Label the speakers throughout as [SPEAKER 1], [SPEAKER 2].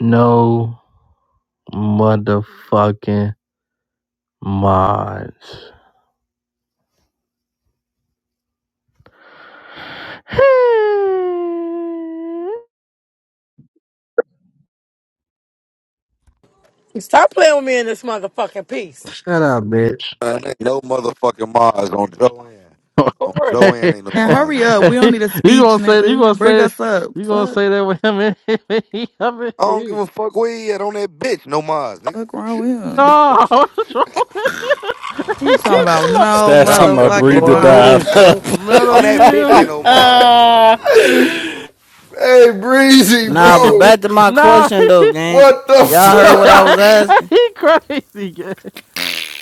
[SPEAKER 1] No motherfucking mods.
[SPEAKER 2] Stop playing with me in this motherfucking piece.
[SPEAKER 1] Shut up, bitch.
[SPEAKER 3] Man, ain't no motherfucking Mars on Joanne. On Joanne
[SPEAKER 1] you
[SPEAKER 3] ain't no
[SPEAKER 4] And
[SPEAKER 3] Mars,
[SPEAKER 4] hurry
[SPEAKER 3] nigga.
[SPEAKER 4] up. We don't need a speech,
[SPEAKER 1] gonna say you
[SPEAKER 4] nigga.
[SPEAKER 1] gonna
[SPEAKER 4] Bring
[SPEAKER 1] say
[SPEAKER 4] us up.
[SPEAKER 1] you gonna
[SPEAKER 4] Fuck.
[SPEAKER 1] say that with him in he up in
[SPEAKER 3] I don't give
[SPEAKER 1] here.
[SPEAKER 3] a fuck where he at on that bitch, no Mars, nigga.
[SPEAKER 4] Fuck wrong with him.
[SPEAKER 1] No, what's wrong with you?
[SPEAKER 4] He
[SPEAKER 1] He
[SPEAKER 4] talking
[SPEAKER 5] Yeah,
[SPEAKER 4] about
[SPEAKER 1] look
[SPEAKER 4] no
[SPEAKER 6] Stats
[SPEAKER 5] yeah,
[SPEAKER 6] talking
[SPEAKER 1] like
[SPEAKER 5] so
[SPEAKER 6] about
[SPEAKER 5] you
[SPEAKER 4] motherfucking
[SPEAKER 6] breathe to
[SPEAKER 5] blowing
[SPEAKER 6] dive
[SPEAKER 5] rooms,
[SPEAKER 4] mind.
[SPEAKER 6] up.
[SPEAKER 5] folks.
[SPEAKER 1] Mello,
[SPEAKER 3] On
[SPEAKER 1] you
[SPEAKER 3] that bitch ain't
[SPEAKER 1] hear
[SPEAKER 3] no Mars, boy.
[SPEAKER 6] Ah.
[SPEAKER 7] Hey, Breezy,
[SPEAKER 8] Nah, but
[SPEAKER 1] him?
[SPEAKER 7] bro.
[SPEAKER 8] back to my
[SPEAKER 1] nah,
[SPEAKER 8] question though, gang.
[SPEAKER 7] What the
[SPEAKER 8] Y'all heard what
[SPEAKER 7] fuck?
[SPEAKER 8] I was asking.
[SPEAKER 1] he crazy. gang.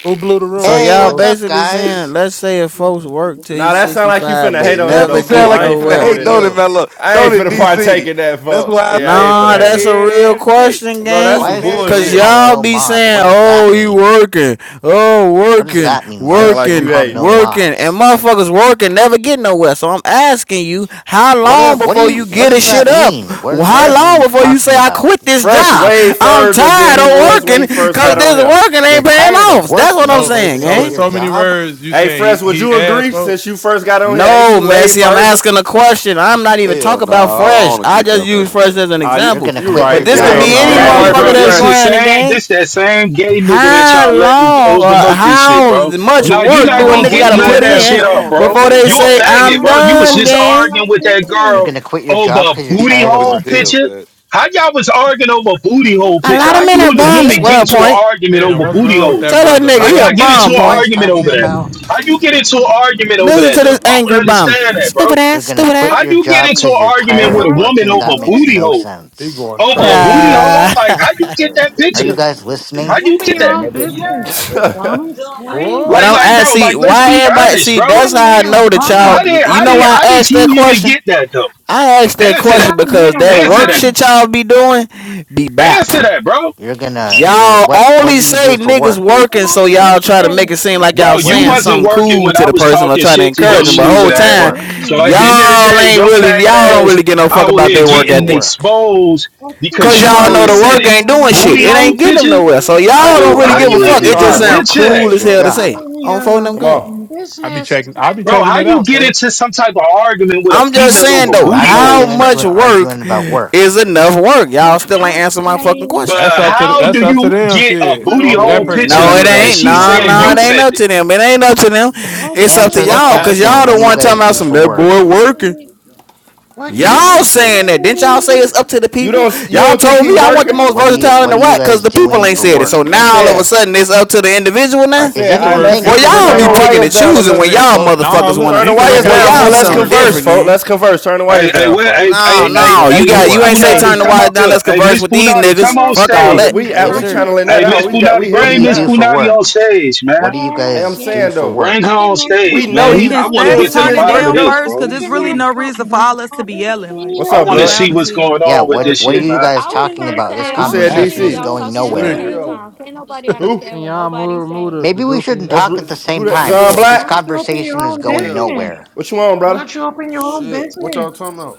[SPEAKER 5] Who blew the
[SPEAKER 8] So
[SPEAKER 5] room,
[SPEAKER 9] Hey,
[SPEAKER 8] y'all
[SPEAKER 9] what's
[SPEAKER 5] folks?
[SPEAKER 9] up,
[SPEAKER 8] basically saying,
[SPEAKER 9] guys?
[SPEAKER 8] let's say if folks work till
[SPEAKER 7] Nah,
[SPEAKER 8] he's
[SPEAKER 7] that sound
[SPEAKER 8] sixty
[SPEAKER 7] like you
[SPEAKER 8] five,
[SPEAKER 7] finna
[SPEAKER 8] but
[SPEAKER 7] hate
[SPEAKER 3] It
[SPEAKER 7] on him
[SPEAKER 8] never
[SPEAKER 7] though,
[SPEAKER 3] definitely
[SPEAKER 7] fo.
[SPEAKER 3] sound
[SPEAKER 8] get
[SPEAKER 3] like
[SPEAKER 7] I
[SPEAKER 3] you
[SPEAKER 7] ain't
[SPEAKER 3] finna
[SPEAKER 7] finna
[SPEAKER 9] How
[SPEAKER 8] nowhere.
[SPEAKER 9] are
[SPEAKER 7] get
[SPEAKER 3] hate,
[SPEAKER 7] in
[SPEAKER 3] don't it,
[SPEAKER 7] there.
[SPEAKER 9] you?
[SPEAKER 3] Mello?
[SPEAKER 7] I
[SPEAKER 3] Don't
[SPEAKER 7] ain't
[SPEAKER 3] it,
[SPEAKER 7] finna partake
[SPEAKER 3] DC?
[SPEAKER 7] in that,
[SPEAKER 3] That's
[SPEAKER 7] fo.
[SPEAKER 3] why I
[SPEAKER 7] Yeah, I
[SPEAKER 3] said
[SPEAKER 7] ain't
[SPEAKER 3] on
[SPEAKER 7] finna
[SPEAKER 8] Nah,
[SPEAKER 3] that
[SPEAKER 7] hate him.
[SPEAKER 8] that's a
[SPEAKER 3] dead
[SPEAKER 8] real
[SPEAKER 3] ass bitch.
[SPEAKER 8] question,
[SPEAKER 7] Bro, that's
[SPEAKER 8] gang.
[SPEAKER 9] Why
[SPEAKER 3] On
[SPEAKER 7] some
[SPEAKER 9] is this
[SPEAKER 3] that
[SPEAKER 8] Cause
[SPEAKER 9] room
[SPEAKER 7] bullshit,
[SPEAKER 3] bitch.
[SPEAKER 9] called
[SPEAKER 8] y'all
[SPEAKER 7] fo.
[SPEAKER 9] No
[SPEAKER 8] be
[SPEAKER 9] Mods?
[SPEAKER 8] saying,
[SPEAKER 9] What does that
[SPEAKER 8] "Oh, he
[SPEAKER 9] mean?
[SPEAKER 8] working? Oh,
[SPEAKER 9] What does
[SPEAKER 8] working,
[SPEAKER 9] that mean? Why is
[SPEAKER 7] Sound
[SPEAKER 9] this
[SPEAKER 7] like
[SPEAKER 9] room
[SPEAKER 8] working,
[SPEAKER 7] you
[SPEAKER 9] called
[SPEAKER 7] hating,
[SPEAKER 9] No
[SPEAKER 7] fo.
[SPEAKER 8] working," and
[SPEAKER 9] Mods?
[SPEAKER 8] motherfuckers working never get nowhere. So I'm asking you, how
[SPEAKER 9] What do,
[SPEAKER 8] long
[SPEAKER 9] what do
[SPEAKER 8] before
[SPEAKER 9] you
[SPEAKER 8] you
[SPEAKER 9] what
[SPEAKER 8] get a
[SPEAKER 9] does
[SPEAKER 8] shit
[SPEAKER 9] that
[SPEAKER 8] up?
[SPEAKER 9] mean? What is
[SPEAKER 8] How
[SPEAKER 9] this
[SPEAKER 7] Fresh,
[SPEAKER 8] long
[SPEAKER 9] room
[SPEAKER 8] before you say,
[SPEAKER 9] talking
[SPEAKER 8] "I
[SPEAKER 9] about?
[SPEAKER 8] quit this
[SPEAKER 7] fresh
[SPEAKER 8] job.
[SPEAKER 7] way
[SPEAKER 8] I'm
[SPEAKER 7] further than
[SPEAKER 8] tired
[SPEAKER 7] he
[SPEAKER 8] of
[SPEAKER 7] was when he
[SPEAKER 8] working,"
[SPEAKER 7] first
[SPEAKER 8] cause
[SPEAKER 7] got on
[SPEAKER 8] this
[SPEAKER 7] here.
[SPEAKER 8] working
[SPEAKER 9] You're
[SPEAKER 8] ain't paying
[SPEAKER 9] tired of
[SPEAKER 8] off. That's what
[SPEAKER 9] working?
[SPEAKER 8] I'm
[SPEAKER 5] So,
[SPEAKER 9] What are you
[SPEAKER 8] saying,
[SPEAKER 9] going to
[SPEAKER 5] so
[SPEAKER 9] quit
[SPEAKER 5] in
[SPEAKER 8] gang.
[SPEAKER 9] your
[SPEAKER 5] so many
[SPEAKER 9] job?
[SPEAKER 5] words, you
[SPEAKER 7] Hey,
[SPEAKER 5] saying he
[SPEAKER 7] Fresh, would
[SPEAKER 5] he
[SPEAKER 7] you
[SPEAKER 5] asked,
[SPEAKER 7] agree
[SPEAKER 5] folks.
[SPEAKER 7] since you first got on here? Ain't
[SPEAKER 8] No,
[SPEAKER 7] you way
[SPEAKER 8] Messi, I'm
[SPEAKER 7] further?
[SPEAKER 8] asking a question. I'm not even
[SPEAKER 3] Hell
[SPEAKER 8] talking
[SPEAKER 3] no,
[SPEAKER 8] about
[SPEAKER 3] I, I
[SPEAKER 8] Fresh.
[SPEAKER 3] don't
[SPEAKER 8] I
[SPEAKER 3] agree
[SPEAKER 8] just
[SPEAKER 3] about that
[SPEAKER 8] use Fresh
[SPEAKER 3] shit.
[SPEAKER 8] as an
[SPEAKER 7] Ah, uh, you,
[SPEAKER 9] You're
[SPEAKER 8] example.
[SPEAKER 9] going to
[SPEAKER 10] Why
[SPEAKER 7] you
[SPEAKER 9] quit
[SPEAKER 10] don't
[SPEAKER 8] But
[SPEAKER 9] your
[SPEAKER 7] right.
[SPEAKER 10] you
[SPEAKER 8] this
[SPEAKER 7] It
[SPEAKER 8] could
[SPEAKER 10] open
[SPEAKER 9] job
[SPEAKER 3] Hell
[SPEAKER 7] ain't,
[SPEAKER 8] be
[SPEAKER 3] no,
[SPEAKER 9] cuz
[SPEAKER 10] your
[SPEAKER 9] you're
[SPEAKER 7] it
[SPEAKER 3] I
[SPEAKER 8] any
[SPEAKER 10] own
[SPEAKER 7] ain't
[SPEAKER 11] Bro,
[SPEAKER 9] tired
[SPEAKER 3] don't
[SPEAKER 9] of
[SPEAKER 7] worth it,
[SPEAKER 8] motherfucker
[SPEAKER 11] bro,
[SPEAKER 10] business?
[SPEAKER 3] agree.
[SPEAKER 8] that's
[SPEAKER 11] this
[SPEAKER 9] working?
[SPEAKER 11] is
[SPEAKER 7] Fresh.
[SPEAKER 8] grinding,
[SPEAKER 11] same.
[SPEAKER 8] gang.
[SPEAKER 11] This that same gay nigga that
[SPEAKER 8] How
[SPEAKER 11] y'all letting
[SPEAKER 8] long
[SPEAKER 10] Oh,
[SPEAKER 8] or
[SPEAKER 11] overlook this shit,
[SPEAKER 8] how
[SPEAKER 11] bro.
[SPEAKER 8] much
[SPEAKER 11] Now
[SPEAKER 10] Open
[SPEAKER 11] you
[SPEAKER 8] work
[SPEAKER 11] not
[SPEAKER 10] your
[SPEAKER 3] Hold
[SPEAKER 8] do a
[SPEAKER 11] gonna
[SPEAKER 10] own
[SPEAKER 3] on,
[SPEAKER 8] nigga
[SPEAKER 3] what
[SPEAKER 11] get
[SPEAKER 3] he
[SPEAKER 8] gotta
[SPEAKER 11] none
[SPEAKER 3] doing,
[SPEAKER 11] of
[SPEAKER 8] put
[SPEAKER 10] business.
[SPEAKER 11] that
[SPEAKER 3] Stats? What,
[SPEAKER 8] in
[SPEAKER 11] shit
[SPEAKER 3] hold on,
[SPEAKER 11] off, bro.
[SPEAKER 8] before
[SPEAKER 10] Why
[SPEAKER 8] they
[SPEAKER 10] don't
[SPEAKER 11] You
[SPEAKER 10] you
[SPEAKER 11] a
[SPEAKER 8] say,
[SPEAKER 3] Stats, dude.
[SPEAKER 11] faggot,
[SPEAKER 10] why
[SPEAKER 8] I'm
[SPEAKER 11] bro.
[SPEAKER 10] don't
[SPEAKER 11] You
[SPEAKER 10] you
[SPEAKER 11] was
[SPEAKER 8] done,
[SPEAKER 10] open
[SPEAKER 11] just
[SPEAKER 8] gang?
[SPEAKER 10] your
[SPEAKER 11] arguing
[SPEAKER 10] own
[SPEAKER 11] with that
[SPEAKER 9] You're
[SPEAKER 11] girl
[SPEAKER 9] going
[SPEAKER 10] business?
[SPEAKER 9] to quit your
[SPEAKER 11] over
[SPEAKER 9] job
[SPEAKER 11] a
[SPEAKER 9] cuz you're
[SPEAKER 3] He
[SPEAKER 11] booty
[SPEAKER 9] tired of
[SPEAKER 3] bogus as
[SPEAKER 11] hole
[SPEAKER 3] hell,
[SPEAKER 9] working?
[SPEAKER 11] picture.
[SPEAKER 3] Stats.
[SPEAKER 11] How y'all was arguing over a booty hole
[SPEAKER 8] A
[SPEAKER 10] Open
[SPEAKER 11] picture?
[SPEAKER 8] lot
[SPEAKER 10] your
[SPEAKER 11] How
[SPEAKER 8] of men
[SPEAKER 11] you
[SPEAKER 8] are
[SPEAKER 10] own
[SPEAKER 11] and the woman
[SPEAKER 8] bums.
[SPEAKER 11] get
[SPEAKER 8] Well,
[SPEAKER 11] into an
[SPEAKER 10] business.
[SPEAKER 8] point.
[SPEAKER 11] argument
[SPEAKER 10] Why
[SPEAKER 5] Damn,
[SPEAKER 11] over
[SPEAKER 5] what's
[SPEAKER 10] don't
[SPEAKER 11] booty
[SPEAKER 10] you
[SPEAKER 5] wrong
[SPEAKER 10] have
[SPEAKER 5] with
[SPEAKER 11] hole?
[SPEAKER 5] that
[SPEAKER 8] Tell
[SPEAKER 10] your
[SPEAKER 8] that
[SPEAKER 5] brother,
[SPEAKER 10] own
[SPEAKER 11] How
[SPEAKER 8] nigga he
[SPEAKER 5] boy?
[SPEAKER 8] a
[SPEAKER 11] y'all get
[SPEAKER 10] business?
[SPEAKER 9] What are
[SPEAKER 11] into
[SPEAKER 8] bomb,
[SPEAKER 11] an
[SPEAKER 9] you
[SPEAKER 8] point.
[SPEAKER 9] guys
[SPEAKER 11] argument over
[SPEAKER 9] talking about?
[SPEAKER 11] that? How you get into an argument over
[SPEAKER 8] Listen
[SPEAKER 11] that
[SPEAKER 8] to this
[SPEAKER 11] though? I don't
[SPEAKER 8] angry bomb.
[SPEAKER 11] understand that, bro.
[SPEAKER 8] Stupid
[SPEAKER 9] You're
[SPEAKER 8] ass,
[SPEAKER 9] going to
[SPEAKER 8] stupid
[SPEAKER 9] quit
[SPEAKER 11] How
[SPEAKER 8] ass.
[SPEAKER 9] your
[SPEAKER 11] you get
[SPEAKER 9] job
[SPEAKER 10] Hey,
[SPEAKER 11] into an
[SPEAKER 9] cuz you're
[SPEAKER 11] argument
[SPEAKER 10] stupid
[SPEAKER 9] tired
[SPEAKER 11] with a
[SPEAKER 9] of
[SPEAKER 10] ass,
[SPEAKER 11] woman
[SPEAKER 9] working?
[SPEAKER 10] stupid
[SPEAKER 11] over
[SPEAKER 9] That makes
[SPEAKER 10] ass.
[SPEAKER 11] booty
[SPEAKER 9] no
[SPEAKER 11] hole?
[SPEAKER 5] He
[SPEAKER 9] sense.
[SPEAKER 5] going
[SPEAKER 11] over a
[SPEAKER 5] crazy,
[SPEAKER 11] booty
[SPEAKER 5] folks.
[SPEAKER 11] hole?
[SPEAKER 8] Ah.
[SPEAKER 11] Like, how you
[SPEAKER 12] When
[SPEAKER 11] get that
[SPEAKER 9] Are you
[SPEAKER 11] picture?
[SPEAKER 9] guys listening?
[SPEAKER 11] How you
[SPEAKER 10] Open
[SPEAKER 11] get
[SPEAKER 10] your
[SPEAKER 12] a
[SPEAKER 11] that?
[SPEAKER 10] own
[SPEAKER 12] nigga
[SPEAKER 10] business. you
[SPEAKER 12] smoke good,
[SPEAKER 10] Bums, why are
[SPEAKER 5] Boy,
[SPEAKER 10] you
[SPEAKER 8] But
[SPEAKER 11] Like,
[SPEAKER 8] I'm
[SPEAKER 11] like,
[SPEAKER 10] bums?
[SPEAKER 11] bro, like,
[SPEAKER 8] asking,
[SPEAKER 11] let's
[SPEAKER 8] why
[SPEAKER 11] be
[SPEAKER 8] everybody
[SPEAKER 11] honest,
[SPEAKER 10] A
[SPEAKER 8] see?
[SPEAKER 11] bro.
[SPEAKER 10] lot of
[SPEAKER 8] That's how I
[SPEAKER 10] men are
[SPEAKER 8] know that y'all.
[SPEAKER 11] How
[SPEAKER 10] bums.
[SPEAKER 11] did,
[SPEAKER 8] You
[SPEAKER 11] how
[SPEAKER 8] know
[SPEAKER 11] did,
[SPEAKER 8] why
[SPEAKER 11] how
[SPEAKER 8] I
[SPEAKER 11] did
[SPEAKER 8] asked
[SPEAKER 11] you
[SPEAKER 8] that
[SPEAKER 11] even
[SPEAKER 8] question?
[SPEAKER 11] get that though?
[SPEAKER 8] I asked that
[SPEAKER 10] A
[SPEAKER 11] Answer that.
[SPEAKER 8] question
[SPEAKER 10] lot of men
[SPEAKER 8] because
[SPEAKER 10] are
[SPEAKER 8] that
[SPEAKER 11] Answer
[SPEAKER 8] work
[SPEAKER 11] that.
[SPEAKER 8] shit
[SPEAKER 10] bums.
[SPEAKER 8] y'all be doing be bap.
[SPEAKER 11] Answer that, bro.
[SPEAKER 9] You're gonna you're
[SPEAKER 8] Y'all
[SPEAKER 9] what what
[SPEAKER 8] only
[SPEAKER 9] do you do
[SPEAKER 8] say
[SPEAKER 9] for
[SPEAKER 8] niggas
[SPEAKER 9] work?
[SPEAKER 10] Open your
[SPEAKER 8] working, so
[SPEAKER 10] own
[SPEAKER 8] y'all try to make
[SPEAKER 10] business.
[SPEAKER 8] it
[SPEAKER 10] It's
[SPEAKER 8] seem
[SPEAKER 10] not
[SPEAKER 8] like y'all
[SPEAKER 11] Bro,
[SPEAKER 9] What do
[SPEAKER 11] you
[SPEAKER 8] saying
[SPEAKER 9] you
[SPEAKER 10] working.
[SPEAKER 11] wasn't
[SPEAKER 8] something
[SPEAKER 11] working
[SPEAKER 8] cool
[SPEAKER 11] when
[SPEAKER 8] to
[SPEAKER 11] I
[SPEAKER 8] the
[SPEAKER 11] was
[SPEAKER 8] person or
[SPEAKER 11] talking
[SPEAKER 8] try to
[SPEAKER 11] shit to
[SPEAKER 9] what
[SPEAKER 8] encourage
[SPEAKER 11] your
[SPEAKER 9] do
[SPEAKER 8] them.
[SPEAKER 9] you
[SPEAKER 10] Open
[SPEAKER 8] But
[SPEAKER 9] do
[SPEAKER 10] your
[SPEAKER 11] stupid
[SPEAKER 8] whole
[SPEAKER 9] for
[SPEAKER 10] own
[SPEAKER 11] ass.
[SPEAKER 8] time,
[SPEAKER 9] work?
[SPEAKER 10] business.
[SPEAKER 11] So at the end of the
[SPEAKER 8] y'all
[SPEAKER 11] day,
[SPEAKER 8] ain't
[SPEAKER 11] your
[SPEAKER 8] really,
[SPEAKER 11] faggot
[SPEAKER 8] y'all don't
[SPEAKER 11] ass
[SPEAKER 8] really give no fuck
[SPEAKER 11] out
[SPEAKER 9] What
[SPEAKER 8] about
[SPEAKER 9] do
[SPEAKER 11] here
[SPEAKER 9] you
[SPEAKER 8] their
[SPEAKER 9] do
[SPEAKER 8] work
[SPEAKER 9] for
[SPEAKER 11] getting
[SPEAKER 8] ethic.
[SPEAKER 9] work?
[SPEAKER 11] exposed
[SPEAKER 10] Open
[SPEAKER 11] because
[SPEAKER 8] Cause
[SPEAKER 11] you
[SPEAKER 5] I
[SPEAKER 8] y'all
[SPEAKER 11] out
[SPEAKER 5] be
[SPEAKER 8] know
[SPEAKER 11] here
[SPEAKER 8] the work
[SPEAKER 11] sending
[SPEAKER 10] your
[SPEAKER 8] ain't doing shit.
[SPEAKER 11] booty
[SPEAKER 10] own
[SPEAKER 8] It
[SPEAKER 11] hole
[SPEAKER 8] ain't getting them
[SPEAKER 11] pictures.
[SPEAKER 8] nowhere. So
[SPEAKER 10] business.
[SPEAKER 11] How
[SPEAKER 8] y'all
[SPEAKER 9] Yeah, but
[SPEAKER 8] don't
[SPEAKER 11] you,
[SPEAKER 8] really
[SPEAKER 11] how
[SPEAKER 9] what do
[SPEAKER 8] give a
[SPEAKER 9] you
[SPEAKER 11] you
[SPEAKER 7] hey,
[SPEAKER 8] fuck.
[SPEAKER 11] even
[SPEAKER 9] do
[SPEAKER 8] It
[SPEAKER 11] get
[SPEAKER 9] for
[SPEAKER 8] just
[SPEAKER 11] a
[SPEAKER 7] Carson,
[SPEAKER 8] sound
[SPEAKER 9] work?
[SPEAKER 11] picture of that?
[SPEAKER 8] cool
[SPEAKER 9] What's
[SPEAKER 8] as
[SPEAKER 9] your
[SPEAKER 8] hell to say
[SPEAKER 9] job?
[SPEAKER 10] Open
[SPEAKER 8] on
[SPEAKER 10] your
[SPEAKER 8] phone them
[SPEAKER 7] come
[SPEAKER 8] grade.
[SPEAKER 7] on.
[SPEAKER 10] own
[SPEAKER 5] I be
[SPEAKER 10] business.
[SPEAKER 5] checking I be
[SPEAKER 11] Bro,
[SPEAKER 5] checking
[SPEAKER 11] how
[SPEAKER 5] it
[SPEAKER 11] you
[SPEAKER 5] out,
[SPEAKER 11] get
[SPEAKER 5] folks.
[SPEAKER 11] into some type of argument with a
[SPEAKER 8] I'm just
[SPEAKER 11] female
[SPEAKER 10] Open
[SPEAKER 8] saying
[SPEAKER 11] over
[SPEAKER 10] your
[SPEAKER 8] though,
[SPEAKER 9] How
[SPEAKER 10] own
[SPEAKER 9] do
[SPEAKER 11] booty
[SPEAKER 9] you
[SPEAKER 8] how
[SPEAKER 9] get
[SPEAKER 11] holes though?
[SPEAKER 9] into
[SPEAKER 8] much
[SPEAKER 10] business.
[SPEAKER 9] an
[SPEAKER 8] work
[SPEAKER 9] argument about work?
[SPEAKER 8] is enough work? Y'all
[SPEAKER 10] Work,
[SPEAKER 8] still ain't
[SPEAKER 10] work,
[SPEAKER 8] answer my fucking question.
[SPEAKER 10] slaves,
[SPEAKER 5] That's
[SPEAKER 11] But
[SPEAKER 5] up to the,
[SPEAKER 11] how
[SPEAKER 5] that's
[SPEAKER 11] do
[SPEAKER 5] up to
[SPEAKER 11] you
[SPEAKER 10] slaves,
[SPEAKER 5] them,
[SPEAKER 11] get a
[SPEAKER 5] shit.
[SPEAKER 11] booty
[SPEAKER 5] Only that
[SPEAKER 11] hole
[SPEAKER 13] Yo,
[SPEAKER 5] person
[SPEAKER 10] working
[SPEAKER 5] can
[SPEAKER 9] What do
[SPEAKER 8] No,
[SPEAKER 11] picture
[SPEAKER 9] you
[SPEAKER 8] it
[SPEAKER 5] answer
[SPEAKER 10] like a
[SPEAKER 11] and
[SPEAKER 5] that.
[SPEAKER 9] guys
[SPEAKER 8] ain't.
[SPEAKER 11] she
[SPEAKER 9] do
[SPEAKER 8] No,
[SPEAKER 9] for
[SPEAKER 11] saying
[SPEAKER 8] no,
[SPEAKER 11] you
[SPEAKER 8] it
[SPEAKER 10] slave.
[SPEAKER 9] work?
[SPEAKER 8] ain't
[SPEAKER 11] sent
[SPEAKER 8] up
[SPEAKER 11] it?
[SPEAKER 8] to them. It ain't up to them.
[SPEAKER 10] Working
[SPEAKER 8] It's up to
[SPEAKER 9] Answer the
[SPEAKER 5] What's
[SPEAKER 10] like
[SPEAKER 8] y'all,
[SPEAKER 10] a
[SPEAKER 5] that
[SPEAKER 8] cause
[SPEAKER 10] slave.
[SPEAKER 9] question.
[SPEAKER 8] y'all
[SPEAKER 5] song,
[SPEAKER 9] What
[SPEAKER 8] the
[SPEAKER 9] do you
[SPEAKER 8] one
[SPEAKER 5] folks?
[SPEAKER 8] talking
[SPEAKER 9] guys
[SPEAKER 8] about
[SPEAKER 9] do
[SPEAKER 8] some
[SPEAKER 9] for
[SPEAKER 8] that
[SPEAKER 9] work?
[SPEAKER 8] boy working.
[SPEAKER 10] Working
[SPEAKER 7] He
[SPEAKER 10] like
[SPEAKER 8] Y'all
[SPEAKER 10] a
[SPEAKER 7] is worth.
[SPEAKER 8] saying
[SPEAKER 7] it.
[SPEAKER 8] that. Didn't y'all say it's
[SPEAKER 10] slave.
[SPEAKER 8] up to the
[SPEAKER 7] You
[SPEAKER 8] people?
[SPEAKER 7] don't you
[SPEAKER 8] Y'all
[SPEAKER 7] don't think
[SPEAKER 8] told
[SPEAKER 7] he
[SPEAKER 8] me I want the
[SPEAKER 7] working?
[SPEAKER 8] most
[SPEAKER 10] Working
[SPEAKER 9] What do you
[SPEAKER 8] versatile in
[SPEAKER 9] what
[SPEAKER 8] the
[SPEAKER 9] are you
[SPEAKER 10] like a
[SPEAKER 8] rack,
[SPEAKER 10] slave.
[SPEAKER 8] cause
[SPEAKER 9] guys
[SPEAKER 8] the people
[SPEAKER 9] doing
[SPEAKER 8] ain't
[SPEAKER 9] for
[SPEAKER 8] said it. So
[SPEAKER 9] work?
[SPEAKER 7] I'm
[SPEAKER 8] now all of a
[SPEAKER 7] saying.
[SPEAKER 8] sudden it's up to the individual
[SPEAKER 7] I'm
[SPEAKER 9] Are
[SPEAKER 8] now?
[SPEAKER 9] is
[SPEAKER 7] saying,
[SPEAKER 5] He
[SPEAKER 7] all
[SPEAKER 10] If
[SPEAKER 5] can
[SPEAKER 7] right,
[SPEAKER 9] anyone
[SPEAKER 10] you're
[SPEAKER 5] work.
[SPEAKER 9] paying
[SPEAKER 7] let's
[SPEAKER 8] Boy,
[SPEAKER 5] He can work
[SPEAKER 8] y'all
[SPEAKER 7] turn
[SPEAKER 5] how
[SPEAKER 8] be
[SPEAKER 9] attention?
[SPEAKER 7] your
[SPEAKER 10] cotton,
[SPEAKER 5] long. He,
[SPEAKER 8] picking
[SPEAKER 7] wires
[SPEAKER 8] and
[SPEAKER 7] down a
[SPEAKER 8] choosing
[SPEAKER 7] little
[SPEAKER 8] when
[SPEAKER 7] bit,
[SPEAKER 8] y'all
[SPEAKER 10] if
[SPEAKER 7] folk.
[SPEAKER 5] nah,
[SPEAKER 8] motherfuckers
[SPEAKER 5] look,
[SPEAKER 8] wanna
[SPEAKER 7] Turn
[SPEAKER 10] you're
[SPEAKER 7] the
[SPEAKER 5] he can
[SPEAKER 9] Is
[SPEAKER 7] wires
[SPEAKER 5] work how
[SPEAKER 8] boy,
[SPEAKER 9] anyone
[SPEAKER 7] down,
[SPEAKER 5] long he
[SPEAKER 8] y'all
[SPEAKER 7] folk.
[SPEAKER 9] paying
[SPEAKER 5] want
[SPEAKER 7] Let's
[SPEAKER 10] cotton,
[SPEAKER 5] to
[SPEAKER 8] something
[SPEAKER 5] work,
[SPEAKER 7] converse,
[SPEAKER 9] attention?
[SPEAKER 8] different,
[SPEAKER 5] folks.
[SPEAKER 7] folk.
[SPEAKER 8] gang.
[SPEAKER 7] Let's converse. Turn the
[SPEAKER 11] Hey,
[SPEAKER 7] wires
[SPEAKER 11] hey,
[SPEAKER 7] down,
[SPEAKER 11] where,
[SPEAKER 7] folk.
[SPEAKER 11] hey,
[SPEAKER 9] What
[SPEAKER 8] No,
[SPEAKER 11] hey,
[SPEAKER 9] are you
[SPEAKER 11] hey,
[SPEAKER 8] no,
[SPEAKER 9] doing
[SPEAKER 8] you
[SPEAKER 11] hey,
[SPEAKER 9] for
[SPEAKER 8] got
[SPEAKER 11] Miss
[SPEAKER 8] you
[SPEAKER 7] I
[SPEAKER 8] ain't
[SPEAKER 9] work?
[SPEAKER 8] say
[SPEAKER 7] can't.
[SPEAKER 10] Chicken
[SPEAKER 11] Punani,
[SPEAKER 8] turn the
[SPEAKER 10] Matt
[SPEAKER 11] come
[SPEAKER 8] water
[SPEAKER 11] up
[SPEAKER 8] down.
[SPEAKER 10] Cotton,
[SPEAKER 11] here.
[SPEAKER 8] Let's
[SPEAKER 11] Hey,
[SPEAKER 8] converse
[SPEAKER 11] Miss
[SPEAKER 8] with these
[SPEAKER 11] Punani,
[SPEAKER 10] Chicken
[SPEAKER 11] come
[SPEAKER 8] niggas.
[SPEAKER 11] on
[SPEAKER 10] Matt
[SPEAKER 8] Fuck all
[SPEAKER 7] Bro,
[SPEAKER 10] Cotton
[SPEAKER 11] stage.
[SPEAKER 7] that
[SPEAKER 8] that.
[SPEAKER 10] in
[SPEAKER 7] we
[SPEAKER 10] the
[SPEAKER 7] uh,
[SPEAKER 8] No
[SPEAKER 7] we
[SPEAKER 9] Nigga,
[SPEAKER 10] cotton
[SPEAKER 8] sir.
[SPEAKER 7] channeling
[SPEAKER 11] Hey,
[SPEAKER 7] that out.
[SPEAKER 11] Miss
[SPEAKER 7] We
[SPEAKER 10] field.
[SPEAKER 7] got we
[SPEAKER 11] Punani,
[SPEAKER 7] hear
[SPEAKER 9] what do
[SPEAKER 11] bring
[SPEAKER 7] you
[SPEAKER 9] you
[SPEAKER 10] Chicken
[SPEAKER 11] Miss
[SPEAKER 9] do
[SPEAKER 10] Matt
[SPEAKER 7] now.
[SPEAKER 9] for
[SPEAKER 11] Punani on
[SPEAKER 9] work?
[SPEAKER 10] Cotton,
[SPEAKER 11] stage,
[SPEAKER 9] What
[SPEAKER 11] man.
[SPEAKER 9] do you
[SPEAKER 7] Hey,
[SPEAKER 10] yeah,
[SPEAKER 7] I'm
[SPEAKER 9] guys
[SPEAKER 10] yeah.
[SPEAKER 9] do
[SPEAKER 7] saying
[SPEAKER 9] for
[SPEAKER 7] though,
[SPEAKER 11] Bring her
[SPEAKER 9] work?
[SPEAKER 11] on
[SPEAKER 10] Chicken Matt
[SPEAKER 11] stage,
[SPEAKER 7] we
[SPEAKER 10] Cotton
[SPEAKER 11] man.
[SPEAKER 7] know
[SPEAKER 4] Hey,
[SPEAKER 7] he
[SPEAKER 11] We,
[SPEAKER 10] from
[SPEAKER 4] can
[SPEAKER 11] I
[SPEAKER 7] you
[SPEAKER 11] want to
[SPEAKER 7] don't
[SPEAKER 4] stats
[SPEAKER 11] get to
[SPEAKER 7] see
[SPEAKER 11] the
[SPEAKER 4] turn
[SPEAKER 10] Buffalo.
[SPEAKER 7] his
[SPEAKER 4] it
[SPEAKER 11] bottom of
[SPEAKER 7] work
[SPEAKER 4] down
[SPEAKER 13] hey
[SPEAKER 11] this,
[SPEAKER 7] though.
[SPEAKER 4] first?
[SPEAKER 11] bro.
[SPEAKER 4] Cause there's
[SPEAKER 10] Chicken
[SPEAKER 4] really
[SPEAKER 10] Matt
[SPEAKER 13] DC,
[SPEAKER 4] no reason
[SPEAKER 10] Cotton
[SPEAKER 4] for
[SPEAKER 10] in the
[SPEAKER 4] all us to be
[SPEAKER 10] cotton
[SPEAKER 4] yelling. Like
[SPEAKER 7] What's
[SPEAKER 11] I
[SPEAKER 7] up,
[SPEAKER 10] field.
[SPEAKER 11] want
[SPEAKER 4] he
[SPEAKER 11] to
[SPEAKER 7] blood?
[SPEAKER 13] what's
[SPEAKER 11] see
[SPEAKER 4] loud as
[SPEAKER 11] what's
[SPEAKER 13] the
[SPEAKER 4] hell.
[SPEAKER 11] going
[SPEAKER 9] Yeah,
[SPEAKER 11] on
[SPEAKER 13] what
[SPEAKER 11] with
[SPEAKER 9] what
[SPEAKER 13] y'all
[SPEAKER 11] this
[SPEAKER 9] what are
[SPEAKER 11] shit,
[SPEAKER 13] talking
[SPEAKER 9] you
[SPEAKER 11] man.
[SPEAKER 13] about?
[SPEAKER 9] guys
[SPEAKER 14] I was
[SPEAKER 10] Chicken
[SPEAKER 9] talking
[SPEAKER 14] gonna
[SPEAKER 10] Matt
[SPEAKER 9] about? This
[SPEAKER 14] say
[SPEAKER 7] Who
[SPEAKER 10] Cotton
[SPEAKER 14] all
[SPEAKER 7] said
[SPEAKER 10] in the
[SPEAKER 5] That's a
[SPEAKER 9] conversation
[SPEAKER 14] twenty of
[SPEAKER 9] is
[SPEAKER 5] new
[SPEAKER 7] DC?
[SPEAKER 14] y'all
[SPEAKER 10] cotton
[SPEAKER 9] going
[SPEAKER 14] talking
[SPEAKER 5] bitch
[SPEAKER 14] at
[SPEAKER 13] This
[SPEAKER 14] the
[SPEAKER 9] nowhere.
[SPEAKER 5] trigger.
[SPEAKER 14] same
[SPEAKER 10] field.
[SPEAKER 13] Rio,
[SPEAKER 14] time. Can't nobody
[SPEAKER 7] Who?
[SPEAKER 1] Can
[SPEAKER 14] understand what
[SPEAKER 1] y'all move
[SPEAKER 14] nobody's
[SPEAKER 1] remove the,
[SPEAKER 14] saying.
[SPEAKER 1] the
[SPEAKER 9] Maybe we
[SPEAKER 1] goofy?
[SPEAKER 9] shouldn't
[SPEAKER 7] That's
[SPEAKER 9] talk at
[SPEAKER 13] this
[SPEAKER 9] the
[SPEAKER 7] who
[SPEAKER 9] same
[SPEAKER 7] that
[SPEAKER 13] this
[SPEAKER 9] time.
[SPEAKER 7] John
[SPEAKER 13] Rio,
[SPEAKER 9] This
[SPEAKER 10] Why don't
[SPEAKER 7] Black?
[SPEAKER 10] you open
[SPEAKER 9] conversation
[SPEAKER 10] your
[SPEAKER 9] is
[SPEAKER 10] own
[SPEAKER 9] going
[SPEAKER 13] yeah,
[SPEAKER 10] business?
[SPEAKER 9] nowhere.
[SPEAKER 7] What you on,
[SPEAKER 10] Why
[SPEAKER 7] brother?
[SPEAKER 10] don't you open your own
[SPEAKER 13] shit. What y'all talking
[SPEAKER 10] business?
[SPEAKER 13] about?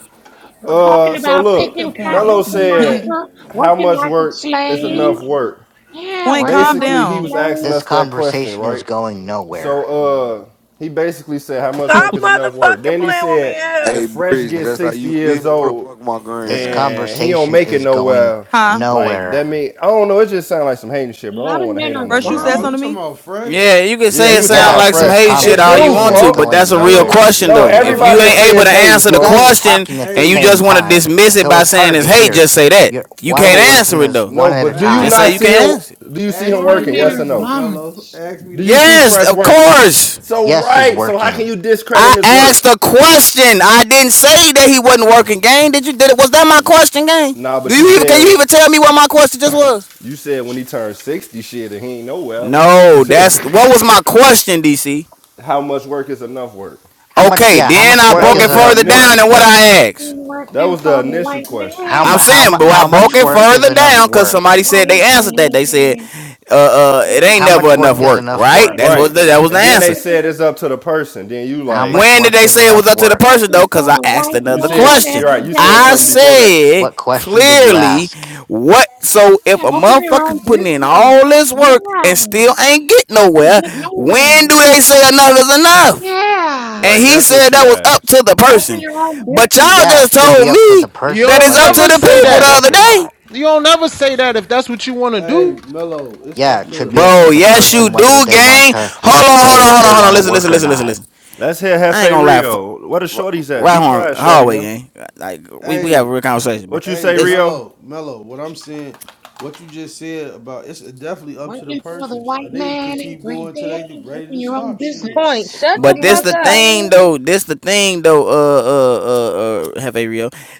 [SPEAKER 10] We're talking
[SPEAKER 7] Uh so
[SPEAKER 10] about
[SPEAKER 4] Look
[SPEAKER 10] picking
[SPEAKER 4] at
[SPEAKER 7] look,
[SPEAKER 4] point.
[SPEAKER 10] cotton
[SPEAKER 7] Mello
[SPEAKER 10] for
[SPEAKER 7] said
[SPEAKER 10] massa,
[SPEAKER 7] how
[SPEAKER 10] working
[SPEAKER 7] much
[SPEAKER 10] like a
[SPEAKER 7] work is
[SPEAKER 4] Hell
[SPEAKER 10] slave.
[SPEAKER 7] enough
[SPEAKER 4] no.
[SPEAKER 7] work?
[SPEAKER 10] Yeah,
[SPEAKER 4] Point,
[SPEAKER 10] working
[SPEAKER 4] calm
[SPEAKER 10] like
[SPEAKER 7] basically he
[SPEAKER 4] down.
[SPEAKER 7] was asking
[SPEAKER 10] slaves.
[SPEAKER 9] This
[SPEAKER 7] us that question,
[SPEAKER 9] conversation is
[SPEAKER 7] right?
[SPEAKER 9] going
[SPEAKER 7] So
[SPEAKER 9] nowhere.
[SPEAKER 7] uh he basically said how much
[SPEAKER 2] Stop
[SPEAKER 7] work is enough work.
[SPEAKER 2] motherfucking
[SPEAKER 7] Then he
[SPEAKER 2] playing with me in
[SPEAKER 7] said
[SPEAKER 2] here.
[SPEAKER 3] Hey,
[SPEAKER 7] if Fresh
[SPEAKER 3] Breezy,
[SPEAKER 7] gets
[SPEAKER 3] that's how
[SPEAKER 7] 60
[SPEAKER 3] you
[SPEAKER 7] years
[SPEAKER 3] feel? What the
[SPEAKER 7] old
[SPEAKER 3] fuck my green
[SPEAKER 9] This
[SPEAKER 3] at?
[SPEAKER 7] and he don't
[SPEAKER 9] conversation
[SPEAKER 7] make it
[SPEAKER 9] is going
[SPEAKER 7] nowhere,
[SPEAKER 4] Huh?
[SPEAKER 7] like
[SPEAKER 9] nowhere.
[SPEAKER 7] that mean I don't know, it just sounds like some hating shit,
[SPEAKER 10] A
[SPEAKER 7] but I
[SPEAKER 10] lot
[SPEAKER 7] don't
[SPEAKER 10] of
[SPEAKER 7] want to
[SPEAKER 10] men
[SPEAKER 7] hate on
[SPEAKER 10] are
[SPEAKER 7] no
[SPEAKER 4] First you
[SPEAKER 7] man
[SPEAKER 4] said
[SPEAKER 13] Oh,
[SPEAKER 10] bums.
[SPEAKER 13] you
[SPEAKER 7] for.
[SPEAKER 4] something to
[SPEAKER 13] talking
[SPEAKER 4] me?
[SPEAKER 13] about fresh?
[SPEAKER 8] Yeah, you can
[SPEAKER 7] Yeah,
[SPEAKER 8] say
[SPEAKER 7] he
[SPEAKER 8] it
[SPEAKER 7] was talking
[SPEAKER 8] sound
[SPEAKER 7] about
[SPEAKER 9] Yeah,
[SPEAKER 8] like some
[SPEAKER 9] this
[SPEAKER 7] Fresh.
[SPEAKER 8] hating shit
[SPEAKER 7] It
[SPEAKER 13] Oh,
[SPEAKER 8] all you
[SPEAKER 7] do,
[SPEAKER 9] conversation
[SPEAKER 8] want
[SPEAKER 13] Mellow,
[SPEAKER 9] is
[SPEAKER 8] to,
[SPEAKER 13] uh,
[SPEAKER 8] but
[SPEAKER 7] folk.
[SPEAKER 8] that's
[SPEAKER 9] going
[SPEAKER 8] a real
[SPEAKER 13] Mellow,
[SPEAKER 9] nowhere. You're
[SPEAKER 8] question
[SPEAKER 7] No,
[SPEAKER 8] though.
[SPEAKER 9] talking
[SPEAKER 8] If
[SPEAKER 9] about
[SPEAKER 8] you
[SPEAKER 13] Mellow
[SPEAKER 7] everybody will
[SPEAKER 8] ain't
[SPEAKER 13] is
[SPEAKER 9] work
[SPEAKER 7] say
[SPEAKER 8] able
[SPEAKER 13] a
[SPEAKER 9] and
[SPEAKER 8] to
[SPEAKER 7] it's hating,
[SPEAKER 8] answer
[SPEAKER 9] you
[SPEAKER 8] the
[SPEAKER 9] guys
[SPEAKER 7] folk.
[SPEAKER 9] are
[SPEAKER 8] question
[SPEAKER 9] talking at the
[SPEAKER 8] and you
[SPEAKER 13] hey,
[SPEAKER 9] same
[SPEAKER 8] just want to
[SPEAKER 9] time,
[SPEAKER 8] dismiss it
[SPEAKER 9] so
[SPEAKER 8] by
[SPEAKER 9] it's
[SPEAKER 8] saying
[SPEAKER 9] hard to
[SPEAKER 8] it's hate,
[SPEAKER 9] hear.
[SPEAKER 8] just say that.
[SPEAKER 9] You're,
[SPEAKER 8] You can't
[SPEAKER 9] one
[SPEAKER 7] No,
[SPEAKER 9] person
[SPEAKER 8] answer it
[SPEAKER 9] is
[SPEAKER 8] though.
[SPEAKER 9] one
[SPEAKER 7] no,
[SPEAKER 9] at a
[SPEAKER 7] but do you
[SPEAKER 13] hey.
[SPEAKER 8] Just
[SPEAKER 9] time.
[SPEAKER 8] say
[SPEAKER 7] not
[SPEAKER 8] you
[SPEAKER 7] see him
[SPEAKER 8] can't answer it.
[SPEAKER 7] do you see
[SPEAKER 13] Ask
[SPEAKER 7] him
[SPEAKER 10] lot
[SPEAKER 13] me
[SPEAKER 10] of
[SPEAKER 13] the
[SPEAKER 7] working?
[SPEAKER 10] men
[SPEAKER 7] Yes or
[SPEAKER 10] are
[SPEAKER 13] question,
[SPEAKER 7] no?
[SPEAKER 10] bums.
[SPEAKER 13] Mellow. Ask me the
[SPEAKER 7] Do you see
[SPEAKER 13] question.
[SPEAKER 8] Yes,
[SPEAKER 7] Fresh
[SPEAKER 8] of
[SPEAKER 7] working?
[SPEAKER 8] course.
[SPEAKER 7] So
[SPEAKER 9] Yes, he's
[SPEAKER 7] right. So how can
[SPEAKER 9] working.
[SPEAKER 7] you discredit
[SPEAKER 8] I
[SPEAKER 7] his work?
[SPEAKER 8] asked a question. I didn't say that he wasn't working. Gang, did you? Did it? Was that my question, gang?
[SPEAKER 7] Nah,
[SPEAKER 8] Do
[SPEAKER 7] but you
[SPEAKER 8] you even? Can you
[SPEAKER 7] said
[SPEAKER 8] even tell me what my question just was?
[SPEAKER 7] you said when he turned sixty, shit, and he ain't nowhere. Who?
[SPEAKER 8] No, that's what was my question, DC.
[SPEAKER 7] how much work is enough work?
[SPEAKER 9] How much
[SPEAKER 8] Okay,
[SPEAKER 9] yeah, how
[SPEAKER 8] then
[SPEAKER 9] much
[SPEAKER 8] I
[SPEAKER 7] That
[SPEAKER 9] work
[SPEAKER 8] broke
[SPEAKER 9] is
[SPEAKER 7] was
[SPEAKER 8] it
[SPEAKER 7] the
[SPEAKER 9] enough
[SPEAKER 8] further down
[SPEAKER 7] initial
[SPEAKER 9] work?
[SPEAKER 8] than what
[SPEAKER 7] question.
[SPEAKER 8] I asked.
[SPEAKER 10] Working,
[SPEAKER 7] That
[SPEAKER 10] working
[SPEAKER 7] was the
[SPEAKER 10] for the
[SPEAKER 7] initial
[SPEAKER 10] white
[SPEAKER 7] question.
[SPEAKER 9] How mu-
[SPEAKER 8] I'm
[SPEAKER 10] man.
[SPEAKER 9] how mu-
[SPEAKER 8] saying, but I
[SPEAKER 9] how
[SPEAKER 8] broke
[SPEAKER 10] Working,
[SPEAKER 9] much
[SPEAKER 8] it
[SPEAKER 9] work is
[SPEAKER 8] further
[SPEAKER 9] enough
[SPEAKER 10] working
[SPEAKER 8] down because
[SPEAKER 10] for
[SPEAKER 9] work?
[SPEAKER 10] the
[SPEAKER 8] somebody said they
[SPEAKER 10] white
[SPEAKER 8] answered that. They said,
[SPEAKER 10] man.
[SPEAKER 8] uh, uh, it
[SPEAKER 10] Working
[SPEAKER 8] ain't
[SPEAKER 9] How
[SPEAKER 10] for
[SPEAKER 8] never
[SPEAKER 9] much
[SPEAKER 10] the
[SPEAKER 8] enough
[SPEAKER 9] work is
[SPEAKER 8] work,
[SPEAKER 10] white
[SPEAKER 9] enough
[SPEAKER 10] man
[SPEAKER 8] right?
[SPEAKER 9] work?
[SPEAKER 8] That's
[SPEAKER 7] Right.
[SPEAKER 8] what the,
[SPEAKER 10] every
[SPEAKER 8] that was the
[SPEAKER 7] And then they
[SPEAKER 8] answer.
[SPEAKER 7] said
[SPEAKER 10] day.
[SPEAKER 7] it's up to the person. Then you
[SPEAKER 9] How
[SPEAKER 7] like
[SPEAKER 9] much
[SPEAKER 8] When did
[SPEAKER 9] work
[SPEAKER 8] they
[SPEAKER 9] is
[SPEAKER 8] say it was
[SPEAKER 9] enough
[SPEAKER 8] up to the
[SPEAKER 9] work?
[SPEAKER 8] person though?
[SPEAKER 10] Working
[SPEAKER 8] Because
[SPEAKER 10] for
[SPEAKER 8] I
[SPEAKER 10] the
[SPEAKER 8] asked
[SPEAKER 10] white
[SPEAKER 7] you
[SPEAKER 8] another
[SPEAKER 7] said
[SPEAKER 10] man
[SPEAKER 8] question.
[SPEAKER 7] you're right.
[SPEAKER 10] every
[SPEAKER 7] You said
[SPEAKER 8] I
[SPEAKER 7] something before
[SPEAKER 10] day.
[SPEAKER 7] that.
[SPEAKER 8] said
[SPEAKER 9] What question did you
[SPEAKER 8] clearly
[SPEAKER 9] ask?
[SPEAKER 8] what. So if
[SPEAKER 10] Yeah,
[SPEAKER 8] a
[SPEAKER 10] open your
[SPEAKER 8] motherfucker
[SPEAKER 10] own
[SPEAKER 8] putting in
[SPEAKER 10] business.
[SPEAKER 8] all this work and
[SPEAKER 10] Yeah.
[SPEAKER 8] still ain't get
[SPEAKER 10] And
[SPEAKER 8] nowhere,
[SPEAKER 10] get
[SPEAKER 8] when
[SPEAKER 10] nowhere.
[SPEAKER 8] do they say enough is enough?
[SPEAKER 10] Yeah.
[SPEAKER 8] And
[SPEAKER 7] Right.
[SPEAKER 8] he
[SPEAKER 7] That's
[SPEAKER 8] said
[SPEAKER 7] what
[SPEAKER 8] that
[SPEAKER 7] you
[SPEAKER 8] was up to
[SPEAKER 7] asked.
[SPEAKER 8] the
[SPEAKER 10] Open
[SPEAKER 8] person.
[SPEAKER 10] your own
[SPEAKER 8] But y'all
[SPEAKER 10] business.
[SPEAKER 9] Yeah,
[SPEAKER 8] just
[SPEAKER 9] it should be
[SPEAKER 8] told
[SPEAKER 9] up to
[SPEAKER 8] me
[SPEAKER 9] the
[SPEAKER 15] You
[SPEAKER 9] person
[SPEAKER 8] that
[SPEAKER 9] of
[SPEAKER 15] don't
[SPEAKER 8] it's up to
[SPEAKER 9] whether
[SPEAKER 15] never
[SPEAKER 8] the
[SPEAKER 9] they
[SPEAKER 15] say
[SPEAKER 9] want
[SPEAKER 8] people
[SPEAKER 9] to
[SPEAKER 8] the
[SPEAKER 15] that.
[SPEAKER 9] work
[SPEAKER 8] other
[SPEAKER 9] or
[SPEAKER 8] day.
[SPEAKER 9] not.
[SPEAKER 15] You don't never say that if that's what you want to
[SPEAKER 13] Hey,
[SPEAKER 15] do.
[SPEAKER 13] Mello, it's
[SPEAKER 9] Yeah,
[SPEAKER 13] up
[SPEAKER 9] it
[SPEAKER 13] to
[SPEAKER 9] should be
[SPEAKER 13] it's
[SPEAKER 9] up to
[SPEAKER 8] Bro,
[SPEAKER 13] up
[SPEAKER 9] the
[SPEAKER 13] to the
[SPEAKER 8] yes you
[SPEAKER 9] person
[SPEAKER 13] person.
[SPEAKER 9] whether
[SPEAKER 8] do,
[SPEAKER 9] they want
[SPEAKER 8] gang.
[SPEAKER 9] to
[SPEAKER 13] It's
[SPEAKER 8] Hold
[SPEAKER 13] up
[SPEAKER 8] on,
[SPEAKER 13] to
[SPEAKER 8] hold
[SPEAKER 9] say
[SPEAKER 13] the
[SPEAKER 8] on,
[SPEAKER 9] if
[SPEAKER 8] hold on,
[SPEAKER 9] they
[SPEAKER 8] hold on.
[SPEAKER 9] want to
[SPEAKER 8] Listen,
[SPEAKER 13] person.
[SPEAKER 9] work
[SPEAKER 8] listen,
[SPEAKER 9] or
[SPEAKER 8] listen, listen,
[SPEAKER 9] not.
[SPEAKER 8] listen.
[SPEAKER 7] Let's hear
[SPEAKER 8] I ain't
[SPEAKER 7] Hefe
[SPEAKER 8] gonna lie.
[SPEAKER 7] Rio. What a shorty's at?
[SPEAKER 8] right
[SPEAKER 7] Be
[SPEAKER 8] on
[SPEAKER 7] quiet, shorty.
[SPEAKER 8] hallway,
[SPEAKER 7] Now.
[SPEAKER 8] gang. Like we we have a
[SPEAKER 13] Hey,
[SPEAKER 8] real conversation, bro.
[SPEAKER 7] What you say,
[SPEAKER 13] hey,
[SPEAKER 8] Listen,
[SPEAKER 7] Rio?
[SPEAKER 13] Mello, Mello, what I'm saying, what you just said about it's definitely up to the
[SPEAKER 10] Working for
[SPEAKER 13] person.
[SPEAKER 10] the
[SPEAKER 13] A
[SPEAKER 10] white
[SPEAKER 13] nigga can
[SPEAKER 10] man
[SPEAKER 13] keep
[SPEAKER 10] every
[SPEAKER 13] going till
[SPEAKER 10] day.
[SPEAKER 13] they
[SPEAKER 10] Open
[SPEAKER 13] ready to
[SPEAKER 10] your own
[SPEAKER 13] stop shit.
[SPEAKER 16] point.
[SPEAKER 10] business.
[SPEAKER 16] Shut
[SPEAKER 10] Stop
[SPEAKER 16] the
[SPEAKER 8] But
[SPEAKER 10] being
[SPEAKER 8] this
[SPEAKER 10] a
[SPEAKER 16] fuck
[SPEAKER 8] the
[SPEAKER 16] up.
[SPEAKER 8] thing
[SPEAKER 10] slave.
[SPEAKER 8] though. This the thing though. Uh, uh, uh, uh have a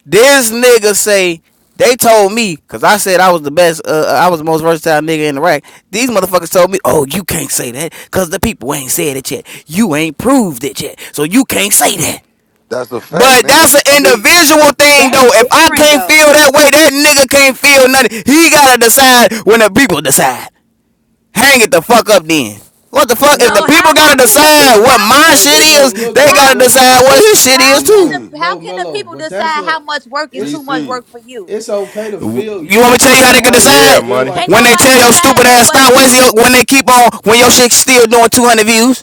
[SPEAKER 8] This nigga say they told me because I said I was the best. Uh, uh, I was the most versatile nigga in the rack. These motherfuckers told me, oh, you can't say that because the people ain't said it yet. You ain't proved it yet, so you can't say that.
[SPEAKER 3] That's a fact,
[SPEAKER 8] But that's
[SPEAKER 3] nigga.
[SPEAKER 13] I
[SPEAKER 8] an
[SPEAKER 13] mean,
[SPEAKER 8] individual thing
[SPEAKER 17] That's
[SPEAKER 8] though. If I
[SPEAKER 17] different
[SPEAKER 8] can't
[SPEAKER 17] though.
[SPEAKER 8] feel that way, that nigga can't feel nothing. He gotta decide when the people decide hang it the fuck up then. What the
[SPEAKER 13] I
[SPEAKER 8] fuck? If the
[SPEAKER 17] No,
[SPEAKER 13] mean,
[SPEAKER 8] people
[SPEAKER 17] how
[SPEAKER 8] gotta
[SPEAKER 17] how can the
[SPEAKER 8] decide
[SPEAKER 17] people
[SPEAKER 8] what
[SPEAKER 17] how can
[SPEAKER 8] my
[SPEAKER 13] hey,
[SPEAKER 17] the
[SPEAKER 8] shit
[SPEAKER 13] but no,
[SPEAKER 8] is,
[SPEAKER 13] look
[SPEAKER 8] they
[SPEAKER 17] people
[SPEAKER 13] though,
[SPEAKER 17] how
[SPEAKER 8] gotta
[SPEAKER 17] can
[SPEAKER 13] look,
[SPEAKER 17] the
[SPEAKER 8] decide what
[SPEAKER 17] people
[SPEAKER 8] his shit
[SPEAKER 17] how
[SPEAKER 8] is
[SPEAKER 17] can
[SPEAKER 8] too.
[SPEAKER 13] no,
[SPEAKER 3] DC,
[SPEAKER 17] the how
[SPEAKER 13] no,
[SPEAKER 17] can the
[SPEAKER 13] Mello,
[SPEAKER 17] people
[SPEAKER 13] but that's
[SPEAKER 17] decide how
[SPEAKER 13] a,
[SPEAKER 17] much work is
[SPEAKER 13] it's
[SPEAKER 17] too much
[SPEAKER 3] DC.
[SPEAKER 17] work for you?
[SPEAKER 13] it's okay to feel
[SPEAKER 8] You want
[SPEAKER 13] you
[SPEAKER 8] me to tell
[SPEAKER 13] as
[SPEAKER 8] you how
[SPEAKER 13] the
[SPEAKER 8] they can
[SPEAKER 13] artist to
[SPEAKER 7] Yeah,
[SPEAKER 8] decide?
[SPEAKER 13] feel
[SPEAKER 7] money.
[SPEAKER 13] like
[SPEAKER 17] Can't
[SPEAKER 8] When they
[SPEAKER 13] that.
[SPEAKER 17] nobody
[SPEAKER 8] tell your
[SPEAKER 17] decide
[SPEAKER 8] stupid
[SPEAKER 17] that
[SPEAKER 8] ass
[SPEAKER 17] but
[SPEAKER 8] stop,
[SPEAKER 17] you.
[SPEAKER 8] when they keep on, when your shit still doing 200 views?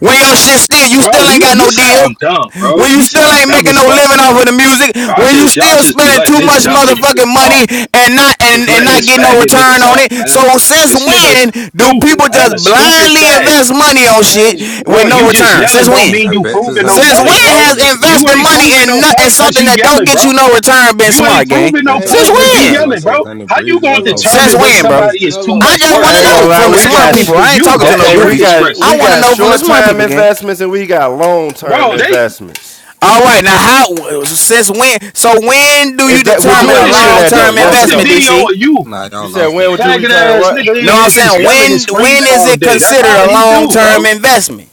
[SPEAKER 8] When your shit still, you
[SPEAKER 11] Bro,
[SPEAKER 8] still ain't
[SPEAKER 11] you,
[SPEAKER 8] got
[SPEAKER 11] you
[SPEAKER 8] no deal.
[SPEAKER 11] sound dumb, bro.
[SPEAKER 8] When you
[SPEAKER 11] You
[SPEAKER 8] still
[SPEAKER 11] sound
[SPEAKER 8] ain't
[SPEAKER 11] dumb
[SPEAKER 8] making
[SPEAKER 11] as
[SPEAKER 8] no
[SPEAKER 11] fuck,
[SPEAKER 8] living
[SPEAKER 11] man.
[SPEAKER 8] off of the music.
[SPEAKER 11] Y'all
[SPEAKER 8] When you
[SPEAKER 11] just y'all
[SPEAKER 8] still
[SPEAKER 11] just be
[SPEAKER 8] spending
[SPEAKER 11] letting
[SPEAKER 8] too
[SPEAKER 11] this
[SPEAKER 8] much
[SPEAKER 11] dumb nigga
[SPEAKER 8] motherfucking
[SPEAKER 11] just
[SPEAKER 8] money
[SPEAKER 11] talk.
[SPEAKER 8] and not
[SPEAKER 11] Just
[SPEAKER 8] and, and
[SPEAKER 11] let
[SPEAKER 8] not
[SPEAKER 11] this
[SPEAKER 8] getting no
[SPEAKER 11] faggot nigga
[SPEAKER 8] return on
[SPEAKER 11] talk,
[SPEAKER 8] it. So
[SPEAKER 11] man.
[SPEAKER 8] since
[SPEAKER 11] This nigga's
[SPEAKER 8] when do
[SPEAKER 11] stupid,
[SPEAKER 8] people
[SPEAKER 11] man.
[SPEAKER 8] just
[SPEAKER 11] A stupid
[SPEAKER 8] blindly
[SPEAKER 11] fag.
[SPEAKER 8] invest money on shit
[SPEAKER 13] Hey,
[SPEAKER 8] with
[SPEAKER 11] Bro,
[SPEAKER 8] no
[SPEAKER 11] you
[SPEAKER 13] hey,
[SPEAKER 11] just
[SPEAKER 8] return?
[SPEAKER 11] yelling
[SPEAKER 8] Since
[SPEAKER 13] let
[SPEAKER 11] don't
[SPEAKER 13] me
[SPEAKER 8] when?
[SPEAKER 11] mean
[SPEAKER 18] I
[SPEAKER 11] you
[SPEAKER 13] say, let
[SPEAKER 18] bet
[SPEAKER 13] me
[SPEAKER 11] proving
[SPEAKER 13] say
[SPEAKER 11] no
[SPEAKER 18] 600
[SPEAKER 8] Since
[SPEAKER 13] something.
[SPEAKER 11] point,
[SPEAKER 18] Breezer
[SPEAKER 8] when
[SPEAKER 18] don't
[SPEAKER 11] bro.
[SPEAKER 18] come
[SPEAKER 8] has
[SPEAKER 18] back in
[SPEAKER 11] You
[SPEAKER 18] this
[SPEAKER 8] investing
[SPEAKER 11] ain't
[SPEAKER 18] bit.
[SPEAKER 8] money
[SPEAKER 11] proving
[SPEAKER 8] in,
[SPEAKER 11] no
[SPEAKER 8] no- in
[SPEAKER 11] point cause
[SPEAKER 8] something
[SPEAKER 11] you
[SPEAKER 8] that don't
[SPEAKER 11] yelling,
[SPEAKER 8] get
[SPEAKER 11] bro.
[SPEAKER 8] you no return been
[SPEAKER 11] You ain't
[SPEAKER 8] smart, gang?
[SPEAKER 18] I
[SPEAKER 11] proving no
[SPEAKER 18] bet
[SPEAKER 13] Hey,
[SPEAKER 18] y'all
[SPEAKER 8] Since
[SPEAKER 18] ain't
[SPEAKER 11] point
[SPEAKER 13] let
[SPEAKER 18] gonna
[SPEAKER 13] me
[SPEAKER 11] cause you
[SPEAKER 18] never
[SPEAKER 13] say
[SPEAKER 18] have
[SPEAKER 8] when?
[SPEAKER 18] no
[SPEAKER 13] something
[SPEAKER 11] yelling, bro.
[SPEAKER 13] though.
[SPEAKER 18] 600
[SPEAKER 11] How you
[SPEAKER 18] Breezer
[SPEAKER 11] gonna
[SPEAKER 18] with no
[SPEAKER 13] Mello,
[SPEAKER 8] Since
[SPEAKER 11] determine
[SPEAKER 18] green
[SPEAKER 11] when
[SPEAKER 18] beam
[SPEAKER 8] when,
[SPEAKER 18] in
[SPEAKER 8] bro?
[SPEAKER 18] this
[SPEAKER 11] somebody is
[SPEAKER 18] bit.
[SPEAKER 11] too
[SPEAKER 8] I
[SPEAKER 13] Mello,
[SPEAKER 11] much
[SPEAKER 8] just
[SPEAKER 11] work,
[SPEAKER 8] want
[SPEAKER 7] I
[SPEAKER 8] to
[SPEAKER 7] ain't
[SPEAKER 11] bro?
[SPEAKER 8] know
[SPEAKER 7] gonna lie,
[SPEAKER 8] from the
[SPEAKER 7] we
[SPEAKER 11] That's
[SPEAKER 8] smart
[SPEAKER 7] got
[SPEAKER 11] on
[SPEAKER 8] people.
[SPEAKER 11] for
[SPEAKER 8] I ain't
[SPEAKER 11] you.
[SPEAKER 8] talking to no
[SPEAKER 11] That's
[SPEAKER 7] okay,
[SPEAKER 11] your
[SPEAKER 7] we
[SPEAKER 8] goofies.
[SPEAKER 7] got
[SPEAKER 11] discretion.
[SPEAKER 8] I
[SPEAKER 7] we
[SPEAKER 8] want to
[SPEAKER 7] got
[SPEAKER 8] know from the
[SPEAKER 7] short
[SPEAKER 8] smart
[SPEAKER 7] term
[SPEAKER 8] people, gang.
[SPEAKER 7] investments and we got long term
[SPEAKER 11] Bro, they
[SPEAKER 7] investments.
[SPEAKER 8] All right, now how since when? So when do you
[SPEAKER 7] Is that would
[SPEAKER 11] bro,
[SPEAKER 8] determine
[SPEAKER 7] you
[SPEAKER 11] what
[SPEAKER 8] a
[SPEAKER 11] is
[SPEAKER 7] agree to
[SPEAKER 11] your
[SPEAKER 7] that though?
[SPEAKER 11] put
[SPEAKER 8] long-term
[SPEAKER 7] Yes or
[SPEAKER 11] posting
[SPEAKER 8] investment,
[SPEAKER 7] no?
[SPEAKER 11] video
[SPEAKER 8] DC?
[SPEAKER 11] of you?
[SPEAKER 18] Nah,
[SPEAKER 7] You
[SPEAKER 18] y'all
[SPEAKER 7] said
[SPEAKER 18] lost
[SPEAKER 7] when
[SPEAKER 18] that
[SPEAKER 7] would you
[SPEAKER 11] Faggot
[SPEAKER 18] privilege.
[SPEAKER 7] return
[SPEAKER 11] ass nigga
[SPEAKER 7] what?
[SPEAKER 11] in
[SPEAKER 8] Know what
[SPEAKER 11] here
[SPEAKER 8] I'm
[SPEAKER 11] just
[SPEAKER 8] saying?
[SPEAKER 11] yelling and
[SPEAKER 8] When when
[SPEAKER 11] screaming
[SPEAKER 8] is
[SPEAKER 11] all
[SPEAKER 8] it
[SPEAKER 11] day. That's
[SPEAKER 8] considered
[SPEAKER 11] all
[SPEAKER 8] a
[SPEAKER 11] he do,
[SPEAKER 8] long-term
[SPEAKER 11] bro.
[SPEAKER 8] investment?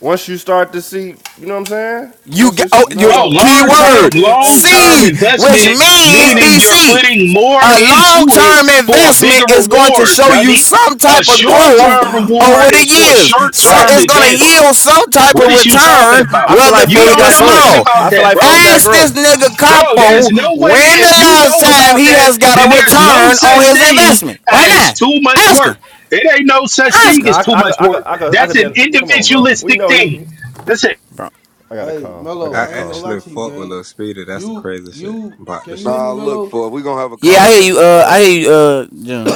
[SPEAKER 7] Once you start to see, you know what I'm saying?
[SPEAKER 8] You
[SPEAKER 7] Once
[SPEAKER 8] got oh,
[SPEAKER 7] it's
[SPEAKER 8] your
[SPEAKER 11] Bro,
[SPEAKER 13] Mello.
[SPEAKER 11] long
[SPEAKER 13] I'm gonna
[SPEAKER 11] term,
[SPEAKER 8] keyword
[SPEAKER 13] keep it. A,
[SPEAKER 11] long
[SPEAKER 13] hey,
[SPEAKER 8] C,
[SPEAKER 11] term
[SPEAKER 13] Mello.
[SPEAKER 8] which
[SPEAKER 11] investment,
[SPEAKER 8] means
[SPEAKER 11] meaning you're
[SPEAKER 8] DC.
[SPEAKER 11] putting more
[SPEAKER 8] A
[SPEAKER 11] into it
[SPEAKER 8] long-term
[SPEAKER 11] for a
[SPEAKER 8] investment
[SPEAKER 11] bigger
[SPEAKER 8] is going to
[SPEAKER 11] reward,
[SPEAKER 8] show you
[SPEAKER 11] dummy.
[SPEAKER 8] some
[SPEAKER 11] A
[SPEAKER 8] type of
[SPEAKER 11] short
[SPEAKER 8] growth
[SPEAKER 11] term reward
[SPEAKER 8] over the
[SPEAKER 11] is for
[SPEAKER 8] years.
[SPEAKER 11] short
[SPEAKER 8] So
[SPEAKER 7] right.
[SPEAKER 11] term
[SPEAKER 8] it's going to
[SPEAKER 11] advances.
[SPEAKER 8] yield some type
[SPEAKER 11] What
[SPEAKER 8] of
[SPEAKER 11] is you talking
[SPEAKER 8] return,
[SPEAKER 11] about?
[SPEAKER 7] I feel
[SPEAKER 8] whether
[SPEAKER 7] like
[SPEAKER 11] You
[SPEAKER 7] folks
[SPEAKER 8] big
[SPEAKER 11] don't
[SPEAKER 8] or
[SPEAKER 7] got
[SPEAKER 11] know nothing
[SPEAKER 7] growth.
[SPEAKER 8] small.
[SPEAKER 11] about
[SPEAKER 7] I feel
[SPEAKER 11] that,
[SPEAKER 7] like
[SPEAKER 11] bro.
[SPEAKER 7] folks got
[SPEAKER 8] Ask this
[SPEAKER 7] growth.
[SPEAKER 8] nigga
[SPEAKER 11] Bro,
[SPEAKER 8] Capo
[SPEAKER 11] there's no way
[SPEAKER 8] when
[SPEAKER 11] if
[SPEAKER 8] the
[SPEAKER 11] you
[SPEAKER 8] last
[SPEAKER 11] know
[SPEAKER 8] time
[SPEAKER 11] about
[SPEAKER 8] he
[SPEAKER 11] that,
[SPEAKER 8] has got
[SPEAKER 11] then
[SPEAKER 8] a
[SPEAKER 11] there's no
[SPEAKER 8] return on
[SPEAKER 11] such
[SPEAKER 8] his
[SPEAKER 11] thing
[SPEAKER 8] investment. Right
[SPEAKER 11] as
[SPEAKER 8] now,
[SPEAKER 11] too much
[SPEAKER 8] ask
[SPEAKER 11] work.
[SPEAKER 8] him.
[SPEAKER 11] It ain't no such
[SPEAKER 8] Ask
[SPEAKER 11] thing
[SPEAKER 7] No,
[SPEAKER 11] as
[SPEAKER 8] him,
[SPEAKER 7] I,
[SPEAKER 11] too
[SPEAKER 7] I could,
[SPEAKER 11] much
[SPEAKER 7] I I, I, I could,
[SPEAKER 11] work.
[SPEAKER 7] I could, I
[SPEAKER 11] That's
[SPEAKER 7] could.
[SPEAKER 11] an
[SPEAKER 7] Then come on, bro. We
[SPEAKER 11] individualistic
[SPEAKER 7] know
[SPEAKER 11] thing.
[SPEAKER 7] he.
[SPEAKER 11] That's it.
[SPEAKER 8] bro.
[SPEAKER 7] I got a
[SPEAKER 13] Hey,
[SPEAKER 7] call. I
[SPEAKER 18] I
[SPEAKER 7] got
[SPEAKER 13] Mello.
[SPEAKER 7] a
[SPEAKER 13] I ain't gonna
[SPEAKER 7] call.
[SPEAKER 13] lie
[SPEAKER 18] actually
[SPEAKER 13] to you,
[SPEAKER 18] fought with Lil
[SPEAKER 13] gang.
[SPEAKER 18] Speedy. That's the
[SPEAKER 13] You,
[SPEAKER 18] crazy shit
[SPEAKER 13] you.
[SPEAKER 18] about the
[SPEAKER 13] Can you hear
[SPEAKER 18] shit.
[SPEAKER 13] me,
[SPEAKER 3] Nah, look,
[SPEAKER 13] Mello?
[SPEAKER 3] for we gonna have a
[SPEAKER 8] Yeah, I hear you.
[SPEAKER 3] conversation,
[SPEAKER 8] Uh, I
[SPEAKER 3] folks.
[SPEAKER 8] hear you. Uh, John.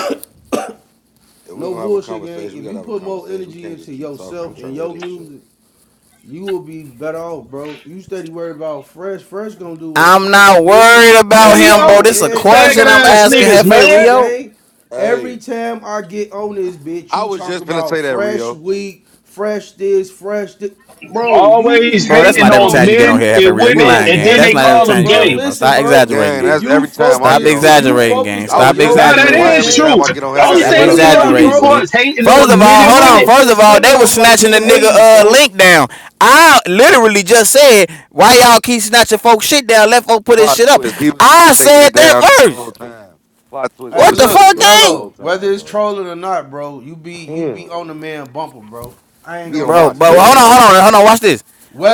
[SPEAKER 3] If we
[SPEAKER 13] No
[SPEAKER 3] gonna have a
[SPEAKER 13] bullshit, gang.
[SPEAKER 3] conversation, we
[SPEAKER 13] If
[SPEAKER 3] gotta
[SPEAKER 13] you
[SPEAKER 3] have a
[SPEAKER 13] put more
[SPEAKER 3] conversation. We
[SPEAKER 13] energy
[SPEAKER 3] can't just
[SPEAKER 13] into
[SPEAKER 3] keep talking. I'm
[SPEAKER 13] yourself
[SPEAKER 3] trying
[SPEAKER 13] and
[SPEAKER 3] to hear
[SPEAKER 13] your
[SPEAKER 3] this shit.
[SPEAKER 13] music, you will be better off, bro. You steady worried about Fresh. Fresh gonna do what
[SPEAKER 8] I'm
[SPEAKER 13] Fresh
[SPEAKER 8] not
[SPEAKER 13] do,
[SPEAKER 8] worried
[SPEAKER 13] bro.
[SPEAKER 11] Yeah,
[SPEAKER 8] about
[SPEAKER 11] you
[SPEAKER 8] him,
[SPEAKER 11] know,
[SPEAKER 8] bro.
[SPEAKER 13] Bro,
[SPEAKER 8] This is a
[SPEAKER 13] every time
[SPEAKER 11] faggot
[SPEAKER 8] question
[SPEAKER 13] I
[SPEAKER 8] I'm
[SPEAKER 13] get
[SPEAKER 11] ass
[SPEAKER 8] asking
[SPEAKER 11] niggas,
[SPEAKER 13] listen,
[SPEAKER 8] Hefe
[SPEAKER 11] man.
[SPEAKER 13] listen,
[SPEAKER 8] Rio.
[SPEAKER 13] gang. Every
[SPEAKER 3] Hey,
[SPEAKER 13] time I get on this bitch,
[SPEAKER 3] I
[SPEAKER 13] you
[SPEAKER 3] was
[SPEAKER 13] talk
[SPEAKER 3] just gonna
[SPEAKER 13] about
[SPEAKER 3] say that,
[SPEAKER 13] fresh
[SPEAKER 3] Rio.
[SPEAKER 13] week, fresh this, fresh this. Bro, you
[SPEAKER 11] Always
[SPEAKER 13] need
[SPEAKER 8] Bro, that's
[SPEAKER 13] to,
[SPEAKER 11] hating
[SPEAKER 8] not every
[SPEAKER 13] bro.
[SPEAKER 11] on
[SPEAKER 8] time you
[SPEAKER 13] If
[SPEAKER 8] get on
[SPEAKER 11] men
[SPEAKER 13] you,
[SPEAKER 8] here, Hefe
[SPEAKER 11] and
[SPEAKER 8] Rio. You
[SPEAKER 11] women,
[SPEAKER 13] bro,
[SPEAKER 8] lying,
[SPEAKER 11] and
[SPEAKER 8] gang.
[SPEAKER 11] then
[SPEAKER 13] yes
[SPEAKER 8] That's
[SPEAKER 11] they
[SPEAKER 13] it
[SPEAKER 8] not every
[SPEAKER 11] call
[SPEAKER 13] is,
[SPEAKER 11] them
[SPEAKER 8] time you get
[SPEAKER 13] bro.
[SPEAKER 8] on here,
[SPEAKER 11] gay.
[SPEAKER 8] bro.
[SPEAKER 13] Listen,
[SPEAKER 8] Stop
[SPEAKER 13] bro.
[SPEAKER 8] exaggerating,
[SPEAKER 3] Gang,
[SPEAKER 13] If
[SPEAKER 8] gang.
[SPEAKER 3] that's
[SPEAKER 13] you
[SPEAKER 3] every time I
[SPEAKER 8] Stop
[SPEAKER 3] get
[SPEAKER 13] focus,
[SPEAKER 3] on
[SPEAKER 13] if
[SPEAKER 3] here,
[SPEAKER 13] you
[SPEAKER 3] gang.
[SPEAKER 8] exaggerating, gang.
[SPEAKER 13] focused
[SPEAKER 3] I
[SPEAKER 13] on
[SPEAKER 3] was
[SPEAKER 8] Stop
[SPEAKER 3] just
[SPEAKER 13] your
[SPEAKER 11] Now
[SPEAKER 3] gonna
[SPEAKER 11] that
[SPEAKER 3] say,
[SPEAKER 8] exaggerating,
[SPEAKER 3] why
[SPEAKER 13] music
[SPEAKER 11] is
[SPEAKER 3] every
[SPEAKER 8] blood.
[SPEAKER 11] true.
[SPEAKER 3] time
[SPEAKER 13] gang.
[SPEAKER 3] I get on here,
[SPEAKER 11] The
[SPEAKER 3] I
[SPEAKER 13] I
[SPEAKER 11] only
[SPEAKER 3] gotta
[SPEAKER 8] Stop
[SPEAKER 3] hear
[SPEAKER 13] swear
[SPEAKER 11] thing
[SPEAKER 13] to
[SPEAKER 3] about
[SPEAKER 11] we
[SPEAKER 3] some
[SPEAKER 11] know
[SPEAKER 13] God,
[SPEAKER 11] you
[SPEAKER 3] music,
[SPEAKER 8] exaggerating,
[SPEAKER 13] bro.
[SPEAKER 11] for
[SPEAKER 3] bro.
[SPEAKER 8] bleep.
[SPEAKER 11] is hating
[SPEAKER 8] First
[SPEAKER 13] Cause
[SPEAKER 11] on
[SPEAKER 8] of
[SPEAKER 13] it's
[SPEAKER 11] men
[SPEAKER 8] all,
[SPEAKER 11] and
[SPEAKER 8] hold
[SPEAKER 13] coming
[SPEAKER 11] women.
[SPEAKER 8] on.
[SPEAKER 13] off,
[SPEAKER 8] First
[SPEAKER 13] it's
[SPEAKER 8] of all,
[SPEAKER 13] coming
[SPEAKER 8] they was
[SPEAKER 13] off like
[SPEAKER 8] snatching the
[SPEAKER 13] you hating,
[SPEAKER 8] nigga uh
[SPEAKER 13] folk.
[SPEAKER 8] link down. I literally just said, why y'all keep snatching folks shit down? Let folk put his
[SPEAKER 3] Plot
[SPEAKER 8] shit up.
[SPEAKER 3] twist. He was the one
[SPEAKER 8] I
[SPEAKER 3] taking
[SPEAKER 8] said
[SPEAKER 3] it
[SPEAKER 8] that
[SPEAKER 3] down this whole
[SPEAKER 8] first.
[SPEAKER 3] time. Plot twist. He
[SPEAKER 13] Hey,
[SPEAKER 8] What
[SPEAKER 3] was
[SPEAKER 8] the
[SPEAKER 3] taking
[SPEAKER 13] look,
[SPEAKER 3] it
[SPEAKER 8] fuck,
[SPEAKER 3] down the
[SPEAKER 8] gang?
[SPEAKER 3] whole
[SPEAKER 13] Mello. Whether
[SPEAKER 3] time,
[SPEAKER 13] it's
[SPEAKER 3] bro.
[SPEAKER 13] trolling or not, bro, you be you
[SPEAKER 3] Yeah.
[SPEAKER 13] be on the man bumper, bro. I ain't
[SPEAKER 3] Be
[SPEAKER 13] gonna
[SPEAKER 3] on
[SPEAKER 8] bro.
[SPEAKER 13] lie
[SPEAKER 3] my
[SPEAKER 8] But
[SPEAKER 13] to you,
[SPEAKER 8] hold
[SPEAKER 3] dick,
[SPEAKER 8] on,
[SPEAKER 13] gang.
[SPEAKER 3] nigga.
[SPEAKER 8] hold on, hold on. Watch this.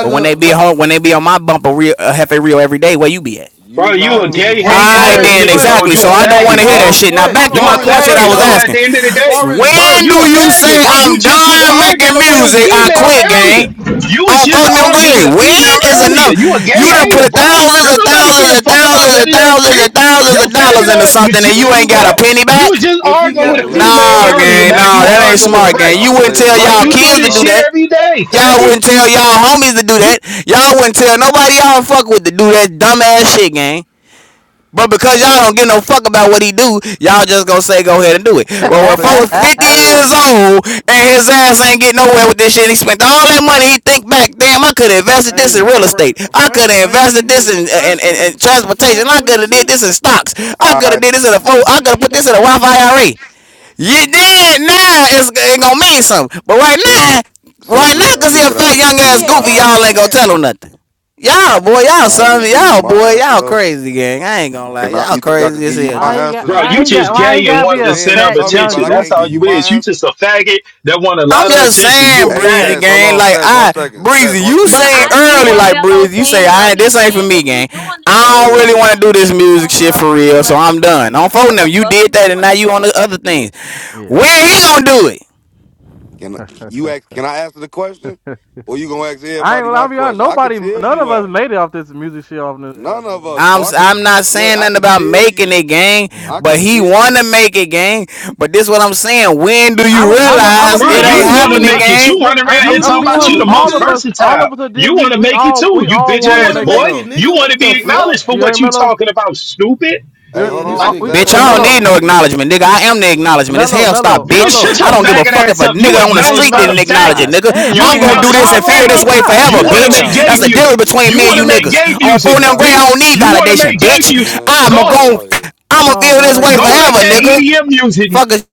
[SPEAKER 8] But when they be
[SPEAKER 13] what
[SPEAKER 8] home, when they be on my bumper, real uh, Hefe Rio every day, where you be at?
[SPEAKER 11] Bro,
[SPEAKER 3] You
[SPEAKER 11] you
[SPEAKER 3] not
[SPEAKER 11] a
[SPEAKER 3] me.
[SPEAKER 11] gay
[SPEAKER 13] what
[SPEAKER 3] Fuck
[SPEAKER 11] hating
[SPEAKER 13] far
[SPEAKER 8] I
[SPEAKER 3] you,
[SPEAKER 11] ass
[SPEAKER 13] as
[SPEAKER 8] then
[SPEAKER 11] nigga,
[SPEAKER 3] nigga.
[SPEAKER 13] what
[SPEAKER 11] bro.
[SPEAKER 8] exactly.
[SPEAKER 11] You
[SPEAKER 3] They
[SPEAKER 8] So
[SPEAKER 11] a
[SPEAKER 8] I
[SPEAKER 3] don't
[SPEAKER 8] don't want
[SPEAKER 3] like
[SPEAKER 11] faggot,
[SPEAKER 8] to hear
[SPEAKER 13] far
[SPEAKER 8] that
[SPEAKER 3] you.
[SPEAKER 11] bro.
[SPEAKER 13] as
[SPEAKER 8] shit. Now
[SPEAKER 13] what
[SPEAKER 3] I
[SPEAKER 8] back to
[SPEAKER 11] You
[SPEAKER 3] don't
[SPEAKER 11] a
[SPEAKER 8] my
[SPEAKER 13] far as
[SPEAKER 3] like
[SPEAKER 8] question
[SPEAKER 13] what
[SPEAKER 8] I
[SPEAKER 3] you.
[SPEAKER 11] faggot,
[SPEAKER 8] was
[SPEAKER 11] bro. At
[SPEAKER 13] though
[SPEAKER 8] asking.
[SPEAKER 11] the end of the day,
[SPEAKER 13] far as
[SPEAKER 11] bro,
[SPEAKER 8] When
[SPEAKER 11] you
[SPEAKER 8] do
[SPEAKER 13] what
[SPEAKER 11] a
[SPEAKER 8] you
[SPEAKER 11] faggot,
[SPEAKER 8] say
[SPEAKER 11] bro. You
[SPEAKER 8] I'm
[SPEAKER 11] just was
[SPEAKER 19] It's
[SPEAKER 8] done
[SPEAKER 11] arguing
[SPEAKER 8] making
[SPEAKER 11] with a
[SPEAKER 8] music? I
[SPEAKER 11] female
[SPEAKER 8] quit, gang.
[SPEAKER 11] earlier. You was
[SPEAKER 8] On
[SPEAKER 11] just
[SPEAKER 8] on them
[SPEAKER 11] arguing with a
[SPEAKER 8] green. When
[SPEAKER 11] female
[SPEAKER 8] is
[SPEAKER 11] earlier.
[SPEAKER 8] enough?
[SPEAKER 11] You a
[SPEAKER 8] You
[SPEAKER 11] gay
[SPEAKER 8] done
[SPEAKER 11] hater,
[SPEAKER 8] put
[SPEAKER 11] bro.
[SPEAKER 8] thousands
[SPEAKER 11] Don't
[SPEAKER 8] and
[SPEAKER 11] nobody
[SPEAKER 8] thousands
[SPEAKER 11] give a
[SPEAKER 8] and
[SPEAKER 11] fuck about
[SPEAKER 8] thousands
[SPEAKER 11] none
[SPEAKER 8] and
[SPEAKER 11] of that
[SPEAKER 8] thousands
[SPEAKER 11] shit.
[SPEAKER 8] and thousands
[SPEAKER 11] Your
[SPEAKER 8] of dollars
[SPEAKER 11] faggot
[SPEAKER 8] into
[SPEAKER 11] ass was
[SPEAKER 8] something and
[SPEAKER 11] just,
[SPEAKER 8] you
[SPEAKER 13] if you
[SPEAKER 8] ain't got a
[SPEAKER 13] got
[SPEAKER 11] bro.
[SPEAKER 8] penny
[SPEAKER 11] You was
[SPEAKER 8] back?
[SPEAKER 11] just
[SPEAKER 13] if he
[SPEAKER 3] You
[SPEAKER 11] arguing with
[SPEAKER 13] got
[SPEAKER 11] a
[SPEAKER 3] gotta
[SPEAKER 13] the
[SPEAKER 3] let
[SPEAKER 13] money
[SPEAKER 3] me
[SPEAKER 13] to
[SPEAKER 11] female
[SPEAKER 8] No,
[SPEAKER 3] talk,
[SPEAKER 13] do it,
[SPEAKER 11] earlier.
[SPEAKER 8] gang.
[SPEAKER 11] Now
[SPEAKER 3] bro.
[SPEAKER 8] No,
[SPEAKER 11] you
[SPEAKER 13] they
[SPEAKER 8] that
[SPEAKER 13] don't
[SPEAKER 8] ain't
[SPEAKER 3] If
[SPEAKER 11] arguing
[SPEAKER 3] we
[SPEAKER 13] even
[SPEAKER 11] with
[SPEAKER 8] smart,
[SPEAKER 3] having a
[SPEAKER 13] like
[SPEAKER 8] gang.
[SPEAKER 11] French.
[SPEAKER 8] You
[SPEAKER 13] I
[SPEAKER 8] wouldn't
[SPEAKER 13] don't
[SPEAKER 3] conversation,
[SPEAKER 8] tell
[SPEAKER 3] you
[SPEAKER 13] know.
[SPEAKER 11] Like
[SPEAKER 3] gotta
[SPEAKER 8] y'all
[SPEAKER 11] you
[SPEAKER 3] let me
[SPEAKER 11] do
[SPEAKER 8] kids to
[SPEAKER 11] this
[SPEAKER 8] do
[SPEAKER 11] shit
[SPEAKER 3] talk.
[SPEAKER 8] that.
[SPEAKER 11] every day,
[SPEAKER 8] Y'all
[SPEAKER 11] faggot.
[SPEAKER 8] wouldn't tell y'all homies to do
[SPEAKER 11] You
[SPEAKER 8] that. Y'all wouldn't tell nobody y'all fuck with to do that dumbass shit, gang. But because y'all
[SPEAKER 3] Hey,
[SPEAKER 8] don't give no fuck about what he do, y'all just gonna say go ahead and do it.
[SPEAKER 3] can I
[SPEAKER 8] Well, when
[SPEAKER 3] say,
[SPEAKER 8] folks 50
[SPEAKER 1] Mm.
[SPEAKER 8] years
[SPEAKER 3] hey,
[SPEAKER 8] old and his ass ain't get nowhere with this shit, he spent all that money. He think back, damn, I could have invested this in
[SPEAKER 13] Hey,
[SPEAKER 8] real
[SPEAKER 13] fre-
[SPEAKER 8] estate. I could
[SPEAKER 13] fresh
[SPEAKER 8] have
[SPEAKER 13] ain't
[SPEAKER 8] invested this
[SPEAKER 13] even
[SPEAKER 8] in, in,
[SPEAKER 13] fresh.
[SPEAKER 8] in,
[SPEAKER 13] What
[SPEAKER 8] in
[SPEAKER 13] twenty
[SPEAKER 8] transportation.
[SPEAKER 13] five,
[SPEAKER 8] I
[SPEAKER 13] twenty
[SPEAKER 8] could have did this in
[SPEAKER 13] six?
[SPEAKER 8] stocks. I could have
[SPEAKER 3] I
[SPEAKER 8] did this in a phone. I could have put this in a Wi-Fi IRA. You did now. It's it gonna mean something. But right
[SPEAKER 3] since it's,
[SPEAKER 8] now,
[SPEAKER 3] since
[SPEAKER 8] right
[SPEAKER 3] it's
[SPEAKER 8] now,
[SPEAKER 3] about
[SPEAKER 8] cause
[SPEAKER 3] me,
[SPEAKER 8] he a
[SPEAKER 3] could I
[SPEAKER 8] fat
[SPEAKER 3] at
[SPEAKER 8] young
[SPEAKER 3] least give
[SPEAKER 8] ass
[SPEAKER 20] He
[SPEAKER 3] you
[SPEAKER 20] a
[SPEAKER 3] my
[SPEAKER 20] gay
[SPEAKER 8] goofy, y'all
[SPEAKER 3] answer?
[SPEAKER 8] ain't gonna
[SPEAKER 20] hater.
[SPEAKER 8] tell him nothing. Y'all, boy,
[SPEAKER 3] Can
[SPEAKER 8] y'all
[SPEAKER 3] I at
[SPEAKER 8] son,
[SPEAKER 3] least give you
[SPEAKER 8] y'all,
[SPEAKER 3] my
[SPEAKER 8] boy,
[SPEAKER 3] answer
[SPEAKER 8] y'all
[SPEAKER 3] though?
[SPEAKER 8] crazy gang. I ain't gonna lie,
[SPEAKER 3] Can I?
[SPEAKER 8] y'all
[SPEAKER 3] You think I
[SPEAKER 8] crazy
[SPEAKER 3] could
[SPEAKER 8] as
[SPEAKER 3] give you
[SPEAKER 8] hell,
[SPEAKER 3] my
[SPEAKER 1] Why
[SPEAKER 8] G.
[SPEAKER 1] he
[SPEAKER 3] answer?
[SPEAKER 1] got?
[SPEAKER 3] The,
[SPEAKER 11] Bro,
[SPEAKER 3] the
[SPEAKER 1] Why
[SPEAKER 11] you
[SPEAKER 1] he got?
[SPEAKER 11] just
[SPEAKER 3] person you,
[SPEAKER 1] Why he
[SPEAKER 11] gay and
[SPEAKER 1] gotta be
[SPEAKER 11] want
[SPEAKER 3] the
[SPEAKER 11] the
[SPEAKER 1] a
[SPEAKER 3] man
[SPEAKER 11] center
[SPEAKER 3] you
[SPEAKER 11] of
[SPEAKER 1] fat
[SPEAKER 3] talking
[SPEAKER 1] young
[SPEAKER 3] about,
[SPEAKER 11] attention.
[SPEAKER 3] I
[SPEAKER 11] That's
[SPEAKER 3] can't
[SPEAKER 11] how
[SPEAKER 1] goofy?
[SPEAKER 3] give you
[SPEAKER 11] you
[SPEAKER 3] my
[SPEAKER 11] is. You
[SPEAKER 3] answer.
[SPEAKER 11] just a faggot that want a
[SPEAKER 8] I'm
[SPEAKER 11] lot of
[SPEAKER 8] just
[SPEAKER 11] attention. You a
[SPEAKER 8] saying,
[SPEAKER 3] Hey,
[SPEAKER 8] Breezy
[SPEAKER 11] fag.
[SPEAKER 3] Stats, hold
[SPEAKER 8] gang.
[SPEAKER 3] on,
[SPEAKER 8] Like
[SPEAKER 3] Stats, one
[SPEAKER 8] I,
[SPEAKER 3] second, Stats,
[SPEAKER 8] Breezy,
[SPEAKER 3] one,
[SPEAKER 8] you
[SPEAKER 17] But
[SPEAKER 3] please,
[SPEAKER 8] saying
[SPEAKER 17] I
[SPEAKER 3] brother.
[SPEAKER 17] get
[SPEAKER 8] early,
[SPEAKER 17] what
[SPEAKER 8] like
[SPEAKER 17] Melo's
[SPEAKER 8] Breezy, you say
[SPEAKER 17] saying
[SPEAKER 8] I
[SPEAKER 17] though.
[SPEAKER 8] ain't this
[SPEAKER 17] He's
[SPEAKER 8] ain't for
[SPEAKER 17] saying if
[SPEAKER 8] me,
[SPEAKER 17] you
[SPEAKER 8] gang.
[SPEAKER 17] doing this shit
[SPEAKER 8] I
[SPEAKER 17] and
[SPEAKER 8] don't
[SPEAKER 17] this
[SPEAKER 8] really
[SPEAKER 3] Hey.
[SPEAKER 17] shit
[SPEAKER 8] want to do
[SPEAKER 17] ain't
[SPEAKER 8] this
[SPEAKER 17] getting you
[SPEAKER 8] music
[SPEAKER 17] no
[SPEAKER 8] shit for
[SPEAKER 17] motherfucking
[SPEAKER 8] real, so
[SPEAKER 17] well,
[SPEAKER 8] I'm done. I'm folding
[SPEAKER 17] what
[SPEAKER 8] them.
[SPEAKER 17] the
[SPEAKER 8] You
[SPEAKER 17] fuck
[SPEAKER 8] did
[SPEAKER 17] you
[SPEAKER 8] that, and
[SPEAKER 17] doing
[SPEAKER 8] now
[SPEAKER 17] it
[SPEAKER 8] you on
[SPEAKER 17] for?
[SPEAKER 8] the other things. When
[SPEAKER 1] Yeah,
[SPEAKER 8] he gonna do it?
[SPEAKER 3] Can you ask? Can I answer the question, or you gonna ask
[SPEAKER 1] I ain't.
[SPEAKER 3] everybody
[SPEAKER 1] Well,
[SPEAKER 3] my
[SPEAKER 1] I'll be honest.
[SPEAKER 3] question? I could
[SPEAKER 1] Nobody,
[SPEAKER 3] tell
[SPEAKER 1] none
[SPEAKER 3] you
[SPEAKER 1] of us
[SPEAKER 3] why.
[SPEAKER 1] made it off this music shit. Off this,
[SPEAKER 3] None of us.
[SPEAKER 8] I'm i
[SPEAKER 3] For I could
[SPEAKER 8] I'm not
[SPEAKER 3] look.
[SPEAKER 8] saying
[SPEAKER 3] I
[SPEAKER 8] nothing
[SPEAKER 3] could
[SPEAKER 8] about
[SPEAKER 3] tell
[SPEAKER 8] making
[SPEAKER 3] you.
[SPEAKER 8] it, gang,
[SPEAKER 1] yeah.
[SPEAKER 3] I
[SPEAKER 8] but
[SPEAKER 3] could
[SPEAKER 8] he
[SPEAKER 3] tell.
[SPEAKER 8] wanna make it, gang. But this what I'm saying. When do you
[SPEAKER 1] I'm. A, I'm. A,
[SPEAKER 13] You
[SPEAKER 1] I'm gonna
[SPEAKER 8] realize
[SPEAKER 1] be
[SPEAKER 11] Bro,
[SPEAKER 13] you
[SPEAKER 8] it
[SPEAKER 1] one
[SPEAKER 11] you
[SPEAKER 8] ain't
[SPEAKER 13] do
[SPEAKER 1] hundred.
[SPEAKER 11] want to
[SPEAKER 8] happening,
[SPEAKER 1] I,
[SPEAKER 11] make
[SPEAKER 13] too.
[SPEAKER 11] it.
[SPEAKER 8] gang?
[SPEAKER 11] You
[SPEAKER 1] Nick,
[SPEAKER 11] run
[SPEAKER 1] I,
[SPEAKER 11] around
[SPEAKER 1] I'm.
[SPEAKER 11] here
[SPEAKER 13] You
[SPEAKER 1] I'm
[SPEAKER 11] talking
[SPEAKER 1] be
[SPEAKER 13] do
[SPEAKER 1] one
[SPEAKER 11] about you
[SPEAKER 1] hundred.
[SPEAKER 13] too,
[SPEAKER 11] the
[SPEAKER 1] All
[SPEAKER 11] most
[SPEAKER 1] of
[SPEAKER 13] nigga.
[SPEAKER 1] us. All of
[SPEAKER 11] versatile.
[SPEAKER 1] us that did
[SPEAKER 11] You want
[SPEAKER 1] music.
[SPEAKER 11] to
[SPEAKER 1] We
[SPEAKER 11] make it
[SPEAKER 1] all.
[SPEAKER 11] too,
[SPEAKER 1] We
[SPEAKER 11] you
[SPEAKER 1] all
[SPEAKER 11] bitch
[SPEAKER 13] You
[SPEAKER 1] wanted to
[SPEAKER 11] ass
[SPEAKER 13] want to
[SPEAKER 1] make it
[SPEAKER 11] boy.
[SPEAKER 13] make it,
[SPEAKER 1] though.
[SPEAKER 11] You
[SPEAKER 13] nigga?
[SPEAKER 11] want to
[SPEAKER 13] What the
[SPEAKER 11] be
[SPEAKER 1] We.
[SPEAKER 11] acknowledged for
[SPEAKER 13] fuck?
[SPEAKER 1] You heard
[SPEAKER 11] what you
[SPEAKER 1] Mello?
[SPEAKER 11] talking about, stupid.
[SPEAKER 1] You
[SPEAKER 3] Hey,
[SPEAKER 1] heard,
[SPEAKER 13] Yeah,
[SPEAKER 3] hold
[SPEAKER 1] we.
[SPEAKER 13] this
[SPEAKER 3] on,
[SPEAKER 11] Like,
[SPEAKER 1] All, we.
[SPEAKER 13] nigga
[SPEAKER 3] stats.
[SPEAKER 8] Bitch,
[SPEAKER 1] Hey,
[SPEAKER 3] Hold
[SPEAKER 8] I don't
[SPEAKER 1] Mello.
[SPEAKER 13] crazy,
[SPEAKER 8] need
[SPEAKER 3] on.
[SPEAKER 8] no
[SPEAKER 13] G.
[SPEAKER 8] acknowledgement, nigga. I am the acknowledgement. It's
[SPEAKER 1] Mello.
[SPEAKER 8] hell stop,
[SPEAKER 1] Mello.
[SPEAKER 11] bro,
[SPEAKER 8] bitch.
[SPEAKER 11] shut
[SPEAKER 1] Mello.
[SPEAKER 8] I
[SPEAKER 1] You,
[SPEAKER 11] your
[SPEAKER 8] don't
[SPEAKER 1] you
[SPEAKER 8] give a
[SPEAKER 1] can't.
[SPEAKER 11] faggot
[SPEAKER 8] fuck if
[SPEAKER 11] ass
[SPEAKER 8] a
[SPEAKER 11] up. You
[SPEAKER 8] nigga on the
[SPEAKER 1] Hey
[SPEAKER 11] acknowledged
[SPEAKER 8] street
[SPEAKER 11] by
[SPEAKER 1] Mello.
[SPEAKER 8] didn't
[SPEAKER 11] them
[SPEAKER 8] acknowledge it,
[SPEAKER 1] God
[SPEAKER 11] faggots.
[SPEAKER 8] nigga.
[SPEAKER 1] damn. Y'all
[SPEAKER 11] You
[SPEAKER 8] I'm
[SPEAKER 1] can't have
[SPEAKER 8] gonna
[SPEAKER 1] a
[SPEAKER 8] do
[SPEAKER 11] acknowledged
[SPEAKER 8] this
[SPEAKER 11] by
[SPEAKER 8] and
[SPEAKER 1] convo,
[SPEAKER 8] feel this
[SPEAKER 1] bro.
[SPEAKER 11] faggots.
[SPEAKER 8] way
[SPEAKER 1] God
[SPEAKER 8] forever,
[SPEAKER 11] You want to
[SPEAKER 3] Y'all
[SPEAKER 8] bitch.
[SPEAKER 11] make
[SPEAKER 1] damn.
[SPEAKER 11] gay
[SPEAKER 8] That's
[SPEAKER 3] niggas
[SPEAKER 8] the
[SPEAKER 3] act
[SPEAKER 8] difference
[SPEAKER 3] like
[SPEAKER 11] music.
[SPEAKER 8] between
[SPEAKER 11] You
[SPEAKER 3] goofies,
[SPEAKER 8] me and
[SPEAKER 11] want
[SPEAKER 1] Hold
[SPEAKER 8] you
[SPEAKER 11] to
[SPEAKER 3] bro.
[SPEAKER 11] make
[SPEAKER 1] on.
[SPEAKER 8] niggas.
[SPEAKER 11] gay
[SPEAKER 8] On
[SPEAKER 3] Oh
[SPEAKER 11] music,
[SPEAKER 8] four and
[SPEAKER 3] yeah, I
[SPEAKER 8] grade,
[SPEAKER 3] can't.
[SPEAKER 8] I
[SPEAKER 11] bitch.
[SPEAKER 8] don't need
[SPEAKER 11] You
[SPEAKER 1] Uh,
[SPEAKER 11] want to
[SPEAKER 3] These
[SPEAKER 8] validation,
[SPEAKER 11] make
[SPEAKER 1] Hold
[SPEAKER 3] niggas
[SPEAKER 11] gay
[SPEAKER 8] bitch.
[SPEAKER 3] lucky I
[SPEAKER 1] on.
[SPEAKER 11] music.
[SPEAKER 3] ain't got
[SPEAKER 8] I'ma
[SPEAKER 11] Go
[SPEAKER 3] my wire.
[SPEAKER 1] Hold
[SPEAKER 8] I'ma
[SPEAKER 1] on,
[SPEAKER 8] feel
[SPEAKER 1] bro.
[SPEAKER 8] this
[SPEAKER 1] Like,
[SPEAKER 8] way
[SPEAKER 1] can we
[SPEAKER 11] go
[SPEAKER 1] have a
[SPEAKER 11] make
[SPEAKER 8] forever,
[SPEAKER 11] that
[SPEAKER 1] yeah,
[SPEAKER 8] nigga.
[SPEAKER 11] EDM music
[SPEAKER 8] Fuckers,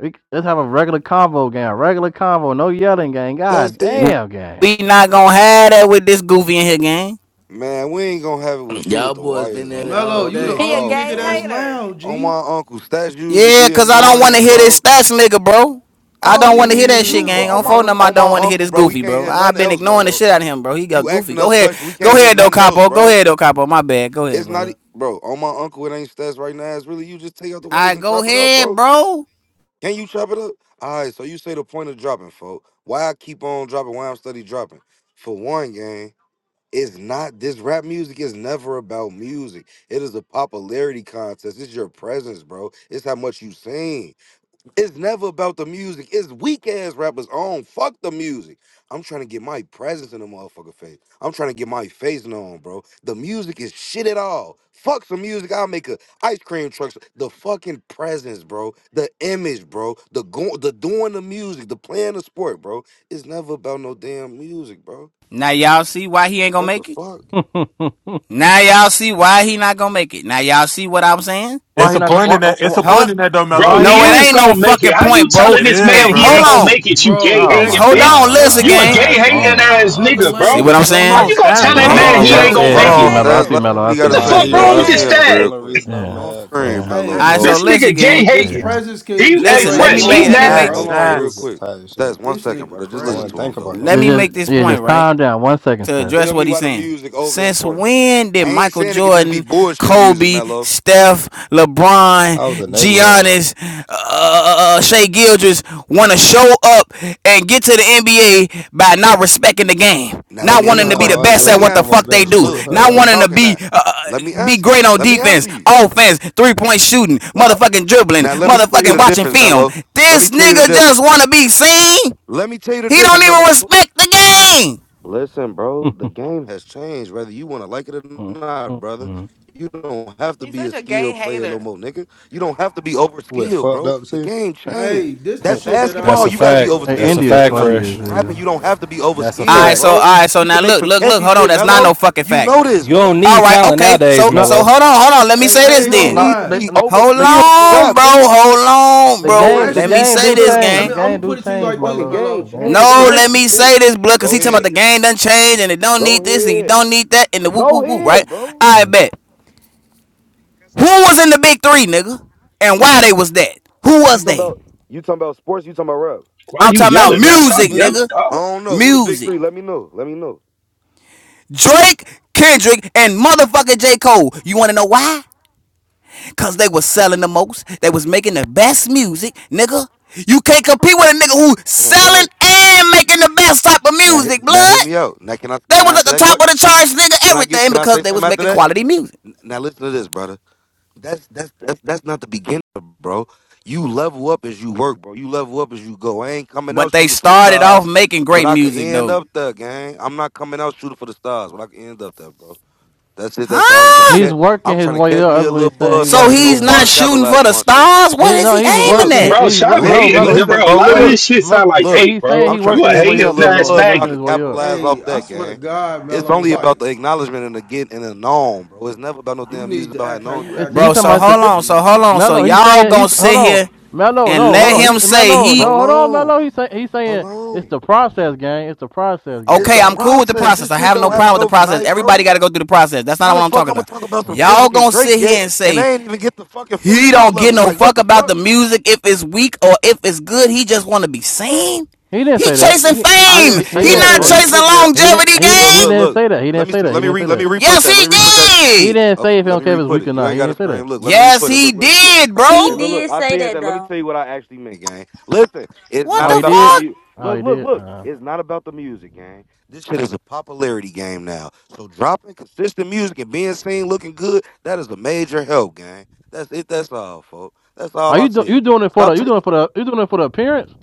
[SPEAKER 1] we, let's have a regular convo game. Regular convo, no yelling game. God
[SPEAKER 3] That's it,
[SPEAKER 1] damn game.
[SPEAKER 8] we not gonna have that with this goofy in here, gang.
[SPEAKER 3] man. We ain't gonna have it with you
[SPEAKER 21] Y'all
[SPEAKER 3] with the
[SPEAKER 21] boys
[SPEAKER 3] wires
[SPEAKER 21] been at it
[SPEAKER 3] on,
[SPEAKER 21] all
[SPEAKER 13] Mello,
[SPEAKER 3] bro.
[SPEAKER 13] you the
[SPEAKER 21] day.
[SPEAKER 3] Just
[SPEAKER 20] He a
[SPEAKER 13] only
[SPEAKER 20] gay
[SPEAKER 3] talk,
[SPEAKER 13] nigga that's
[SPEAKER 3] bro.
[SPEAKER 20] hater.
[SPEAKER 13] loud,
[SPEAKER 3] On
[SPEAKER 13] G.
[SPEAKER 3] my uncle, stats usually
[SPEAKER 8] Yeah,
[SPEAKER 3] be
[SPEAKER 8] cause I don't want to
[SPEAKER 3] annoying,
[SPEAKER 8] hear this
[SPEAKER 3] bro.
[SPEAKER 8] stats, nigga, bro. I
[SPEAKER 3] All
[SPEAKER 8] don't
[SPEAKER 3] we
[SPEAKER 8] want to hear
[SPEAKER 3] hear is
[SPEAKER 8] that shit,
[SPEAKER 3] you, bro.
[SPEAKER 13] Damn,
[SPEAKER 8] gang. On
[SPEAKER 3] On my
[SPEAKER 8] phone
[SPEAKER 13] bro.
[SPEAKER 8] number, I
[SPEAKER 3] on
[SPEAKER 8] don't
[SPEAKER 3] my
[SPEAKER 8] want to hear
[SPEAKER 3] uncle,
[SPEAKER 8] this
[SPEAKER 3] bro. We
[SPEAKER 8] goofy,
[SPEAKER 3] can't
[SPEAKER 8] bro.
[SPEAKER 3] hear
[SPEAKER 8] I've
[SPEAKER 3] nothing
[SPEAKER 8] been
[SPEAKER 3] else,
[SPEAKER 8] ignoring the
[SPEAKER 3] Mello.
[SPEAKER 8] shit out of him, bro. He got
[SPEAKER 3] You
[SPEAKER 8] goofy.
[SPEAKER 3] asking
[SPEAKER 8] Go
[SPEAKER 3] us
[SPEAKER 8] ahead,
[SPEAKER 3] questions. We
[SPEAKER 8] go
[SPEAKER 3] can't hear
[SPEAKER 8] ahead, though,
[SPEAKER 3] nothing else,
[SPEAKER 8] capo. Go
[SPEAKER 3] bro.
[SPEAKER 8] ahead, though, capo. My bad. Go ahead,
[SPEAKER 3] It's
[SPEAKER 8] bro.
[SPEAKER 3] not,
[SPEAKER 8] All
[SPEAKER 3] e- bro. On my uncle, it ain't stats right now. It's really you. Just take out the ways
[SPEAKER 8] right,
[SPEAKER 3] and
[SPEAKER 8] go
[SPEAKER 3] chop it up,
[SPEAKER 8] ahead,
[SPEAKER 3] bro.
[SPEAKER 8] bro.
[SPEAKER 3] Can you chop it up? All right. So you say the point of dropping, folk. Why I keep on dropping? Why I'm steady dropping? For one, gang, it's not this rap music is never about music. It is a popularity contest. It's your presence, bro. It's how much you sing. It's never about the music. It's weak ass rappers on. Fuck the music. I'm trying to get my presence in the motherfucker face. I'm trying to get my face known, bro. The music is shit at all. Fuck some music. I'll make a ice cream truck. The fucking presence, bro. The image, bro. The go- the doing the music, the playing the sport, bro. It's never about no damn music, bro.
[SPEAKER 8] Now y'all see why he ain't gonna
[SPEAKER 3] What the
[SPEAKER 8] make it.
[SPEAKER 3] fuck?
[SPEAKER 8] Now y'all see why he not gonna make it. Now y'all see what I'm saying?
[SPEAKER 1] why
[SPEAKER 5] It's
[SPEAKER 1] he
[SPEAKER 5] a
[SPEAKER 1] not go?
[SPEAKER 5] point
[SPEAKER 1] Why,
[SPEAKER 5] in that. It's a
[SPEAKER 1] why,
[SPEAKER 8] Hold. on.
[SPEAKER 5] point in that, though, Mello.
[SPEAKER 11] Bro,
[SPEAKER 1] why he?
[SPEAKER 8] No,
[SPEAKER 11] he
[SPEAKER 8] it
[SPEAKER 1] Why,
[SPEAKER 11] is
[SPEAKER 8] ain't no
[SPEAKER 11] gonna make it.
[SPEAKER 8] fucking
[SPEAKER 11] How you
[SPEAKER 8] point, bro.
[SPEAKER 11] telling
[SPEAKER 5] It
[SPEAKER 11] this
[SPEAKER 5] is,
[SPEAKER 8] If
[SPEAKER 11] man he
[SPEAKER 8] hold
[SPEAKER 5] bro.
[SPEAKER 11] ain't
[SPEAKER 1] no.
[SPEAKER 11] gonna
[SPEAKER 8] on,
[SPEAKER 11] make it, you gay
[SPEAKER 13] Bro,
[SPEAKER 1] Oh
[SPEAKER 11] hating
[SPEAKER 13] that
[SPEAKER 1] my
[SPEAKER 8] hold
[SPEAKER 11] bitch?
[SPEAKER 8] on,
[SPEAKER 13] that
[SPEAKER 8] listen,
[SPEAKER 1] god. uh,
[SPEAKER 13] shit
[SPEAKER 11] You a
[SPEAKER 13] could
[SPEAKER 8] gang.
[SPEAKER 13] get
[SPEAKER 11] gay
[SPEAKER 1] God
[SPEAKER 13] him
[SPEAKER 11] hating
[SPEAKER 13] all
[SPEAKER 1] damn.
[SPEAKER 13] type of
[SPEAKER 11] ass
[SPEAKER 13] other
[SPEAKER 11] nigga,
[SPEAKER 1] uh.
[SPEAKER 8] See
[SPEAKER 11] bro.
[SPEAKER 8] what
[SPEAKER 13] lanes,
[SPEAKER 8] I'm
[SPEAKER 5] Come
[SPEAKER 11] How
[SPEAKER 13] bro.
[SPEAKER 5] on,
[SPEAKER 11] you gonna
[SPEAKER 5] stats,
[SPEAKER 8] saying?
[SPEAKER 11] tell
[SPEAKER 8] We
[SPEAKER 11] that
[SPEAKER 3] Hold
[SPEAKER 1] Yeah.
[SPEAKER 8] can't
[SPEAKER 20] I
[SPEAKER 1] I,
[SPEAKER 5] bro.
[SPEAKER 8] have
[SPEAKER 11] man
[SPEAKER 8] no
[SPEAKER 20] told
[SPEAKER 3] on,
[SPEAKER 11] he
[SPEAKER 13] You
[SPEAKER 1] yeah.
[SPEAKER 3] let
[SPEAKER 20] y'all
[SPEAKER 11] ain't
[SPEAKER 3] him.
[SPEAKER 1] I,
[SPEAKER 20] he
[SPEAKER 13] just
[SPEAKER 20] a
[SPEAKER 11] gonna
[SPEAKER 8] conversation,
[SPEAKER 13] be
[SPEAKER 3] Hold
[SPEAKER 1] yeah.
[SPEAKER 11] make
[SPEAKER 8] bro.
[SPEAKER 1] I
[SPEAKER 20] gay
[SPEAKER 1] see
[SPEAKER 11] it?
[SPEAKER 3] on,
[SPEAKER 8] All
[SPEAKER 1] Mello. I
[SPEAKER 3] Stas.
[SPEAKER 13] talking,
[SPEAKER 1] see
[SPEAKER 20] hater.
[SPEAKER 3] Let's see
[SPEAKER 1] Mello.
[SPEAKER 13] bro.
[SPEAKER 3] what
[SPEAKER 1] I
[SPEAKER 3] he got
[SPEAKER 11] What
[SPEAKER 3] to
[SPEAKER 1] see.
[SPEAKER 11] the
[SPEAKER 1] I
[SPEAKER 18] Nah,
[SPEAKER 3] say,
[SPEAKER 20] He
[SPEAKER 11] fuck
[SPEAKER 1] see
[SPEAKER 20] a
[SPEAKER 18] he
[SPEAKER 3] Stas.
[SPEAKER 11] wrong
[SPEAKER 1] Mello.
[SPEAKER 20] gay
[SPEAKER 11] with
[SPEAKER 3] Let's
[SPEAKER 18] right.
[SPEAKER 11] this
[SPEAKER 3] hear
[SPEAKER 18] And the
[SPEAKER 3] him
[SPEAKER 20] hater.
[SPEAKER 11] fag?
[SPEAKER 3] real
[SPEAKER 18] only
[SPEAKER 3] quick.
[SPEAKER 18] reason I'm
[SPEAKER 1] Yeah.
[SPEAKER 3] Don't
[SPEAKER 18] mad,
[SPEAKER 1] Yeah.
[SPEAKER 3] scream,
[SPEAKER 18] cause
[SPEAKER 1] Yeah.
[SPEAKER 3] Mellow
[SPEAKER 5] That
[SPEAKER 13] Hey,
[SPEAKER 8] right,
[SPEAKER 5] nigga
[SPEAKER 8] so
[SPEAKER 3] folk.
[SPEAKER 11] This nigga
[SPEAKER 8] listen,
[SPEAKER 3] Don't
[SPEAKER 11] gay
[SPEAKER 8] gang.
[SPEAKER 13] his
[SPEAKER 3] scream.
[SPEAKER 11] hating.
[SPEAKER 1] Yeah.
[SPEAKER 13] presence can
[SPEAKER 11] He ain't
[SPEAKER 8] listen
[SPEAKER 18] I
[SPEAKER 13] generate
[SPEAKER 8] let me
[SPEAKER 3] Hold
[SPEAKER 11] fresh.
[SPEAKER 18] just
[SPEAKER 13] more
[SPEAKER 11] He
[SPEAKER 8] make
[SPEAKER 3] on,
[SPEAKER 18] liked
[SPEAKER 8] let me
[SPEAKER 18] it
[SPEAKER 11] mad.
[SPEAKER 13] shit,
[SPEAKER 18] to
[SPEAKER 3] Stats.
[SPEAKER 8] make
[SPEAKER 5] stats,
[SPEAKER 3] Hold
[SPEAKER 13] bro.
[SPEAKER 18] make
[SPEAKER 3] on, real
[SPEAKER 5] stats.
[SPEAKER 18] music
[SPEAKER 3] quick.
[SPEAKER 18] type shit.
[SPEAKER 3] Stats, one
[SPEAKER 13] This
[SPEAKER 3] second,
[SPEAKER 13] nigga
[SPEAKER 3] brother. Just
[SPEAKER 18] I
[SPEAKER 3] listen
[SPEAKER 18] wasn't
[SPEAKER 3] to
[SPEAKER 13] crazy,
[SPEAKER 3] him,
[SPEAKER 18] thinking
[SPEAKER 3] though.
[SPEAKER 18] about
[SPEAKER 13] folk.
[SPEAKER 18] no
[SPEAKER 8] let me
[SPEAKER 1] It's
[SPEAKER 18] image.
[SPEAKER 8] make
[SPEAKER 1] just
[SPEAKER 8] this
[SPEAKER 1] yeah.
[SPEAKER 8] point
[SPEAKER 1] Just
[SPEAKER 8] right
[SPEAKER 1] calm down. One second,
[SPEAKER 8] to
[SPEAKER 1] Steph.
[SPEAKER 8] address
[SPEAKER 3] Tell me
[SPEAKER 8] what he's
[SPEAKER 3] why the
[SPEAKER 8] saying
[SPEAKER 3] music over
[SPEAKER 8] since
[SPEAKER 3] important.
[SPEAKER 8] when
[SPEAKER 3] I
[SPEAKER 8] did
[SPEAKER 3] ain't
[SPEAKER 8] michael
[SPEAKER 3] saying it could just be
[SPEAKER 8] jordan
[SPEAKER 3] bullshit music,
[SPEAKER 8] kobe
[SPEAKER 3] Mello.
[SPEAKER 8] steph lebron
[SPEAKER 18] I was a neighborhood
[SPEAKER 8] giannis
[SPEAKER 18] rapper.
[SPEAKER 8] uh, shay gildress want to show up and get to the nba by not respecting the game
[SPEAKER 3] Now let
[SPEAKER 8] not
[SPEAKER 3] me
[SPEAKER 18] You
[SPEAKER 3] answer
[SPEAKER 18] know
[SPEAKER 8] wanting
[SPEAKER 3] the
[SPEAKER 8] to
[SPEAKER 18] how
[SPEAKER 8] be the
[SPEAKER 3] question.
[SPEAKER 18] hard it
[SPEAKER 3] Now
[SPEAKER 8] best
[SPEAKER 3] let
[SPEAKER 18] is
[SPEAKER 8] at
[SPEAKER 18] to
[SPEAKER 3] me
[SPEAKER 8] what the
[SPEAKER 18] come
[SPEAKER 3] answer.
[SPEAKER 18] up
[SPEAKER 8] fuck they
[SPEAKER 18] being a
[SPEAKER 3] Cause
[SPEAKER 8] do,
[SPEAKER 3] look,
[SPEAKER 8] not
[SPEAKER 3] cause
[SPEAKER 18] neighborhood
[SPEAKER 3] we
[SPEAKER 18] rapper
[SPEAKER 8] wanting to
[SPEAKER 3] talking
[SPEAKER 8] be
[SPEAKER 3] now.
[SPEAKER 8] uh, uh,
[SPEAKER 3] Let me
[SPEAKER 8] be
[SPEAKER 3] answer.
[SPEAKER 8] great on
[SPEAKER 3] Let me answer
[SPEAKER 8] defense,
[SPEAKER 3] you.
[SPEAKER 8] offense, three point shooting,
[SPEAKER 3] Well,
[SPEAKER 8] motherfucking dribbling,
[SPEAKER 3] now let me tell you
[SPEAKER 8] motherfucking
[SPEAKER 3] the
[SPEAKER 8] watching
[SPEAKER 3] difference,
[SPEAKER 8] film.
[SPEAKER 3] Mello. Let me
[SPEAKER 8] This
[SPEAKER 3] tell you the
[SPEAKER 8] nigga just
[SPEAKER 3] difference.
[SPEAKER 8] want to be seen.
[SPEAKER 3] Let me tell you the
[SPEAKER 8] He don't
[SPEAKER 3] difference,
[SPEAKER 8] even
[SPEAKER 3] Mello.
[SPEAKER 8] respect the game.
[SPEAKER 3] Listen, bro, the game has changed, whether you want to like it or
[SPEAKER 1] Mm,
[SPEAKER 3] not,
[SPEAKER 1] mm,
[SPEAKER 3] brother.
[SPEAKER 1] mm.
[SPEAKER 3] You don't have to
[SPEAKER 20] He's
[SPEAKER 3] be a
[SPEAKER 20] such a gay
[SPEAKER 3] skilled player no
[SPEAKER 20] hater.
[SPEAKER 3] more, nigga. You don't have to be over
[SPEAKER 18] with
[SPEAKER 3] skilled,
[SPEAKER 18] fucked
[SPEAKER 3] bro.
[SPEAKER 18] up
[SPEAKER 3] The
[SPEAKER 18] teeth?
[SPEAKER 3] game
[SPEAKER 13] Hey,
[SPEAKER 3] changed.
[SPEAKER 13] this the
[SPEAKER 1] hey,
[SPEAKER 3] That
[SPEAKER 13] shit that I
[SPEAKER 3] basketball,
[SPEAKER 6] That's
[SPEAKER 13] be
[SPEAKER 6] a
[SPEAKER 3] you got to
[SPEAKER 13] talking
[SPEAKER 3] be
[SPEAKER 6] fact.
[SPEAKER 3] over
[SPEAKER 13] about
[SPEAKER 1] hey,
[SPEAKER 13] though,
[SPEAKER 3] skilled
[SPEAKER 6] That's
[SPEAKER 3] to
[SPEAKER 6] a
[SPEAKER 3] get
[SPEAKER 1] India,
[SPEAKER 13] bro.
[SPEAKER 3] them in
[SPEAKER 6] fact,
[SPEAKER 13] This
[SPEAKER 1] funny
[SPEAKER 3] knowledge.
[SPEAKER 13] shit
[SPEAKER 1] as
[SPEAKER 6] Fresh.
[SPEAKER 13] be
[SPEAKER 3] Rapping,
[SPEAKER 1] hell.
[SPEAKER 13] goofy,
[SPEAKER 3] you don't
[SPEAKER 13] bro.
[SPEAKER 3] have to be over
[SPEAKER 6] That's a
[SPEAKER 8] All
[SPEAKER 3] skilled,
[SPEAKER 8] right, so
[SPEAKER 6] fact.
[SPEAKER 3] bro.
[SPEAKER 8] all right, so
[SPEAKER 3] You
[SPEAKER 8] now
[SPEAKER 3] can make
[SPEAKER 8] look,
[SPEAKER 3] some
[SPEAKER 8] look, look.
[SPEAKER 3] catchy
[SPEAKER 8] Hold on,
[SPEAKER 3] shit,
[SPEAKER 8] that's not
[SPEAKER 3] mellow.
[SPEAKER 8] no fucking
[SPEAKER 3] You
[SPEAKER 8] fact.
[SPEAKER 3] know this,
[SPEAKER 6] You don't
[SPEAKER 3] bro.
[SPEAKER 8] All
[SPEAKER 6] need
[SPEAKER 8] right,
[SPEAKER 6] talent
[SPEAKER 8] okay.
[SPEAKER 6] nowadays,
[SPEAKER 8] So
[SPEAKER 1] No,
[SPEAKER 8] so
[SPEAKER 3] You
[SPEAKER 6] Mello.
[SPEAKER 8] hold on, hold on. Let me
[SPEAKER 13] Hey,
[SPEAKER 8] say
[SPEAKER 13] I
[SPEAKER 8] this
[SPEAKER 13] ain't gonna
[SPEAKER 3] don't
[SPEAKER 8] then.
[SPEAKER 1] no,
[SPEAKER 3] need to
[SPEAKER 13] lie.
[SPEAKER 1] They.
[SPEAKER 3] be over
[SPEAKER 8] Hold
[SPEAKER 1] they,
[SPEAKER 3] skilled to
[SPEAKER 8] on,
[SPEAKER 3] rap,
[SPEAKER 8] bro.
[SPEAKER 3] nigga.
[SPEAKER 8] Hold on,
[SPEAKER 1] The
[SPEAKER 3] Go
[SPEAKER 8] bro.
[SPEAKER 1] game, the
[SPEAKER 3] ahead.
[SPEAKER 13] Fresh
[SPEAKER 8] Let me
[SPEAKER 13] is
[SPEAKER 1] game
[SPEAKER 13] hey
[SPEAKER 8] say
[SPEAKER 1] do
[SPEAKER 8] this,
[SPEAKER 13] look, I
[SPEAKER 1] change. The
[SPEAKER 13] mean
[SPEAKER 8] gang.
[SPEAKER 13] I'm
[SPEAKER 1] game
[SPEAKER 13] gonna
[SPEAKER 1] do
[SPEAKER 13] put it to you
[SPEAKER 3] The
[SPEAKER 1] change,
[SPEAKER 13] like this,
[SPEAKER 3] fucking
[SPEAKER 1] Melo.
[SPEAKER 3] game
[SPEAKER 1] The
[SPEAKER 13] Mello.
[SPEAKER 1] game.
[SPEAKER 3] changed that
[SPEAKER 8] No,
[SPEAKER 13] Fresh
[SPEAKER 8] let
[SPEAKER 3] lyrical
[SPEAKER 8] me
[SPEAKER 3] shit.
[SPEAKER 8] say this, blood, cause
[SPEAKER 3] Go
[SPEAKER 8] he talking about the
[SPEAKER 3] ahead.
[SPEAKER 8] game done changed and it don't
[SPEAKER 3] Go
[SPEAKER 8] need this and you
[SPEAKER 3] ahead.
[SPEAKER 8] don't need that and the woo woo
[SPEAKER 3] Go
[SPEAKER 8] woo,
[SPEAKER 3] ahead,
[SPEAKER 8] right?
[SPEAKER 3] bro.
[SPEAKER 8] I
[SPEAKER 1] Mhm.
[SPEAKER 8] bet. Who was in the big three, nigga? And why they was that? Who
[SPEAKER 3] You
[SPEAKER 8] was
[SPEAKER 3] talking
[SPEAKER 8] they?
[SPEAKER 3] about you talking about sports? You talking about Rob?
[SPEAKER 11] Why
[SPEAKER 8] I'm
[SPEAKER 11] you
[SPEAKER 8] talking about
[SPEAKER 11] yelling, man? Stop
[SPEAKER 8] music,
[SPEAKER 11] yelling,
[SPEAKER 8] nigga.
[SPEAKER 3] I
[SPEAKER 11] dog.
[SPEAKER 3] don't know who the big
[SPEAKER 8] Music.
[SPEAKER 3] three. Let me know. Let me know.
[SPEAKER 8] Drake, Kendrick, and motherfucking J. Cole. You wanna know why? Cause they was selling the most. They was making the best music, nigga. You can't compete with a nigga who
[SPEAKER 3] Hold on. Wait,
[SPEAKER 8] selling
[SPEAKER 3] wait.
[SPEAKER 8] and making the best type of
[SPEAKER 3] Now, hit,
[SPEAKER 8] music,
[SPEAKER 3] now hit
[SPEAKER 8] blood.
[SPEAKER 3] me out. Now can I
[SPEAKER 8] They
[SPEAKER 3] can I
[SPEAKER 8] was at
[SPEAKER 3] answer
[SPEAKER 8] the
[SPEAKER 3] that
[SPEAKER 8] top
[SPEAKER 3] question?
[SPEAKER 8] of the charts, nigga,
[SPEAKER 3] Can I get
[SPEAKER 8] everything
[SPEAKER 3] can I say
[SPEAKER 8] because they
[SPEAKER 3] something
[SPEAKER 8] was
[SPEAKER 3] after
[SPEAKER 8] making
[SPEAKER 3] that?
[SPEAKER 8] quality music.
[SPEAKER 3] N- Now listen to this, brother. That's that's that's that's not the beginning, bro. You level up as you work, bro. You level up as you go. I ain't coming
[SPEAKER 8] But
[SPEAKER 3] out
[SPEAKER 8] they
[SPEAKER 3] shooting for the
[SPEAKER 8] started off
[SPEAKER 3] stars,
[SPEAKER 8] making
[SPEAKER 3] but
[SPEAKER 8] great
[SPEAKER 3] I could
[SPEAKER 8] music
[SPEAKER 3] end
[SPEAKER 8] though.
[SPEAKER 3] up there, gang. I'm not coming out shooting for the stars, but I could end up there, bro. That's it. That's all. I'm just trying to
[SPEAKER 8] Huh?
[SPEAKER 1] He's
[SPEAKER 3] catch.
[SPEAKER 1] working
[SPEAKER 3] I'm
[SPEAKER 1] his
[SPEAKER 3] trying to
[SPEAKER 1] way
[SPEAKER 3] catch
[SPEAKER 1] up.
[SPEAKER 3] me
[SPEAKER 1] That's
[SPEAKER 3] a
[SPEAKER 1] what
[SPEAKER 3] little
[SPEAKER 1] he's saying. He
[SPEAKER 3] buzz so I
[SPEAKER 8] So
[SPEAKER 3] could
[SPEAKER 1] working.
[SPEAKER 3] go
[SPEAKER 8] he's
[SPEAKER 1] his-
[SPEAKER 3] far
[SPEAKER 8] not
[SPEAKER 3] and
[SPEAKER 8] shooting
[SPEAKER 3] capitalize
[SPEAKER 8] for
[SPEAKER 3] on
[SPEAKER 8] the
[SPEAKER 3] my shit.
[SPEAKER 8] stars? What
[SPEAKER 1] He
[SPEAKER 8] is
[SPEAKER 1] no,
[SPEAKER 8] he
[SPEAKER 1] he's
[SPEAKER 8] aiming
[SPEAKER 3] Look,
[SPEAKER 1] working.
[SPEAKER 8] at?
[SPEAKER 1] he-
[SPEAKER 11] Bro,
[SPEAKER 1] He's wor-
[SPEAKER 11] stop
[SPEAKER 1] no
[SPEAKER 3] look,
[SPEAKER 11] hating.
[SPEAKER 1] Melo. He's
[SPEAKER 3] listen,
[SPEAKER 11] Bro, a
[SPEAKER 3] bro.
[SPEAKER 11] lot
[SPEAKER 3] Look,
[SPEAKER 1] what
[SPEAKER 11] of
[SPEAKER 1] he
[SPEAKER 11] this
[SPEAKER 3] look,
[SPEAKER 11] shit
[SPEAKER 1] Melo,
[SPEAKER 11] sound like
[SPEAKER 1] what
[SPEAKER 3] look.
[SPEAKER 11] hate,
[SPEAKER 1] he's saying.
[SPEAKER 11] bro.
[SPEAKER 3] I'm
[SPEAKER 1] He
[SPEAKER 3] trying to
[SPEAKER 11] You
[SPEAKER 1] working
[SPEAKER 11] a
[SPEAKER 1] his
[SPEAKER 3] catch
[SPEAKER 1] way
[SPEAKER 3] me a
[SPEAKER 11] hating
[SPEAKER 1] up,
[SPEAKER 3] little
[SPEAKER 1] Melo.
[SPEAKER 11] ass
[SPEAKER 1] He
[SPEAKER 3] buzz so I
[SPEAKER 1] working
[SPEAKER 11] faggot.
[SPEAKER 1] his
[SPEAKER 3] could
[SPEAKER 1] way up.
[SPEAKER 3] capitalize
[SPEAKER 13] Hey,
[SPEAKER 3] off
[SPEAKER 13] I
[SPEAKER 3] that
[SPEAKER 13] swear to
[SPEAKER 3] gang.
[SPEAKER 13] God,
[SPEAKER 3] It's
[SPEAKER 13] Mello,
[SPEAKER 3] only
[SPEAKER 13] like
[SPEAKER 3] about the acknowledgement and the get and the known, bro. It's never about no
[SPEAKER 13] you
[SPEAKER 3] damn music
[SPEAKER 13] need to
[SPEAKER 3] about how
[SPEAKER 13] act how
[SPEAKER 3] known
[SPEAKER 13] you
[SPEAKER 3] you
[SPEAKER 1] It's
[SPEAKER 13] act
[SPEAKER 3] is,
[SPEAKER 1] he
[SPEAKER 8] Bro,
[SPEAKER 13] off
[SPEAKER 3] bro.
[SPEAKER 1] talking about
[SPEAKER 8] so
[SPEAKER 13] the
[SPEAKER 1] it's the,
[SPEAKER 8] hold
[SPEAKER 13] app,
[SPEAKER 1] it,
[SPEAKER 8] on,
[SPEAKER 13] G.
[SPEAKER 8] so hold
[SPEAKER 13] You
[SPEAKER 8] on. So
[SPEAKER 1] Melo. He's
[SPEAKER 13] trolling,
[SPEAKER 8] y'all
[SPEAKER 1] saying
[SPEAKER 13] G.
[SPEAKER 8] gonna
[SPEAKER 1] he's hold
[SPEAKER 8] sit
[SPEAKER 1] on,
[SPEAKER 8] here
[SPEAKER 1] Melo.
[SPEAKER 13] He
[SPEAKER 8] and
[SPEAKER 1] No, hold
[SPEAKER 8] let
[SPEAKER 1] on. He
[SPEAKER 8] him
[SPEAKER 13] trolling.
[SPEAKER 8] say
[SPEAKER 1] Melo.
[SPEAKER 8] he
[SPEAKER 1] No,
[SPEAKER 3] Hold
[SPEAKER 1] hold on,
[SPEAKER 3] on,
[SPEAKER 1] Melo. He's saying he's
[SPEAKER 3] hold
[SPEAKER 1] saying it's
[SPEAKER 3] on.
[SPEAKER 1] the process, gang. It's the process, gang.
[SPEAKER 3] It's
[SPEAKER 8] Okay,
[SPEAKER 3] a
[SPEAKER 1] Let
[SPEAKER 8] I'm
[SPEAKER 1] him,
[SPEAKER 8] cool with the
[SPEAKER 3] process.
[SPEAKER 1] let,
[SPEAKER 8] process.
[SPEAKER 3] This
[SPEAKER 8] I
[SPEAKER 3] shit
[SPEAKER 1] let-
[SPEAKER 8] have no
[SPEAKER 3] don't
[SPEAKER 1] yeah.
[SPEAKER 8] problem
[SPEAKER 3] happen
[SPEAKER 8] with the process.
[SPEAKER 3] overnight, bro.
[SPEAKER 8] Everybody got to go through the process. That's
[SPEAKER 3] How
[SPEAKER 8] not what
[SPEAKER 3] the
[SPEAKER 8] I'm
[SPEAKER 3] fuck
[SPEAKER 8] talking
[SPEAKER 3] I'm gonna
[SPEAKER 8] about.
[SPEAKER 3] talk about
[SPEAKER 1] mm.
[SPEAKER 3] some
[SPEAKER 8] Y'all
[SPEAKER 3] Kendrick and
[SPEAKER 8] gonna
[SPEAKER 3] Drake
[SPEAKER 8] sit
[SPEAKER 3] yet,
[SPEAKER 8] here and
[SPEAKER 3] and
[SPEAKER 8] say
[SPEAKER 3] they ain't even get the fucking fully
[SPEAKER 8] he
[SPEAKER 3] chop
[SPEAKER 8] don't get
[SPEAKER 3] level?
[SPEAKER 8] no
[SPEAKER 3] Like what
[SPEAKER 8] fuck
[SPEAKER 3] the
[SPEAKER 8] about the
[SPEAKER 3] fuck?
[SPEAKER 8] music if it's weak or if it's good. He just want to be seen.
[SPEAKER 1] He didn't
[SPEAKER 8] He
[SPEAKER 1] say that.
[SPEAKER 8] chasing
[SPEAKER 1] He he
[SPEAKER 3] I
[SPEAKER 1] he, he
[SPEAKER 8] fame.
[SPEAKER 3] didn't say
[SPEAKER 8] He
[SPEAKER 1] didn't
[SPEAKER 3] that,
[SPEAKER 1] say
[SPEAKER 8] not
[SPEAKER 3] bro.
[SPEAKER 1] that.
[SPEAKER 3] You
[SPEAKER 1] He
[SPEAKER 8] chasing
[SPEAKER 3] taking it up?
[SPEAKER 1] he didn't
[SPEAKER 8] longevity,
[SPEAKER 1] he,
[SPEAKER 3] Look,
[SPEAKER 8] gang.
[SPEAKER 1] he
[SPEAKER 3] look,
[SPEAKER 1] didn't
[SPEAKER 3] look.
[SPEAKER 1] say that. He
[SPEAKER 3] Let
[SPEAKER 1] didn't
[SPEAKER 3] me
[SPEAKER 1] say
[SPEAKER 3] say,
[SPEAKER 1] that. He
[SPEAKER 3] let me
[SPEAKER 1] didn't
[SPEAKER 3] re
[SPEAKER 1] say
[SPEAKER 3] let
[SPEAKER 1] that.
[SPEAKER 3] me re put
[SPEAKER 8] Yes,
[SPEAKER 3] that. Let
[SPEAKER 8] he
[SPEAKER 3] me re that.
[SPEAKER 1] He
[SPEAKER 8] did.
[SPEAKER 1] didn't
[SPEAKER 3] Okay,
[SPEAKER 1] say if Him
[SPEAKER 3] let me
[SPEAKER 1] Kevin's
[SPEAKER 3] re-put
[SPEAKER 1] weak or
[SPEAKER 3] it. You
[SPEAKER 1] not.
[SPEAKER 3] ain't
[SPEAKER 1] He
[SPEAKER 3] got to
[SPEAKER 1] didn't say
[SPEAKER 3] scream.
[SPEAKER 1] that.
[SPEAKER 3] Look, let me
[SPEAKER 8] Yes,
[SPEAKER 3] re-put it.
[SPEAKER 8] he
[SPEAKER 3] Look, look.
[SPEAKER 17] He,
[SPEAKER 8] did, bro.
[SPEAKER 17] he
[SPEAKER 3] Okay, look, look.
[SPEAKER 17] did
[SPEAKER 3] I
[SPEAKER 17] say
[SPEAKER 3] said
[SPEAKER 17] that
[SPEAKER 3] that. Let me
[SPEAKER 17] though.
[SPEAKER 3] tell you what I actually meant, gang. Listen, it's
[SPEAKER 8] What
[SPEAKER 1] Oh,
[SPEAKER 3] not
[SPEAKER 1] he
[SPEAKER 8] the
[SPEAKER 3] about the
[SPEAKER 1] did.
[SPEAKER 8] fuck?
[SPEAKER 3] music.
[SPEAKER 1] Oh,
[SPEAKER 3] Look,
[SPEAKER 1] he
[SPEAKER 3] look,
[SPEAKER 1] did.
[SPEAKER 3] look.
[SPEAKER 1] Uh,
[SPEAKER 3] It's not about the music, gang. This shit is a popularity game now. So dropping consistent music and being seen looking good, that is a major help, gang. That's it. That's all, folks. That's
[SPEAKER 1] are
[SPEAKER 3] all I
[SPEAKER 1] you do, you
[SPEAKER 3] said.
[SPEAKER 1] doing it for the
[SPEAKER 3] Stop
[SPEAKER 1] you
[SPEAKER 3] taking.
[SPEAKER 1] doing it for the you doing it for the appearance?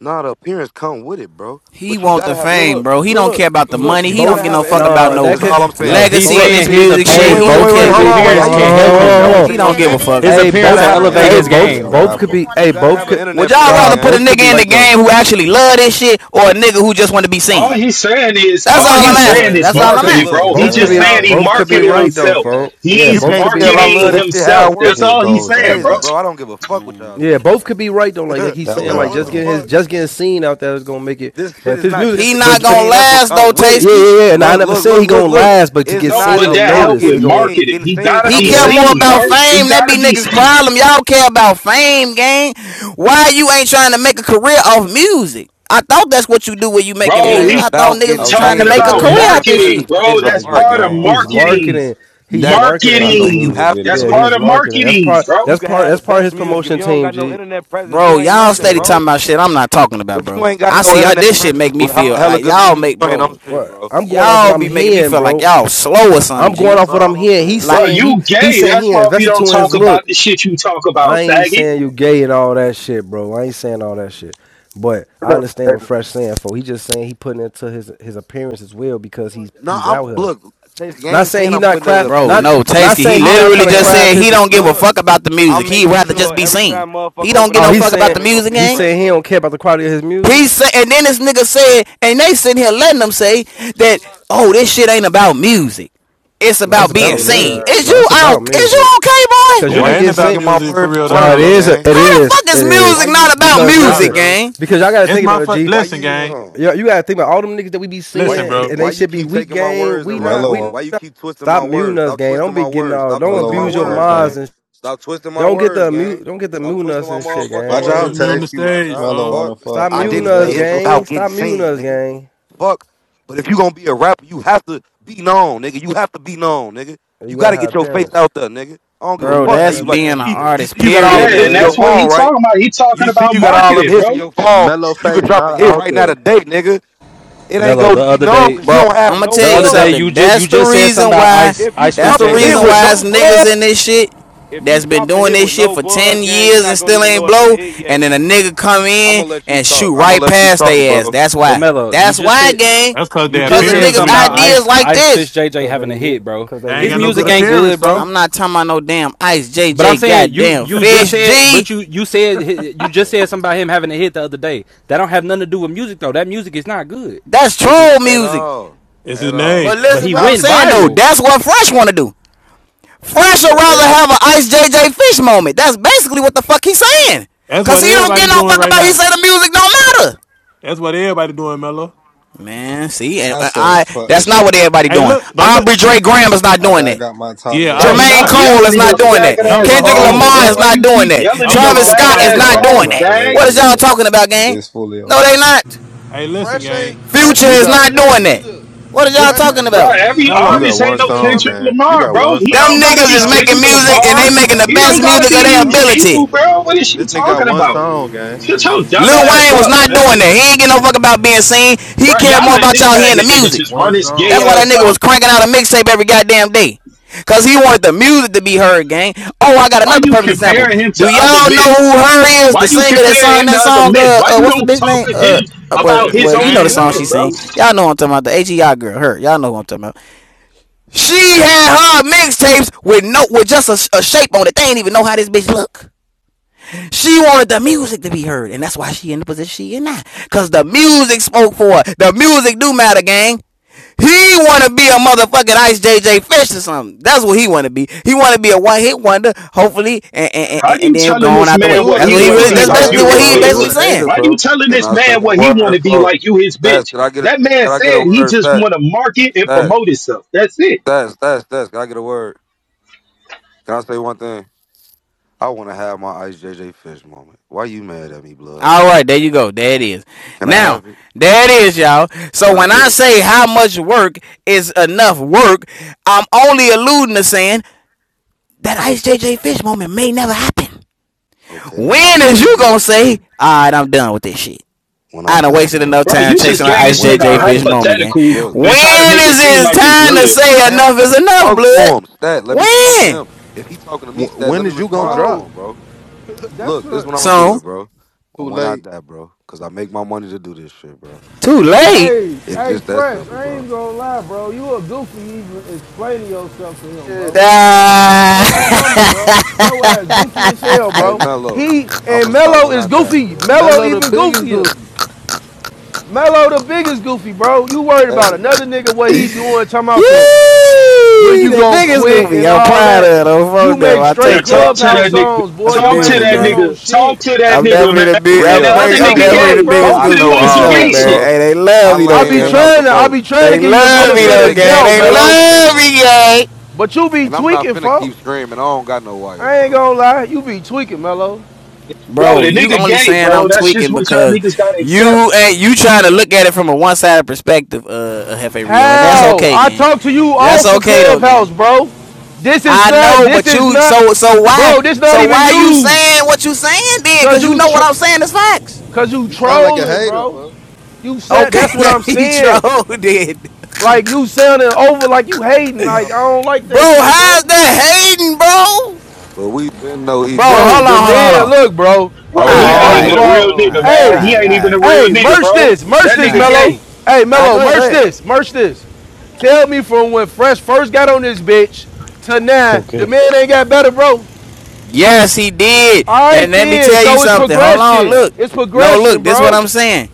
[SPEAKER 3] Nah, the appearance come with it, bro.
[SPEAKER 8] He
[SPEAKER 3] But you
[SPEAKER 8] want the
[SPEAKER 3] gotta have look,
[SPEAKER 8] fame,
[SPEAKER 3] look,
[SPEAKER 8] bro. He
[SPEAKER 3] look,
[SPEAKER 8] don't care
[SPEAKER 3] look,
[SPEAKER 8] about the
[SPEAKER 3] look.
[SPEAKER 8] money.
[SPEAKER 3] You
[SPEAKER 8] He don't
[SPEAKER 3] gotta
[SPEAKER 8] get
[SPEAKER 3] have
[SPEAKER 8] no
[SPEAKER 3] an
[SPEAKER 22] Both
[SPEAKER 8] fuck
[SPEAKER 3] internet
[SPEAKER 8] about
[SPEAKER 22] no,
[SPEAKER 3] presence.
[SPEAKER 8] no
[SPEAKER 22] that
[SPEAKER 3] That's
[SPEAKER 22] could
[SPEAKER 3] all I'm saying.
[SPEAKER 6] No, he's
[SPEAKER 8] legacy
[SPEAKER 22] both
[SPEAKER 8] in
[SPEAKER 3] Look,
[SPEAKER 22] could
[SPEAKER 8] this
[SPEAKER 6] saying
[SPEAKER 22] be
[SPEAKER 6] his
[SPEAKER 8] music
[SPEAKER 3] wait,
[SPEAKER 22] hey,
[SPEAKER 8] shit.
[SPEAKER 3] wait,
[SPEAKER 8] He
[SPEAKER 3] wait,
[SPEAKER 6] appearance
[SPEAKER 8] don't
[SPEAKER 3] wait,
[SPEAKER 22] both
[SPEAKER 8] care,
[SPEAKER 3] wait.
[SPEAKER 22] could
[SPEAKER 6] his
[SPEAKER 3] Hold
[SPEAKER 22] be
[SPEAKER 8] gang.
[SPEAKER 3] on,
[SPEAKER 22] hold
[SPEAKER 3] wait. How
[SPEAKER 22] on,
[SPEAKER 6] appearance
[SPEAKER 3] you
[SPEAKER 22] hold
[SPEAKER 3] gonna
[SPEAKER 22] on, hold
[SPEAKER 6] can't
[SPEAKER 3] tell me
[SPEAKER 22] on,
[SPEAKER 6] help
[SPEAKER 3] what
[SPEAKER 22] hold
[SPEAKER 3] I'm
[SPEAKER 6] him,
[SPEAKER 3] saying? I'm
[SPEAKER 22] on,
[SPEAKER 3] gonna
[SPEAKER 6] bro.
[SPEAKER 22] hold
[SPEAKER 8] He
[SPEAKER 3] tell
[SPEAKER 22] on.
[SPEAKER 3] you what
[SPEAKER 8] don't
[SPEAKER 17] Yeah,
[SPEAKER 3] I'm
[SPEAKER 8] give
[SPEAKER 17] that
[SPEAKER 8] a
[SPEAKER 3] saying.
[SPEAKER 17] is
[SPEAKER 8] fuck,
[SPEAKER 6] His
[SPEAKER 3] You
[SPEAKER 17] what
[SPEAKER 22] Hey,
[SPEAKER 8] bro.
[SPEAKER 17] it
[SPEAKER 6] appearance
[SPEAKER 3] gotta
[SPEAKER 6] to
[SPEAKER 22] both
[SPEAKER 18] I
[SPEAKER 17] sounds
[SPEAKER 3] have an
[SPEAKER 17] like you
[SPEAKER 6] elevate
[SPEAKER 18] wanted
[SPEAKER 22] hey,
[SPEAKER 3] internet
[SPEAKER 6] his
[SPEAKER 18] to
[SPEAKER 17] want. You
[SPEAKER 18] be
[SPEAKER 22] both
[SPEAKER 6] game,
[SPEAKER 18] a
[SPEAKER 3] presence.
[SPEAKER 17] just
[SPEAKER 6] bro.
[SPEAKER 22] both
[SPEAKER 17] really
[SPEAKER 22] could
[SPEAKER 18] rapper
[SPEAKER 17] just
[SPEAKER 22] be
[SPEAKER 17] want to
[SPEAKER 3] You
[SPEAKER 22] hey,
[SPEAKER 17] be
[SPEAKER 3] gotta
[SPEAKER 22] both
[SPEAKER 3] have an
[SPEAKER 22] could
[SPEAKER 17] famous.
[SPEAKER 8] Would
[SPEAKER 3] internet
[SPEAKER 8] y'all
[SPEAKER 3] presence,
[SPEAKER 22] nah,
[SPEAKER 8] rather put a
[SPEAKER 22] both
[SPEAKER 3] gang.
[SPEAKER 22] could
[SPEAKER 8] nigga
[SPEAKER 22] be
[SPEAKER 8] in the
[SPEAKER 22] right though.
[SPEAKER 8] game who actually love this shit or a nigga who just want to be
[SPEAKER 11] All
[SPEAKER 8] seen?
[SPEAKER 11] he's saying is,
[SPEAKER 8] That's
[SPEAKER 22] I'm
[SPEAKER 11] all
[SPEAKER 8] all I'm
[SPEAKER 22] saying
[SPEAKER 11] he's
[SPEAKER 3] You
[SPEAKER 11] saying
[SPEAKER 22] both
[SPEAKER 8] asking.
[SPEAKER 11] is
[SPEAKER 8] That's
[SPEAKER 3] crazy. as-
[SPEAKER 8] all
[SPEAKER 22] both
[SPEAKER 8] I'm
[SPEAKER 22] could
[SPEAKER 3] Hey,
[SPEAKER 11] marketing,
[SPEAKER 22] be
[SPEAKER 3] look.
[SPEAKER 8] asking.
[SPEAKER 11] bro.
[SPEAKER 18] and
[SPEAKER 3] If
[SPEAKER 11] He
[SPEAKER 22] both
[SPEAKER 3] that's how
[SPEAKER 22] could
[SPEAKER 11] just
[SPEAKER 18] then
[SPEAKER 22] be
[SPEAKER 3] y'all
[SPEAKER 11] saying he
[SPEAKER 18] like
[SPEAKER 3] take
[SPEAKER 22] both
[SPEAKER 3] it,
[SPEAKER 22] could
[SPEAKER 3] that's how
[SPEAKER 22] be
[SPEAKER 11] marketing
[SPEAKER 3] y'all
[SPEAKER 22] right
[SPEAKER 3] take
[SPEAKER 22] though,
[SPEAKER 3] it,
[SPEAKER 11] himself.
[SPEAKER 3] gang.
[SPEAKER 22] folk.
[SPEAKER 3] If
[SPEAKER 22] Yeah,
[SPEAKER 3] you
[SPEAKER 11] He's
[SPEAKER 22] both
[SPEAKER 3] can't
[SPEAKER 22] could be
[SPEAKER 3] tell I
[SPEAKER 22] right,
[SPEAKER 11] marketing
[SPEAKER 3] love
[SPEAKER 22] folk.
[SPEAKER 3] this shit how
[SPEAKER 11] himself.
[SPEAKER 3] it
[SPEAKER 11] That's
[SPEAKER 3] work,
[SPEAKER 18] get
[SPEAKER 11] all he's
[SPEAKER 3] you
[SPEAKER 18] goals
[SPEAKER 11] saying,
[SPEAKER 18] after
[SPEAKER 11] bro.
[SPEAKER 3] crazy,
[SPEAKER 18] that.
[SPEAKER 3] bro. I don't give a fuck what y'all
[SPEAKER 22] Yeah,
[SPEAKER 3] think,
[SPEAKER 22] both
[SPEAKER 3] gang.
[SPEAKER 22] could be right though. Like, like he's
[SPEAKER 18] That was
[SPEAKER 22] saying,
[SPEAKER 18] my
[SPEAKER 22] like
[SPEAKER 3] what
[SPEAKER 22] just
[SPEAKER 3] the
[SPEAKER 18] plan.
[SPEAKER 22] getting
[SPEAKER 3] fuck?
[SPEAKER 22] his just getting seen out there is gonna make it.
[SPEAKER 3] This
[SPEAKER 22] But
[SPEAKER 3] shit
[SPEAKER 22] if
[SPEAKER 3] is
[SPEAKER 22] his
[SPEAKER 3] not
[SPEAKER 22] music,
[SPEAKER 3] just
[SPEAKER 8] He
[SPEAKER 3] to
[SPEAKER 8] not
[SPEAKER 22] but
[SPEAKER 3] get
[SPEAKER 22] if
[SPEAKER 8] gonna
[SPEAKER 3] seen. That's what
[SPEAKER 8] last though,
[SPEAKER 3] come with it.
[SPEAKER 22] yeah,
[SPEAKER 8] Tasky.
[SPEAKER 22] yeah, yeah, and I
[SPEAKER 3] Look,
[SPEAKER 22] never
[SPEAKER 3] look,
[SPEAKER 22] say
[SPEAKER 3] look,
[SPEAKER 22] he
[SPEAKER 3] look,
[SPEAKER 22] gonna
[SPEAKER 3] look.
[SPEAKER 22] last, but to
[SPEAKER 3] It's
[SPEAKER 22] get
[SPEAKER 11] No,
[SPEAKER 3] not
[SPEAKER 22] seen
[SPEAKER 11] but
[SPEAKER 22] and
[SPEAKER 11] that
[SPEAKER 3] about
[SPEAKER 11] help
[SPEAKER 22] noticed,
[SPEAKER 11] with
[SPEAKER 22] they
[SPEAKER 3] getting
[SPEAKER 22] gonna
[SPEAKER 3] seen.
[SPEAKER 11] marketing.
[SPEAKER 3] Getting
[SPEAKER 11] He
[SPEAKER 3] seen
[SPEAKER 11] gotta
[SPEAKER 8] He
[SPEAKER 11] be
[SPEAKER 3] comes
[SPEAKER 8] care
[SPEAKER 22] yeah.
[SPEAKER 3] with
[SPEAKER 8] more
[SPEAKER 3] it.
[SPEAKER 11] seen,
[SPEAKER 8] about
[SPEAKER 11] bro. He
[SPEAKER 8] fame. That
[SPEAKER 11] gotta
[SPEAKER 8] be
[SPEAKER 11] be
[SPEAKER 8] niggas'
[SPEAKER 11] seen,
[SPEAKER 8] problem. Y'all care about fame, gang. Why you ain't trying to make a career off music? I thought that's what you do when you making
[SPEAKER 3] It
[SPEAKER 11] bro.
[SPEAKER 3] ain't
[SPEAKER 8] music. I
[SPEAKER 11] He
[SPEAKER 8] thought
[SPEAKER 3] about
[SPEAKER 8] niggas
[SPEAKER 3] getting
[SPEAKER 18] I
[SPEAKER 8] was
[SPEAKER 18] was trying
[SPEAKER 8] trying
[SPEAKER 18] to
[SPEAKER 8] to
[SPEAKER 11] talking
[SPEAKER 18] be
[SPEAKER 3] seen,
[SPEAKER 18] a
[SPEAKER 8] make
[SPEAKER 3] but
[SPEAKER 8] a
[SPEAKER 11] about
[SPEAKER 3] your
[SPEAKER 8] career
[SPEAKER 18] lyrical
[SPEAKER 8] out
[SPEAKER 3] internet
[SPEAKER 18] rapper,
[SPEAKER 8] this
[SPEAKER 11] marketing,
[SPEAKER 3] presence
[SPEAKER 8] shit.
[SPEAKER 11] bro.
[SPEAKER 3] plays a
[SPEAKER 11] That's
[SPEAKER 18] like
[SPEAKER 3] part,
[SPEAKER 18] get
[SPEAKER 11] part of
[SPEAKER 18] known
[SPEAKER 3] gang.
[SPEAKER 18] off
[SPEAKER 22] He's
[SPEAKER 18] my
[SPEAKER 11] marketing.
[SPEAKER 18] lyrics,
[SPEAKER 22] marketing. He's
[SPEAKER 3] That's
[SPEAKER 22] marketing.
[SPEAKER 18] not
[SPEAKER 3] you.
[SPEAKER 18] no
[SPEAKER 3] You
[SPEAKER 11] Marketing.
[SPEAKER 18] music
[SPEAKER 3] have to
[SPEAKER 11] That's
[SPEAKER 18] video.
[SPEAKER 22] Yeah,
[SPEAKER 3] do
[SPEAKER 11] part
[SPEAKER 3] that,
[SPEAKER 22] he's
[SPEAKER 11] of
[SPEAKER 3] bro.
[SPEAKER 22] marketing. That's
[SPEAKER 11] marketing,
[SPEAKER 22] part.
[SPEAKER 11] bro.
[SPEAKER 3] You
[SPEAKER 22] That's
[SPEAKER 3] can
[SPEAKER 22] part.
[SPEAKER 3] have the
[SPEAKER 22] That's part of
[SPEAKER 3] best
[SPEAKER 22] his
[SPEAKER 3] music if
[SPEAKER 22] promotion
[SPEAKER 3] you don't
[SPEAKER 22] team.
[SPEAKER 3] got no
[SPEAKER 22] G.
[SPEAKER 3] internet presence.
[SPEAKER 8] Bro,
[SPEAKER 3] You ain't
[SPEAKER 8] y'all
[SPEAKER 3] nothing,
[SPEAKER 8] steady
[SPEAKER 22] Yeah.
[SPEAKER 8] talking
[SPEAKER 3] bro.
[SPEAKER 8] about shit I'm not talking about,
[SPEAKER 3] If you
[SPEAKER 8] bro.
[SPEAKER 3] ain't got
[SPEAKER 8] I
[SPEAKER 3] no
[SPEAKER 8] see how
[SPEAKER 3] internet
[SPEAKER 8] this shit
[SPEAKER 3] presence
[SPEAKER 8] make me
[SPEAKER 3] with
[SPEAKER 8] feel
[SPEAKER 3] hell- hella
[SPEAKER 8] like
[SPEAKER 3] good
[SPEAKER 8] y'all
[SPEAKER 3] music,
[SPEAKER 8] make
[SPEAKER 3] you ain't on
[SPEAKER 8] bro.
[SPEAKER 3] shit,
[SPEAKER 22] What?
[SPEAKER 3] bro.
[SPEAKER 22] I'm going off what
[SPEAKER 8] Y'all
[SPEAKER 22] I'm
[SPEAKER 8] be making me
[SPEAKER 22] hearing,
[SPEAKER 8] feel like
[SPEAKER 22] bro.
[SPEAKER 8] y'all slow or
[SPEAKER 22] I'm
[SPEAKER 8] something,
[SPEAKER 22] going
[SPEAKER 8] G.
[SPEAKER 3] That's
[SPEAKER 22] off what I'm
[SPEAKER 3] all I'm
[SPEAKER 22] hearing. He's
[SPEAKER 3] saying,
[SPEAKER 8] like
[SPEAKER 11] Bro,
[SPEAKER 22] saying
[SPEAKER 3] gang.
[SPEAKER 22] he.
[SPEAKER 11] you
[SPEAKER 22] He's
[SPEAKER 11] gay.
[SPEAKER 22] saying
[SPEAKER 11] That's
[SPEAKER 22] he
[SPEAKER 11] why we
[SPEAKER 22] investing
[SPEAKER 11] don't
[SPEAKER 22] to his
[SPEAKER 11] talk about
[SPEAKER 22] look.
[SPEAKER 11] the shit you talk
[SPEAKER 22] I
[SPEAKER 11] about,
[SPEAKER 22] ain't
[SPEAKER 11] faggot.
[SPEAKER 22] saying you gay and all that shit, bro. I ain't saying all that shit. But I
[SPEAKER 23] Mellow
[SPEAKER 22] understand what
[SPEAKER 23] hater.
[SPEAKER 22] Fresh saying for. He just saying he putting into his his appearance as well because he's
[SPEAKER 3] No,
[SPEAKER 22] he's
[SPEAKER 3] I'm
[SPEAKER 22] out here.
[SPEAKER 3] look. Chase, you
[SPEAKER 22] Not
[SPEAKER 3] ain't
[SPEAKER 22] saying
[SPEAKER 3] saying
[SPEAKER 22] he
[SPEAKER 3] I'm
[SPEAKER 22] not
[SPEAKER 3] putting it in a
[SPEAKER 22] craft.
[SPEAKER 8] bro,
[SPEAKER 22] Not
[SPEAKER 3] period.
[SPEAKER 8] no,
[SPEAKER 22] not
[SPEAKER 8] Tasky, he
[SPEAKER 22] saying he
[SPEAKER 3] I'm
[SPEAKER 22] not trying
[SPEAKER 8] literally
[SPEAKER 22] to
[SPEAKER 8] just
[SPEAKER 3] saying,
[SPEAKER 22] craft
[SPEAKER 8] said he
[SPEAKER 22] his.
[SPEAKER 8] don't give
[SPEAKER 3] look,
[SPEAKER 8] a
[SPEAKER 3] look.
[SPEAKER 8] fuck about the music.
[SPEAKER 3] I'm
[SPEAKER 8] He'd
[SPEAKER 3] making
[SPEAKER 8] rather just
[SPEAKER 3] sure
[SPEAKER 8] be
[SPEAKER 3] every
[SPEAKER 8] seen.
[SPEAKER 3] time
[SPEAKER 8] He
[SPEAKER 3] motherfucker
[SPEAKER 8] don't
[SPEAKER 3] open
[SPEAKER 8] give
[SPEAKER 3] their
[SPEAKER 22] Oh,
[SPEAKER 8] no
[SPEAKER 22] he's
[SPEAKER 8] fuck about
[SPEAKER 22] saying
[SPEAKER 3] Instagram,
[SPEAKER 8] the
[SPEAKER 3] they gonna
[SPEAKER 8] music,
[SPEAKER 3] see
[SPEAKER 22] he's
[SPEAKER 8] gang.
[SPEAKER 3] fresh,
[SPEAKER 22] saying he
[SPEAKER 3] bro.
[SPEAKER 22] don't care about the quality of his music.
[SPEAKER 8] He said, and then this nigga said, and they sitting here letting them say that, oh, this shit ain't about music. It's
[SPEAKER 22] No, it's
[SPEAKER 8] about being
[SPEAKER 22] about
[SPEAKER 8] seen.
[SPEAKER 22] music.
[SPEAKER 23] Hater.
[SPEAKER 8] Is
[SPEAKER 22] No,
[SPEAKER 8] you
[SPEAKER 22] it's
[SPEAKER 8] out?
[SPEAKER 22] about
[SPEAKER 8] Is you
[SPEAKER 22] music.
[SPEAKER 8] okay, boy?
[SPEAKER 22] Cause
[SPEAKER 5] It
[SPEAKER 22] you
[SPEAKER 3] Why
[SPEAKER 22] can
[SPEAKER 3] you
[SPEAKER 5] ain't
[SPEAKER 22] get
[SPEAKER 5] about
[SPEAKER 22] sing.
[SPEAKER 3] taking my
[SPEAKER 5] music for
[SPEAKER 3] words and
[SPEAKER 5] real though,
[SPEAKER 22] No,
[SPEAKER 3] running
[SPEAKER 22] it
[SPEAKER 3] it,
[SPEAKER 5] Mello.
[SPEAKER 22] is. A,
[SPEAKER 3] gang?
[SPEAKER 22] it
[SPEAKER 8] How the fuck
[SPEAKER 22] is.
[SPEAKER 8] is
[SPEAKER 22] It
[SPEAKER 3] Why
[SPEAKER 8] music
[SPEAKER 22] is.
[SPEAKER 8] not
[SPEAKER 3] you?
[SPEAKER 8] about
[SPEAKER 5] It's
[SPEAKER 22] Because
[SPEAKER 5] not,
[SPEAKER 22] listen,
[SPEAKER 8] music,
[SPEAKER 3] Hey,
[SPEAKER 5] bro.
[SPEAKER 8] gang?
[SPEAKER 22] because y'all gotta
[SPEAKER 5] It's
[SPEAKER 22] think
[SPEAKER 5] my
[SPEAKER 22] about it,
[SPEAKER 5] fu-
[SPEAKER 22] G.
[SPEAKER 3] why
[SPEAKER 5] listen,
[SPEAKER 3] you? Hold
[SPEAKER 5] gang.
[SPEAKER 3] on.
[SPEAKER 22] Yo, you gotta think about all them niggas that we be seeing,
[SPEAKER 3] Why?
[SPEAKER 5] Listen, bro.
[SPEAKER 22] and they
[SPEAKER 3] Why you
[SPEAKER 22] should be
[SPEAKER 3] keep
[SPEAKER 22] weak
[SPEAKER 3] taking my
[SPEAKER 22] game.
[SPEAKER 3] words
[SPEAKER 22] We
[SPEAKER 3] and running
[SPEAKER 22] not.
[SPEAKER 3] with it?
[SPEAKER 22] We
[SPEAKER 18] Mellow,
[SPEAKER 3] Why you
[SPEAKER 22] not.
[SPEAKER 3] keep twisting
[SPEAKER 22] Stop
[SPEAKER 3] my
[SPEAKER 22] muting
[SPEAKER 3] words?
[SPEAKER 22] us,
[SPEAKER 3] Stop
[SPEAKER 22] gang. Don't
[SPEAKER 3] twisting
[SPEAKER 22] be
[SPEAKER 3] my
[SPEAKER 22] getting
[SPEAKER 3] words.
[SPEAKER 22] all.
[SPEAKER 3] Stop
[SPEAKER 22] Don't
[SPEAKER 18] mellow
[SPEAKER 3] twisting
[SPEAKER 18] on
[SPEAKER 3] my
[SPEAKER 18] the
[SPEAKER 22] abuse your
[SPEAKER 3] words,
[SPEAKER 18] fuck, um,
[SPEAKER 22] minds
[SPEAKER 3] gang.
[SPEAKER 22] and sh-
[SPEAKER 3] Stop twisting my
[SPEAKER 22] don't get
[SPEAKER 3] words,
[SPEAKER 22] the
[SPEAKER 3] gang.
[SPEAKER 22] mute. Don't get the
[SPEAKER 3] Stop
[SPEAKER 22] muting
[SPEAKER 3] twisting
[SPEAKER 22] us
[SPEAKER 3] my
[SPEAKER 22] and shit,
[SPEAKER 3] motherfucking
[SPEAKER 23] Watch
[SPEAKER 5] Put
[SPEAKER 23] out,
[SPEAKER 22] gang.
[SPEAKER 3] words,
[SPEAKER 5] me on the
[SPEAKER 3] gang.
[SPEAKER 23] Tasty. Watch
[SPEAKER 5] stage,
[SPEAKER 23] out.
[SPEAKER 18] mellow
[SPEAKER 5] folks.
[SPEAKER 18] on
[SPEAKER 3] Fuck.
[SPEAKER 18] the
[SPEAKER 22] Stop
[SPEAKER 18] fuck,
[SPEAKER 3] I
[SPEAKER 22] muting
[SPEAKER 3] didn't say
[SPEAKER 22] us,
[SPEAKER 3] it's
[SPEAKER 18] unavailable.
[SPEAKER 22] gang.
[SPEAKER 3] about getting
[SPEAKER 22] Stop muting
[SPEAKER 3] seen,
[SPEAKER 22] us,
[SPEAKER 3] nigga.
[SPEAKER 22] gang.
[SPEAKER 3] fuck. But if you gonna be a rapper, you have to be known, nigga. You have to be known, nigga.
[SPEAKER 22] You
[SPEAKER 3] You
[SPEAKER 22] gotta
[SPEAKER 3] gotta get
[SPEAKER 22] have
[SPEAKER 3] your face
[SPEAKER 22] parents.
[SPEAKER 3] out there, nigga. I don't give
[SPEAKER 22] Yeah, you
[SPEAKER 3] a
[SPEAKER 8] Bro,
[SPEAKER 22] gotta
[SPEAKER 3] fuck how
[SPEAKER 22] have the
[SPEAKER 8] that's
[SPEAKER 3] you like.
[SPEAKER 8] being
[SPEAKER 3] You
[SPEAKER 22] appearance
[SPEAKER 8] an
[SPEAKER 22] and
[SPEAKER 3] see,
[SPEAKER 22] shit.
[SPEAKER 3] you see,
[SPEAKER 8] artist.
[SPEAKER 3] you got all
[SPEAKER 11] Yeah,
[SPEAKER 3] them
[SPEAKER 8] Period,
[SPEAKER 3] hits
[SPEAKER 11] and
[SPEAKER 3] in your
[SPEAKER 11] that's
[SPEAKER 8] blood.
[SPEAKER 11] what he
[SPEAKER 3] phone, right?
[SPEAKER 11] talking about. He talking
[SPEAKER 3] You see,
[SPEAKER 11] about
[SPEAKER 3] you got all them
[SPEAKER 11] marketing,
[SPEAKER 3] hits
[SPEAKER 11] bro.
[SPEAKER 3] in your
[SPEAKER 23] And
[SPEAKER 3] phone.
[SPEAKER 23] mellow
[SPEAKER 3] You could
[SPEAKER 23] face
[SPEAKER 3] drop a
[SPEAKER 23] not
[SPEAKER 3] hit
[SPEAKER 23] out
[SPEAKER 3] right now
[SPEAKER 23] there,
[SPEAKER 3] today,
[SPEAKER 23] bro.
[SPEAKER 3] nigga. It ain't
[SPEAKER 6] Mello, the
[SPEAKER 3] gonna be
[SPEAKER 6] other
[SPEAKER 3] known
[SPEAKER 6] day
[SPEAKER 3] because you
[SPEAKER 8] Bro,
[SPEAKER 3] don't have
[SPEAKER 8] I'm gonna
[SPEAKER 3] no.
[SPEAKER 6] the
[SPEAKER 8] tell you
[SPEAKER 6] other day
[SPEAKER 3] buzz.
[SPEAKER 6] you
[SPEAKER 8] something.
[SPEAKER 6] just you
[SPEAKER 8] That's the
[SPEAKER 6] just said something
[SPEAKER 8] reason
[SPEAKER 6] about
[SPEAKER 8] why.
[SPEAKER 6] Ice
[SPEAKER 3] If you
[SPEAKER 6] Ice Fish
[SPEAKER 8] That's
[SPEAKER 3] drop
[SPEAKER 8] the
[SPEAKER 3] a
[SPEAKER 6] JJ,
[SPEAKER 3] hit
[SPEAKER 8] reason
[SPEAKER 3] with
[SPEAKER 6] bro.
[SPEAKER 8] why it's
[SPEAKER 3] no buzz,
[SPEAKER 8] niggas in this shit
[SPEAKER 3] if you
[SPEAKER 8] that's been
[SPEAKER 3] drop a
[SPEAKER 8] doing
[SPEAKER 3] hit
[SPEAKER 8] this
[SPEAKER 3] with
[SPEAKER 8] shit
[SPEAKER 3] no
[SPEAKER 8] for
[SPEAKER 3] buzz,
[SPEAKER 8] ten
[SPEAKER 3] gang, you're
[SPEAKER 8] years and
[SPEAKER 3] not gonna
[SPEAKER 8] still
[SPEAKER 3] even
[SPEAKER 8] ain't
[SPEAKER 3] know it's a
[SPEAKER 8] blow. And
[SPEAKER 3] hit.
[SPEAKER 8] then a nigga come
[SPEAKER 3] I'm
[SPEAKER 8] in
[SPEAKER 3] gonna let you
[SPEAKER 8] and shoot
[SPEAKER 3] talk. I'm gonna
[SPEAKER 8] right
[SPEAKER 3] let you
[SPEAKER 8] past
[SPEAKER 3] talk,
[SPEAKER 8] their ass.
[SPEAKER 3] bro.
[SPEAKER 8] That's
[SPEAKER 6] But
[SPEAKER 8] why.
[SPEAKER 6] Mello, you
[SPEAKER 8] That's
[SPEAKER 6] just
[SPEAKER 8] why,
[SPEAKER 6] said
[SPEAKER 8] gang.
[SPEAKER 5] That's cause
[SPEAKER 6] you
[SPEAKER 5] their
[SPEAKER 22] Cause
[SPEAKER 8] Cause
[SPEAKER 6] just
[SPEAKER 22] they,
[SPEAKER 8] a
[SPEAKER 6] said
[SPEAKER 5] appearance
[SPEAKER 8] niggas
[SPEAKER 6] something
[SPEAKER 5] weak,
[SPEAKER 6] about
[SPEAKER 5] folks.
[SPEAKER 8] ideas
[SPEAKER 6] Ice
[SPEAKER 8] like
[SPEAKER 6] Ice Fish
[SPEAKER 8] this.
[SPEAKER 6] JJ
[SPEAKER 22] cause
[SPEAKER 6] having
[SPEAKER 22] they,
[SPEAKER 6] a
[SPEAKER 22] mu-
[SPEAKER 6] hit, bro.
[SPEAKER 22] cause
[SPEAKER 5] They
[SPEAKER 22] they
[SPEAKER 5] ain't
[SPEAKER 6] His
[SPEAKER 5] got no
[SPEAKER 22] music
[SPEAKER 5] good
[SPEAKER 6] music
[SPEAKER 22] better.
[SPEAKER 6] ain't
[SPEAKER 5] appearance,
[SPEAKER 6] good, bro.
[SPEAKER 8] I'm
[SPEAKER 5] folks.
[SPEAKER 8] not talking about no damn Ice
[SPEAKER 6] But I'm
[SPEAKER 8] JJ,
[SPEAKER 6] saying you
[SPEAKER 8] goddamn
[SPEAKER 6] you just
[SPEAKER 8] Fish
[SPEAKER 6] said,
[SPEAKER 8] G.
[SPEAKER 6] but you you said you just said something about him having a hit the other day. That don't have nothing to do with music though. That music is not good.
[SPEAKER 8] That's
[SPEAKER 5] It's his
[SPEAKER 8] troll
[SPEAKER 3] At
[SPEAKER 8] music.
[SPEAKER 3] all,
[SPEAKER 5] it's his
[SPEAKER 3] at all,
[SPEAKER 8] But
[SPEAKER 5] name.
[SPEAKER 6] But
[SPEAKER 3] bro.
[SPEAKER 8] listen
[SPEAKER 6] he
[SPEAKER 8] what
[SPEAKER 23] Stop.
[SPEAKER 8] I'm
[SPEAKER 6] went
[SPEAKER 8] saying though.
[SPEAKER 6] viral.
[SPEAKER 8] That's what Fresh wanna do. Prince
[SPEAKER 23] You
[SPEAKER 8] would
[SPEAKER 23] a
[SPEAKER 8] rather
[SPEAKER 23] hater,
[SPEAKER 8] have an Ice
[SPEAKER 23] bro.
[SPEAKER 8] JJ Fish moment. That's basically what the fuck he's
[SPEAKER 23] Yeah.
[SPEAKER 8] saying.
[SPEAKER 5] That's
[SPEAKER 8] Cause
[SPEAKER 5] what
[SPEAKER 8] he don't
[SPEAKER 3] all
[SPEAKER 5] everybody
[SPEAKER 8] get no
[SPEAKER 5] doing
[SPEAKER 8] fuck
[SPEAKER 5] right
[SPEAKER 8] about. it. He
[SPEAKER 5] now.
[SPEAKER 8] say the music don't matter.
[SPEAKER 5] That's what everybody doing, Mello.
[SPEAKER 8] Man, see, and
[SPEAKER 18] I said
[SPEAKER 8] I
[SPEAKER 18] fuck
[SPEAKER 8] that's
[SPEAKER 18] this
[SPEAKER 8] not
[SPEAKER 18] shit.
[SPEAKER 8] what everybody
[SPEAKER 5] Hey,
[SPEAKER 8] doing.
[SPEAKER 5] look, but look.
[SPEAKER 8] Aubrey Dre Graham is not
[SPEAKER 18] After
[SPEAKER 8] doing
[SPEAKER 18] I
[SPEAKER 8] that.
[SPEAKER 18] got my top
[SPEAKER 5] Yeah, all right,
[SPEAKER 11] Bro,
[SPEAKER 5] he
[SPEAKER 18] goals, I
[SPEAKER 8] Jermaine
[SPEAKER 11] stop
[SPEAKER 5] not.
[SPEAKER 18] was
[SPEAKER 8] Cole
[SPEAKER 18] like
[SPEAKER 11] yelling
[SPEAKER 8] is
[SPEAKER 11] in
[SPEAKER 18] fuck
[SPEAKER 11] your
[SPEAKER 8] not
[SPEAKER 18] this
[SPEAKER 8] doing
[SPEAKER 18] shit.
[SPEAKER 8] that.
[SPEAKER 11] faggot
[SPEAKER 18] I'm
[SPEAKER 5] That was
[SPEAKER 11] ass
[SPEAKER 5] a
[SPEAKER 18] finna
[SPEAKER 8] Kendrick
[SPEAKER 18] diss
[SPEAKER 5] whole
[SPEAKER 11] phone,
[SPEAKER 8] Lamar
[SPEAKER 11] bro.
[SPEAKER 8] is
[SPEAKER 11] Why
[SPEAKER 18] Folio.
[SPEAKER 8] not
[SPEAKER 11] you
[SPEAKER 8] doing
[SPEAKER 11] keep
[SPEAKER 8] that.
[SPEAKER 5] that
[SPEAKER 11] yelling in
[SPEAKER 5] was a
[SPEAKER 11] your
[SPEAKER 8] Travis
[SPEAKER 5] long
[SPEAKER 11] faggot
[SPEAKER 8] Scott
[SPEAKER 5] time
[SPEAKER 8] is
[SPEAKER 18] So
[SPEAKER 5] ago
[SPEAKER 11] ass
[SPEAKER 5] though,
[SPEAKER 8] not
[SPEAKER 18] I had
[SPEAKER 11] phone,
[SPEAKER 8] doing
[SPEAKER 5] folks.
[SPEAKER 18] dropped
[SPEAKER 8] that.
[SPEAKER 18] the
[SPEAKER 11] fag?
[SPEAKER 18] Razor
[SPEAKER 8] What is y'all
[SPEAKER 18] remix
[SPEAKER 8] talking about,
[SPEAKER 18] and
[SPEAKER 8] gang?
[SPEAKER 18] diss
[SPEAKER 8] No,
[SPEAKER 18] Folio
[SPEAKER 8] they
[SPEAKER 18] ass.
[SPEAKER 8] not.
[SPEAKER 5] Hey, listen,
[SPEAKER 13] Fresh
[SPEAKER 5] gang.
[SPEAKER 13] ain't Fresh
[SPEAKER 8] Future
[SPEAKER 23] You
[SPEAKER 13] ain't
[SPEAKER 8] is not
[SPEAKER 23] got
[SPEAKER 13] doing that
[SPEAKER 8] doing that.
[SPEAKER 13] either.
[SPEAKER 8] What are y'all
[SPEAKER 5] It's
[SPEAKER 13] Fresh
[SPEAKER 5] pe-
[SPEAKER 8] talking
[SPEAKER 13] ain't
[SPEAKER 11] Bro,
[SPEAKER 13] doing
[SPEAKER 8] about?
[SPEAKER 13] it
[SPEAKER 11] every
[SPEAKER 13] either.
[SPEAKER 23] you
[SPEAKER 5] Mello.
[SPEAKER 23] got
[SPEAKER 11] artist ain't
[SPEAKER 23] one
[SPEAKER 13] He
[SPEAKER 11] no
[SPEAKER 13] been
[SPEAKER 23] song,
[SPEAKER 11] Kendrick
[SPEAKER 13] coming
[SPEAKER 23] gang. You
[SPEAKER 11] Lamar,
[SPEAKER 23] got
[SPEAKER 11] bro.
[SPEAKER 23] one
[SPEAKER 11] He don't
[SPEAKER 8] Them
[SPEAKER 23] song,
[SPEAKER 11] gotta
[SPEAKER 23] bro.
[SPEAKER 8] niggas
[SPEAKER 11] be
[SPEAKER 8] is
[SPEAKER 13] out with
[SPEAKER 8] making
[SPEAKER 11] Kendrick
[SPEAKER 13] some decent
[SPEAKER 8] music and they
[SPEAKER 11] Lamar.
[SPEAKER 13] shit,
[SPEAKER 8] making the
[SPEAKER 13] bro.
[SPEAKER 11] He don't
[SPEAKER 8] best
[SPEAKER 13] Stop
[SPEAKER 11] gotta
[SPEAKER 8] music of
[SPEAKER 11] be
[SPEAKER 13] that,
[SPEAKER 8] their
[SPEAKER 11] these
[SPEAKER 13] bro.
[SPEAKER 8] ability.
[SPEAKER 11] people, bro. What is
[SPEAKER 23] This
[SPEAKER 11] you
[SPEAKER 23] nigga got
[SPEAKER 11] talking
[SPEAKER 23] one
[SPEAKER 11] about?
[SPEAKER 23] song, gang.
[SPEAKER 11] Shut your dumb
[SPEAKER 8] Lil
[SPEAKER 11] ass
[SPEAKER 8] Wayne was
[SPEAKER 11] up,
[SPEAKER 8] not doing
[SPEAKER 11] man.
[SPEAKER 8] that. He ain't getting no fuck about being seen. He
[SPEAKER 11] Bro,
[SPEAKER 8] cared
[SPEAKER 11] y'all
[SPEAKER 8] more
[SPEAKER 11] let
[SPEAKER 8] about
[SPEAKER 11] this
[SPEAKER 8] y'all hearing the
[SPEAKER 11] faggot nigga
[SPEAKER 8] music.
[SPEAKER 11] just run
[SPEAKER 23] One
[SPEAKER 11] his gay
[SPEAKER 23] song,
[SPEAKER 8] That's why that
[SPEAKER 11] ass
[SPEAKER 23] gang.
[SPEAKER 8] nigga
[SPEAKER 11] mouth.
[SPEAKER 8] was cranking out a mixtape every goddamn day. Cause he wanted the music to be heard, gang. Oh, I got
[SPEAKER 11] Why
[SPEAKER 8] another
[SPEAKER 11] you
[SPEAKER 8] perfect example.
[SPEAKER 11] comparing him to
[SPEAKER 8] Do
[SPEAKER 11] other
[SPEAKER 8] y'all know
[SPEAKER 11] men?
[SPEAKER 8] who her is?
[SPEAKER 11] Why
[SPEAKER 8] The
[SPEAKER 11] you
[SPEAKER 8] singer that
[SPEAKER 11] comparing
[SPEAKER 8] sung
[SPEAKER 11] him to
[SPEAKER 8] that
[SPEAKER 11] other
[SPEAKER 8] song,
[SPEAKER 11] men?
[SPEAKER 8] uh,
[SPEAKER 11] Why
[SPEAKER 8] uh
[SPEAKER 11] you
[SPEAKER 8] what's the
[SPEAKER 11] don't
[SPEAKER 8] bitch
[SPEAKER 11] talk
[SPEAKER 8] name?
[SPEAKER 11] to
[SPEAKER 8] Uh
[SPEAKER 11] him
[SPEAKER 8] uh,
[SPEAKER 5] It's a
[SPEAKER 11] about
[SPEAKER 8] but
[SPEAKER 5] different
[SPEAKER 11] his
[SPEAKER 8] well,
[SPEAKER 11] own
[SPEAKER 8] you know the
[SPEAKER 5] game,
[SPEAKER 8] song she
[SPEAKER 11] plan,
[SPEAKER 5] folks.
[SPEAKER 11] bro?
[SPEAKER 8] sing. Y'all know what I'm talking about. The H.E.I. girl, her. Y'all know what I'm talking about. She had her mixtapes with no, with just a, a shape on it. They ain't even know how this bitch look. She wanted the music to be heard, and that's why she in the position she in now. Cause the music spoke for her. The music do matter, gang. He wanna be a motherfucking Ice JJ Fish or something. That's what he wanna be. He wanna be a one hit wonder, hopefully, and, and,
[SPEAKER 11] How
[SPEAKER 8] and,
[SPEAKER 11] you
[SPEAKER 8] and then
[SPEAKER 11] telling
[SPEAKER 8] going
[SPEAKER 11] this
[SPEAKER 8] out the
[SPEAKER 11] man
[SPEAKER 8] way.
[SPEAKER 23] You
[SPEAKER 11] what
[SPEAKER 8] That's
[SPEAKER 23] a
[SPEAKER 11] he
[SPEAKER 8] what he
[SPEAKER 11] want to
[SPEAKER 23] you
[SPEAKER 8] really.
[SPEAKER 23] a
[SPEAKER 11] be
[SPEAKER 8] That's
[SPEAKER 11] like
[SPEAKER 8] basically
[SPEAKER 11] you
[SPEAKER 3] right,
[SPEAKER 23] hater,
[SPEAKER 3] so
[SPEAKER 8] what
[SPEAKER 11] his
[SPEAKER 8] he
[SPEAKER 23] fo.
[SPEAKER 3] look,
[SPEAKER 23] You
[SPEAKER 8] basically
[SPEAKER 11] bitch?
[SPEAKER 23] a
[SPEAKER 3] listen.
[SPEAKER 23] hater,
[SPEAKER 8] saying.
[SPEAKER 11] Why you
[SPEAKER 23] fo.
[SPEAKER 11] telling
[SPEAKER 3] Can
[SPEAKER 11] this
[SPEAKER 3] I
[SPEAKER 11] man
[SPEAKER 3] say a
[SPEAKER 11] what he want
[SPEAKER 3] word,
[SPEAKER 11] to be
[SPEAKER 3] folks?
[SPEAKER 11] like you his
[SPEAKER 3] Stats,
[SPEAKER 11] bitch?
[SPEAKER 3] can I get a
[SPEAKER 11] That
[SPEAKER 3] say-
[SPEAKER 11] man
[SPEAKER 3] can I get a
[SPEAKER 11] said he
[SPEAKER 3] word?
[SPEAKER 11] just
[SPEAKER 3] Stats,
[SPEAKER 11] want to market and
[SPEAKER 3] stats,
[SPEAKER 11] promote himself. That's it.
[SPEAKER 3] stats, stats, stats. Can I get a word? Can I say one thing? I want to have my Ice JJ Fish moment. Why you mad at me, blood?
[SPEAKER 8] All right, there you go. There it is.
[SPEAKER 3] Can I
[SPEAKER 8] Now.
[SPEAKER 3] have it?
[SPEAKER 8] There it is, y'all. So
[SPEAKER 3] Can I
[SPEAKER 8] when
[SPEAKER 3] get
[SPEAKER 8] I
[SPEAKER 3] it?
[SPEAKER 8] say how much work is enough work, I'm only alluding to saying that Ice JJ Fish moment may never happen.
[SPEAKER 3] Okay, then I'll
[SPEAKER 8] When is
[SPEAKER 3] never
[SPEAKER 8] you
[SPEAKER 3] do
[SPEAKER 8] gonna
[SPEAKER 3] it.
[SPEAKER 8] say,
[SPEAKER 3] Then.
[SPEAKER 8] all right, I'm done with this shit?
[SPEAKER 3] When I
[SPEAKER 8] I done
[SPEAKER 3] die,
[SPEAKER 8] wasted
[SPEAKER 3] bro.
[SPEAKER 8] enough
[SPEAKER 11] Bro,
[SPEAKER 8] time
[SPEAKER 11] you just
[SPEAKER 8] chasing an
[SPEAKER 11] gave
[SPEAKER 8] Ice
[SPEAKER 11] this
[SPEAKER 3] When
[SPEAKER 11] nigga a
[SPEAKER 8] JJ
[SPEAKER 3] look,
[SPEAKER 8] Fish
[SPEAKER 3] look,
[SPEAKER 8] mom again.
[SPEAKER 11] hypothetical
[SPEAKER 3] look. when-
[SPEAKER 11] and try to
[SPEAKER 8] When
[SPEAKER 11] make it
[SPEAKER 8] is
[SPEAKER 11] seem
[SPEAKER 8] it
[SPEAKER 11] like it's
[SPEAKER 8] time to
[SPEAKER 11] real.
[SPEAKER 8] say
[SPEAKER 3] Stat, let
[SPEAKER 8] enough
[SPEAKER 3] me
[SPEAKER 8] is enough,
[SPEAKER 3] talk to
[SPEAKER 8] blood?
[SPEAKER 3] him. Stat, let me talk to
[SPEAKER 8] When?
[SPEAKER 3] him. If he talking to me,
[SPEAKER 23] Wh-
[SPEAKER 3] Stat,
[SPEAKER 23] When
[SPEAKER 3] let me
[SPEAKER 23] is you gonna
[SPEAKER 3] respond to
[SPEAKER 13] Bro,
[SPEAKER 23] drop?
[SPEAKER 3] him, bro.
[SPEAKER 13] that's
[SPEAKER 3] Look, this is
[SPEAKER 13] what.
[SPEAKER 3] what I'm gonna do
[SPEAKER 8] So,
[SPEAKER 3] it, bro.
[SPEAKER 23] Too
[SPEAKER 3] When I
[SPEAKER 23] late.
[SPEAKER 3] die, bro, cause I make my money to do this shit, bro.
[SPEAKER 8] too
[SPEAKER 3] It's just
[SPEAKER 8] late.
[SPEAKER 13] Hey,
[SPEAKER 3] it's
[SPEAKER 13] hey,
[SPEAKER 3] just that
[SPEAKER 13] Fresh,
[SPEAKER 3] simple,
[SPEAKER 13] I
[SPEAKER 3] bro.
[SPEAKER 13] ain't gonna lie, bro. You a goofy even explaining yourself to him, bro.
[SPEAKER 23] Yeah.
[SPEAKER 13] On my
[SPEAKER 8] Ah,
[SPEAKER 13] mama, bro. Yo ass goofy as hell,
[SPEAKER 3] Hey
[SPEAKER 13] bro.
[SPEAKER 3] Mello,
[SPEAKER 13] He
[SPEAKER 3] I'ma
[SPEAKER 13] and
[SPEAKER 3] stop
[SPEAKER 13] Mello
[SPEAKER 3] when
[SPEAKER 13] is
[SPEAKER 3] I die,
[SPEAKER 13] goofy.
[SPEAKER 3] blood.
[SPEAKER 13] Mello
[SPEAKER 23] Mellow the
[SPEAKER 13] even
[SPEAKER 23] biggest
[SPEAKER 13] goofier.
[SPEAKER 23] goofy.
[SPEAKER 13] Mello the biggest goofy, bro. You worried about
[SPEAKER 3] Hey,
[SPEAKER 13] another nigga what he doing, talking about some when
[SPEAKER 8] yee,
[SPEAKER 13] you
[SPEAKER 8] the
[SPEAKER 13] gonna
[SPEAKER 8] biggest
[SPEAKER 13] quit
[SPEAKER 8] goofy.
[SPEAKER 13] and
[SPEAKER 8] I'm
[SPEAKER 13] all
[SPEAKER 8] proud
[SPEAKER 13] that.
[SPEAKER 8] of it. I'm
[SPEAKER 13] You
[SPEAKER 8] from them.
[SPEAKER 13] make
[SPEAKER 8] I
[SPEAKER 13] straight
[SPEAKER 11] Yeah,
[SPEAKER 8] take that.
[SPEAKER 11] talk to
[SPEAKER 13] clubhouse
[SPEAKER 11] that nigga.
[SPEAKER 13] songs, boy.
[SPEAKER 8] That's a
[SPEAKER 13] Your
[SPEAKER 11] Talk to
[SPEAKER 13] ass
[SPEAKER 8] beautiful
[SPEAKER 13] in
[SPEAKER 11] that
[SPEAKER 13] our
[SPEAKER 8] man.
[SPEAKER 13] own
[SPEAKER 11] nigga.
[SPEAKER 13] shit.
[SPEAKER 11] Talk to that
[SPEAKER 8] I'm
[SPEAKER 11] nigga,
[SPEAKER 8] definitely
[SPEAKER 11] man.
[SPEAKER 8] the big.
[SPEAKER 11] And the
[SPEAKER 8] I'm,
[SPEAKER 3] Rio,
[SPEAKER 11] other
[SPEAKER 13] What
[SPEAKER 8] big, I'm
[SPEAKER 13] the
[SPEAKER 11] nigga
[SPEAKER 8] definitely
[SPEAKER 3] Rio.
[SPEAKER 13] fuck,
[SPEAKER 8] the
[SPEAKER 11] gay.
[SPEAKER 8] biggest
[SPEAKER 13] bro?
[SPEAKER 11] Both
[SPEAKER 3] I
[SPEAKER 11] of them
[SPEAKER 13] You
[SPEAKER 8] goofy
[SPEAKER 3] know
[SPEAKER 11] on
[SPEAKER 8] for
[SPEAKER 13] be
[SPEAKER 11] some
[SPEAKER 3] all
[SPEAKER 8] sure,
[SPEAKER 11] gay
[SPEAKER 3] that,
[SPEAKER 13] tweaking.
[SPEAKER 8] man.
[SPEAKER 11] shit.
[SPEAKER 3] bro.
[SPEAKER 8] Hey, they
[SPEAKER 3] I
[SPEAKER 8] love me
[SPEAKER 13] I
[SPEAKER 8] though,
[SPEAKER 3] lame
[SPEAKER 13] be
[SPEAKER 3] him
[SPEAKER 8] gang.
[SPEAKER 3] out the
[SPEAKER 13] trying to I be
[SPEAKER 3] most.
[SPEAKER 13] trying to
[SPEAKER 8] They
[SPEAKER 13] give you the
[SPEAKER 3] I'm
[SPEAKER 8] love me
[SPEAKER 13] benefit
[SPEAKER 3] just
[SPEAKER 8] though,
[SPEAKER 13] of the
[SPEAKER 3] making
[SPEAKER 8] gang.
[SPEAKER 3] him
[SPEAKER 13] doubt,
[SPEAKER 8] They
[SPEAKER 3] sound
[SPEAKER 13] Mello.
[SPEAKER 3] like a hater
[SPEAKER 8] love
[SPEAKER 3] right
[SPEAKER 8] me,
[SPEAKER 3] now, bro.
[SPEAKER 8] gang.
[SPEAKER 13] But you be
[SPEAKER 3] And I'm not
[SPEAKER 13] tweaking,
[SPEAKER 3] finna
[SPEAKER 13] folk.
[SPEAKER 3] keep screaming. I don't got no wires,
[SPEAKER 13] I ain't
[SPEAKER 3] bro.
[SPEAKER 13] gonna lie, you be tweaking, Mello.
[SPEAKER 11] Bro,
[SPEAKER 8] Bro,
[SPEAKER 11] the
[SPEAKER 8] you
[SPEAKER 11] nigga
[SPEAKER 8] only
[SPEAKER 11] gay,
[SPEAKER 8] saying
[SPEAKER 11] bro.
[SPEAKER 8] I'm
[SPEAKER 11] That's just
[SPEAKER 8] tweaking
[SPEAKER 11] what y'all
[SPEAKER 8] because
[SPEAKER 11] niggas gotta accept,
[SPEAKER 8] you ain't you trying to look at it from a one sided perspective, uh, uh, Hefe Rio, and that's
[SPEAKER 13] Hell,
[SPEAKER 8] okay,
[SPEAKER 13] I
[SPEAKER 8] gang.
[SPEAKER 13] talked to you
[SPEAKER 8] That's
[SPEAKER 13] off of
[SPEAKER 8] okay though,
[SPEAKER 13] Clubhouse,
[SPEAKER 8] gang.
[SPEAKER 13] bro. This is
[SPEAKER 8] I
[SPEAKER 13] not.
[SPEAKER 8] know,
[SPEAKER 13] This
[SPEAKER 8] but
[SPEAKER 13] is
[SPEAKER 8] you
[SPEAKER 13] not,
[SPEAKER 8] so so why
[SPEAKER 13] bro. This not
[SPEAKER 8] so
[SPEAKER 13] even
[SPEAKER 8] why you
[SPEAKER 13] you,
[SPEAKER 8] saying what you saying then?
[SPEAKER 13] cause
[SPEAKER 8] Cause you
[SPEAKER 13] you,
[SPEAKER 8] know what
[SPEAKER 13] tro-
[SPEAKER 8] I'm saying is facts.
[SPEAKER 13] cause you
[SPEAKER 23] You sound like a
[SPEAKER 13] trolling,
[SPEAKER 23] hater,
[SPEAKER 13] bro.
[SPEAKER 23] fo.
[SPEAKER 13] You said
[SPEAKER 8] Okay,
[SPEAKER 13] that's what
[SPEAKER 8] let
[SPEAKER 13] I'm
[SPEAKER 8] me
[SPEAKER 13] saying.
[SPEAKER 8] troll then.
[SPEAKER 13] Like you sounding over like you
[SPEAKER 23] You
[SPEAKER 13] hating.
[SPEAKER 23] sound
[SPEAKER 13] Like I
[SPEAKER 23] like
[SPEAKER 13] don't like
[SPEAKER 8] Bro,
[SPEAKER 13] that shit,
[SPEAKER 8] how's
[SPEAKER 13] bro.
[SPEAKER 8] that hating, bro?
[SPEAKER 3] But we been know he
[SPEAKER 8] Bro,
[SPEAKER 3] been.
[SPEAKER 13] Bro,
[SPEAKER 8] hold
[SPEAKER 13] the
[SPEAKER 8] on, hold on, hold
[SPEAKER 13] man,
[SPEAKER 8] on.
[SPEAKER 13] look, bro.
[SPEAKER 11] Bro,
[SPEAKER 3] Hold
[SPEAKER 11] he
[SPEAKER 13] Look,
[SPEAKER 8] Alright,
[SPEAKER 11] ain't
[SPEAKER 3] on,
[SPEAKER 13] first
[SPEAKER 11] even
[SPEAKER 13] of
[SPEAKER 8] alright,
[SPEAKER 11] a
[SPEAKER 3] look
[SPEAKER 8] bro.
[SPEAKER 13] all,
[SPEAKER 11] real
[SPEAKER 3] though,
[SPEAKER 11] nigga,
[SPEAKER 8] Alright,
[SPEAKER 11] man.
[SPEAKER 3] Hefe,
[SPEAKER 13] hey,
[SPEAKER 11] He
[SPEAKER 8] alright,
[SPEAKER 11] ain't
[SPEAKER 3] bro.
[SPEAKER 11] even a
[SPEAKER 8] alright.
[SPEAKER 11] real
[SPEAKER 13] hey,
[SPEAKER 11] nigga,
[SPEAKER 13] merch
[SPEAKER 11] bro.
[SPEAKER 13] this, merch
[SPEAKER 11] That
[SPEAKER 13] this,
[SPEAKER 11] nigga
[SPEAKER 8] Alright.
[SPEAKER 13] Mello.
[SPEAKER 11] gay.
[SPEAKER 13] Hey,
[SPEAKER 8] Alright,
[SPEAKER 13] Mello,
[SPEAKER 8] go ahead, go
[SPEAKER 13] merch
[SPEAKER 8] ahead.
[SPEAKER 13] this, merch this. Tell me from when Fresh first got on this bitch to now, the
[SPEAKER 24] Okay.
[SPEAKER 13] man ain't got better, bro.
[SPEAKER 8] Yes, he did.
[SPEAKER 13] All
[SPEAKER 8] And
[SPEAKER 13] right,
[SPEAKER 8] let me
[SPEAKER 13] then.
[SPEAKER 8] tell you
[SPEAKER 13] So it's
[SPEAKER 8] something. Hold on.
[SPEAKER 13] progression.
[SPEAKER 8] Look.
[SPEAKER 13] It's
[SPEAKER 8] No,
[SPEAKER 13] progression,
[SPEAKER 8] look. This is what
[SPEAKER 13] bro.
[SPEAKER 8] I'm saying.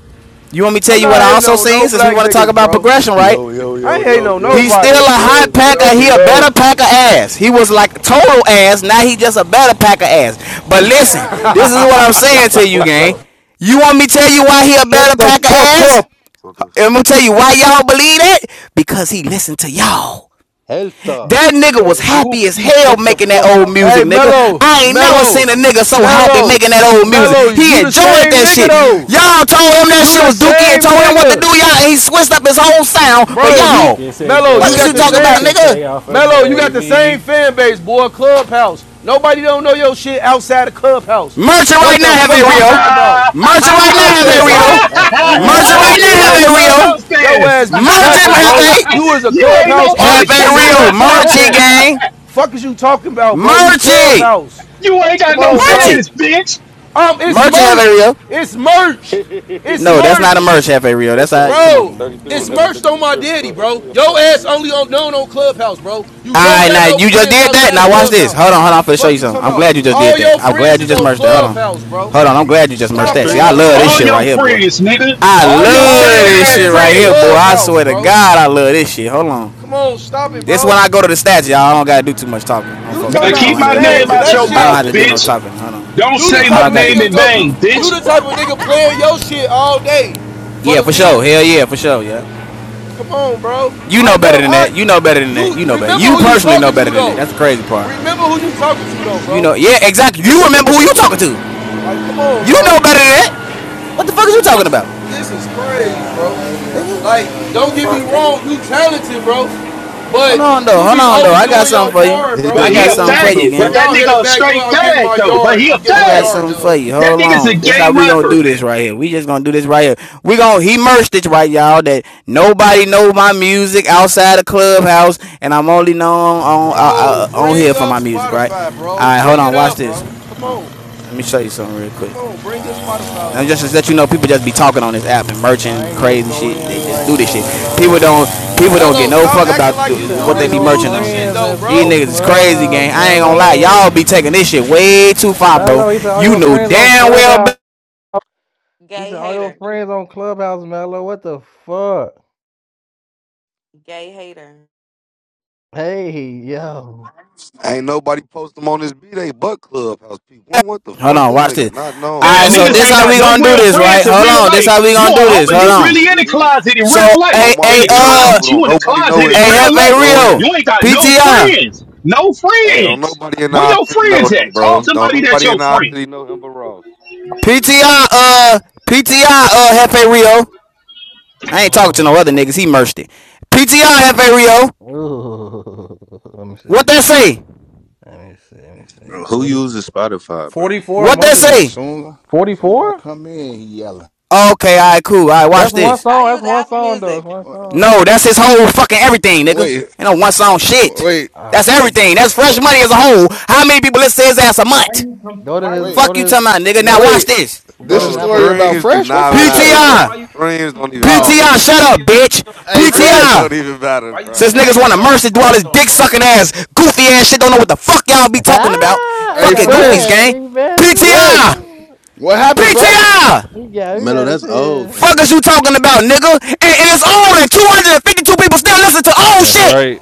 [SPEAKER 8] You want me to tell
[SPEAKER 13] I'm
[SPEAKER 8] you what
[SPEAKER 13] not
[SPEAKER 8] I
[SPEAKER 13] hating
[SPEAKER 8] also
[SPEAKER 13] on
[SPEAKER 8] seen
[SPEAKER 13] no
[SPEAKER 8] since we
[SPEAKER 13] black
[SPEAKER 8] want to talk
[SPEAKER 13] niggas,
[SPEAKER 8] about
[SPEAKER 13] bro.
[SPEAKER 8] progression, right?
[SPEAKER 24] Yo, yo,
[SPEAKER 13] I
[SPEAKER 24] yo,
[SPEAKER 13] ain't hating
[SPEAKER 24] yo, yo,
[SPEAKER 13] on
[SPEAKER 8] He's still a
[SPEAKER 13] nobody.
[SPEAKER 24] yo,
[SPEAKER 8] hot
[SPEAKER 24] yo, yo,
[SPEAKER 8] packer. He a better
[SPEAKER 24] yo.
[SPEAKER 8] packer ass. He was like total ass. Now he just a better packer ass. But listen,
[SPEAKER 24] Yo.
[SPEAKER 8] this is what I'm
[SPEAKER 24] Shut
[SPEAKER 8] saying
[SPEAKER 24] the
[SPEAKER 8] to you,
[SPEAKER 24] fuck
[SPEAKER 8] gang.
[SPEAKER 24] up.
[SPEAKER 8] You want me to tell you why he a
[SPEAKER 24] Shut
[SPEAKER 8] better
[SPEAKER 24] the
[SPEAKER 8] packer
[SPEAKER 24] fuck
[SPEAKER 8] ass?
[SPEAKER 24] up,
[SPEAKER 3] what the?
[SPEAKER 8] I'm gonna tell you why y'all believe that because he listened to y'all.
[SPEAKER 24] Hellstar.
[SPEAKER 8] That nigga was
[SPEAKER 24] Can you
[SPEAKER 8] happy as
[SPEAKER 24] please shut
[SPEAKER 8] hell
[SPEAKER 24] the
[SPEAKER 8] making that
[SPEAKER 24] fuck up?
[SPEAKER 8] old
[SPEAKER 13] Hey,
[SPEAKER 8] music, nigga.
[SPEAKER 13] Mello,
[SPEAKER 8] I ain't never
[SPEAKER 13] Mello,
[SPEAKER 8] seen a nigga so happy
[SPEAKER 13] Mello,
[SPEAKER 8] making that old music.
[SPEAKER 13] Mello, you
[SPEAKER 8] He
[SPEAKER 13] the
[SPEAKER 8] enjoyed
[SPEAKER 13] same
[SPEAKER 8] that
[SPEAKER 13] nigga,
[SPEAKER 8] shit.
[SPEAKER 13] though.
[SPEAKER 8] Y'all told him that
[SPEAKER 13] You
[SPEAKER 8] shit
[SPEAKER 13] the
[SPEAKER 8] was dookie and
[SPEAKER 13] same
[SPEAKER 8] told him what to
[SPEAKER 13] nigga.
[SPEAKER 8] do, y'all, and he switched up his whole sound for
[SPEAKER 13] Bro, you
[SPEAKER 8] y'all.
[SPEAKER 6] Biscuits and
[SPEAKER 13] Mello, you
[SPEAKER 8] What the fuck is
[SPEAKER 13] got
[SPEAKER 8] you
[SPEAKER 13] the
[SPEAKER 8] talking
[SPEAKER 6] gravy,
[SPEAKER 8] about,
[SPEAKER 13] same
[SPEAKER 8] nigga?
[SPEAKER 6] 10K off of
[SPEAKER 13] Mello, you got the same
[SPEAKER 6] Navy.
[SPEAKER 13] fan base, boy. Clubhouse. Nobody don't know your shit outside of Clubhouse.
[SPEAKER 8] Merchant
[SPEAKER 13] What
[SPEAKER 8] right
[SPEAKER 13] the
[SPEAKER 8] now have a
[SPEAKER 13] fuck
[SPEAKER 11] ah,
[SPEAKER 13] you
[SPEAKER 8] Rio.
[SPEAKER 13] talking about?
[SPEAKER 8] Merchant right now
[SPEAKER 13] Stop
[SPEAKER 8] have a
[SPEAKER 13] that,
[SPEAKER 8] Rio.
[SPEAKER 13] bro. You be
[SPEAKER 8] Merchant right
[SPEAKER 13] capping,
[SPEAKER 8] now
[SPEAKER 11] you
[SPEAKER 8] have
[SPEAKER 11] got
[SPEAKER 8] a
[SPEAKER 13] bro.
[SPEAKER 8] Rio.
[SPEAKER 11] clubhouse
[SPEAKER 13] Your
[SPEAKER 11] fans.
[SPEAKER 13] ass be
[SPEAKER 8] Merchant
[SPEAKER 13] capping,
[SPEAKER 8] have
[SPEAKER 13] bro.
[SPEAKER 8] a
[SPEAKER 13] You is a
[SPEAKER 11] you ain't
[SPEAKER 13] Clubhouse
[SPEAKER 8] have
[SPEAKER 11] nobody.
[SPEAKER 13] artist,
[SPEAKER 8] a
[SPEAKER 13] G.
[SPEAKER 8] Rio.
[SPEAKER 13] Shut. Stop
[SPEAKER 8] Merchant
[SPEAKER 13] that.
[SPEAKER 8] gang.
[SPEAKER 13] Fuck is you talking about, bro? You
[SPEAKER 8] Merchant.
[SPEAKER 13] Clubhouse.
[SPEAKER 11] You ain't got
[SPEAKER 13] Come
[SPEAKER 11] no
[SPEAKER 13] on,
[SPEAKER 8] Merchant.
[SPEAKER 13] bro.
[SPEAKER 11] fans, bitch.
[SPEAKER 13] Um, it's
[SPEAKER 8] Merchant have a
[SPEAKER 13] merch.
[SPEAKER 8] Rio.
[SPEAKER 13] It's merch. It's
[SPEAKER 8] No, that's not a
[SPEAKER 13] merch.
[SPEAKER 8] merch Cafe Rio.
[SPEAKER 3] They
[SPEAKER 8] That's
[SPEAKER 3] talking
[SPEAKER 8] all.
[SPEAKER 3] about
[SPEAKER 8] Right.
[SPEAKER 3] this
[SPEAKER 8] Come on,
[SPEAKER 3] nigga
[SPEAKER 13] Bro,
[SPEAKER 8] man. Come
[SPEAKER 3] 33
[SPEAKER 13] it's
[SPEAKER 8] on,
[SPEAKER 3] and
[SPEAKER 8] man.
[SPEAKER 3] never
[SPEAKER 13] merch
[SPEAKER 3] been to
[SPEAKER 13] on
[SPEAKER 3] the
[SPEAKER 13] my
[SPEAKER 3] strip
[SPEAKER 13] daddy,
[SPEAKER 3] club.
[SPEAKER 13] bro.
[SPEAKER 3] We a
[SPEAKER 13] Yo
[SPEAKER 3] fucking
[SPEAKER 13] ass
[SPEAKER 3] group.
[SPEAKER 13] only on known on Clubhouse, bro. You
[SPEAKER 8] All
[SPEAKER 13] don't
[SPEAKER 8] right,
[SPEAKER 13] got
[SPEAKER 8] now
[SPEAKER 13] no
[SPEAKER 8] you just
[SPEAKER 13] friends
[SPEAKER 8] did that.
[SPEAKER 13] outside of
[SPEAKER 8] Now watch this.
[SPEAKER 13] Clubhouse.
[SPEAKER 8] Hold on, hold on. I'm finna show
[SPEAKER 13] Fuck
[SPEAKER 8] you
[SPEAKER 13] you
[SPEAKER 8] something.
[SPEAKER 13] talking
[SPEAKER 8] I'm
[SPEAKER 13] about.
[SPEAKER 8] glad you just
[SPEAKER 13] All
[SPEAKER 8] did that.
[SPEAKER 13] your
[SPEAKER 8] I'm
[SPEAKER 13] friends
[SPEAKER 8] glad you
[SPEAKER 13] is
[SPEAKER 8] just
[SPEAKER 13] on
[SPEAKER 8] merged that. Hold on,
[SPEAKER 13] Clubhouse, bro.
[SPEAKER 8] hold on. I'm glad you just
[SPEAKER 20] He
[SPEAKER 8] merged
[SPEAKER 23] a
[SPEAKER 20] a
[SPEAKER 13] Stop
[SPEAKER 8] that.
[SPEAKER 13] it,
[SPEAKER 8] See, I
[SPEAKER 23] tree
[SPEAKER 13] bro.
[SPEAKER 8] love
[SPEAKER 20] gay
[SPEAKER 8] this
[SPEAKER 11] All
[SPEAKER 8] shit
[SPEAKER 23] mellow.
[SPEAKER 8] right
[SPEAKER 20] hater.
[SPEAKER 11] your
[SPEAKER 8] here, boy.
[SPEAKER 11] friends, nigga.
[SPEAKER 8] I
[SPEAKER 11] All
[SPEAKER 13] Nigga,
[SPEAKER 11] your
[SPEAKER 13] all
[SPEAKER 8] love
[SPEAKER 13] your
[SPEAKER 11] faggot
[SPEAKER 8] this
[SPEAKER 11] ass
[SPEAKER 8] shit
[SPEAKER 13] friends
[SPEAKER 8] right
[SPEAKER 13] on
[SPEAKER 8] here,
[SPEAKER 11] friends.
[SPEAKER 8] boy. I
[SPEAKER 13] Clubhouse,
[SPEAKER 8] swear to
[SPEAKER 13] bro.
[SPEAKER 8] God, I love this shit. Hold on.
[SPEAKER 13] Come on, stop it,
[SPEAKER 23] He,
[SPEAKER 8] This
[SPEAKER 13] bro.
[SPEAKER 8] when I go to the stats, y'all. I don't gotta do too much talking. I'm
[SPEAKER 23] he
[SPEAKER 13] You
[SPEAKER 8] focused
[SPEAKER 13] talking
[SPEAKER 11] Man,
[SPEAKER 8] on. them. I
[SPEAKER 23] tree
[SPEAKER 13] about
[SPEAKER 8] don't
[SPEAKER 11] keep
[SPEAKER 8] have
[SPEAKER 11] my
[SPEAKER 8] to do.
[SPEAKER 11] name
[SPEAKER 23] mellow,
[SPEAKER 13] stats.
[SPEAKER 11] out
[SPEAKER 13] That
[SPEAKER 11] your
[SPEAKER 23] fo.
[SPEAKER 8] I
[SPEAKER 13] shit.
[SPEAKER 8] don't
[SPEAKER 11] mouth,
[SPEAKER 8] have to do no
[SPEAKER 11] bitch.
[SPEAKER 8] talking. Hold on. Hold
[SPEAKER 11] Don't
[SPEAKER 13] You the
[SPEAKER 8] on.
[SPEAKER 11] say
[SPEAKER 8] I
[SPEAKER 11] my
[SPEAKER 13] type
[SPEAKER 8] don't
[SPEAKER 13] of
[SPEAKER 8] gotta do
[SPEAKER 11] name
[SPEAKER 8] no
[SPEAKER 13] nigga
[SPEAKER 11] in
[SPEAKER 13] go
[SPEAKER 8] talking.
[SPEAKER 13] you
[SPEAKER 8] Hold
[SPEAKER 11] vain,
[SPEAKER 8] on.
[SPEAKER 13] you
[SPEAKER 11] bitch.
[SPEAKER 13] the type of nigga playing your shit all day for
[SPEAKER 8] Yeah,
[SPEAKER 13] the
[SPEAKER 8] for sure.
[SPEAKER 13] views.
[SPEAKER 8] Hell yeah, for sure. Yeah.
[SPEAKER 13] Come on, bro.
[SPEAKER 8] You
[SPEAKER 13] I
[SPEAKER 8] know
[SPEAKER 13] know.
[SPEAKER 8] better than
[SPEAKER 13] I
[SPEAKER 8] that. You know better than
[SPEAKER 13] you
[SPEAKER 8] that. You know better.
[SPEAKER 13] remember
[SPEAKER 8] You
[SPEAKER 13] who you
[SPEAKER 8] personally know
[SPEAKER 13] talking
[SPEAKER 8] better
[SPEAKER 13] to
[SPEAKER 8] than
[SPEAKER 13] though.
[SPEAKER 8] that. That's the crazy part.
[SPEAKER 13] Remember who you talking to though, bro.
[SPEAKER 8] You know, yeah, exactly. You remember who you talking to.
[SPEAKER 13] Like, come on,
[SPEAKER 8] You know
[SPEAKER 13] bro.
[SPEAKER 8] better than that. What the fuck is you
[SPEAKER 13] This
[SPEAKER 8] talking
[SPEAKER 13] is
[SPEAKER 8] about,
[SPEAKER 13] this is crazy,
[SPEAKER 1] Nah,
[SPEAKER 13] bro.
[SPEAKER 1] why you just
[SPEAKER 8] nigga?
[SPEAKER 1] go
[SPEAKER 13] Like,
[SPEAKER 1] in on you,
[SPEAKER 13] don't get me
[SPEAKER 8] Fuck,
[SPEAKER 1] Mello?
[SPEAKER 8] nigga.
[SPEAKER 13] wrong. You talented, bro. But
[SPEAKER 8] Hold on though.
[SPEAKER 13] you
[SPEAKER 8] Hold
[SPEAKER 13] be
[SPEAKER 8] on though. I got
[SPEAKER 13] overdoing your
[SPEAKER 8] something for you.
[SPEAKER 13] part,
[SPEAKER 23] He
[SPEAKER 11] But
[SPEAKER 8] I
[SPEAKER 13] bro.
[SPEAKER 11] he
[SPEAKER 8] got
[SPEAKER 11] a
[SPEAKER 8] something for you,
[SPEAKER 23] delusional,
[SPEAKER 11] faggot.
[SPEAKER 13] If
[SPEAKER 11] But
[SPEAKER 8] gang.
[SPEAKER 23] fuck.
[SPEAKER 11] that
[SPEAKER 13] y'all hit
[SPEAKER 11] nigga
[SPEAKER 13] a
[SPEAKER 11] a
[SPEAKER 13] back door,
[SPEAKER 11] straight
[SPEAKER 13] I'm getting
[SPEAKER 11] fag
[SPEAKER 13] my
[SPEAKER 11] though. But
[SPEAKER 13] yard.
[SPEAKER 11] he a
[SPEAKER 13] I'm getting
[SPEAKER 8] I
[SPEAKER 13] my
[SPEAKER 8] got
[SPEAKER 11] fag.
[SPEAKER 13] yard
[SPEAKER 8] something for
[SPEAKER 13] done.
[SPEAKER 8] you.
[SPEAKER 11] That
[SPEAKER 8] Hold
[SPEAKER 11] nigga's a
[SPEAKER 8] on. That's
[SPEAKER 11] gay
[SPEAKER 8] how we gonna
[SPEAKER 11] rapper.
[SPEAKER 8] do this right here. We just gonna do this right here. We gonna he merged it right, y'all. That nobody know my music outside of clubhouse, and I'm only known on uh,
[SPEAKER 13] Bro,
[SPEAKER 8] uh, on
[SPEAKER 13] bring
[SPEAKER 8] here for
[SPEAKER 13] up
[SPEAKER 8] my music, right?
[SPEAKER 13] Spotify,
[SPEAKER 8] All
[SPEAKER 13] bro.
[SPEAKER 8] right, hold
[SPEAKER 13] Bring
[SPEAKER 8] on.
[SPEAKER 13] it
[SPEAKER 8] Watch
[SPEAKER 13] up, bro.
[SPEAKER 8] this.
[SPEAKER 13] Come
[SPEAKER 8] Uh,
[SPEAKER 13] on.
[SPEAKER 8] let me show you something real quick.
[SPEAKER 13] Come on, bring your Spotify
[SPEAKER 8] I'm
[SPEAKER 13] up.
[SPEAKER 8] just to let you know, people just be talking on this app and merching
[SPEAKER 1] Why you just
[SPEAKER 8] crazy
[SPEAKER 1] go in
[SPEAKER 8] shit.
[SPEAKER 1] on
[SPEAKER 8] They
[SPEAKER 1] you
[SPEAKER 8] just do
[SPEAKER 1] like
[SPEAKER 8] this
[SPEAKER 1] that,
[SPEAKER 8] shit. People
[SPEAKER 1] Mello?
[SPEAKER 8] don't people don't get
[SPEAKER 13] Hello,
[SPEAKER 8] no
[SPEAKER 13] stop
[SPEAKER 8] fuck
[SPEAKER 13] acting
[SPEAKER 8] about
[SPEAKER 13] like
[SPEAKER 1] He
[SPEAKER 13] you
[SPEAKER 1] said
[SPEAKER 13] do
[SPEAKER 8] what
[SPEAKER 1] all
[SPEAKER 8] they
[SPEAKER 13] this
[SPEAKER 8] be
[SPEAKER 1] your
[SPEAKER 8] merching
[SPEAKER 13] music
[SPEAKER 8] on,
[SPEAKER 13] shit
[SPEAKER 8] gang.
[SPEAKER 1] friends
[SPEAKER 13] though,
[SPEAKER 1] that's
[SPEAKER 8] These
[SPEAKER 13] bro.
[SPEAKER 1] on
[SPEAKER 8] niggas is crazy,
[SPEAKER 1] Clubhouse,
[SPEAKER 8] gang. I ain't gonna lie, y'all be
[SPEAKER 1] Mello.
[SPEAKER 8] taking this shit way too far, bro.
[SPEAKER 1] Mello, he said all
[SPEAKER 8] You
[SPEAKER 1] your
[SPEAKER 8] know
[SPEAKER 1] friends on
[SPEAKER 8] damn well. Be-
[SPEAKER 1] Clubhouse. He
[SPEAKER 20] gay
[SPEAKER 1] said all your
[SPEAKER 20] hater.
[SPEAKER 1] friends on Clubhouse, Mello. What the fuck?
[SPEAKER 20] Gay hater.
[SPEAKER 1] Hey, yo.
[SPEAKER 3] Ain't nobody post them on this beat. They but clubhouse people. What the
[SPEAKER 8] Hold
[SPEAKER 3] fuck?
[SPEAKER 8] on,
[SPEAKER 3] This
[SPEAKER 8] watch
[SPEAKER 3] nigga
[SPEAKER 8] this.
[SPEAKER 3] not known
[SPEAKER 8] All
[SPEAKER 11] Damn,
[SPEAKER 8] right, so
[SPEAKER 11] niggas
[SPEAKER 8] this
[SPEAKER 3] nowhere.
[SPEAKER 11] ain't
[SPEAKER 8] how
[SPEAKER 11] got
[SPEAKER 8] we
[SPEAKER 11] no
[SPEAKER 8] gonna do
[SPEAKER 11] real
[SPEAKER 8] this, right?
[SPEAKER 11] friends in
[SPEAKER 8] Hold
[SPEAKER 11] real
[SPEAKER 8] on, this
[SPEAKER 11] life.
[SPEAKER 8] how we
[SPEAKER 11] You
[SPEAKER 8] gonna
[SPEAKER 11] a
[SPEAKER 8] do this.
[SPEAKER 11] homie?
[SPEAKER 8] Hold
[SPEAKER 11] you
[SPEAKER 8] on.
[SPEAKER 11] really in the closet in
[SPEAKER 8] So,
[SPEAKER 11] real life.
[SPEAKER 8] hey,
[SPEAKER 3] on my
[SPEAKER 11] In
[SPEAKER 8] hey,
[SPEAKER 11] the
[SPEAKER 3] dead
[SPEAKER 8] uh,
[SPEAKER 3] uncle,
[SPEAKER 11] closet, you
[SPEAKER 3] don't
[SPEAKER 11] in the
[SPEAKER 3] nobody know
[SPEAKER 11] closet in
[SPEAKER 3] his
[SPEAKER 8] hey,
[SPEAKER 3] ass
[SPEAKER 11] real
[SPEAKER 3] on
[SPEAKER 8] Hefe
[SPEAKER 11] life.
[SPEAKER 8] Rio,
[SPEAKER 3] Joanne.
[SPEAKER 11] You ain't got
[SPEAKER 8] P T
[SPEAKER 11] no
[SPEAKER 8] I
[SPEAKER 11] friends. No
[SPEAKER 3] Hey, don't
[SPEAKER 11] friends.
[SPEAKER 3] nobody in
[SPEAKER 11] Where
[SPEAKER 3] our
[SPEAKER 11] your
[SPEAKER 3] city know
[SPEAKER 11] friends
[SPEAKER 3] him,
[SPEAKER 11] at? Call
[SPEAKER 3] bro. Don't
[SPEAKER 11] somebody that's
[SPEAKER 3] nobody
[SPEAKER 11] your
[SPEAKER 3] in our
[SPEAKER 11] friend.
[SPEAKER 3] city know him but Ross.
[SPEAKER 8] P T I uh, PTI, uh, Hefe Rio. I ain't talking to no
[SPEAKER 1] Mm.
[SPEAKER 8] other niggas. He merged it. PTR F.A. Rio.
[SPEAKER 1] Ooh. Let me
[SPEAKER 8] What
[SPEAKER 1] see.
[SPEAKER 8] that say?
[SPEAKER 1] Let me see. Let me see.
[SPEAKER 23] Bro, who
[SPEAKER 1] 40,
[SPEAKER 23] uses Spotify, bro?
[SPEAKER 1] 44
[SPEAKER 8] What that
[SPEAKER 1] monthly
[SPEAKER 25] Man,
[SPEAKER 1] list.
[SPEAKER 8] say?
[SPEAKER 25] soon as I, soon as I
[SPEAKER 1] 44?
[SPEAKER 25] come in, he yelling.
[SPEAKER 8] Okay, alright, cool. Alright, watch
[SPEAKER 1] That's one
[SPEAKER 8] this.
[SPEAKER 20] I
[SPEAKER 1] song. That's
[SPEAKER 20] use
[SPEAKER 1] one
[SPEAKER 20] Apple
[SPEAKER 1] song though. That's
[SPEAKER 20] Music.
[SPEAKER 1] one song
[SPEAKER 8] No,
[SPEAKER 1] though.
[SPEAKER 8] that's his whole fucking everything, nigga.
[SPEAKER 25] Wait,
[SPEAKER 8] Ain't no one song shit.
[SPEAKER 25] wait,
[SPEAKER 1] Uh,
[SPEAKER 8] That's everything. That's fresh
[SPEAKER 1] go,
[SPEAKER 8] money as a whole. How many people listen to his ass a
[SPEAKER 26] Why
[SPEAKER 8] month?
[SPEAKER 26] you com-
[SPEAKER 1] go to
[SPEAKER 26] why
[SPEAKER 1] his
[SPEAKER 25] wait,
[SPEAKER 26] you
[SPEAKER 1] go
[SPEAKER 8] Fuck
[SPEAKER 1] to
[SPEAKER 8] you
[SPEAKER 1] his
[SPEAKER 8] talking about, nigga.
[SPEAKER 1] go
[SPEAKER 8] Now watch
[SPEAKER 25] wait.
[SPEAKER 8] this.
[SPEAKER 1] go to
[SPEAKER 25] This a
[SPEAKER 1] his
[SPEAKER 3] Bro,
[SPEAKER 25] story
[SPEAKER 1] Apple.
[SPEAKER 25] about
[SPEAKER 3] streams do
[SPEAKER 25] Fresh? Where
[SPEAKER 3] not
[SPEAKER 25] Fresh
[SPEAKER 3] matter,
[SPEAKER 25] at?
[SPEAKER 26] why
[SPEAKER 8] PTR.
[SPEAKER 3] bro.
[SPEAKER 26] you
[SPEAKER 3] Streams don't
[SPEAKER 26] comparing
[SPEAKER 3] even
[SPEAKER 25] Oh,
[SPEAKER 3] matter,
[SPEAKER 8] PTR, shut
[SPEAKER 3] bro.
[SPEAKER 8] up, bitch.
[SPEAKER 26] yourself to
[SPEAKER 25] hey
[SPEAKER 26] fresh?
[SPEAKER 3] Streams
[SPEAKER 25] Fresh,
[SPEAKER 3] don't
[SPEAKER 8] PTR.
[SPEAKER 3] even matter,
[SPEAKER 26] Why you
[SPEAKER 8] Since
[SPEAKER 3] bro.
[SPEAKER 26] comparing
[SPEAKER 8] niggas want to
[SPEAKER 26] yourself to
[SPEAKER 8] mercy do all
[SPEAKER 26] fresh
[SPEAKER 8] this
[SPEAKER 26] though,
[SPEAKER 8] dick
[SPEAKER 26] bro?
[SPEAKER 8] sucking ass, goofy ass shit, don't know what the fuck y'all be talking about.
[SPEAKER 1] Ah, he
[SPEAKER 25] hey
[SPEAKER 8] Fucking
[SPEAKER 1] got a
[SPEAKER 8] goofies,
[SPEAKER 25] Fresh,
[SPEAKER 1] mad.
[SPEAKER 8] gang.
[SPEAKER 1] He mad as
[SPEAKER 25] Fresh.
[SPEAKER 8] PTR.
[SPEAKER 1] hell.
[SPEAKER 25] What happened, Fresh?
[SPEAKER 8] PTI!
[SPEAKER 1] He got me
[SPEAKER 23] Mello,
[SPEAKER 1] mad
[SPEAKER 23] that's old,
[SPEAKER 1] as
[SPEAKER 8] Fuck
[SPEAKER 23] gang.
[SPEAKER 8] is you talking about, nigga? And, and it's on and 252 people still listen to old
[SPEAKER 6] That's
[SPEAKER 8] shit!
[SPEAKER 6] right.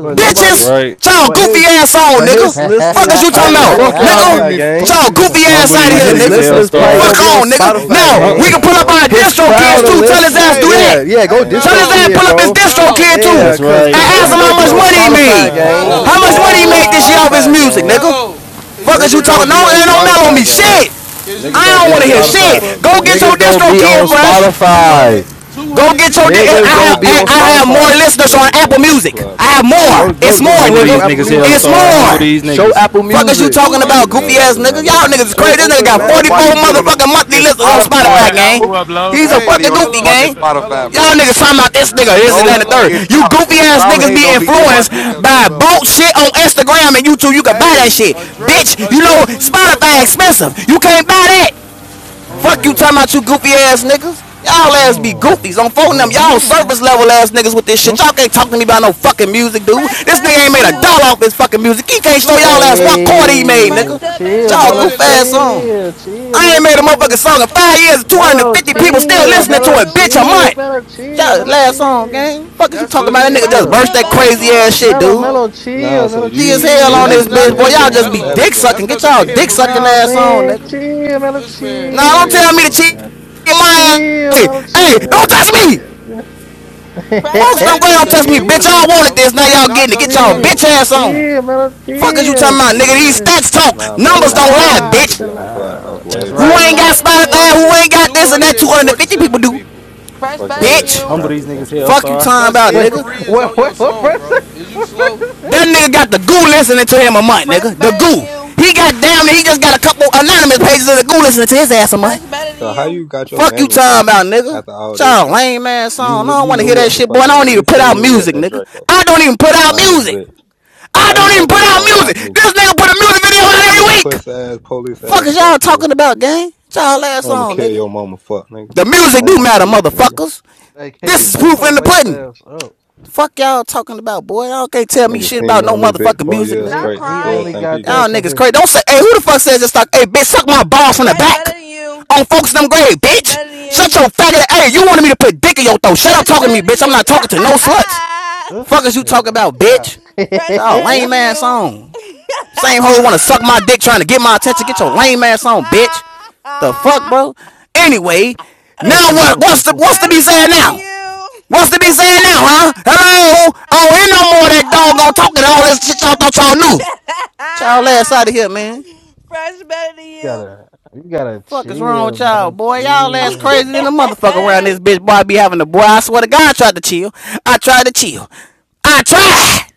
[SPEAKER 22] But
[SPEAKER 6] That's
[SPEAKER 22] nobody,
[SPEAKER 8] Bitches!
[SPEAKER 6] right.
[SPEAKER 8] Y'all
[SPEAKER 22] but
[SPEAKER 8] goofy
[SPEAKER 22] his,
[SPEAKER 8] ass on,
[SPEAKER 22] but
[SPEAKER 8] nigga.
[SPEAKER 22] his
[SPEAKER 8] Fuck
[SPEAKER 22] listeners
[SPEAKER 8] is you
[SPEAKER 25] Hey,
[SPEAKER 22] probably
[SPEAKER 25] what
[SPEAKER 8] talking
[SPEAKER 25] the
[SPEAKER 22] don't be
[SPEAKER 8] about,
[SPEAKER 22] on
[SPEAKER 25] fuck y'all
[SPEAKER 8] nigga?
[SPEAKER 25] mute
[SPEAKER 22] Spotify,
[SPEAKER 25] me? Fuck
[SPEAKER 22] gang.
[SPEAKER 8] Y'all
[SPEAKER 25] mute
[SPEAKER 8] goofy ass
[SPEAKER 6] Humble
[SPEAKER 25] me.
[SPEAKER 8] out of
[SPEAKER 22] But
[SPEAKER 6] these
[SPEAKER 8] here,
[SPEAKER 22] his
[SPEAKER 6] niggas,
[SPEAKER 8] nigga.
[SPEAKER 22] listeners probably
[SPEAKER 8] Fuck
[SPEAKER 6] Hellstar.
[SPEAKER 22] don't be on
[SPEAKER 8] on, nigga.
[SPEAKER 22] Spotify,
[SPEAKER 8] Now,
[SPEAKER 18] Okay,
[SPEAKER 6] Huh?
[SPEAKER 8] we
[SPEAKER 22] gang.
[SPEAKER 18] what
[SPEAKER 8] can
[SPEAKER 18] the
[SPEAKER 8] pull up
[SPEAKER 18] fuck?
[SPEAKER 8] our
[SPEAKER 22] His
[SPEAKER 8] distro
[SPEAKER 18] I
[SPEAKER 8] kids
[SPEAKER 22] crowd
[SPEAKER 13] Hey,
[SPEAKER 22] of
[SPEAKER 8] too. Tell
[SPEAKER 18] forgot
[SPEAKER 8] his
[SPEAKER 22] listen,
[SPEAKER 18] that
[SPEAKER 8] ass do
[SPEAKER 18] was
[SPEAKER 13] hey,
[SPEAKER 8] that.
[SPEAKER 18] you,
[SPEAKER 22] yeah, yeah. Go
[SPEAKER 13] hey,
[SPEAKER 18] lame
[SPEAKER 8] Tell
[SPEAKER 18] ass
[SPEAKER 22] distro
[SPEAKER 8] his
[SPEAKER 13] Mello,
[SPEAKER 8] ass
[SPEAKER 22] kid,
[SPEAKER 18] nigga.
[SPEAKER 8] pull up his
[SPEAKER 22] bro.
[SPEAKER 8] distro
[SPEAKER 13] Mello,
[SPEAKER 8] kid too.
[SPEAKER 22] Yeah,
[SPEAKER 6] That's
[SPEAKER 22] cause
[SPEAKER 8] And
[SPEAKER 22] cause
[SPEAKER 6] right.
[SPEAKER 8] ask
[SPEAKER 22] niggas
[SPEAKER 13] Mello,
[SPEAKER 8] him
[SPEAKER 18] God
[SPEAKER 8] how
[SPEAKER 22] don't be
[SPEAKER 8] much
[SPEAKER 22] on
[SPEAKER 8] money
[SPEAKER 18] damn,
[SPEAKER 8] he
[SPEAKER 18] I'm
[SPEAKER 22] Spotify,
[SPEAKER 8] made.
[SPEAKER 18] crying,
[SPEAKER 22] gang. Cause
[SPEAKER 13] Mello,
[SPEAKER 8] How
[SPEAKER 18] bitch.
[SPEAKER 8] much
[SPEAKER 22] niggas
[SPEAKER 18] What the
[SPEAKER 8] money
[SPEAKER 22] don't
[SPEAKER 8] he
[SPEAKER 22] be on
[SPEAKER 18] fuck?
[SPEAKER 8] made this year off his
[SPEAKER 22] Spotify,
[SPEAKER 8] music,
[SPEAKER 22] gang.
[SPEAKER 8] nigga.
[SPEAKER 13] Mello. Is you
[SPEAKER 8] Fuck is you
[SPEAKER 22] Niggas don't
[SPEAKER 8] talking? No,
[SPEAKER 22] be on
[SPEAKER 13] serious?
[SPEAKER 8] it don't matter on
[SPEAKER 22] Spotify,
[SPEAKER 8] me.
[SPEAKER 22] gang.
[SPEAKER 8] Shit.
[SPEAKER 13] Is you
[SPEAKER 22] Niggas don't
[SPEAKER 8] I don't
[SPEAKER 22] be
[SPEAKER 8] want
[SPEAKER 22] on
[SPEAKER 8] to
[SPEAKER 18] hey,
[SPEAKER 8] hear
[SPEAKER 13] serious?
[SPEAKER 18] what the
[SPEAKER 22] Spotify.
[SPEAKER 8] shit.
[SPEAKER 18] fuck
[SPEAKER 8] Go
[SPEAKER 18] going
[SPEAKER 8] get
[SPEAKER 18] on?
[SPEAKER 8] your
[SPEAKER 22] Niggas don't
[SPEAKER 8] distro
[SPEAKER 22] be on
[SPEAKER 8] kid
[SPEAKER 13] Two,
[SPEAKER 8] fresh.
[SPEAKER 13] 200,
[SPEAKER 22] Spotify.
[SPEAKER 13] two
[SPEAKER 8] Go
[SPEAKER 13] hundred
[SPEAKER 8] get your.
[SPEAKER 13] people.
[SPEAKER 8] Di-
[SPEAKER 18] No,
[SPEAKER 8] I
[SPEAKER 22] Niggas
[SPEAKER 8] have.
[SPEAKER 22] don't
[SPEAKER 18] I I
[SPEAKER 22] be on
[SPEAKER 8] I
[SPEAKER 18] been
[SPEAKER 8] have more
[SPEAKER 22] Spotify.
[SPEAKER 8] listeners
[SPEAKER 18] knew
[SPEAKER 8] on
[SPEAKER 18] this nigga
[SPEAKER 8] Apple
[SPEAKER 18] off
[SPEAKER 8] Music. I have
[SPEAKER 18] Clubhouse.
[SPEAKER 22] All right,
[SPEAKER 13] Two,
[SPEAKER 8] more.
[SPEAKER 22] go go
[SPEAKER 8] It's
[SPEAKER 22] go.
[SPEAKER 8] more,
[SPEAKER 13] two,
[SPEAKER 6] Humble
[SPEAKER 22] Show us
[SPEAKER 18] Like
[SPEAKER 22] your
[SPEAKER 8] nigga.
[SPEAKER 6] these
[SPEAKER 18] when
[SPEAKER 22] Apple
[SPEAKER 18] this
[SPEAKER 6] niggas,
[SPEAKER 13] two
[SPEAKER 18] shit
[SPEAKER 22] Music.
[SPEAKER 8] It's
[SPEAKER 13] hundred
[SPEAKER 18] first
[SPEAKER 22] Show
[SPEAKER 18] came
[SPEAKER 6] Hellstar.
[SPEAKER 13] people.
[SPEAKER 22] Apple.
[SPEAKER 6] Humble
[SPEAKER 18] out,
[SPEAKER 8] more.
[SPEAKER 6] these
[SPEAKER 22] Show
[SPEAKER 6] niggas.
[SPEAKER 22] Apple
[SPEAKER 8] Fuck is you
[SPEAKER 22] Music.
[SPEAKER 8] talking
[SPEAKER 18] I didn't
[SPEAKER 8] about,
[SPEAKER 13] 200
[SPEAKER 18] even know
[SPEAKER 8] goofy
[SPEAKER 13] people.
[SPEAKER 18] that
[SPEAKER 8] ass
[SPEAKER 18] was
[SPEAKER 8] nigga?
[SPEAKER 18] Mello
[SPEAKER 8] Y'all
[SPEAKER 18] Lane
[SPEAKER 8] niggas is
[SPEAKER 22] Show
[SPEAKER 8] crazy.
[SPEAKER 18] man.
[SPEAKER 8] This nigga
[SPEAKER 22] Open
[SPEAKER 8] got
[SPEAKER 3] don't
[SPEAKER 22] Map
[SPEAKER 8] 44
[SPEAKER 3] nobody be on
[SPEAKER 22] Music.
[SPEAKER 3] no
[SPEAKER 8] motherfucking monthly
[SPEAKER 3] fucking
[SPEAKER 8] listeners on
[SPEAKER 5] Pull
[SPEAKER 3] Spotify,
[SPEAKER 8] Spotify,
[SPEAKER 5] that
[SPEAKER 8] gang.
[SPEAKER 3] bro.
[SPEAKER 5] apple up, low.
[SPEAKER 3] Ain't
[SPEAKER 8] He's a
[SPEAKER 13] Hey,
[SPEAKER 3] nobody
[SPEAKER 8] fucking
[SPEAKER 3] on no
[SPEAKER 8] goofy,
[SPEAKER 13] Mello,
[SPEAKER 3] fucking
[SPEAKER 8] gang.
[SPEAKER 13] Mello,
[SPEAKER 3] Spotify,
[SPEAKER 8] Y'all
[SPEAKER 13] look,
[SPEAKER 3] bro.
[SPEAKER 8] niggas talking about this nigga, this and
[SPEAKER 3] Go
[SPEAKER 8] that and the third.
[SPEAKER 13] Mello.
[SPEAKER 3] fucking
[SPEAKER 8] You
[SPEAKER 3] drop,
[SPEAKER 8] goofy
[SPEAKER 3] bro.
[SPEAKER 8] ass
[SPEAKER 3] Stop
[SPEAKER 8] niggas be
[SPEAKER 3] hating on me. Get my
[SPEAKER 8] influenced
[SPEAKER 3] dick out your
[SPEAKER 8] by
[SPEAKER 3] mouth, bro.
[SPEAKER 8] bullshit on Instagram and YouTube. You can buy
[SPEAKER 13] Hey,
[SPEAKER 8] that shit. Bitch,
[SPEAKER 13] address,
[SPEAKER 8] you know
[SPEAKER 13] address who you talking
[SPEAKER 8] Spotify
[SPEAKER 13] about,
[SPEAKER 8] expensive.
[SPEAKER 13] Goofy,
[SPEAKER 8] You can't buy that.
[SPEAKER 1] Ooh.
[SPEAKER 13] on the
[SPEAKER 8] Fuck you
[SPEAKER 13] real.
[SPEAKER 8] talking
[SPEAKER 1] mm.
[SPEAKER 8] about you goofy ass niggas. Y'all ass be
[SPEAKER 1] Oh,
[SPEAKER 8] goofies. I'm phoning them. Y'all
[SPEAKER 1] oh, oh,
[SPEAKER 8] service level ass niggas with this
[SPEAKER 1] oh,
[SPEAKER 8] shit. Y'all can't talk to me about no fucking music, dude.
[SPEAKER 20] Fresh
[SPEAKER 8] This
[SPEAKER 20] better
[SPEAKER 8] nigga ain't
[SPEAKER 20] than
[SPEAKER 8] made a
[SPEAKER 13] Two
[SPEAKER 20] you.
[SPEAKER 8] dollar
[SPEAKER 13] hundred,
[SPEAKER 8] off his fucking music. He can't show
[SPEAKER 13] two
[SPEAKER 8] y'all
[SPEAKER 13] hundred
[SPEAKER 8] ass what
[SPEAKER 13] listeners.
[SPEAKER 8] chord he made,
[SPEAKER 1] Hey,
[SPEAKER 20] Fresh
[SPEAKER 8] nigga.
[SPEAKER 20] still better
[SPEAKER 1] chill,
[SPEAKER 20] than
[SPEAKER 8] Y'all
[SPEAKER 20] you.
[SPEAKER 1] Mellow,
[SPEAKER 13] 200
[SPEAKER 8] goof ass
[SPEAKER 13] listeners.
[SPEAKER 8] song.
[SPEAKER 1] chill, chill,
[SPEAKER 8] I ain't
[SPEAKER 1] Mellow,
[SPEAKER 8] made a motherfucking
[SPEAKER 1] chill,
[SPEAKER 8] song in five years.
[SPEAKER 1] Mellow,
[SPEAKER 8] 250
[SPEAKER 20] Fresh
[SPEAKER 8] people
[SPEAKER 20] still
[SPEAKER 8] still
[SPEAKER 1] chill,
[SPEAKER 20] better
[SPEAKER 8] listening
[SPEAKER 20] than
[SPEAKER 8] to
[SPEAKER 1] Mellow,
[SPEAKER 8] it,
[SPEAKER 20] you.
[SPEAKER 8] bitch, a
[SPEAKER 1] chill,
[SPEAKER 8] month.
[SPEAKER 1] Mellow, chill,
[SPEAKER 8] Y'all
[SPEAKER 1] Mellow,
[SPEAKER 8] last song,
[SPEAKER 1] chill,
[SPEAKER 8] gang. Fuck is you
[SPEAKER 13] That's
[SPEAKER 8] talking
[SPEAKER 13] cause
[SPEAKER 8] about? That nigga
[SPEAKER 13] Anne
[SPEAKER 20] Fresh
[SPEAKER 8] just
[SPEAKER 1] chill,
[SPEAKER 8] burst
[SPEAKER 13] Marie
[SPEAKER 20] still
[SPEAKER 8] that
[SPEAKER 13] on the
[SPEAKER 20] better than
[SPEAKER 8] crazy ass
[SPEAKER 13] song.
[SPEAKER 20] you.
[SPEAKER 13] Is
[SPEAKER 8] shit,
[SPEAKER 13] you
[SPEAKER 1] Mellow,
[SPEAKER 8] dude.
[SPEAKER 13] slow?
[SPEAKER 1] Mellow, chill,
[SPEAKER 18] No, so
[SPEAKER 1] Mellow,
[SPEAKER 8] See as
[SPEAKER 18] you
[SPEAKER 8] hell
[SPEAKER 18] you
[SPEAKER 1] chill,
[SPEAKER 8] on
[SPEAKER 13] That's
[SPEAKER 8] this
[SPEAKER 18] used to
[SPEAKER 13] not
[SPEAKER 18] be
[SPEAKER 8] bitch, boy.
[SPEAKER 18] in
[SPEAKER 13] cause
[SPEAKER 8] Y'all
[SPEAKER 18] Twenty
[SPEAKER 13] of
[SPEAKER 1] chill.
[SPEAKER 8] just
[SPEAKER 18] One
[SPEAKER 8] be
[SPEAKER 13] Mello.
[SPEAKER 8] dick
[SPEAKER 18] Savage
[SPEAKER 13] That's
[SPEAKER 18] room.
[SPEAKER 8] sucking. Get
[SPEAKER 13] cause of
[SPEAKER 8] y'all
[SPEAKER 13] Anne
[SPEAKER 1] no
[SPEAKER 8] dick
[SPEAKER 13] Marie.
[SPEAKER 8] sucking
[SPEAKER 1] I'm
[SPEAKER 8] ass on,
[SPEAKER 1] saying?
[SPEAKER 8] nigga.
[SPEAKER 1] Chill, Mellow,
[SPEAKER 13] This man
[SPEAKER 8] Now don't
[SPEAKER 13] crazy,
[SPEAKER 8] tell me to
[SPEAKER 13] bro.
[SPEAKER 1] chill,
[SPEAKER 8] cheat my
[SPEAKER 1] chill,
[SPEAKER 8] ass.
[SPEAKER 1] Mellow,
[SPEAKER 8] Hey, don't
[SPEAKER 1] chill,
[SPEAKER 8] touch me.
[SPEAKER 1] chill,
[SPEAKER 20] Fresh
[SPEAKER 13] That
[SPEAKER 8] Folks, don't
[SPEAKER 20] better
[SPEAKER 13] shit
[SPEAKER 8] go
[SPEAKER 20] than
[SPEAKER 8] ahead
[SPEAKER 13] cause
[SPEAKER 8] and
[SPEAKER 13] of
[SPEAKER 8] touch me.
[SPEAKER 20] you.
[SPEAKER 13] Anne
[SPEAKER 8] Bitch,
[SPEAKER 1] chill,
[SPEAKER 13] Marie,
[SPEAKER 8] y'all wanted
[SPEAKER 13] bro.
[SPEAKER 8] this. Now
[SPEAKER 13] That's
[SPEAKER 8] y'all
[SPEAKER 13] not
[SPEAKER 8] getting it.
[SPEAKER 13] cause
[SPEAKER 8] Get
[SPEAKER 13] of
[SPEAKER 8] y'all
[SPEAKER 13] Mello,
[SPEAKER 8] bitch
[SPEAKER 1] chill,
[SPEAKER 13] bro.
[SPEAKER 8] ass on.
[SPEAKER 1] chill, Mellow,
[SPEAKER 8] Fuck is you
[SPEAKER 1] chill,
[SPEAKER 8] talking about, nigga? These
[SPEAKER 1] chill.
[SPEAKER 8] stats talk.
[SPEAKER 18] Nah,
[SPEAKER 1] Chill
[SPEAKER 8] Numbers
[SPEAKER 18] Mello
[SPEAKER 8] don't
[SPEAKER 18] and
[SPEAKER 8] lie,
[SPEAKER 18] Kiddo used
[SPEAKER 1] out,
[SPEAKER 18] to
[SPEAKER 8] bitch.
[SPEAKER 18] be
[SPEAKER 1] chill
[SPEAKER 18] on Clubhouse
[SPEAKER 1] out,
[SPEAKER 6] That's
[SPEAKER 18] way
[SPEAKER 1] chill
[SPEAKER 8] Who
[SPEAKER 18] back
[SPEAKER 20] Fresh
[SPEAKER 6] right.
[SPEAKER 18] then,
[SPEAKER 8] ain't got
[SPEAKER 1] out.
[SPEAKER 20] better than
[SPEAKER 13] Two
[SPEAKER 8] Spotify?
[SPEAKER 20] you.
[SPEAKER 13] hundred
[SPEAKER 8] Who
[SPEAKER 13] and
[SPEAKER 8] ain't got
[SPEAKER 13] two
[SPEAKER 8] this and
[SPEAKER 13] hundred
[SPEAKER 8] that?
[SPEAKER 13] and
[SPEAKER 8] 250
[SPEAKER 13] forty-seven
[SPEAKER 8] people do.
[SPEAKER 13] people.
[SPEAKER 20] Fresh
[SPEAKER 18] fucking
[SPEAKER 20] better than
[SPEAKER 18] with
[SPEAKER 8] Bitch.
[SPEAKER 20] you.
[SPEAKER 6] Humble these
[SPEAKER 18] rappers and
[SPEAKER 6] niggas,
[SPEAKER 18] shit.
[SPEAKER 8] Fuck you
[SPEAKER 6] Hellstar.
[SPEAKER 8] talking
[SPEAKER 13] Cause
[SPEAKER 8] about,
[SPEAKER 13] Anne
[SPEAKER 1] Wait,
[SPEAKER 8] nigga.
[SPEAKER 13] Marie is
[SPEAKER 1] what,
[SPEAKER 13] on
[SPEAKER 1] what,
[SPEAKER 13] your
[SPEAKER 1] what
[SPEAKER 13] song, bro.
[SPEAKER 1] person?
[SPEAKER 13] Is you
[SPEAKER 1] What person?
[SPEAKER 13] slow?
[SPEAKER 8] That nigga got the goo listening to him a month,
[SPEAKER 20] Fresh
[SPEAKER 8] nigga. The
[SPEAKER 20] better than
[SPEAKER 8] goo.
[SPEAKER 20] you.
[SPEAKER 8] He got damn, he just got a couple anonymous pages of the goo listening to his ass a month.
[SPEAKER 20] Fresh better than
[SPEAKER 18] So how
[SPEAKER 20] you.
[SPEAKER 18] you got your
[SPEAKER 8] Fuck you
[SPEAKER 18] mammy
[SPEAKER 8] talking
[SPEAKER 18] shot
[SPEAKER 8] about, nigga.
[SPEAKER 18] after all this
[SPEAKER 8] Y'all
[SPEAKER 18] shit?
[SPEAKER 8] lame ass
[SPEAKER 18] You
[SPEAKER 8] song.
[SPEAKER 18] knew
[SPEAKER 8] I don't
[SPEAKER 18] you
[SPEAKER 8] want to
[SPEAKER 18] knew
[SPEAKER 8] hear that
[SPEAKER 18] what the
[SPEAKER 8] shit, boy.
[SPEAKER 18] fuck
[SPEAKER 8] And
[SPEAKER 18] I
[SPEAKER 8] I don't
[SPEAKER 18] was.
[SPEAKER 8] even
[SPEAKER 18] You
[SPEAKER 8] put
[SPEAKER 18] seen
[SPEAKER 8] out
[SPEAKER 18] me with
[SPEAKER 8] music,
[SPEAKER 18] that
[SPEAKER 8] nigga.
[SPEAKER 18] Draco
[SPEAKER 8] I don't even put out
[SPEAKER 18] riding this
[SPEAKER 8] music.
[SPEAKER 18] bitch.
[SPEAKER 8] I
[SPEAKER 18] How you
[SPEAKER 8] don't even
[SPEAKER 18] thought
[SPEAKER 8] put
[SPEAKER 18] you was
[SPEAKER 8] out
[SPEAKER 18] gonna rob
[SPEAKER 8] music.
[SPEAKER 18] me?
[SPEAKER 8] This nigga put a music video out
[SPEAKER 18] You a
[SPEAKER 8] every week.
[SPEAKER 18] puss ass police
[SPEAKER 8] Fuck
[SPEAKER 18] ass
[SPEAKER 8] is y'all
[SPEAKER 18] fuck nigga.
[SPEAKER 8] talking about, gang? Y'all ass
[SPEAKER 18] And I'ma
[SPEAKER 8] song,
[SPEAKER 18] kill
[SPEAKER 8] nigga.
[SPEAKER 18] your mama, fuck, nigga.
[SPEAKER 8] The music
[SPEAKER 18] On
[SPEAKER 8] do
[SPEAKER 18] my
[SPEAKER 8] matter,
[SPEAKER 18] kids, nigga.
[SPEAKER 8] motherfuckers.
[SPEAKER 1] Like, Hey, K
[SPEAKER 18] Fuck
[SPEAKER 8] This
[SPEAKER 18] you
[SPEAKER 1] dude,
[SPEAKER 8] is
[SPEAKER 1] shut
[SPEAKER 18] talking
[SPEAKER 8] proof in
[SPEAKER 18] about.
[SPEAKER 1] those
[SPEAKER 8] the
[SPEAKER 1] lace
[SPEAKER 8] pudding.
[SPEAKER 1] ass up.
[SPEAKER 8] Fuck y'all talking about, boy. Y'all can't tell me
[SPEAKER 18] Nigga
[SPEAKER 8] shit
[SPEAKER 18] seen
[SPEAKER 8] about
[SPEAKER 18] me
[SPEAKER 8] no
[SPEAKER 18] on this bitch
[SPEAKER 8] motherfucking
[SPEAKER 18] four
[SPEAKER 8] music,
[SPEAKER 18] years
[SPEAKER 8] nigga.
[SPEAKER 1] They,
[SPEAKER 20] Stop
[SPEAKER 18] straight and
[SPEAKER 1] he
[SPEAKER 18] still
[SPEAKER 1] only
[SPEAKER 20] crying.
[SPEAKER 18] think he
[SPEAKER 1] got
[SPEAKER 18] can.
[SPEAKER 1] that
[SPEAKER 8] Y'all
[SPEAKER 1] because
[SPEAKER 8] niggas
[SPEAKER 1] his.
[SPEAKER 8] crazy. Don't say, hey, who the fuck says this stuff? Hey, bitch, suck my balls from the
[SPEAKER 20] Fresh
[SPEAKER 8] back.
[SPEAKER 20] better than you.
[SPEAKER 8] On folks them grave,
[SPEAKER 20] Fresh
[SPEAKER 8] bitch.
[SPEAKER 20] better than
[SPEAKER 8] Shut
[SPEAKER 20] you.
[SPEAKER 8] your faggot. Hey, you wanted me to put dick in your throat. Shut up
[SPEAKER 20] Fresh
[SPEAKER 8] talking to me,
[SPEAKER 20] better than
[SPEAKER 8] bitch. I'm
[SPEAKER 20] you.
[SPEAKER 8] not talking to no sluts. Fuck is you talking about,
[SPEAKER 1] yeah,
[SPEAKER 8] bitch?
[SPEAKER 20] Fresh
[SPEAKER 8] Y'all
[SPEAKER 20] better
[SPEAKER 1] yeah.
[SPEAKER 8] lame
[SPEAKER 20] than
[SPEAKER 8] ass
[SPEAKER 20] you.
[SPEAKER 8] on. Same hoe wanna suck my dick trying to get my attention. Get your lame ass on, bitch. The fuck, bro? Anyway,
[SPEAKER 1] you
[SPEAKER 8] now what? What's the what's to be
[SPEAKER 20] Fresh
[SPEAKER 8] said
[SPEAKER 20] better than
[SPEAKER 8] now?
[SPEAKER 20] you.
[SPEAKER 8] What's to be said now, huh? Hello? I don't hear no more of that doggone
[SPEAKER 20] oh
[SPEAKER 8] talking all this shit y'all thought y'all
[SPEAKER 20] shit.
[SPEAKER 8] knew. Y'all ass out of here, man.
[SPEAKER 20] Fresh better than you.
[SPEAKER 1] gotta, you gotta
[SPEAKER 8] Fuck is wrong with
[SPEAKER 1] chill,
[SPEAKER 8] y'all,
[SPEAKER 1] man.
[SPEAKER 8] boy? Y'all ass crazy than a
[SPEAKER 1] Chill.
[SPEAKER 8] motherfucker around this bitch. Boy, I be having a boy. I swear to God, I tried to chill. I tried to chill. I tried,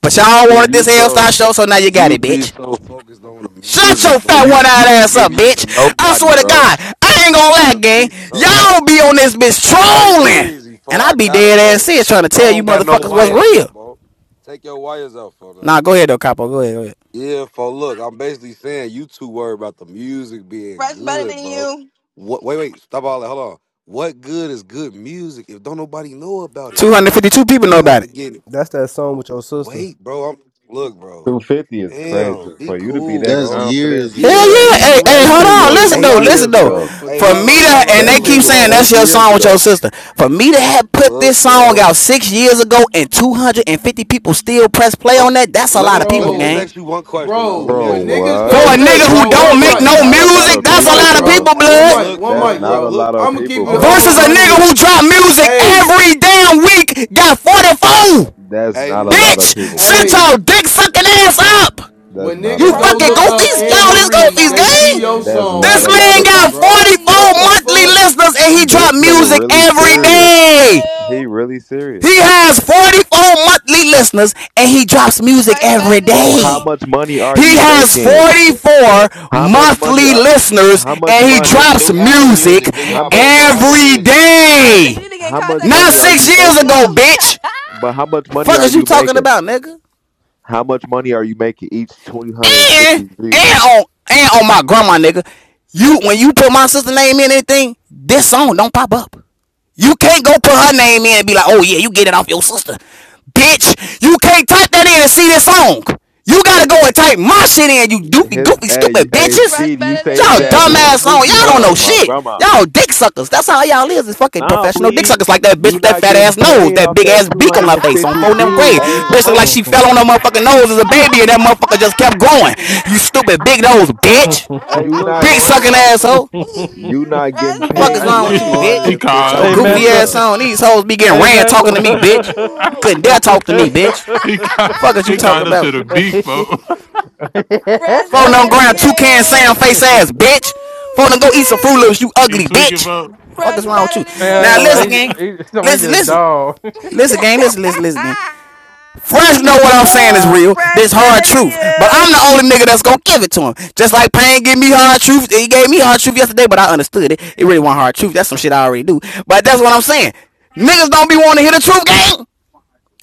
[SPEAKER 8] but y'all
[SPEAKER 3] See,
[SPEAKER 8] wanted
[SPEAKER 3] you
[SPEAKER 8] this Hell Star
[SPEAKER 3] so
[SPEAKER 8] show, so now you got
[SPEAKER 3] you
[SPEAKER 8] it,
[SPEAKER 3] be
[SPEAKER 8] bitch.
[SPEAKER 3] so focused on the
[SPEAKER 8] Shut your
[SPEAKER 3] music, bro.
[SPEAKER 8] fat
[SPEAKER 3] You
[SPEAKER 8] one
[SPEAKER 3] you
[SPEAKER 8] eyed ass up,
[SPEAKER 3] forgetting you a
[SPEAKER 8] bitch. I
[SPEAKER 3] nobody,
[SPEAKER 8] swear to
[SPEAKER 3] bro.
[SPEAKER 8] God, I ain't
[SPEAKER 3] You
[SPEAKER 8] gonna lie,
[SPEAKER 3] gotta
[SPEAKER 8] gang.
[SPEAKER 3] be somebody.
[SPEAKER 8] Y'all be on this bitch
[SPEAKER 3] Hey,
[SPEAKER 8] trolling,
[SPEAKER 3] breezy, fo.
[SPEAKER 8] and I
[SPEAKER 3] I
[SPEAKER 8] be
[SPEAKER 3] got it,
[SPEAKER 8] dead ass
[SPEAKER 3] bro.
[SPEAKER 8] serious trying to
[SPEAKER 3] I
[SPEAKER 8] tell you
[SPEAKER 3] don't got no
[SPEAKER 8] motherfuckers what's
[SPEAKER 3] wires, my
[SPEAKER 8] real.
[SPEAKER 3] bro. Take your wires out, fo. now.
[SPEAKER 8] Nah, go ahead though, Capo. Go ahead, go ahead.
[SPEAKER 3] Yeah, for look, I'm basically saying you two worry about the music being
[SPEAKER 20] Fresh better than
[SPEAKER 3] good, bro.
[SPEAKER 20] you.
[SPEAKER 3] What? Wait, wait, stop all that. Hold on. What good is good music if don't nobody know about it,
[SPEAKER 8] Two hundred
[SPEAKER 3] folk?
[SPEAKER 8] fifty-two people know
[SPEAKER 3] You have
[SPEAKER 8] about it.
[SPEAKER 3] to get it.
[SPEAKER 22] That's that song with your sister.
[SPEAKER 3] Wait, bro. I'm look, bro.
[SPEAKER 27] 250 is
[SPEAKER 3] Damn,
[SPEAKER 27] crazy.
[SPEAKER 3] be
[SPEAKER 27] For you to be
[SPEAKER 3] cool,
[SPEAKER 27] that
[SPEAKER 23] That's
[SPEAKER 3] bro.
[SPEAKER 27] confident,
[SPEAKER 23] years
[SPEAKER 8] Hell
[SPEAKER 3] Yeah,
[SPEAKER 23] ago,
[SPEAKER 13] Yeah,
[SPEAKER 3] that
[SPEAKER 8] yeah.
[SPEAKER 23] gang.
[SPEAKER 3] Anne
[SPEAKER 8] Hey,
[SPEAKER 13] he
[SPEAKER 3] Marie
[SPEAKER 8] hey,
[SPEAKER 27] that
[SPEAKER 13] you
[SPEAKER 8] hold
[SPEAKER 3] song
[SPEAKER 27] shit
[SPEAKER 3] come
[SPEAKER 8] on.
[SPEAKER 13] too
[SPEAKER 3] up
[SPEAKER 27] was
[SPEAKER 3] in.
[SPEAKER 8] Listen
[SPEAKER 3] Mo-
[SPEAKER 27] eight
[SPEAKER 8] though, listen
[SPEAKER 27] years
[SPEAKER 13] excited,
[SPEAKER 8] though.
[SPEAKER 13] bro,
[SPEAKER 27] ago.
[SPEAKER 13] for
[SPEAKER 3] hey,
[SPEAKER 8] For me
[SPEAKER 3] Mello,
[SPEAKER 8] to
[SPEAKER 13] 250.
[SPEAKER 3] Mello,
[SPEAKER 8] and
[SPEAKER 27] That
[SPEAKER 8] they
[SPEAKER 13] You
[SPEAKER 27] shit
[SPEAKER 8] keep
[SPEAKER 3] Mello.
[SPEAKER 27] was
[SPEAKER 8] saying
[SPEAKER 13] slow.
[SPEAKER 27] eight
[SPEAKER 8] that's your
[SPEAKER 27] years
[SPEAKER 8] song with your
[SPEAKER 27] ago.
[SPEAKER 8] sister. For me to have put
[SPEAKER 3] Look,
[SPEAKER 8] this song
[SPEAKER 3] bro.
[SPEAKER 8] out six years ago and two hundred and fifty people still press play
[SPEAKER 3] Oh,
[SPEAKER 8] on that, that's a
[SPEAKER 3] let
[SPEAKER 8] lot
[SPEAKER 3] me
[SPEAKER 8] of
[SPEAKER 3] let
[SPEAKER 8] people,
[SPEAKER 3] me just
[SPEAKER 8] gang.
[SPEAKER 13] Bro,
[SPEAKER 3] ask you one question,
[SPEAKER 13] bro,
[SPEAKER 3] Mello. Let me
[SPEAKER 27] Bro,
[SPEAKER 3] ask you
[SPEAKER 13] when
[SPEAKER 3] one
[SPEAKER 13] niggas
[SPEAKER 3] question. I'm
[SPEAKER 8] For
[SPEAKER 3] trying
[SPEAKER 13] go,
[SPEAKER 3] to
[SPEAKER 8] a
[SPEAKER 27] what?
[SPEAKER 3] make a
[SPEAKER 13] look,
[SPEAKER 8] nigga
[SPEAKER 3] point.
[SPEAKER 8] who
[SPEAKER 13] bro,
[SPEAKER 8] don't
[SPEAKER 27] That
[SPEAKER 13] one
[SPEAKER 8] make
[SPEAKER 27] is
[SPEAKER 13] mic,
[SPEAKER 8] no
[SPEAKER 27] not a lot
[SPEAKER 8] music,
[SPEAKER 27] of
[SPEAKER 13] one
[SPEAKER 8] that's a
[SPEAKER 27] people,
[SPEAKER 13] mic,
[SPEAKER 8] lot of
[SPEAKER 27] bro.
[SPEAKER 8] people,
[SPEAKER 13] bro, one
[SPEAKER 3] Hey,
[SPEAKER 8] blood.
[SPEAKER 13] mic,
[SPEAKER 3] look,
[SPEAKER 13] one
[SPEAKER 3] fo.
[SPEAKER 27] That's
[SPEAKER 13] mic,
[SPEAKER 27] not
[SPEAKER 3] Look,
[SPEAKER 27] a
[SPEAKER 13] bro.
[SPEAKER 27] lot
[SPEAKER 3] look.
[SPEAKER 27] of
[SPEAKER 13] I'ma keep
[SPEAKER 27] people,
[SPEAKER 13] it
[SPEAKER 3] Hold
[SPEAKER 27] bro.
[SPEAKER 13] over
[SPEAKER 8] Versus
[SPEAKER 3] on,
[SPEAKER 8] a
[SPEAKER 13] a
[SPEAKER 3] hold
[SPEAKER 13] hundred
[SPEAKER 3] on.
[SPEAKER 8] nigga
[SPEAKER 13] with
[SPEAKER 8] who
[SPEAKER 13] you.
[SPEAKER 8] drop music
[SPEAKER 13] Hey,
[SPEAKER 8] every damn week, got 44.
[SPEAKER 27] That's
[SPEAKER 3] Hey,
[SPEAKER 27] not a
[SPEAKER 3] look.
[SPEAKER 27] lot of
[SPEAKER 8] Bitch,
[SPEAKER 27] people,
[SPEAKER 8] shut
[SPEAKER 27] bro.
[SPEAKER 13] hey,
[SPEAKER 8] your dick sucking ass up.
[SPEAKER 27] That's
[SPEAKER 13] when
[SPEAKER 27] not a
[SPEAKER 8] You
[SPEAKER 13] niggas
[SPEAKER 27] lot
[SPEAKER 20] Fresh
[SPEAKER 27] of
[SPEAKER 13] go
[SPEAKER 8] fucking
[SPEAKER 13] look
[SPEAKER 27] people.
[SPEAKER 20] better than
[SPEAKER 13] up
[SPEAKER 8] goofies.
[SPEAKER 13] Anne
[SPEAKER 8] Y'all,
[SPEAKER 20] you.
[SPEAKER 28] Why
[SPEAKER 8] this
[SPEAKER 28] the fuck
[SPEAKER 13] Marie,
[SPEAKER 8] goofies
[SPEAKER 28] y'all
[SPEAKER 13] they
[SPEAKER 28] touching
[SPEAKER 13] see
[SPEAKER 8] gang.
[SPEAKER 28] me?
[SPEAKER 13] your
[SPEAKER 28] in here?
[SPEAKER 27] That's
[SPEAKER 13] song
[SPEAKER 27] not
[SPEAKER 8] This
[SPEAKER 13] and
[SPEAKER 27] a
[SPEAKER 13] they
[SPEAKER 27] lot
[SPEAKER 8] man
[SPEAKER 27] of.
[SPEAKER 13] click it,
[SPEAKER 8] got
[SPEAKER 20] Fresh
[SPEAKER 13] bro.
[SPEAKER 20] better than
[SPEAKER 8] 44
[SPEAKER 13] What the
[SPEAKER 20] you.
[SPEAKER 8] monthly
[SPEAKER 13] fuck?
[SPEAKER 8] listeners and he drop
[SPEAKER 27] This nigga
[SPEAKER 8] music
[SPEAKER 27] really
[SPEAKER 8] every
[SPEAKER 20] Fresh better
[SPEAKER 27] serious.
[SPEAKER 20] than
[SPEAKER 8] day.
[SPEAKER 27] He
[SPEAKER 20] you.
[SPEAKER 27] really serious.
[SPEAKER 8] He has
[SPEAKER 27] Like,
[SPEAKER 8] 44 monthly listeners and he drops music
[SPEAKER 20] Fresh
[SPEAKER 8] every
[SPEAKER 20] better than
[SPEAKER 27] but how
[SPEAKER 8] day.
[SPEAKER 20] you.
[SPEAKER 27] much money are
[SPEAKER 8] He
[SPEAKER 27] you
[SPEAKER 8] has
[SPEAKER 27] making?
[SPEAKER 26] Yeah,
[SPEAKER 8] 44
[SPEAKER 27] How much money
[SPEAKER 8] monthly
[SPEAKER 27] are?
[SPEAKER 8] listeners
[SPEAKER 27] How much
[SPEAKER 8] and he
[SPEAKER 29] Do the,
[SPEAKER 27] money?
[SPEAKER 8] drops
[SPEAKER 29] do Apple
[SPEAKER 8] music
[SPEAKER 29] Music? Do
[SPEAKER 27] How
[SPEAKER 29] y'all
[SPEAKER 27] much?
[SPEAKER 29] both on Apple
[SPEAKER 8] every
[SPEAKER 29] Music?
[SPEAKER 20] They say you
[SPEAKER 8] day.
[SPEAKER 20] need to get in
[SPEAKER 27] How much
[SPEAKER 20] contact with
[SPEAKER 8] Not
[SPEAKER 27] money
[SPEAKER 20] your
[SPEAKER 27] are
[SPEAKER 8] six
[SPEAKER 27] you
[SPEAKER 20] sister,
[SPEAKER 8] years
[SPEAKER 27] making?
[SPEAKER 8] ago,
[SPEAKER 20] Mello.
[SPEAKER 8] bitch.
[SPEAKER 27] But how much money
[SPEAKER 8] Fuck
[SPEAKER 27] are
[SPEAKER 8] is you
[SPEAKER 27] you
[SPEAKER 8] talking
[SPEAKER 27] making?
[SPEAKER 8] about, nigga?
[SPEAKER 27] How much money are you making each
[SPEAKER 8] And
[SPEAKER 27] 250
[SPEAKER 8] and
[SPEAKER 27] views?
[SPEAKER 8] on and on my grandma nigga, you when you put my sister name in anything, this song don't pop up. You can't go put her name in and be like, oh yeah, you get it off your sister. Bitch, you can't type that in and see this song. You
[SPEAKER 27] Oh,
[SPEAKER 8] gotta go
[SPEAKER 27] uh,
[SPEAKER 8] and type my shit in, you doofy,
[SPEAKER 27] his
[SPEAKER 8] goofy,
[SPEAKER 27] hey
[SPEAKER 8] stupid
[SPEAKER 27] hey
[SPEAKER 8] bitches.
[SPEAKER 20] Fresh
[SPEAKER 27] speed. You
[SPEAKER 20] better than
[SPEAKER 27] say his
[SPEAKER 8] Y'all
[SPEAKER 27] ass is
[SPEAKER 20] you.
[SPEAKER 8] dumbass on.
[SPEAKER 27] Snoopy,
[SPEAKER 8] Y'all don't know
[SPEAKER 27] huh? My
[SPEAKER 8] shit.
[SPEAKER 27] grandma.
[SPEAKER 8] Y'all dick suckers. That's how y'all is. Is fucking
[SPEAKER 27] Nah,
[SPEAKER 8] professional dick
[SPEAKER 27] bleed.
[SPEAKER 8] suckers like that
[SPEAKER 27] You
[SPEAKER 8] bitch with that
[SPEAKER 27] not
[SPEAKER 8] fat
[SPEAKER 27] getting
[SPEAKER 8] ass nose,
[SPEAKER 27] paid
[SPEAKER 8] that
[SPEAKER 27] off
[SPEAKER 8] big
[SPEAKER 27] that
[SPEAKER 8] ass beak on her face on
[SPEAKER 27] 250
[SPEAKER 8] phone them gray.
[SPEAKER 27] views
[SPEAKER 3] Hey,
[SPEAKER 27] each
[SPEAKER 8] Bitch look like
[SPEAKER 27] month.
[SPEAKER 8] she fell on her motherfucking nose as a baby and that motherfucker just kept growing. You stupid big nose bitch.
[SPEAKER 3] hey,
[SPEAKER 27] You
[SPEAKER 3] look,
[SPEAKER 27] not
[SPEAKER 3] fo,
[SPEAKER 8] Dick
[SPEAKER 3] hold
[SPEAKER 8] sucking
[SPEAKER 3] on. I was finna,
[SPEAKER 8] asshole.
[SPEAKER 27] you not getting
[SPEAKER 20] Fresh
[SPEAKER 8] Fuck is
[SPEAKER 20] better
[SPEAKER 27] paid
[SPEAKER 3] hey,
[SPEAKER 20] than
[SPEAKER 8] wrong
[SPEAKER 27] each
[SPEAKER 8] with
[SPEAKER 5] he
[SPEAKER 3] look,
[SPEAKER 8] you,
[SPEAKER 3] fo,
[SPEAKER 20] you.
[SPEAKER 8] bitch?
[SPEAKER 5] he
[SPEAKER 8] With
[SPEAKER 27] 250
[SPEAKER 8] your
[SPEAKER 1] hey,
[SPEAKER 5] called.
[SPEAKER 8] goofy
[SPEAKER 27] views
[SPEAKER 1] massa.
[SPEAKER 8] ass
[SPEAKER 27] though.
[SPEAKER 8] on. These hoes be getting
[SPEAKER 1] Hey,
[SPEAKER 8] ran talking
[SPEAKER 1] massa.
[SPEAKER 8] to me, bitch. You couldn't dare
[SPEAKER 1] hey,
[SPEAKER 8] talk to me,
[SPEAKER 1] massa.
[SPEAKER 8] bitch.
[SPEAKER 5] he called.
[SPEAKER 8] Fuck is you
[SPEAKER 5] He
[SPEAKER 8] talking
[SPEAKER 5] called us with
[SPEAKER 8] about?
[SPEAKER 5] a beak,
[SPEAKER 1] Hey,
[SPEAKER 5] folks.
[SPEAKER 1] Man,
[SPEAKER 20] Fresh better
[SPEAKER 8] Phone on
[SPEAKER 20] than
[SPEAKER 8] ground,
[SPEAKER 20] you.
[SPEAKER 8] two can sound face ass, bitch. Phone on
[SPEAKER 20] Ooh,
[SPEAKER 8] go eat some
[SPEAKER 20] shit.
[SPEAKER 8] Froot Loops, you
[SPEAKER 5] he
[SPEAKER 8] ugly
[SPEAKER 5] tweaking,
[SPEAKER 8] bitch.
[SPEAKER 5] folks.
[SPEAKER 8] Fuck
[SPEAKER 20] Fresh
[SPEAKER 8] is wrong with you?
[SPEAKER 20] better than
[SPEAKER 1] I ain't
[SPEAKER 8] Now
[SPEAKER 1] gonna lie,
[SPEAKER 8] listen,
[SPEAKER 20] you.
[SPEAKER 8] gang.
[SPEAKER 1] he, he, somebody
[SPEAKER 8] Listen,
[SPEAKER 1] just
[SPEAKER 8] listen.
[SPEAKER 1] dog.
[SPEAKER 8] Listen, gang. Listen, listen, listen, gang. Fresh know what I'm saying is
[SPEAKER 5] Ah.
[SPEAKER 8] real.
[SPEAKER 20] Fresh
[SPEAKER 8] This hard
[SPEAKER 20] better than
[SPEAKER 8] truth. But I'm
[SPEAKER 20] you.
[SPEAKER 8] the only nigga that's gonna give it to him. Just like Pain gave me hard truth. He gave me hard truth yesterday, but I understood it. It really wasn't hard truth. That's some shit I already do. But that's what I'm saying. Niggas don't be wanting to hear the truth, gang.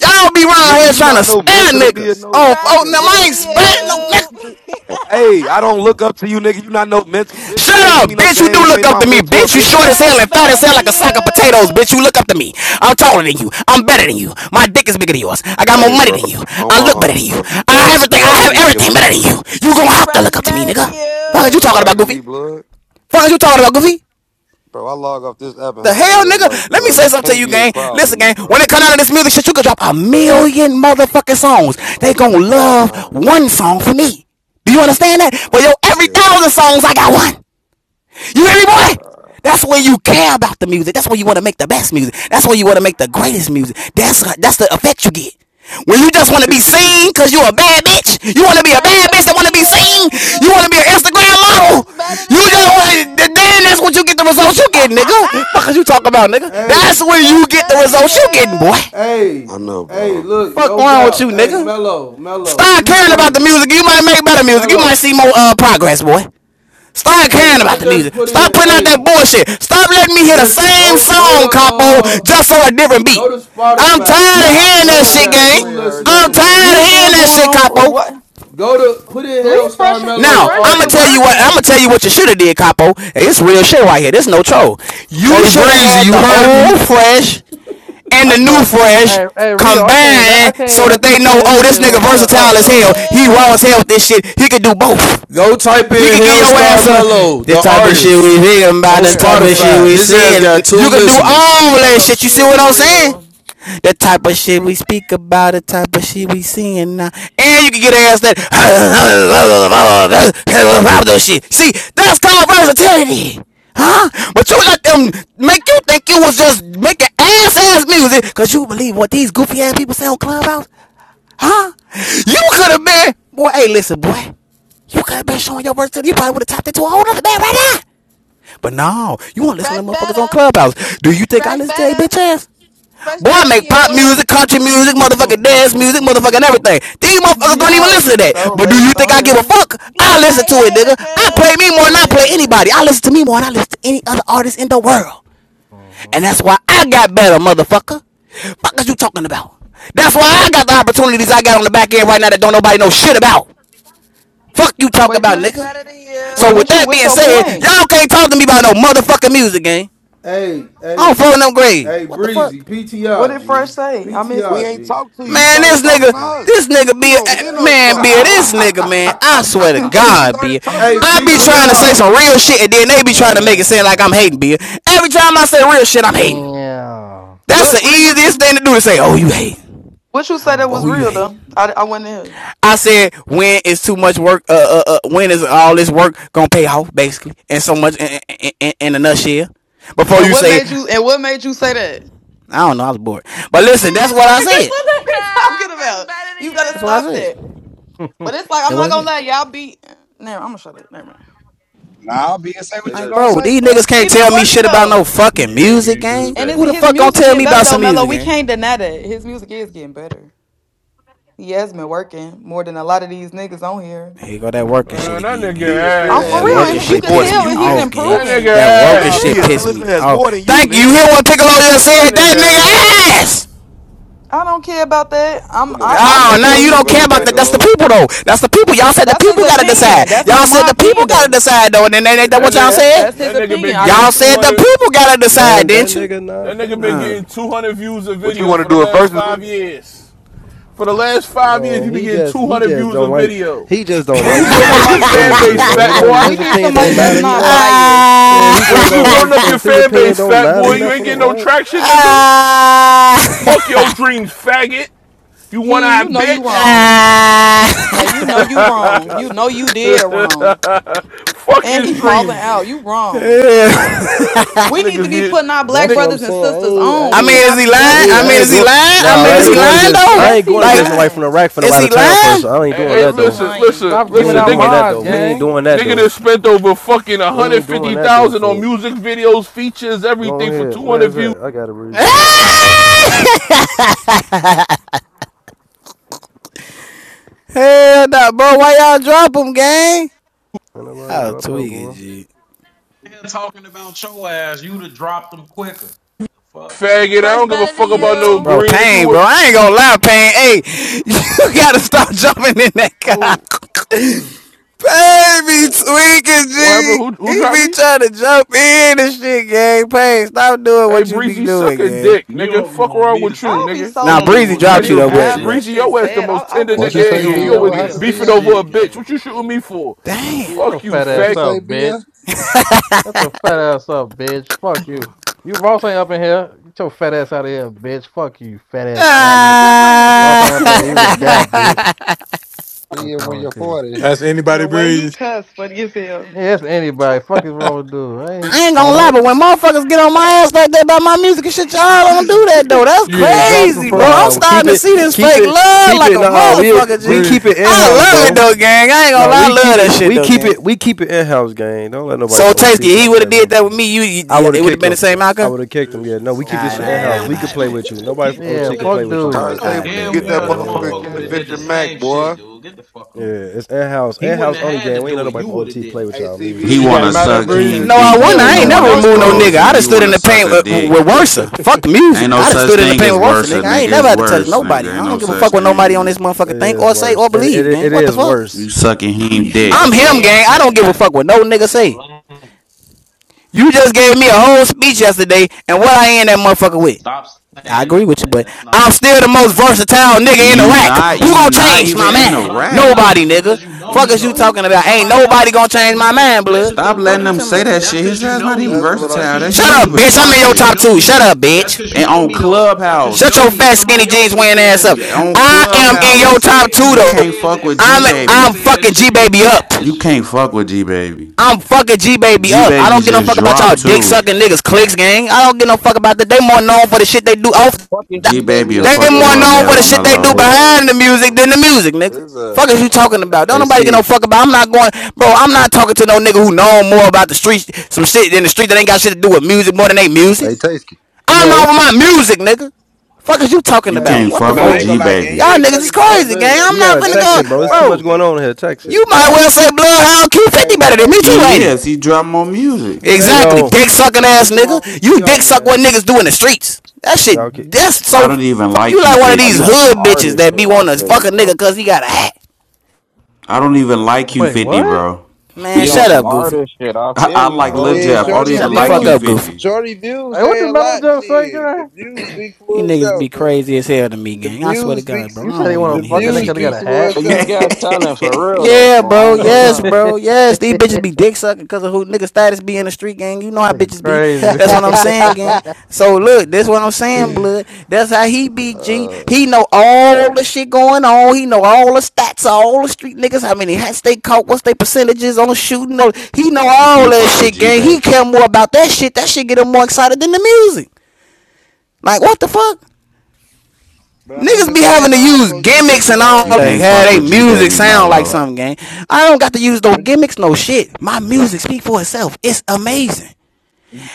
[SPEAKER 8] Y'all be around
[SPEAKER 3] nigga,
[SPEAKER 8] here
[SPEAKER 3] you
[SPEAKER 8] trying to
[SPEAKER 3] not no
[SPEAKER 8] spare
[SPEAKER 3] mentor to me or
[SPEAKER 8] niggas.
[SPEAKER 3] no
[SPEAKER 8] Oh,
[SPEAKER 20] Fresh
[SPEAKER 8] oh,
[SPEAKER 3] fucking
[SPEAKER 8] no,
[SPEAKER 3] look
[SPEAKER 20] better
[SPEAKER 8] I
[SPEAKER 3] up
[SPEAKER 8] ain't
[SPEAKER 20] than
[SPEAKER 3] to you, nigga.
[SPEAKER 8] sparing
[SPEAKER 3] Who
[SPEAKER 8] no
[SPEAKER 3] the fuck
[SPEAKER 8] nigga.
[SPEAKER 20] you.
[SPEAKER 3] you think? Hey, I don't look up to you, nigga. You not no mentor, bitch. You
[SPEAKER 8] Shut
[SPEAKER 3] can't give
[SPEAKER 8] up,
[SPEAKER 3] me no
[SPEAKER 8] bitch. You do
[SPEAKER 3] game. You
[SPEAKER 8] look
[SPEAKER 3] ain't
[SPEAKER 8] up
[SPEAKER 3] my
[SPEAKER 8] to me,
[SPEAKER 3] mentor,
[SPEAKER 8] bitch. You
[SPEAKER 3] bitch.
[SPEAKER 8] short as
[SPEAKER 20] Fresh
[SPEAKER 8] hell
[SPEAKER 3] Fuck you
[SPEAKER 8] and
[SPEAKER 3] think
[SPEAKER 8] fat as
[SPEAKER 20] better
[SPEAKER 3] you
[SPEAKER 8] hell
[SPEAKER 20] than
[SPEAKER 8] like
[SPEAKER 3] is?
[SPEAKER 8] a sack of potatoes,
[SPEAKER 20] you.
[SPEAKER 8] bitch. You look up to me. I'm taller than you. I'm better than you. My dick is bigger than yours. I got more
[SPEAKER 3] Hey,
[SPEAKER 8] money
[SPEAKER 3] bro,
[SPEAKER 8] than you.
[SPEAKER 3] on
[SPEAKER 8] I look
[SPEAKER 3] my
[SPEAKER 8] better
[SPEAKER 3] uncle,
[SPEAKER 8] than you.
[SPEAKER 3] bro. You
[SPEAKER 8] I have
[SPEAKER 3] died
[SPEAKER 8] everything.
[SPEAKER 3] today. I
[SPEAKER 8] I have
[SPEAKER 3] wouldn't even give a
[SPEAKER 8] everything
[SPEAKER 3] fuck.
[SPEAKER 8] better than you. You gonna
[SPEAKER 3] Come on,
[SPEAKER 8] have to look
[SPEAKER 20] Fresh
[SPEAKER 8] up to me,
[SPEAKER 20] better than
[SPEAKER 8] nigga.
[SPEAKER 3] you
[SPEAKER 8] Fuck is
[SPEAKER 3] ain't
[SPEAKER 8] you
[SPEAKER 20] you.
[SPEAKER 8] talking
[SPEAKER 3] nobody
[SPEAKER 8] about,
[SPEAKER 3] to me,
[SPEAKER 8] Goofy?
[SPEAKER 3] blood.
[SPEAKER 8] Fuck is you talking about, Goofy?
[SPEAKER 3] Bro, I log off this app and
[SPEAKER 8] The
[SPEAKER 3] have a
[SPEAKER 8] hell,
[SPEAKER 3] real
[SPEAKER 8] nigga?
[SPEAKER 3] life,
[SPEAKER 8] Let me
[SPEAKER 3] blood.
[SPEAKER 8] say
[SPEAKER 3] You
[SPEAKER 8] something to
[SPEAKER 3] can't
[SPEAKER 8] you,
[SPEAKER 3] be a
[SPEAKER 8] gang.
[SPEAKER 3] problem to
[SPEAKER 8] Listen,
[SPEAKER 3] me,
[SPEAKER 8] gang. When
[SPEAKER 3] bro.
[SPEAKER 8] it come out of this music shit, you could drop a million motherfucking songs. They
[SPEAKER 3] Oh
[SPEAKER 8] gonna
[SPEAKER 3] my
[SPEAKER 8] love
[SPEAKER 3] god,
[SPEAKER 8] one song for me. Do you
[SPEAKER 3] I
[SPEAKER 8] understand
[SPEAKER 3] know,
[SPEAKER 8] that? For
[SPEAKER 3] bro.
[SPEAKER 8] your every
[SPEAKER 3] Yeah.
[SPEAKER 8] thousand songs, I got one. You hear
[SPEAKER 3] Oh
[SPEAKER 8] me,
[SPEAKER 3] my
[SPEAKER 8] boy?
[SPEAKER 3] god.
[SPEAKER 8] That's when you care about the music. That's when you want to make the best music. That's when you want to make the greatest music. That's that's the effect you get. When you just want to be seen because you a bad bitch. You want to be a
[SPEAKER 20] Fresh
[SPEAKER 8] bad bitch
[SPEAKER 20] better
[SPEAKER 8] that want to
[SPEAKER 20] than
[SPEAKER 8] be seen. You
[SPEAKER 20] you.
[SPEAKER 8] want to be an Instagram
[SPEAKER 20] Fresh
[SPEAKER 8] model.
[SPEAKER 20] better
[SPEAKER 8] You
[SPEAKER 20] than
[SPEAKER 8] just want to, then
[SPEAKER 20] you.
[SPEAKER 8] that's what you get the results you get, nigga. Fuck is you talking about, nigga? That's
[SPEAKER 13] Hey,
[SPEAKER 8] when you
[SPEAKER 20] Fresh
[SPEAKER 8] get the
[SPEAKER 20] better than
[SPEAKER 8] results you getting,
[SPEAKER 20] you.
[SPEAKER 8] boy.
[SPEAKER 13] hey,
[SPEAKER 3] I know,
[SPEAKER 13] hey,
[SPEAKER 3] bro.
[SPEAKER 13] look,
[SPEAKER 8] Fuck
[SPEAKER 13] no
[SPEAKER 8] wrong with
[SPEAKER 13] doubt.
[SPEAKER 8] you,
[SPEAKER 13] Hey,
[SPEAKER 8] nigga?
[SPEAKER 13] Mello, Mello,
[SPEAKER 8] Stop
[SPEAKER 13] you
[SPEAKER 8] caring about the
[SPEAKER 13] funny.
[SPEAKER 8] music. You might make better music. You might
[SPEAKER 13] Mello,
[SPEAKER 8] see more uh, progress, boy. Start
[SPEAKER 13] hey,
[SPEAKER 8] caring
[SPEAKER 13] I
[SPEAKER 8] about the
[SPEAKER 13] just
[SPEAKER 8] music.
[SPEAKER 13] put
[SPEAKER 8] Stop
[SPEAKER 13] in,
[SPEAKER 8] putting out
[SPEAKER 13] hey,
[SPEAKER 8] that bullshit. Stop letting me hear the
[SPEAKER 13] mister,
[SPEAKER 8] same
[SPEAKER 13] go, go
[SPEAKER 8] song,
[SPEAKER 13] to,
[SPEAKER 8] Capo,
[SPEAKER 13] uh,
[SPEAKER 8] just on a different beat.
[SPEAKER 13] Go to
[SPEAKER 8] I'm
[SPEAKER 13] Spotify.
[SPEAKER 8] tired of
[SPEAKER 3] Nah, I
[SPEAKER 8] hearing
[SPEAKER 3] best
[SPEAKER 8] that
[SPEAKER 13] Mello
[SPEAKER 8] shit,
[SPEAKER 3] stop
[SPEAKER 13] got
[SPEAKER 3] that.
[SPEAKER 8] gang.
[SPEAKER 3] You
[SPEAKER 13] two
[SPEAKER 3] ain't heard none
[SPEAKER 13] listeners
[SPEAKER 3] of
[SPEAKER 8] I'm
[SPEAKER 13] a
[SPEAKER 3] this new
[SPEAKER 13] month,
[SPEAKER 8] tired
[SPEAKER 4] You
[SPEAKER 8] of
[SPEAKER 3] shit.
[SPEAKER 13] G.
[SPEAKER 8] hearing
[SPEAKER 4] still
[SPEAKER 8] that
[SPEAKER 4] going
[SPEAKER 8] shit,
[SPEAKER 4] on for
[SPEAKER 8] Capo.
[SPEAKER 4] what?
[SPEAKER 13] Go to put in
[SPEAKER 4] Leave
[SPEAKER 13] Hellstar
[SPEAKER 4] Fresh.
[SPEAKER 13] Mello,
[SPEAKER 8] Now,
[SPEAKER 13] the
[SPEAKER 4] Fresh
[SPEAKER 8] I'ma
[SPEAKER 4] been
[SPEAKER 8] tell you
[SPEAKER 13] artist.
[SPEAKER 8] what I'ma
[SPEAKER 4] working.
[SPEAKER 8] tell you what you should have did, Capo. Hey, It's real shit right here. This no troll. You
[SPEAKER 13] Hey
[SPEAKER 3] Okay,
[SPEAKER 8] should have
[SPEAKER 13] Breezy,
[SPEAKER 8] had
[SPEAKER 3] bro.
[SPEAKER 13] you
[SPEAKER 8] the
[SPEAKER 13] heard me.
[SPEAKER 8] old fresh and
[SPEAKER 1] I,
[SPEAKER 8] the new
[SPEAKER 1] bro,
[SPEAKER 8] fresh
[SPEAKER 1] hey, hey, Rio, I can't hear, no, I
[SPEAKER 8] combined
[SPEAKER 1] can't hear
[SPEAKER 8] so that
[SPEAKER 1] nothing you
[SPEAKER 8] they know,
[SPEAKER 1] saying.
[SPEAKER 8] oh,
[SPEAKER 1] This
[SPEAKER 8] this
[SPEAKER 1] nigga
[SPEAKER 8] nigga
[SPEAKER 1] gonna
[SPEAKER 20] Fresh
[SPEAKER 1] shut up,
[SPEAKER 8] versatile as
[SPEAKER 20] better than
[SPEAKER 8] hell.
[SPEAKER 1] bro.
[SPEAKER 8] He
[SPEAKER 20] you.
[SPEAKER 8] raw as hell with this shit. He can do both.
[SPEAKER 13] Go type
[SPEAKER 8] He
[SPEAKER 13] in
[SPEAKER 8] could give your
[SPEAKER 13] Hellstar
[SPEAKER 8] ass a
[SPEAKER 13] Mello,
[SPEAKER 8] the
[SPEAKER 13] the
[SPEAKER 8] type of shit we
[SPEAKER 13] artist,
[SPEAKER 8] thinking
[SPEAKER 13] on
[SPEAKER 8] about, the
[SPEAKER 1] Where,
[SPEAKER 8] type of
[SPEAKER 1] where,
[SPEAKER 8] shit
[SPEAKER 13] Spotify.
[SPEAKER 8] we
[SPEAKER 13] His ass
[SPEAKER 8] seeing.
[SPEAKER 1] where?
[SPEAKER 13] got two
[SPEAKER 8] You could do
[SPEAKER 13] listeners.
[SPEAKER 8] all that
[SPEAKER 4] Mellow,
[SPEAKER 8] shit. You see
[SPEAKER 4] chill
[SPEAKER 8] what
[SPEAKER 4] for
[SPEAKER 8] I'm saying?
[SPEAKER 4] real.
[SPEAKER 8] The type of shit we speak about, the type of shit we seeing now, and you can get ass that shit. See, that's called versatility. Huh? But you let them make you think you was just making ass ass music because you believe what these goofy ass people say on Clubhouse? Huh? You could have been, boy. Hey, listen, boy. You could have been showing your birth to them. you probably would have tapped into a whole other man right now. But no, you want to listen to
[SPEAKER 20] Fresh
[SPEAKER 8] them motherfuckers on
[SPEAKER 20] better.
[SPEAKER 8] Clubhouse. Do you think I
[SPEAKER 20] Fresh
[SPEAKER 8] listen to they
[SPEAKER 20] better.
[SPEAKER 8] bitch ass?
[SPEAKER 20] Fresh
[SPEAKER 8] Boy, I
[SPEAKER 20] better than
[SPEAKER 8] make pop
[SPEAKER 20] you.
[SPEAKER 8] music, country music, motherfucking
[SPEAKER 1] mm-hmm.
[SPEAKER 8] dance music, motherfucking everything. These motherfuckers don't even
[SPEAKER 4] Y'all
[SPEAKER 8] listen to
[SPEAKER 4] be
[SPEAKER 8] that.
[SPEAKER 4] so
[SPEAKER 8] But do you
[SPEAKER 4] laced
[SPEAKER 8] think
[SPEAKER 4] on
[SPEAKER 8] I give a
[SPEAKER 4] here.
[SPEAKER 8] fuck?
[SPEAKER 20] You a
[SPEAKER 8] I listen
[SPEAKER 20] gay
[SPEAKER 8] to it, nigga.
[SPEAKER 20] hater,
[SPEAKER 8] I
[SPEAKER 4] I'm
[SPEAKER 20] cuz.
[SPEAKER 8] play me more than I play anybody.
[SPEAKER 4] screaming.
[SPEAKER 8] I listen to me more than I listen to any other artist in the world. And that's why I got better, motherfucker. Fuck is you talking about? That's why I got the opportunities I got on the back end right now that don't nobody know shit about. Fuck you talking
[SPEAKER 4] Wait,
[SPEAKER 8] about,
[SPEAKER 4] you
[SPEAKER 20] Fresh
[SPEAKER 8] nigga.
[SPEAKER 20] better than
[SPEAKER 4] wait.
[SPEAKER 8] So with
[SPEAKER 20] you.
[SPEAKER 4] What you?
[SPEAKER 8] that
[SPEAKER 4] What's
[SPEAKER 8] being
[SPEAKER 4] your
[SPEAKER 8] said,
[SPEAKER 4] point?
[SPEAKER 8] y'all can't talk to me about no motherfucking music, gang.
[SPEAKER 13] Hey,
[SPEAKER 8] I don't
[SPEAKER 13] hey,
[SPEAKER 8] fall in no grade.
[SPEAKER 13] hey
[SPEAKER 8] What the fuck?
[SPEAKER 13] Breezy,
[SPEAKER 4] What
[SPEAKER 13] PTR
[SPEAKER 4] did Fresh
[SPEAKER 13] G.
[SPEAKER 4] say?
[SPEAKER 13] P
[SPEAKER 4] I
[SPEAKER 13] T
[SPEAKER 4] missed
[SPEAKER 13] R,
[SPEAKER 3] We
[SPEAKER 4] it.
[SPEAKER 13] G.
[SPEAKER 3] ain't talked to
[SPEAKER 1] Let
[SPEAKER 3] you.
[SPEAKER 1] me
[SPEAKER 3] You
[SPEAKER 1] see.
[SPEAKER 8] Man, this
[SPEAKER 3] started
[SPEAKER 1] Let me
[SPEAKER 3] talking
[SPEAKER 8] nigga,
[SPEAKER 3] to
[SPEAKER 1] see.
[SPEAKER 3] us.
[SPEAKER 8] this nigga
[SPEAKER 3] We
[SPEAKER 8] be,
[SPEAKER 3] don't
[SPEAKER 8] a-
[SPEAKER 3] get no
[SPEAKER 8] man,
[SPEAKER 3] fuck,
[SPEAKER 8] be a-
[SPEAKER 3] bro.
[SPEAKER 8] this nigga, man. I swear to
[SPEAKER 3] Your ass
[SPEAKER 8] God, be. a-
[SPEAKER 3] started talking to
[SPEAKER 13] Hey,
[SPEAKER 3] us
[SPEAKER 8] I
[SPEAKER 4] what,
[SPEAKER 8] be
[SPEAKER 3] about
[SPEAKER 4] did,
[SPEAKER 8] trying
[SPEAKER 3] this
[SPEAKER 8] to say
[SPEAKER 13] PTR.
[SPEAKER 3] shit.
[SPEAKER 8] some real shit
[SPEAKER 1] Oh
[SPEAKER 8] and then they be trying to make
[SPEAKER 1] man,
[SPEAKER 8] it sound like I'm hating, be. a- Every time I say real shit, I'm hating.
[SPEAKER 1] damn.
[SPEAKER 8] That's the
[SPEAKER 4] what, what did you say?
[SPEAKER 8] easiest thing to do to say, oh, you hating.
[SPEAKER 4] What you say that was
[SPEAKER 8] who you
[SPEAKER 1] Mm.
[SPEAKER 4] real
[SPEAKER 8] hate?
[SPEAKER 4] though? I I wasn't there.
[SPEAKER 8] I said when is too much work. Uh, uh, uh, when is all this work gonna pay off? Basically, and so much in, in, in, in a nutshell. Before
[SPEAKER 4] And
[SPEAKER 8] you
[SPEAKER 4] what
[SPEAKER 8] say,
[SPEAKER 4] made you? And what made you say that?
[SPEAKER 8] I don't know, I was bored. But listen, that's
[SPEAKER 4] Man,
[SPEAKER 8] what I
[SPEAKER 4] look, that's
[SPEAKER 8] said.
[SPEAKER 4] what they
[SPEAKER 20] Ah,
[SPEAKER 4] talking
[SPEAKER 20] fresh
[SPEAKER 4] about.
[SPEAKER 20] better than
[SPEAKER 4] You gotta
[SPEAKER 8] That's what
[SPEAKER 20] you.
[SPEAKER 8] I
[SPEAKER 4] stop
[SPEAKER 8] said.
[SPEAKER 4] that. But it's like I'm
[SPEAKER 8] That's what
[SPEAKER 4] not
[SPEAKER 8] I
[SPEAKER 4] gonna
[SPEAKER 8] said.
[SPEAKER 4] lie, y'all be never. I'm gonna shut up. Never mind.
[SPEAKER 30] Now be and say
[SPEAKER 3] Say
[SPEAKER 30] what you
[SPEAKER 8] Like,
[SPEAKER 3] that
[SPEAKER 30] gonna
[SPEAKER 8] bro,
[SPEAKER 3] shit.
[SPEAKER 30] say,
[SPEAKER 8] these
[SPEAKER 30] folks.
[SPEAKER 8] niggas
[SPEAKER 4] He
[SPEAKER 8] can't
[SPEAKER 4] been
[SPEAKER 8] tell me
[SPEAKER 4] working
[SPEAKER 8] shit about no
[SPEAKER 4] though,
[SPEAKER 8] fucking
[SPEAKER 26] yeah,
[SPEAKER 8] music,
[SPEAKER 26] you do
[SPEAKER 8] gang.
[SPEAKER 4] and his
[SPEAKER 26] that.
[SPEAKER 8] Who the
[SPEAKER 4] his
[SPEAKER 8] fuck gonna
[SPEAKER 4] music
[SPEAKER 8] tell
[SPEAKER 4] getting
[SPEAKER 8] me
[SPEAKER 4] better
[SPEAKER 8] about
[SPEAKER 4] though,
[SPEAKER 8] some
[SPEAKER 4] Mello.
[SPEAKER 8] music,
[SPEAKER 4] We
[SPEAKER 8] gang?
[SPEAKER 4] can't deny that his music is getting better. He has been working more than a lot of these niggas on here.
[SPEAKER 8] Here you go
[SPEAKER 4] I
[SPEAKER 8] that
[SPEAKER 4] mean,
[SPEAKER 8] working shit
[SPEAKER 3] More,
[SPEAKER 31] Man, that
[SPEAKER 8] again,
[SPEAKER 31] nigga
[SPEAKER 8] gang.
[SPEAKER 3] Bia, say
[SPEAKER 4] I'm
[SPEAKER 8] Ah,
[SPEAKER 4] for
[SPEAKER 3] how
[SPEAKER 8] that
[SPEAKER 3] it
[SPEAKER 31] ass.
[SPEAKER 4] real,
[SPEAKER 8] working
[SPEAKER 3] is.
[SPEAKER 4] and you
[SPEAKER 3] Say
[SPEAKER 8] shit
[SPEAKER 4] could
[SPEAKER 3] more
[SPEAKER 8] pissed
[SPEAKER 3] than
[SPEAKER 4] tell
[SPEAKER 8] me
[SPEAKER 3] you,
[SPEAKER 4] he's
[SPEAKER 8] off,
[SPEAKER 3] nigga.
[SPEAKER 8] gang.
[SPEAKER 31] That nigga
[SPEAKER 8] That
[SPEAKER 4] improving. You could
[SPEAKER 8] working
[SPEAKER 3] Nah,
[SPEAKER 8] shit
[SPEAKER 3] Bia,
[SPEAKER 31] ass.
[SPEAKER 3] tell
[SPEAKER 8] pissed
[SPEAKER 4] tell.
[SPEAKER 3] us
[SPEAKER 8] me
[SPEAKER 3] it has
[SPEAKER 8] off.
[SPEAKER 3] more than you,
[SPEAKER 8] Thank you. You
[SPEAKER 3] nigga.
[SPEAKER 8] hear what Piccolo just
[SPEAKER 31] That
[SPEAKER 8] said?
[SPEAKER 31] nigga
[SPEAKER 8] That nigga ass.
[SPEAKER 31] ass.
[SPEAKER 4] I don't care about that. I'm.
[SPEAKER 3] Come
[SPEAKER 4] I,
[SPEAKER 3] on, bro.
[SPEAKER 4] I
[SPEAKER 3] We
[SPEAKER 4] could
[SPEAKER 8] Oh,
[SPEAKER 3] don't
[SPEAKER 8] now
[SPEAKER 3] give
[SPEAKER 4] tell
[SPEAKER 3] a
[SPEAKER 8] you
[SPEAKER 3] fuck
[SPEAKER 4] he's
[SPEAKER 8] don't
[SPEAKER 3] about
[SPEAKER 8] care
[SPEAKER 3] no
[SPEAKER 4] getting
[SPEAKER 8] about that.
[SPEAKER 4] better.
[SPEAKER 8] That's the
[SPEAKER 3] piccolo.
[SPEAKER 8] people though. That's the people. Y'all
[SPEAKER 31] That,
[SPEAKER 8] said the
[SPEAKER 4] That's his
[SPEAKER 8] people gotta decide.
[SPEAKER 4] opinion. That's not
[SPEAKER 8] Y'all said
[SPEAKER 4] my
[SPEAKER 8] the people
[SPEAKER 4] opinion
[SPEAKER 8] gotta
[SPEAKER 4] though.
[SPEAKER 8] decide though, and then ain't
[SPEAKER 31] that,
[SPEAKER 8] that
[SPEAKER 31] that
[SPEAKER 8] what y'all
[SPEAKER 31] nigga
[SPEAKER 4] That's
[SPEAKER 8] said?
[SPEAKER 4] that's his
[SPEAKER 31] that nigga
[SPEAKER 4] opinion.
[SPEAKER 31] been
[SPEAKER 4] I don't
[SPEAKER 31] getting
[SPEAKER 8] Y'all said
[SPEAKER 4] agree.
[SPEAKER 8] the
[SPEAKER 31] 200
[SPEAKER 8] people gotta decide,
[SPEAKER 22] Man, that
[SPEAKER 8] didn't you?
[SPEAKER 22] nigga not
[SPEAKER 31] that nigga
[SPEAKER 22] from the
[SPEAKER 31] been
[SPEAKER 22] rack.
[SPEAKER 31] getting 200 views of
[SPEAKER 3] What you
[SPEAKER 31] video
[SPEAKER 3] want
[SPEAKER 31] for
[SPEAKER 3] to
[SPEAKER 31] the
[SPEAKER 3] do a
[SPEAKER 31] last
[SPEAKER 3] versus with
[SPEAKER 31] 5
[SPEAKER 3] me?
[SPEAKER 31] years. For the last 5 years
[SPEAKER 22] Man,
[SPEAKER 31] he been
[SPEAKER 22] he
[SPEAKER 31] getting
[SPEAKER 22] just he
[SPEAKER 31] 200
[SPEAKER 22] just
[SPEAKER 31] views
[SPEAKER 22] don't
[SPEAKER 31] of
[SPEAKER 22] like
[SPEAKER 31] video.
[SPEAKER 22] he just don't
[SPEAKER 31] When
[SPEAKER 4] We
[SPEAKER 31] you
[SPEAKER 22] like
[SPEAKER 3] What
[SPEAKER 4] need
[SPEAKER 3] you
[SPEAKER 22] Fresh
[SPEAKER 31] building
[SPEAKER 3] want
[SPEAKER 22] for
[SPEAKER 31] up
[SPEAKER 3] to
[SPEAKER 31] your
[SPEAKER 3] do
[SPEAKER 22] some
[SPEAKER 4] somebody
[SPEAKER 3] a
[SPEAKER 31] fan
[SPEAKER 4] that's
[SPEAKER 22] silly
[SPEAKER 3] versus with
[SPEAKER 31] base,
[SPEAKER 22] shit,
[SPEAKER 3] me or
[SPEAKER 22] bro. He
[SPEAKER 31] fat
[SPEAKER 3] something?
[SPEAKER 22] don't
[SPEAKER 31] boy?
[SPEAKER 4] we
[SPEAKER 22] his
[SPEAKER 4] need
[SPEAKER 22] opinion
[SPEAKER 4] somebody
[SPEAKER 22] don't
[SPEAKER 4] that's
[SPEAKER 22] matter. He
[SPEAKER 4] not
[SPEAKER 22] not
[SPEAKER 4] biased.
[SPEAKER 22] yeah. He
[SPEAKER 31] When
[SPEAKER 22] just
[SPEAKER 31] is you
[SPEAKER 22] don't
[SPEAKER 31] building
[SPEAKER 22] like
[SPEAKER 31] up your
[SPEAKER 22] folks. His
[SPEAKER 31] fan
[SPEAKER 22] opinion
[SPEAKER 31] base,
[SPEAKER 22] don't
[SPEAKER 31] fat
[SPEAKER 22] matter.
[SPEAKER 31] boy?
[SPEAKER 22] He
[SPEAKER 31] You
[SPEAKER 22] not
[SPEAKER 31] ain't
[SPEAKER 22] from
[SPEAKER 31] getting
[SPEAKER 22] the
[SPEAKER 31] no
[SPEAKER 22] rack.
[SPEAKER 31] traction, nigga.
[SPEAKER 8] Ah, ah,
[SPEAKER 31] Fuck your dreams, faggot. You
[SPEAKER 4] He,
[SPEAKER 31] one-eyed
[SPEAKER 4] you know you
[SPEAKER 31] bitch.
[SPEAKER 4] wrong. Now
[SPEAKER 8] ah.
[SPEAKER 4] you know you wrong. You know you did wrong.
[SPEAKER 31] Fuck
[SPEAKER 4] And
[SPEAKER 31] his
[SPEAKER 4] he falling
[SPEAKER 31] dreams.
[SPEAKER 4] out. You wrong. We need to
[SPEAKER 31] niggas
[SPEAKER 4] be
[SPEAKER 31] be
[SPEAKER 4] putting our black
[SPEAKER 22] That's
[SPEAKER 31] nick
[SPEAKER 22] what I'm
[SPEAKER 4] brothers and
[SPEAKER 22] saying. I
[SPEAKER 4] sisters
[SPEAKER 22] ain't I
[SPEAKER 4] on.
[SPEAKER 8] I
[SPEAKER 4] We
[SPEAKER 8] mean,
[SPEAKER 22] ain't
[SPEAKER 8] is
[SPEAKER 4] cannot
[SPEAKER 8] he
[SPEAKER 4] be
[SPEAKER 8] lying?
[SPEAKER 4] judging
[SPEAKER 22] we ain't,
[SPEAKER 8] I
[SPEAKER 4] each
[SPEAKER 22] I
[SPEAKER 8] mean,
[SPEAKER 22] ain't
[SPEAKER 8] is he
[SPEAKER 22] going.
[SPEAKER 4] other.
[SPEAKER 8] lying?
[SPEAKER 22] Nah,
[SPEAKER 8] I mean,
[SPEAKER 22] I
[SPEAKER 31] nigga
[SPEAKER 8] is
[SPEAKER 22] ain't
[SPEAKER 8] he
[SPEAKER 22] going
[SPEAKER 8] lying
[SPEAKER 22] against
[SPEAKER 31] this
[SPEAKER 8] though?
[SPEAKER 22] I
[SPEAKER 31] nick
[SPEAKER 4] Yes,
[SPEAKER 22] ain't
[SPEAKER 4] he's
[SPEAKER 22] going
[SPEAKER 8] Like,
[SPEAKER 31] nick
[SPEAKER 22] against nobody
[SPEAKER 8] uh,
[SPEAKER 22] from the
[SPEAKER 4] lying.
[SPEAKER 22] rack for no
[SPEAKER 8] is
[SPEAKER 22] out
[SPEAKER 8] he
[SPEAKER 22] of town person. I
[SPEAKER 8] lying?
[SPEAKER 22] ain't
[SPEAKER 31] hey,
[SPEAKER 22] doing
[SPEAKER 31] hey
[SPEAKER 4] Yes,
[SPEAKER 22] that
[SPEAKER 4] he's
[SPEAKER 22] though.
[SPEAKER 31] listen listen
[SPEAKER 4] lying.
[SPEAKER 1] Stop
[SPEAKER 22] We
[SPEAKER 1] giving
[SPEAKER 31] listen
[SPEAKER 22] ain't
[SPEAKER 1] out
[SPEAKER 22] doing
[SPEAKER 31] nigga
[SPEAKER 22] that
[SPEAKER 1] mods,
[SPEAKER 22] though.
[SPEAKER 31] ni,
[SPEAKER 22] We ain't
[SPEAKER 1] gang.
[SPEAKER 22] doing that
[SPEAKER 31] nigga
[SPEAKER 22] though.
[SPEAKER 31] that spent over fucking
[SPEAKER 22] We ain't doing that though,
[SPEAKER 31] 150,000 on
[SPEAKER 22] folk.
[SPEAKER 31] music videos features
[SPEAKER 22] Go
[SPEAKER 31] everything for
[SPEAKER 22] ahead. Where
[SPEAKER 31] 200
[SPEAKER 22] is
[SPEAKER 31] views
[SPEAKER 22] that? I got it, Breezy. Hold
[SPEAKER 8] Hell no, nah, bro. Why y'all drop him, gang?
[SPEAKER 22] on. Ain't nobody
[SPEAKER 8] Y'all
[SPEAKER 22] drop him,
[SPEAKER 8] tweaking,
[SPEAKER 22] boy.
[SPEAKER 8] G.
[SPEAKER 26] talking about your ass, you'd have dropped them quicker. The fuck?
[SPEAKER 31] faggot I
[SPEAKER 20] Fresh
[SPEAKER 31] don't give a
[SPEAKER 20] better than
[SPEAKER 31] fuck about no
[SPEAKER 20] you.
[SPEAKER 8] Bro,
[SPEAKER 31] green if you
[SPEAKER 8] pain, bro.
[SPEAKER 31] would
[SPEAKER 8] I ain't gonna lie, pain. Hey, you gotta stop jumping in that car.
[SPEAKER 31] who
[SPEAKER 8] pain be tweaking,
[SPEAKER 31] what happened
[SPEAKER 8] G.
[SPEAKER 31] who who
[SPEAKER 8] He
[SPEAKER 31] dropped
[SPEAKER 8] be
[SPEAKER 31] me
[SPEAKER 8] trying to jump in and shit, gang. Pain, stop doing
[SPEAKER 31] hey
[SPEAKER 8] what you be
[SPEAKER 31] breezy suck
[SPEAKER 8] doing,
[SPEAKER 31] a
[SPEAKER 8] gang.
[SPEAKER 31] dick
[SPEAKER 26] You
[SPEAKER 31] nigga
[SPEAKER 26] don't be
[SPEAKER 31] fuck
[SPEAKER 26] want
[SPEAKER 31] wrong
[SPEAKER 26] me to
[SPEAKER 31] with you
[SPEAKER 26] say
[SPEAKER 4] Y'all be
[SPEAKER 31] nigga
[SPEAKER 26] you
[SPEAKER 8] Now,
[SPEAKER 4] so
[SPEAKER 26] don't be
[SPEAKER 31] you
[SPEAKER 8] Breezy
[SPEAKER 26] want me
[SPEAKER 4] on
[SPEAKER 26] to
[SPEAKER 8] dropped you,
[SPEAKER 31] tender
[SPEAKER 4] this
[SPEAKER 8] though,
[SPEAKER 26] say
[SPEAKER 8] but,
[SPEAKER 31] bitch.
[SPEAKER 4] app.
[SPEAKER 26] shit.
[SPEAKER 8] but
[SPEAKER 4] That
[SPEAKER 31] Breezy,
[SPEAKER 4] shit
[SPEAKER 31] your ass the
[SPEAKER 4] sad. I,
[SPEAKER 31] most
[SPEAKER 4] I
[SPEAKER 31] tender
[SPEAKER 4] wish
[SPEAKER 32] What you
[SPEAKER 4] better
[SPEAKER 31] nigga in
[SPEAKER 26] You
[SPEAKER 4] for
[SPEAKER 32] say,
[SPEAKER 31] here.
[SPEAKER 26] don't be
[SPEAKER 4] y'all
[SPEAKER 31] You
[SPEAKER 32] Bia?
[SPEAKER 4] for
[SPEAKER 26] want
[SPEAKER 31] always
[SPEAKER 32] What
[SPEAKER 26] me to
[SPEAKER 32] happened,
[SPEAKER 4] real.
[SPEAKER 26] say
[SPEAKER 31] beefing
[SPEAKER 32] Bia?
[SPEAKER 31] over a
[SPEAKER 26] shit,
[SPEAKER 31] bitch. What
[SPEAKER 26] gang.
[SPEAKER 31] you shooting me for?
[SPEAKER 8] damn.
[SPEAKER 32] Bia?
[SPEAKER 1] Yo,
[SPEAKER 31] Fuck you,
[SPEAKER 1] fat
[SPEAKER 32] What
[SPEAKER 31] faggot.
[SPEAKER 32] you
[SPEAKER 1] ass up,
[SPEAKER 32] say,
[SPEAKER 1] bitch.
[SPEAKER 32] Bia?
[SPEAKER 1] That's a fat ass up, bitch. Fuck you. You Ross ain't up in here. Get your fat ass out of here, bitch. Fuck you, fat ass
[SPEAKER 20] Don't say
[SPEAKER 1] faggot.
[SPEAKER 20] shit to
[SPEAKER 1] Ross
[SPEAKER 20] Breezy.
[SPEAKER 1] ain't up in here. You would
[SPEAKER 8] Ah.
[SPEAKER 1] die, bitch.
[SPEAKER 32] See
[SPEAKER 1] Fuck
[SPEAKER 32] you when
[SPEAKER 1] wrong
[SPEAKER 32] you're
[SPEAKER 1] with you?
[SPEAKER 32] 40.
[SPEAKER 5] That's
[SPEAKER 4] The
[SPEAKER 5] anybody
[SPEAKER 4] way he
[SPEAKER 5] breathing.
[SPEAKER 4] cussed, funny as hell.
[SPEAKER 1] Yeah, that's anybody. Fuck is wrong with dude. I ain't
[SPEAKER 8] I ain't gonna
[SPEAKER 1] homie.
[SPEAKER 8] lie,
[SPEAKER 3] Tar-
[SPEAKER 8] but when motherfuckers get on my ass like that about my music and shit, y'all don't do that though. That's
[SPEAKER 5] You had dropped him,
[SPEAKER 8] crazy, bro.
[SPEAKER 5] folks.
[SPEAKER 8] I'm
[SPEAKER 22] No, we keep
[SPEAKER 8] starting to
[SPEAKER 22] it,
[SPEAKER 8] see this
[SPEAKER 22] keep
[SPEAKER 8] fake
[SPEAKER 22] it,
[SPEAKER 8] love
[SPEAKER 22] keep
[SPEAKER 8] like
[SPEAKER 22] it.
[SPEAKER 8] a
[SPEAKER 22] No, we
[SPEAKER 8] motherfucker,
[SPEAKER 22] we
[SPEAKER 8] G.
[SPEAKER 22] keep
[SPEAKER 5] Breezy.
[SPEAKER 22] it in
[SPEAKER 8] I
[SPEAKER 22] house,
[SPEAKER 8] love it
[SPEAKER 22] bro.
[SPEAKER 8] though, gang. I ain't gonna
[SPEAKER 22] No,
[SPEAKER 8] lie, I
[SPEAKER 22] we
[SPEAKER 8] love
[SPEAKER 22] keep
[SPEAKER 8] that
[SPEAKER 22] it,
[SPEAKER 8] shit
[SPEAKER 22] we
[SPEAKER 8] though,
[SPEAKER 22] keep
[SPEAKER 8] gang.
[SPEAKER 22] it, we keep it in house, gang. Don't let nobody
[SPEAKER 8] So
[SPEAKER 22] from OT
[SPEAKER 8] Tasty, he
[SPEAKER 22] come
[SPEAKER 8] would
[SPEAKER 22] play
[SPEAKER 8] have
[SPEAKER 22] with
[SPEAKER 8] did
[SPEAKER 22] him.
[SPEAKER 8] that with me. You,
[SPEAKER 22] I
[SPEAKER 8] you
[SPEAKER 22] would have
[SPEAKER 8] it would have
[SPEAKER 22] kicked
[SPEAKER 8] been the
[SPEAKER 22] him.
[SPEAKER 8] same
[SPEAKER 22] I
[SPEAKER 8] outcome.
[SPEAKER 22] would have kicked him.
[SPEAKER 5] This
[SPEAKER 22] Yeah, no,
[SPEAKER 5] shit's
[SPEAKER 22] we
[SPEAKER 8] All
[SPEAKER 5] so
[SPEAKER 22] keep
[SPEAKER 8] right,
[SPEAKER 22] this
[SPEAKER 8] all
[SPEAKER 22] shit
[SPEAKER 5] funny,
[SPEAKER 22] in
[SPEAKER 8] right, all
[SPEAKER 5] bro.
[SPEAKER 26] Man,
[SPEAKER 22] house.
[SPEAKER 8] right, all
[SPEAKER 22] We could
[SPEAKER 26] what
[SPEAKER 8] right,
[SPEAKER 26] you
[SPEAKER 22] play
[SPEAKER 8] bet,
[SPEAKER 22] with
[SPEAKER 8] all
[SPEAKER 26] what
[SPEAKER 22] you.
[SPEAKER 8] right,
[SPEAKER 26] you
[SPEAKER 22] Nobody from
[SPEAKER 26] picked
[SPEAKER 1] Yeah,
[SPEAKER 22] OT could
[SPEAKER 26] away?
[SPEAKER 22] play
[SPEAKER 1] fuck
[SPEAKER 22] with you,
[SPEAKER 1] dude.
[SPEAKER 26] You
[SPEAKER 22] folk.
[SPEAKER 26] know
[SPEAKER 3] Tarzay,
[SPEAKER 8] right,
[SPEAKER 3] where you
[SPEAKER 8] bet,
[SPEAKER 26] damn
[SPEAKER 3] get
[SPEAKER 8] bet,
[SPEAKER 3] that
[SPEAKER 26] well
[SPEAKER 22] Yeah,
[SPEAKER 26] the
[SPEAKER 8] bet.
[SPEAKER 22] we
[SPEAKER 8] All
[SPEAKER 22] ain't
[SPEAKER 8] right.
[SPEAKER 3] motherfucking
[SPEAKER 22] gonna
[SPEAKER 26] motherfucker would have
[SPEAKER 22] do that,
[SPEAKER 26] did
[SPEAKER 3] catfish
[SPEAKER 26] the
[SPEAKER 3] and
[SPEAKER 22] folk.
[SPEAKER 3] mac,
[SPEAKER 26] same shit,
[SPEAKER 3] boy?
[SPEAKER 26] dude. Get the fuck
[SPEAKER 22] Yeah,
[SPEAKER 26] on, man.
[SPEAKER 22] it's in house,
[SPEAKER 26] He
[SPEAKER 22] in
[SPEAKER 26] wouldn't
[SPEAKER 22] house
[SPEAKER 26] have
[SPEAKER 22] only
[SPEAKER 26] had to
[SPEAKER 22] gang. We ain't let
[SPEAKER 26] do it.
[SPEAKER 22] nobody
[SPEAKER 26] You
[SPEAKER 22] from
[SPEAKER 26] would have
[SPEAKER 22] OT
[SPEAKER 26] did
[SPEAKER 22] play with
[SPEAKER 26] it.
[SPEAKER 3] Hey,
[SPEAKER 22] y'all music,
[SPEAKER 33] He
[SPEAKER 5] You
[SPEAKER 22] folk.
[SPEAKER 5] got
[SPEAKER 3] CBL,
[SPEAKER 33] wanna
[SPEAKER 5] him
[SPEAKER 3] where you
[SPEAKER 5] out of
[SPEAKER 3] get
[SPEAKER 33] suck
[SPEAKER 3] that
[SPEAKER 5] there, Breezy.
[SPEAKER 33] him
[SPEAKER 8] No,
[SPEAKER 3] catfish
[SPEAKER 8] I
[SPEAKER 33] dick.
[SPEAKER 3] and
[SPEAKER 33] He
[SPEAKER 8] wouldn't.
[SPEAKER 1] Hell
[SPEAKER 3] mac,
[SPEAKER 8] I
[SPEAKER 33] the
[SPEAKER 8] ain't
[SPEAKER 1] yeah,
[SPEAKER 33] one
[SPEAKER 8] never
[SPEAKER 33] to
[SPEAKER 3] boy?
[SPEAKER 1] fuck
[SPEAKER 8] removed no
[SPEAKER 33] expose
[SPEAKER 8] nigga.
[SPEAKER 1] dude.
[SPEAKER 8] I
[SPEAKER 33] him.
[SPEAKER 8] done
[SPEAKER 33] He
[SPEAKER 8] stood in
[SPEAKER 33] wanna
[SPEAKER 8] the
[SPEAKER 33] suck
[SPEAKER 8] paint
[SPEAKER 33] a
[SPEAKER 8] with,
[SPEAKER 33] dick.
[SPEAKER 8] with worser. Fuck
[SPEAKER 33] Ain't
[SPEAKER 8] music.
[SPEAKER 33] no
[SPEAKER 8] I done
[SPEAKER 33] such
[SPEAKER 8] stood in the
[SPEAKER 33] thing
[SPEAKER 8] paint
[SPEAKER 33] as
[SPEAKER 8] with worser,
[SPEAKER 33] worse,
[SPEAKER 8] nigga. I
[SPEAKER 33] nigga.
[SPEAKER 8] ain't never
[SPEAKER 33] It's
[SPEAKER 8] had to touch
[SPEAKER 33] worse,
[SPEAKER 8] nobody.
[SPEAKER 33] nigga. Ain't
[SPEAKER 8] I
[SPEAKER 33] no
[SPEAKER 8] don't give a
[SPEAKER 33] such
[SPEAKER 8] fuck what
[SPEAKER 33] thing,
[SPEAKER 8] nobody on this
[SPEAKER 33] nigga.
[SPEAKER 22] It
[SPEAKER 8] motherfucker think
[SPEAKER 22] is
[SPEAKER 8] or say or
[SPEAKER 22] worse. It,
[SPEAKER 8] believe,
[SPEAKER 22] it
[SPEAKER 8] gang.
[SPEAKER 22] it
[SPEAKER 8] What the
[SPEAKER 22] is
[SPEAKER 8] fuck?
[SPEAKER 22] worse.
[SPEAKER 33] You sucking him dick.
[SPEAKER 8] I'm
[SPEAKER 26] Stop
[SPEAKER 22] It's
[SPEAKER 8] him,
[SPEAKER 26] saying
[SPEAKER 22] worse.
[SPEAKER 8] gang. I don't
[SPEAKER 26] that.
[SPEAKER 8] give a
[SPEAKER 26] That's
[SPEAKER 8] fuck what no nigga
[SPEAKER 26] a
[SPEAKER 8] say.
[SPEAKER 26] lie.
[SPEAKER 8] You just gave me a whole speech yesterday, and what I ain't that motherfucker with.
[SPEAKER 26] Stop
[SPEAKER 8] Yeah, I
[SPEAKER 26] saying
[SPEAKER 8] agree with you,
[SPEAKER 26] that.
[SPEAKER 8] but
[SPEAKER 26] That's not the
[SPEAKER 8] I'm still the most
[SPEAKER 26] truth.
[SPEAKER 8] versatile nigga in the
[SPEAKER 33] You
[SPEAKER 8] rack.
[SPEAKER 33] not.
[SPEAKER 8] Who
[SPEAKER 33] You
[SPEAKER 8] gonna
[SPEAKER 33] not
[SPEAKER 8] change
[SPEAKER 26] I'm
[SPEAKER 8] my
[SPEAKER 33] even
[SPEAKER 26] saying,
[SPEAKER 33] in the
[SPEAKER 26] but
[SPEAKER 8] mind?
[SPEAKER 26] I'm saying
[SPEAKER 33] rack.
[SPEAKER 26] I
[SPEAKER 8] Nobody, nigga.
[SPEAKER 26] because you know
[SPEAKER 33] The
[SPEAKER 8] Fuck
[SPEAKER 26] me
[SPEAKER 8] is you
[SPEAKER 26] though.
[SPEAKER 33] fuck.
[SPEAKER 8] talking
[SPEAKER 26] If
[SPEAKER 8] about? Ain't
[SPEAKER 26] somebody
[SPEAKER 8] nobody
[SPEAKER 26] else,
[SPEAKER 8] gonna
[SPEAKER 26] that's
[SPEAKER 8] change my
[SPEAKER 26] because
[SPEAKER 8] mind, blood.
[SPEAKER 26] listen to
[SPEAKER 33] Stop
[SPEAKER 26] me though.
[SPEAKER 8] Fuck
[SPEAKER 33] letting
[SPEAKER 8] you
[SPEAKER 26] That's
[SPEAKER 33] them
[SPEAKER 8] talking
[SPEAKER 33] say
[SPEAKER 8] about?
[SPEAKER 33] that
[SPEAKER 26] that's
[SPEAKER 33] shit.
[SPEAKER 26] because
[SPEAKER 33] His
[SPEAKER 26] you
[SPEAKER 33] ass
[SPEAKER 26] know
[SPEAKER 33] not even
[SPEAKER 26] me.
[SPEAKER 3] That's what I
[SPEAKER 26] That's
[SPEAKER 33] versatile.
[SPEAKER 26] because
[SPEAKER 33] That
[SPEAKER 26] you
[SPEAKER 3] keep
[SPEAKER 33] he
[SPEAKER 8] Shut
[SPEAKER 26] know
[SPEAKER 33] don't
[SPEAKER 8] up,
[SPEAKER 33] even
[SPEAKER 26] me.
[SPEAKER 8] bitch.
[SPEAKER 3] saying,
[SPEAKER 8] I'm
[SPEAKER 33] drop
[SPEAKER 26] That's
[SPEAKER 8] in your
[SPEAKER 26] because
[SPEAKER 33] shit.
[SPEAKER 26] you
[SPEAKER 3] folks.
[SPEAKER 8] top
[SPEAKER 26] know
[SPEAKER 8] two. Shut
[SPEAKER 26] me.
[SPEAKER 8] up,
[SPEAKER 26] That's
[SPEAKER 8] bitch.
[SPEAKER 26] because you
[SPEAKER 33] And
[SPEAKER 26] know
[SPEAKER 33] on
[SPEAKER 26] me though. That's because you
[SPEAKER 8] Shut
[SPEAKER 33] Clubhouse,
[SPEAKER 26] know
[SPEAKER 8] your
[SPEAKER 26] me. If
[SPEAKER 8] fat skinny
[SPEAKER 26] somebody else
[SPEAKER 8] jeans
[SPEAKER 26] would have
[SPEAKER 8] wearing
[SPEAKER 26] said
[SPEAKER 8] ass
[SPEAKER 26] that
[SPEAKER 8] up.
[SPEAKER 33] Yeah,
[SPEAKER 26] shit,
[SPEAKER 33] on
[SPEAKER 8] I am
[SPEAKER 26] if you
[SPEAKER 8] in
[SPEAKER 26] would have
[SPEAKER 8] your
[SPEAKER 33] Clubhouse,
[SPEAKER 26] said,
[SPEAKER 8] top
[SPEAKER 26] if you
[SPEAKER 8] two
[SPEAKER 33] you
[SPEAKER 26] would have
[SPEAKER 8] though.
[SPEAKER 33] can't
[SPEAKER 26] said that,
[SPEAKER 33] fuck
[SPEAKER 26] if
[SPEAKER 33] with G
[SPEAKER 8] I'm
[SPEAKER 26] somebody else would have
[SPEAKER 8] I'm
[SPEAKER 33] Baby.
[SPEAKER 26] said that
[SPEAKER 8] fucking G
[SPEAKER 26] shit, you'd have
[SPEAKER 8] baby up.
[SPEAKER 26] flat that
[SPEAKER 33] You
[SPEAKER 26] shit,
[SPEAKER 33] can't
[SPEAKER 26] bro.
[SPEAKER 33] fuck with G Baby.
[SPEAKER 8] I'm fucking G baby
[SPEAKER 33] G
[SPEAKER 8] up. I
[SPEAKER 33] Baby
[SPEAKER 8] don't give no
[SPEAKER 33] just
[SPEAKER 8] fuck about y'all
[SPEAKER 33] dropped
[SPEAKER 8] dick
[SPEAKER 33] too.
[SPEAKER 8] sucking niggas, clicks gang. I don't give no fuck about that. They more known for the shit they do off.
[SPEAKER 34] Fuck your
[SPEAKER 8] The,
[SPEAKER 33] G
[SPEAKER 34] G
[SPEAKER 33] Baby
[SPEAKER 34] baby
[SPEAKER 33] will
[SPEAKER 34] up,
[SPEAKER 8] they
[SPEAKER 33] fuck you
[SPEAKER 34] nigga.
[SPEAKER 8] more
[SPEAKER 3] His
[SPEAKER 33] up,
[SPEAKER 8] known for
[SPEAKER 33] Mel-
[SPEAKER 8] the
[SPEAKER 3] size a
[SPEAKER 34] I'm
[SPEAKER 8] shit
[SPEAKER 34] just
[SPEAKER 8] they do
[SPEAKER 3] fucking
[SPEAKER 33] Mello.
[SPEAKER 34] playing.
[SPEAKER 32] Hey,
[SPEAKER 8] behind the
[SPEAKER 3] lion,
[SPEAKER 8] music
[SPEAKER 3] bro.
[SPEAKER 8] than the music, nigga.
[SPEAKER 3] His
[SPEAKER 8] Fuck
[SPEAKER 3] ass a
[SPEAKER 8] is you talking
[SPEAKER 3] lion,
[SPEAKER 8] about? Don't
[SPEAKER 32] hey,
[SPEAKER 3] bro.
[SPEAKER 8] nobody get no
[SPEAKER 32] Ski.
[SPEAKER 8] fuck about. I'm not going, bro. I'm not talking to no nigga who know more about the streets, some shit in the street that ain't got shit to do with music more than they music.
[SPEAKER 32] Hey, Tasty.
[SPEAKER 8] I'm
[SPEAKER 22] Yo,
[SPEAKER 8] over my music, nigga. Fuck is you talking
[SPEAKER 33] You
[SPEAKER 13] Hey,
[SPEAKER 8] about?
[SPEAKER 33] can't
[SPEAKER 8] What the
[SPEAKER 33] fuck
[SPEAKER 35] Nah, I
[SPEAKER 33] with
[SPEAKER 8] fuck?
[SPEAKER 35] ain't
[SPEAKER 22] yo,
[SPEAKER 33] G
[SPEAKER 13] Tarzay.
[SPEAKER 35] gonna lie, gang. You
[SPEAKER 33] Baby.
[SPEAKER 8] Y'all
[SPEAKER 35] ain't
[SPEAKER 8] niggas is
[SPEAKER 35] fucking no G
[SPEAKER 8] crazy, gang.
[SPEAKER 13] Tarzay.
[SPEAKER 35] GWL,
[SPEAKER 8] I'm
[SPEAKER 22] you
[SPEAKER 35] gang.
[SPEAKER 8] not
[SPEAKER 22] gotta
[SPEAKER 8] finna
[SPEAKER 35] That
[SPEAKER 22] text
[SPEAKER 8] go,
[SPEAKER 22] it,
[SPEAKER 35] shit
[SPEAKER 22] bro. It's too
[SPEAKER 35] about,
[SPEAKER 22] much
[SPEAKER 8] bro.
[SPEAKER 22] going
[SPEAKER 35] man.
[SPEAKER 22] on here.
[SPEAKER 35] That
[SPEAKER 22] Text it.
[SPEAKER 8] You
[SPEAKER 35] shit
[SPEAKER 8] might well
[SPEAKER 35] about.
[SPEAKER 8] say Bloodhound Q Fifty
[SPEAKER 13] Hey,
[SPEAKER 8] better than
[SPEAKER 13] hey,
[SPEAKER 8] me too,
[SPEAKER 33] He
[SPEAKER 8] ain't
[SPEAKER 13] Tasky.
[SPEAKER 8] he?
[SPEAKER 33] is. He drop more music.
[SPEAKER 8] Exactly,
[SPEAKER 13] Tasky.
[SPEAKER 22] Yo,
[SPEAKER 8] dick sucking ass
[SPEAKER 13] Look at my
[SPEAKER 8] nigga. You dick
[SPEAKER 13] PTR,
[SPEAKER 8] suck
[SPEAKER 13] man.
[SPEAKER 8] what niggas do in the streets. That
[SPEAKER 22] y'all keep.
[SPEAKER 8] shit, that's so.
[SPEAKER 33] I don't even
[SPEAKER 8] You
[SPEAKER 33] like you,
[SPEAKER 8] like one of
[SPEAKER 34] Oh,
[SPEAKER 8] these
[SPEAKER 34] you
[SPEAKER 33] 50.
[SPEAKER 34] on some
[SPEAKER 8] hood bitches
[SPEAKER 34] artist
[SPEAKER 8] that be
[SPEAKER 34] shit? I
[SPEAKER 8] wanting to
[SPEAKER 34] feel
[SPEAKER 8] fuck
[SPEAKER 34] you,
[SPEAKER 8] a
[SPEAKER 34] for.
[SPEAKER 8] nigga cause he got a hat.
[SPEAKER 33] I don't even like you,
[SPEAKER 1] Wait,
[SPEAKER 33] 50,
[SPEAKER 1] what?
[SPEAKER 33] bro.
[SPEAKER 8] Man,
[SPEAKER 34] He on
[SPEAKER 33] I,
[SPEAKER 8] shut
[SPEAKER 34] some
[SPEAKER 8] up, Goofy.
[SPEAKER 34] artist shit. I feel
[SPEAKER 33] I
[SPEAKER 34] you,
[SPEAKER 33] like
[SPEAKER 22] All right.
[SPEAKER 33] Lil
[SPEAKER 34] for. He
[SPEAKER 35] Shit,
[SPEAKER 33] Jeff. I
[SPEAKER 34] trying to
[SPEAKER 33] don't
[SPEAKER 34] say
[SPEAKER 35] shorty
[SPEAKER 1] hey,
[SPEAKER 8] Shut
[SPEAKER 33] even
[SPEAKER 34] he
[SPEAKER 8] the
[SPEAKER 33] like
[SPEAKER 34] wrong.
[SPEAKER 8] fuck
[SPEAKER 35] views.
[SPEAKER 33] you,
[SPEAKER 8] up, Goofy.
[SPEAKER 33] 50.
[SPEAKER 35] Shorty views
[SPEAKER 1] what
[SPEAKER 35] say
[SPEAKER 1] did
[SPEAKER 35] a
[SPEAKER 1] Metal
[SPEAKER 35] lot.
[SPEAKER 1] Joe say,
[SPEAKER 35] Shit, the
[SPEAKER 1] girl?
[SPEAKER 35] views speak
[SPEAKER 8] You
[SPEAKER 35] for
[SPEAKER 8] niggas
[SPEAKER 35] itself,
[SPEAKER 8] be
[SPEAKER 35] gang.
[SPEAKER 8] crazy as hell to me,
[SPEAKER 35] The
[SPEAKER 8] gang. I swear to
[SPEAKER 35] views
[SPEAKER 8] God,
[SPEAKER 35] speaks.
[SPEAKER 8] bro. I
[SPEAKER 1] You said they
[SPEAKER 8] don't even
[SPEAKER 1] want
[SPEAKER 35] The
[SPEAKER 8] want
[SPEAKER 1] to
[SPEAKER 8] to hear
[SPEAKER 1] fuck a
[SPEAKER 8] this
[SPEAKER 1] nigga
[SPEAKER 35] views
[SPEAKER 1] 'cause
[SPEAKER 8] shit,
[SPEAKER 1] they
[SPEAKER 8] gang.
[SPEAKER 1] got
[SPEAKER 35] speaks
[SPEAKER 1] a
[SPEAKER 35] for
[SPEAKER 34] Oh,
[SPEAKER 1] hat.
[SPEAKER 34] you
[SPEAKER 35] itself,
[SPEAKER 34] got
[SPEAKER 35] gang.
[SPEAKER 34] talent for real though,
[SPEAKER 8] Yeah,
[SPEAKER 34] for. I
[SPEAKER 8] bro.
[SPEAKER 34] ain't gonna
[SPEAKER 8] Yes,
[SPEAKER 34] lie.
[SPEAKER 8] bro. Yes, these bitches be dick sucking because of who nigga status be in the street, gang. You know how
[SPEAKER 1] nigga
[SPEAKER 8] bitches be.
[SPEAKER 1] crazy.
[SPEAKER 8] That's what I'm saying, gang. So look, that's what I'm saying, blood. That's how he be, G. He know all the shit going on. He know all the stats of all the street niggas. How many hats they caught? What's their percentages on shooting? all- He know
[SPEAKER 33] you
[SPEAKER 8] all
[SPEAKER 33] can't
[SPEAKER 8] that
[SPEAKER 33] fuck with
[SPEAKER 8] shit,
[SPEAKER 33] G
[SPEAKER 8] gang. He
[SPEAKER 33] Baby.
[SPEAKER 8] care more about that shit. That shit get him more excited than the music. Like what the fuck?
[SPEAKER 35] But I'm
[SPEAKER 8] Niggas
[SPEAKER 35] just
[SPEAKER 8] be having
[SPEAKER 35] saying,
[SPEAKER 8] to
[SPEAKER 35] nah,
[SPEAKER 8] use
[SPEAKER 35] for G
[SPEAKER 8] gimmicks
[SPEAKER 35] baby
[SPEAKER 8] and all
[SPEAKER 33] You
[SPEAKER 8] to
[SPEAKER 35] hard though,
[SPEAKER 33] can't
[SPEAKER 8] have
[SPEAKER 33] fuck
[SPEAKER 35] mellow,
[SPEAKER 8] they
[SPEAKER 33] with G
[SPEAKER 35] gang.
[SPEAKER 8] music
[SPEAKER 35] That's
[SPEAKER 33] Baby,
[SPEAKER 35] kind
[SPEAKER 8] sound
[SPEAKER 35] of you
[SPEAKER 8] like
[SPEAKER 33] Mello.
[SPEAKER 35] know.
[SPEAKER 8] something, gang. I don't got to use no gimmicks, no shit. My music speak for itself. It's amazing.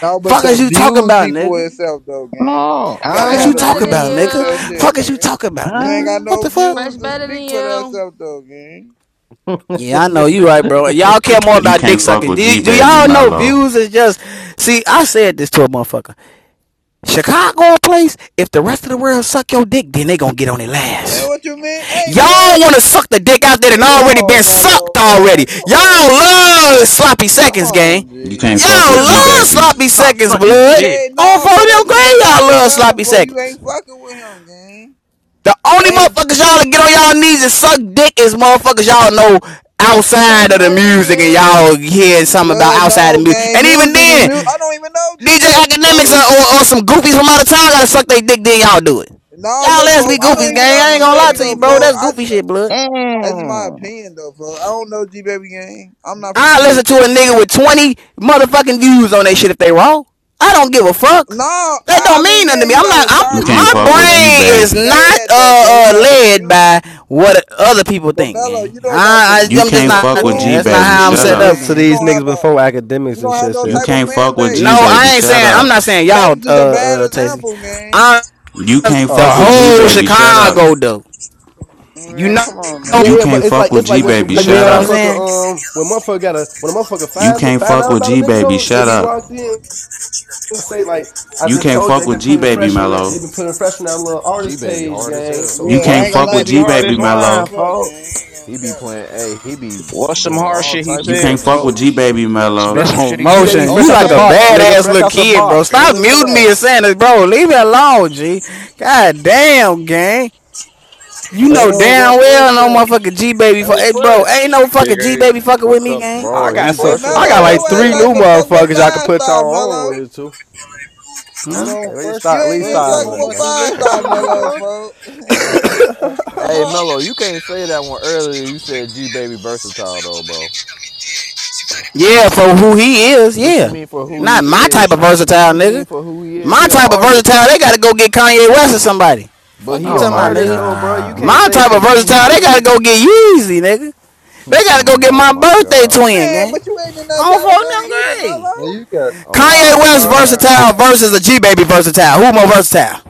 [SPEAKER 35] No, but
[SPEAKER 8] Fuck is
[SPEAKER 35] the
[SPEAKER 8] you talking
[SPEAKER 35] views
[SPEAKER 8] about,
[SPEAKER 35] speak for
[SPEAKER 8] nigga?
[SPEAKER 35] itself though, gang.
[SPEAKER 34] No.
[SPEAKER 35] You
[SPEAKER 8] Fuck
[SPEAKER 35] gotta
[SPEAKER 8] is
[SPEAKER 20] Fresh
[SPEAKER 34] Huh?
[SPEAKER 35] have
[SPEAKER 8] you
[SPEAKER 35] the
[SPEAKER 20] better
[SPEAKER 8] talking
[SPEAKER 20] than
[SPEAKER 8] about,
[SPEAKER 35] views with
[SPEAKER 8] nigga?
[SPEAKER 35] that
[SPEAKER 20] you.
[SPEAKER 35] shit,
[SPEAKER 8] Fuck is you
[SPEAKER 35] nigga.
[SPEAKER 8] talking about,
[SPEAKER 35] You ain't
[SPEAKER 8] nigga?
[SPEAKER 35] got
[SPEAKER 34] Huh?
[SPEAKER 8] What
[SPEAKER 35] no
[SPEAKER 8] the fuck?
[SPEAKER 20] Fresh
[SPEAKER 35] views to
[SPEAKER 20] better than
[SPEAKER 35] speak for that
[SPEAKER 20] you.
[SPEAKER 35] stuff though, gang.
[SPEAKER 1] Man.
[SPEAKER 8] Yeah, I know you right, bro. Y'all care more
[SPEAKER 33] You
[SPEAKER 8] about dick
[SPEAKER 33] can't fuck
[SPEAKER 8] sucking.
[SPEAKER 33] with
[SPEAKER 8] Do, y-
[SPEAKER 33] G
[SPEAKER 8] do
[SPEAKER 33] Baby,
[SPEAKER 8] y'all know
[SPEAKER 33] Mello.
[SPEAKER 8] views is just? See, I said this to a motherfucker. Chicago place. If the rest of the world suck your dick, then they gonna get on it
[SPEAKER 35] Man,
[SPEAKER 8] last.
[SPEAKER 35] what you mean? Hey, boy,
[SPEAKER 8] Y'all want to
[SPEAKER 35] we,
[SPEAKER 8] suck the dick
[SPEAKER 35] what
[SPEAKER 8] out there that
[SPEAKER 35] the- come
[SPEAKER 8] already
[SPEAKER 35] on,
[SPEAKER 8] been sucked
[SPEAKER 35] Mello,
[SPEAKER 8] already.
[SPEAKER 35] man. Come
[SPEAKER 8] Y'all
[SPEAKER 35] on, G.
[SPEAKER 8] love sloppy
[SPEAKER 35] Come
[SPEAKER 8] seconds, gang.
[SPEAKER 35] on,
[SPEAKER 33] You
[SPEAKER 35] G.
[SPEAKER 33] can't fuck
[SPEAKER 8] Y'all
[SPEAKER 1] what
[SPEAKER 33] with
[SPEAKER 1] is
[SPEAKER 33] G
[SPEAKER 1] all
[SPEAKER 8] love
[SPEAKER 1] this?
[SPEAKER 33] Baby.
[SPEAKER 8] sloppy
[SPEAKER 1] Stop
[SPEAKER 8] seconds,
[SPEAKER 35] You
[SPEAKER 1] sucking
[SPEAKER 35] just
[SPEAKER 8] blood.
[SPEAKER 1] dick.
[SPEAKER 35] can't.
[SPEAKER 8] On
[SPEAKER 35] No,
[SPEAKER 8] for
[SPEAKER 35] for
[SPEAKER 8] them
[SPEAKER 35] that's just a
[SPEAKER 8] grade, y'all
[SPEAKER 35] bad
[SPEAKER 8] love
[SPEAKER 35] example.
[SPEAKER 8] sloppy
[SPEAKER 35] For you
[SPEAKER 8] seconds.
[SPEAKER 35] ain't fucking with him, gang.
[SPEAKER 8] The only
[SPEAKER 35] Ain't
[SPEAKER 8] motherfuckers y'all to get on y'all knees and suck dick is motherfuckers y'all know outside
[SPEAKER 20] Fresh
[SPEAKER 8] of the
[SPEAKER 20] better than
[SPEAKER 8] music and
[SPEAKER 20] you.
[SPEAKER 8] y'all hear something about
[SPEAKER 35] blood,
[SPEAKER 8] outside the
[SPEAKER 35] no
[SPEAKER 8] music.
[SPEAKER 35] gang.
[SPEAKER 8] And even
[SPEAKER 35] Music is
[SPEAKER 8] then,
[SPEAKER 35] music. I don't even know G
[SPEAKER 8] DJ
[SPEAKER 35] baby,
[SPEAKER 8] academics or,
[SPEAKER 35] folks.
[SPEAKER 8] or, or some goofies from out of town gotta suck they dick, then y'all do it.
[SPEAKER 35] No,
[SPEAKER 8] Y'all
[SPEAKER 35] look,
[SPEAKER 8] let's
[SPEAKER 35] folks.
[SPEAKER 8] be
[SPEAKER 35] I don't
[SPEAKER 8] goofies,
[SPEAKER 35] even
[SPEAKER 8] gang.
[SPEAKER 35] know
[SPEAKER 8] I ain't
[SPEAKER 35] G
[SPEAKER 8] gonna lie
[SPEAKER 35] baby
[SPEAKER 8] to
[SPEAKER 35] though,
[SPEAKER 8] you, bro.
[SPEAKER 35] folks.
[SPEAKER 8] That's
[SPEAKER 35] I
[SPEAKER 8] goofy
[SPEAKER 35] just
[SPEAKER 8] shit, blood.
[SPEAKER 35] that's just my
[SPEAKER 34] Mm.
[SPEAKER 35] opinion though, folks. I don't know G baby gang. I'm not from
[SPEAKER 8] I listen to a
[SPEAKER 35] THL
[SPEAKER 8] nigga
[SPEAKER 35] gang.
[SPEAKER 8] with 20 motherfucking views on that shit if they wrong. I don't give a fuck.
[SPEAKER 35] No,
[SPEAKER 8] That
[SPEAKER 35] I, I
[SPEAKER 8] don't
[SPEAKER 35] mean,
[SPEAKER 8] mean nothing
[SPEAKER 35] yeah,
[SPEAKER 8] to me.
[SPEAKER 35] you
[SPEAKER 8] I'm not.
[SPEAKER 35] gotta
[SPEAKER 33] You
[SPEAKER 35] start
[SPEAKER 8] I'm
[SPEAKER 35] from
[SPEAKER 33] can't
[SPEAKER 8] my
[SPEAKER 33] fuck
[SPEAKER 35] somewhere,
[SPEAKER 33] with
[SPEAKER 35] but
[SPEAKER 33] G
[SPEAKER 35] you
[SPEAKER 8] brain is
[SPEAKER 35] can't
[SPEAKER 33] Baby.
[SPEAKER 35] say
[SPEAKER 8] not
[SPEAKER 35] that though, for he
[SPEAKER 8] uh, uh
[SPEAKER 35] got the
[SPEAKER 8] led by
[SPEAKER 35] views.
[SPEAKER 8] what other people
[SPEAKER 35] But
[SPEAKER 8] think,
[SPEAKER 35] Mello,
[SPEAKER 8] gang.
[SPEAKER 35] you don't got the
[SPEAKER 8] I, I
[SPEAKER 33] You
[SPEAKER 8] I'm
[SPEAKER 35] views
[SPEAKER 8] just
[SPEAKER 33] can't
[SPEAKER 35] to
[SPEAKER 8] not.
[SPEAKER 33] fuck with
[SPEAKER 8] Yeah,
[SPEAKER 33] G
[SPEAKER 35] prove
[SPEAKER 8] that's not
[SPEAKER 35] that
[SPEAKER 33] Baby.
[SPEAKER 8] how
[SPEAKER 22] We
[SPEAKER 35] shit
[SPEAKER 8] I'm
[SPEAKER 33] Shut
[SPEAKER 35] though,
[SPEAKER 22] was
[SPEAKER 8] set
[SPEAKER 33] up.
[SPEAKER 8] up,
[SPEAKER 22] listening
[SPEAKER 35] gang.
[SPEAKER 22] to
[SPEAKER 35] You
[SPEAKER 8] gang.
[SPEAKER 22] these
[SPEAKER 35] don't
[SPEAKER 22] niggas
[SPEAKER 35] have a,
[SPEAKER 22] before
[SPEAKER 35] you
[SPEAKER 22] academics and
[SPEAKER 35] don't have
[SPEAKER 22] shit
[SPEAKER 35] no
[SPEAKER 33] You
[SPEAKER 22] said
[SPEAKER 35] type of
[SPEAKER 22] something.
[SPEAKER 33] can't
[SPEAKER 35] fan
[SPEAKER 33] fuck with
[SPEAKER 8] No,
[SPEAKER 35] base,
[SPEAKER 33] G
[SPEAKER 35] gang.
[SPEAKER 33] Baby,
[SPEAKER 8] I ain't
[SPEAKER 33] shut
[SPEAKER 8] saying. I'm
[SPEAKER 33] up.
[SPEAKER 8] not saying
[SPEAKER 35] That
[SPEAKER 8] y'all,
[SPEAKER 35] was
[SPEAKER 8] uh,
[SPEAKER 35] just a bad
[SPEAKER 8] uh, Tasty.
[SPEAKER 35] example, gang.
[SPEAKER 8] I'm
[SPEAKER 33] You can't
[SPEAKER 8] the
[SPEAKER 33] fuck
[SPEAKER 22] Oh,
[SPEAKER 33] with
[SPEAKER 22] i
[SPEAKER 33] G
[SPEAKER 22] finna
[SPEAKER 8] whole
[SPEAKER 22] say
[SPEAKER 33] Baby,
[SPEAKER 22] yeah.
[SPEAKER 33] shut up.
[SPEAKER 8] Chicago though. You
[SPEAKER 35] Man,
[SPEAKER 8] know,
[SPEAKER 35] come on,
[SPEAKER 33] You
[SPEAKER 22] Yeah, yeah,
[SPEAKER 35] man.
[SPEAKER 22] but
[SPEAKER 33] can't
[SPEAKER 22] it's
[SPEAKER 33] fuck
[SPEAKER 22] like
[SPEAKER 33] with
[SPEAKER 22] it's like
[SPEAKER 33] G
[SPEAKER 22] when
[SPEAKER 8] like
[SPEAKER 22] shit,
[SPEAKER 33] Baby,
[SPEAKER 8] you
[SPEAKER 22] like when
[SPEAKER 8] feel
[SPEAKER 33] shut
[SPEAKER 8] what I'm
[SPEAKER 33] up.
[SPEAKER 8] saying?
[SPEAKER 22] motherfucker um when motherfucker gotta when a motherfucker
[SPEAKER 33] You
[SPEAKER 22] find
[SPEAKER 33] can't
[SPEAKER 22] find
[SPEAKER 33] fuck
[SPEAKER 22] out
[SPEAKER 33] with
[SPEAKER 22] about a
[SPEAKER 33] G
[SPEAKER 22] nigga
[SPEAKER 33] Baby,
[SPEAKER 22] though they
[SPEAKER 33] shut
[SPEAKER 22] be locked
[SPEAKER 33] up.
[SPEAKER 22] in say like I
[SPEAKER 33] You
[SPEAKER 22] just
[SPEAKER 33] can't
[SPEAKER 22] told you
[SPEAKER 33] fuck
[SPEAKER 22] they
[SPEAKER 33] with
[SPEAKER 22] been
[SPEAKER 33] G
[SPEAKER 22] putting
[SPEAKER 33] Baby
[SPEAKER 22] fresh on that they
[SPEAKER 33] mello!
[SPEAKER 22] been putting fresh on that little
[SPEAKER 36] G
[SPEAKER 22] artist
[SPEAKER 36] Baby
[SPEAKER 22] page
[SPEAKER 36] hard as
[SPEAKER 22] gang
[SPEAKER 36] hell.
[SPEAKER 22] so
[SPEAKER 33] You
[SPEAKER 35] Yeah, I
[SPEAKER 33] can't
[SPEAKER 35] ain't
[SPEAKER 34] What's G
[SPEAKER 35] gonna
[SPEAKER 33] fuck with
[SPEAKER 35] lie,
[SPEAKER 34] baby
[SPEAKER 33] G
[SPEAKER 35] G baby
[SPEAKER 33] Baby
[SPEAKER 34] hardest
[SPEAKER 35] raw as
[SPEAKER 34] line,
[SPEAKER 33] mello!
[SPEAKER 35] fuck, gang.
[SPEAKER 34] folks?
[SPEAKER 35] Ain't
[SPEAKER 36] He
[SPEAKER 35] gonna
[SPEAKER 36] be
[SPEAKER 35] count.
[SPEAKER 36] playing, hey, he be
[SPEAKER 34] What's some
[SPEAKER 36] doing
[SPEAKER 34] hard
[SPEAKER 36] all
[SPEAKER 34] shit he
[SPEAKER 36] types
[SPEAKER 33] You
[SPEAKER 36] of
[SPEAKER 33] can't
[SPEAKER 34] said,
[SPEAKER 36] different
[SPEAKER 33] fuck with
[SPEAKER 34] folks?
[SPEAKER 36] shit.
[SPEAKER 33] G Baby
[SPEAKER 34] Spit
[SPEAKER 33] mello!
[SPEAKER 34] some
[SPEAKER 8] Bro,
[SPEAKER 34] shit he
[SPEAKER 22] G baby,
[SPEAKER 34] said.
[SPEAKER 8] motion,
[SPEAKER 22] fresh
[SPEAKER 8] you
[SPEAKER 22] out the
[SPEAKER 8] like a
[SPEAKER 37] Okay,
[SPEAKER 22] box,
[SPEAKER 37] folks.
[SPEAKER 22] nigga,
[SPEAKER 8] badass
[SPEAKER 22] fresh
[SPEAKER 8] little
[SPEAKER 22] out the
[SPEAKER 8] kid, bro.
[SPEAKER 22] box. Go
[SPEAKER 8] Stop
[SPEAKER 22] listen to
[SPEAKER 8] muting
[SPEAKER 38] Hey
[SPEAKER 8] me
[SPEAKER 22] that.
[SPEAKER 8] and saying this, bro. Leave it alone, G.
[SPEAKER 39] I'm
[SPEAKER 8] God
[SPEAKER 39] not your enemy.
[SPEAKER 8] damn, gang.
[SPEAKER 39] Sittare
[SPEAKER 8] You
[SPEAKER 32] Hold
[SPEAKER 8] know
[SPEAKER 32] on, where
[SPEAKER 8] damn well
[SPEAKER 32] Fresh
[SPEAKER 8] no
[SPEAKER 32] at?
[SPEAKER 8] motherfucking G baby. Fu-
[SPEAKER 32] Hey,
[SPEAKER 8] hey, bro,
[SPEAKER 32] Fresh,
[SPEAKER 8] ain't no fucking G baby
[SPEAKER 38] guys,
[SPEAKER 8] fucking with
[SPEAKER 38] what's
[SPEAKER 8] me,
[SPEAKER 38] up?
[SPEAKER 8] gang.
[SPEAKER 22] I
[SPEAKER 36] Bro,
[SPEAKER 32] where
[SPEAKER 36] he
[SPEAKER 22] got
[SPEAKER 35] Hey
[SPEAKER 22] some.
[SPEAKER 32] Fresh
[SPEAKER 22] I
[SPEAKER 32] at?
[SPEAKER 35] Mello,
[SPEAKER 22] got
[SPEAKER 36] versatile
[SPEAKER 22] like
[SPEAKER 36] as
[SPEAKER 35] your ass
[SPEAKER 22] three
[SPEAKER 35] not
[SPEAKER 22] new
[SPEAKER 36] hell.
[SPEAKER 35] even fuck with
[SPEAKER 22] motherfuckers y'all can
[SPEAKER 35] five
[SPEAKER 22] put y'all
[SPEAKER 35] star,
[SPEAKER 22] on
[SPEAKER 35] Mello.
[SPEAKER 22] with too.
[SPEAKER 32] Hold
[SPEAKER 8] Huh?
[SPEAKER 22] Like,
[SPEAKER 32] on,
[SPEAKER 22] at least
[SPEAKER 32] Fresh.
[SPEAKER 22] start,
[SPEAKER 35] You
[SPEAKER 22] at
[SPEAKER 35] ain't
[SPEAKER 22] least
[SPEAKER 32] Fresh
[SPEAKER 35] even
[SPEAKER 22] start
[SPEAKER 32] got
[SPEAKER 22] out of
[SPEAKER 35] fucking
[SPEAKER 32] more
[SPEAKER 22] that,
[SPEAKER 35] with
[SPEAKER 22] man.
[SPEAKER 32] monthly
[SPEAKER 35] five
[SPEAKER 32] listeners
[SPEAKER 35] star,
[SPEAKER 32] than you,
[SPEAKER 35] Mello,
[SPEAKER 32] boy.
[SPEAKER 35] folks.
[SPEAKER 36] Hey, Mello, you can't say that one earlier. You said G Baby versatile though, bro.
[SPEAKER 8] Yeah, for who he is,
[SPEAKER 36] What you
[SPEAKER 8] yeah.
[SPEAKER 36] mean for who
[SPEAKER 8] Not
[SPEAKER 36] he
[SPEAKER 8] my type of
[SPEAKER 36] is? What
[SPEAKER 8] versatile
[SPEAKER 36] you
[SPEAKER 8] nigga.
[SPEAKER 36] mean for who he is?
[SPEAKER 8] My
[SPEAKER 36] He an
[SPEAKER 8] type of
[SPEAKER 36] artist,
[SPEAKER 8] versatile, they gotta go get Kanye West or somebody.
[SPEAKER 36] but
[SPEAKER 8] Fuck you
[SPEAKER 36] he
[SPEAKER 1] Oh
[SPEAKER 36] an
[SPEAKER 8] talking about,
[SPEAKER 1] my
[SPEAKER 36] artist
[SPEAKER 8] nigga.
[SPEAKER 36] though, bro. You can't
[SPEAKER 1] god.
[SPEAKER 8] My
[SPEAKER 36] say
[SPEAKER 8] type of
[SPEAKER 36] cause who he
[SPEAKER 8] versatile, they gotta
[SPEAKER 36] is.
[SPEAKER 8] go get Yeezy, nigga. They gotta go get
[SPEAKER 36] Oh
[SPEAKER 8] my
[SPEAKER 36] my
[SPEAKER 8] birthday
[SPEAKER 36] god.
[SPEAKER 8] twin,
[SPEAKER 35] Man,
[SPEAKER 8] gang.
[SPEAKER 35] but you ain't in that
[SPEAKER 8] I On phone
[SPEAKER 35] category
[SPEAKER 8] number
[SPEAKER 35] either,
[SPEAKER 8] grade.
[SPEAKER 32] Now
[SPEAKER 35] Mello.
[SPEAKER 32] you got.
[SPEAKER 36] Oh
[SPEAKER 8] Kanye
[SPEAKER 35] Oh
[SPEAKER 36] my
[SPEAKER 8] West
[SPEAKER 35] my
[SPEAKER 36] god.
[SPEAKER 8] versatile
[SPEAKER 35] god.
[SPEAKER 8] versus a G baby versatile. Who more versatile?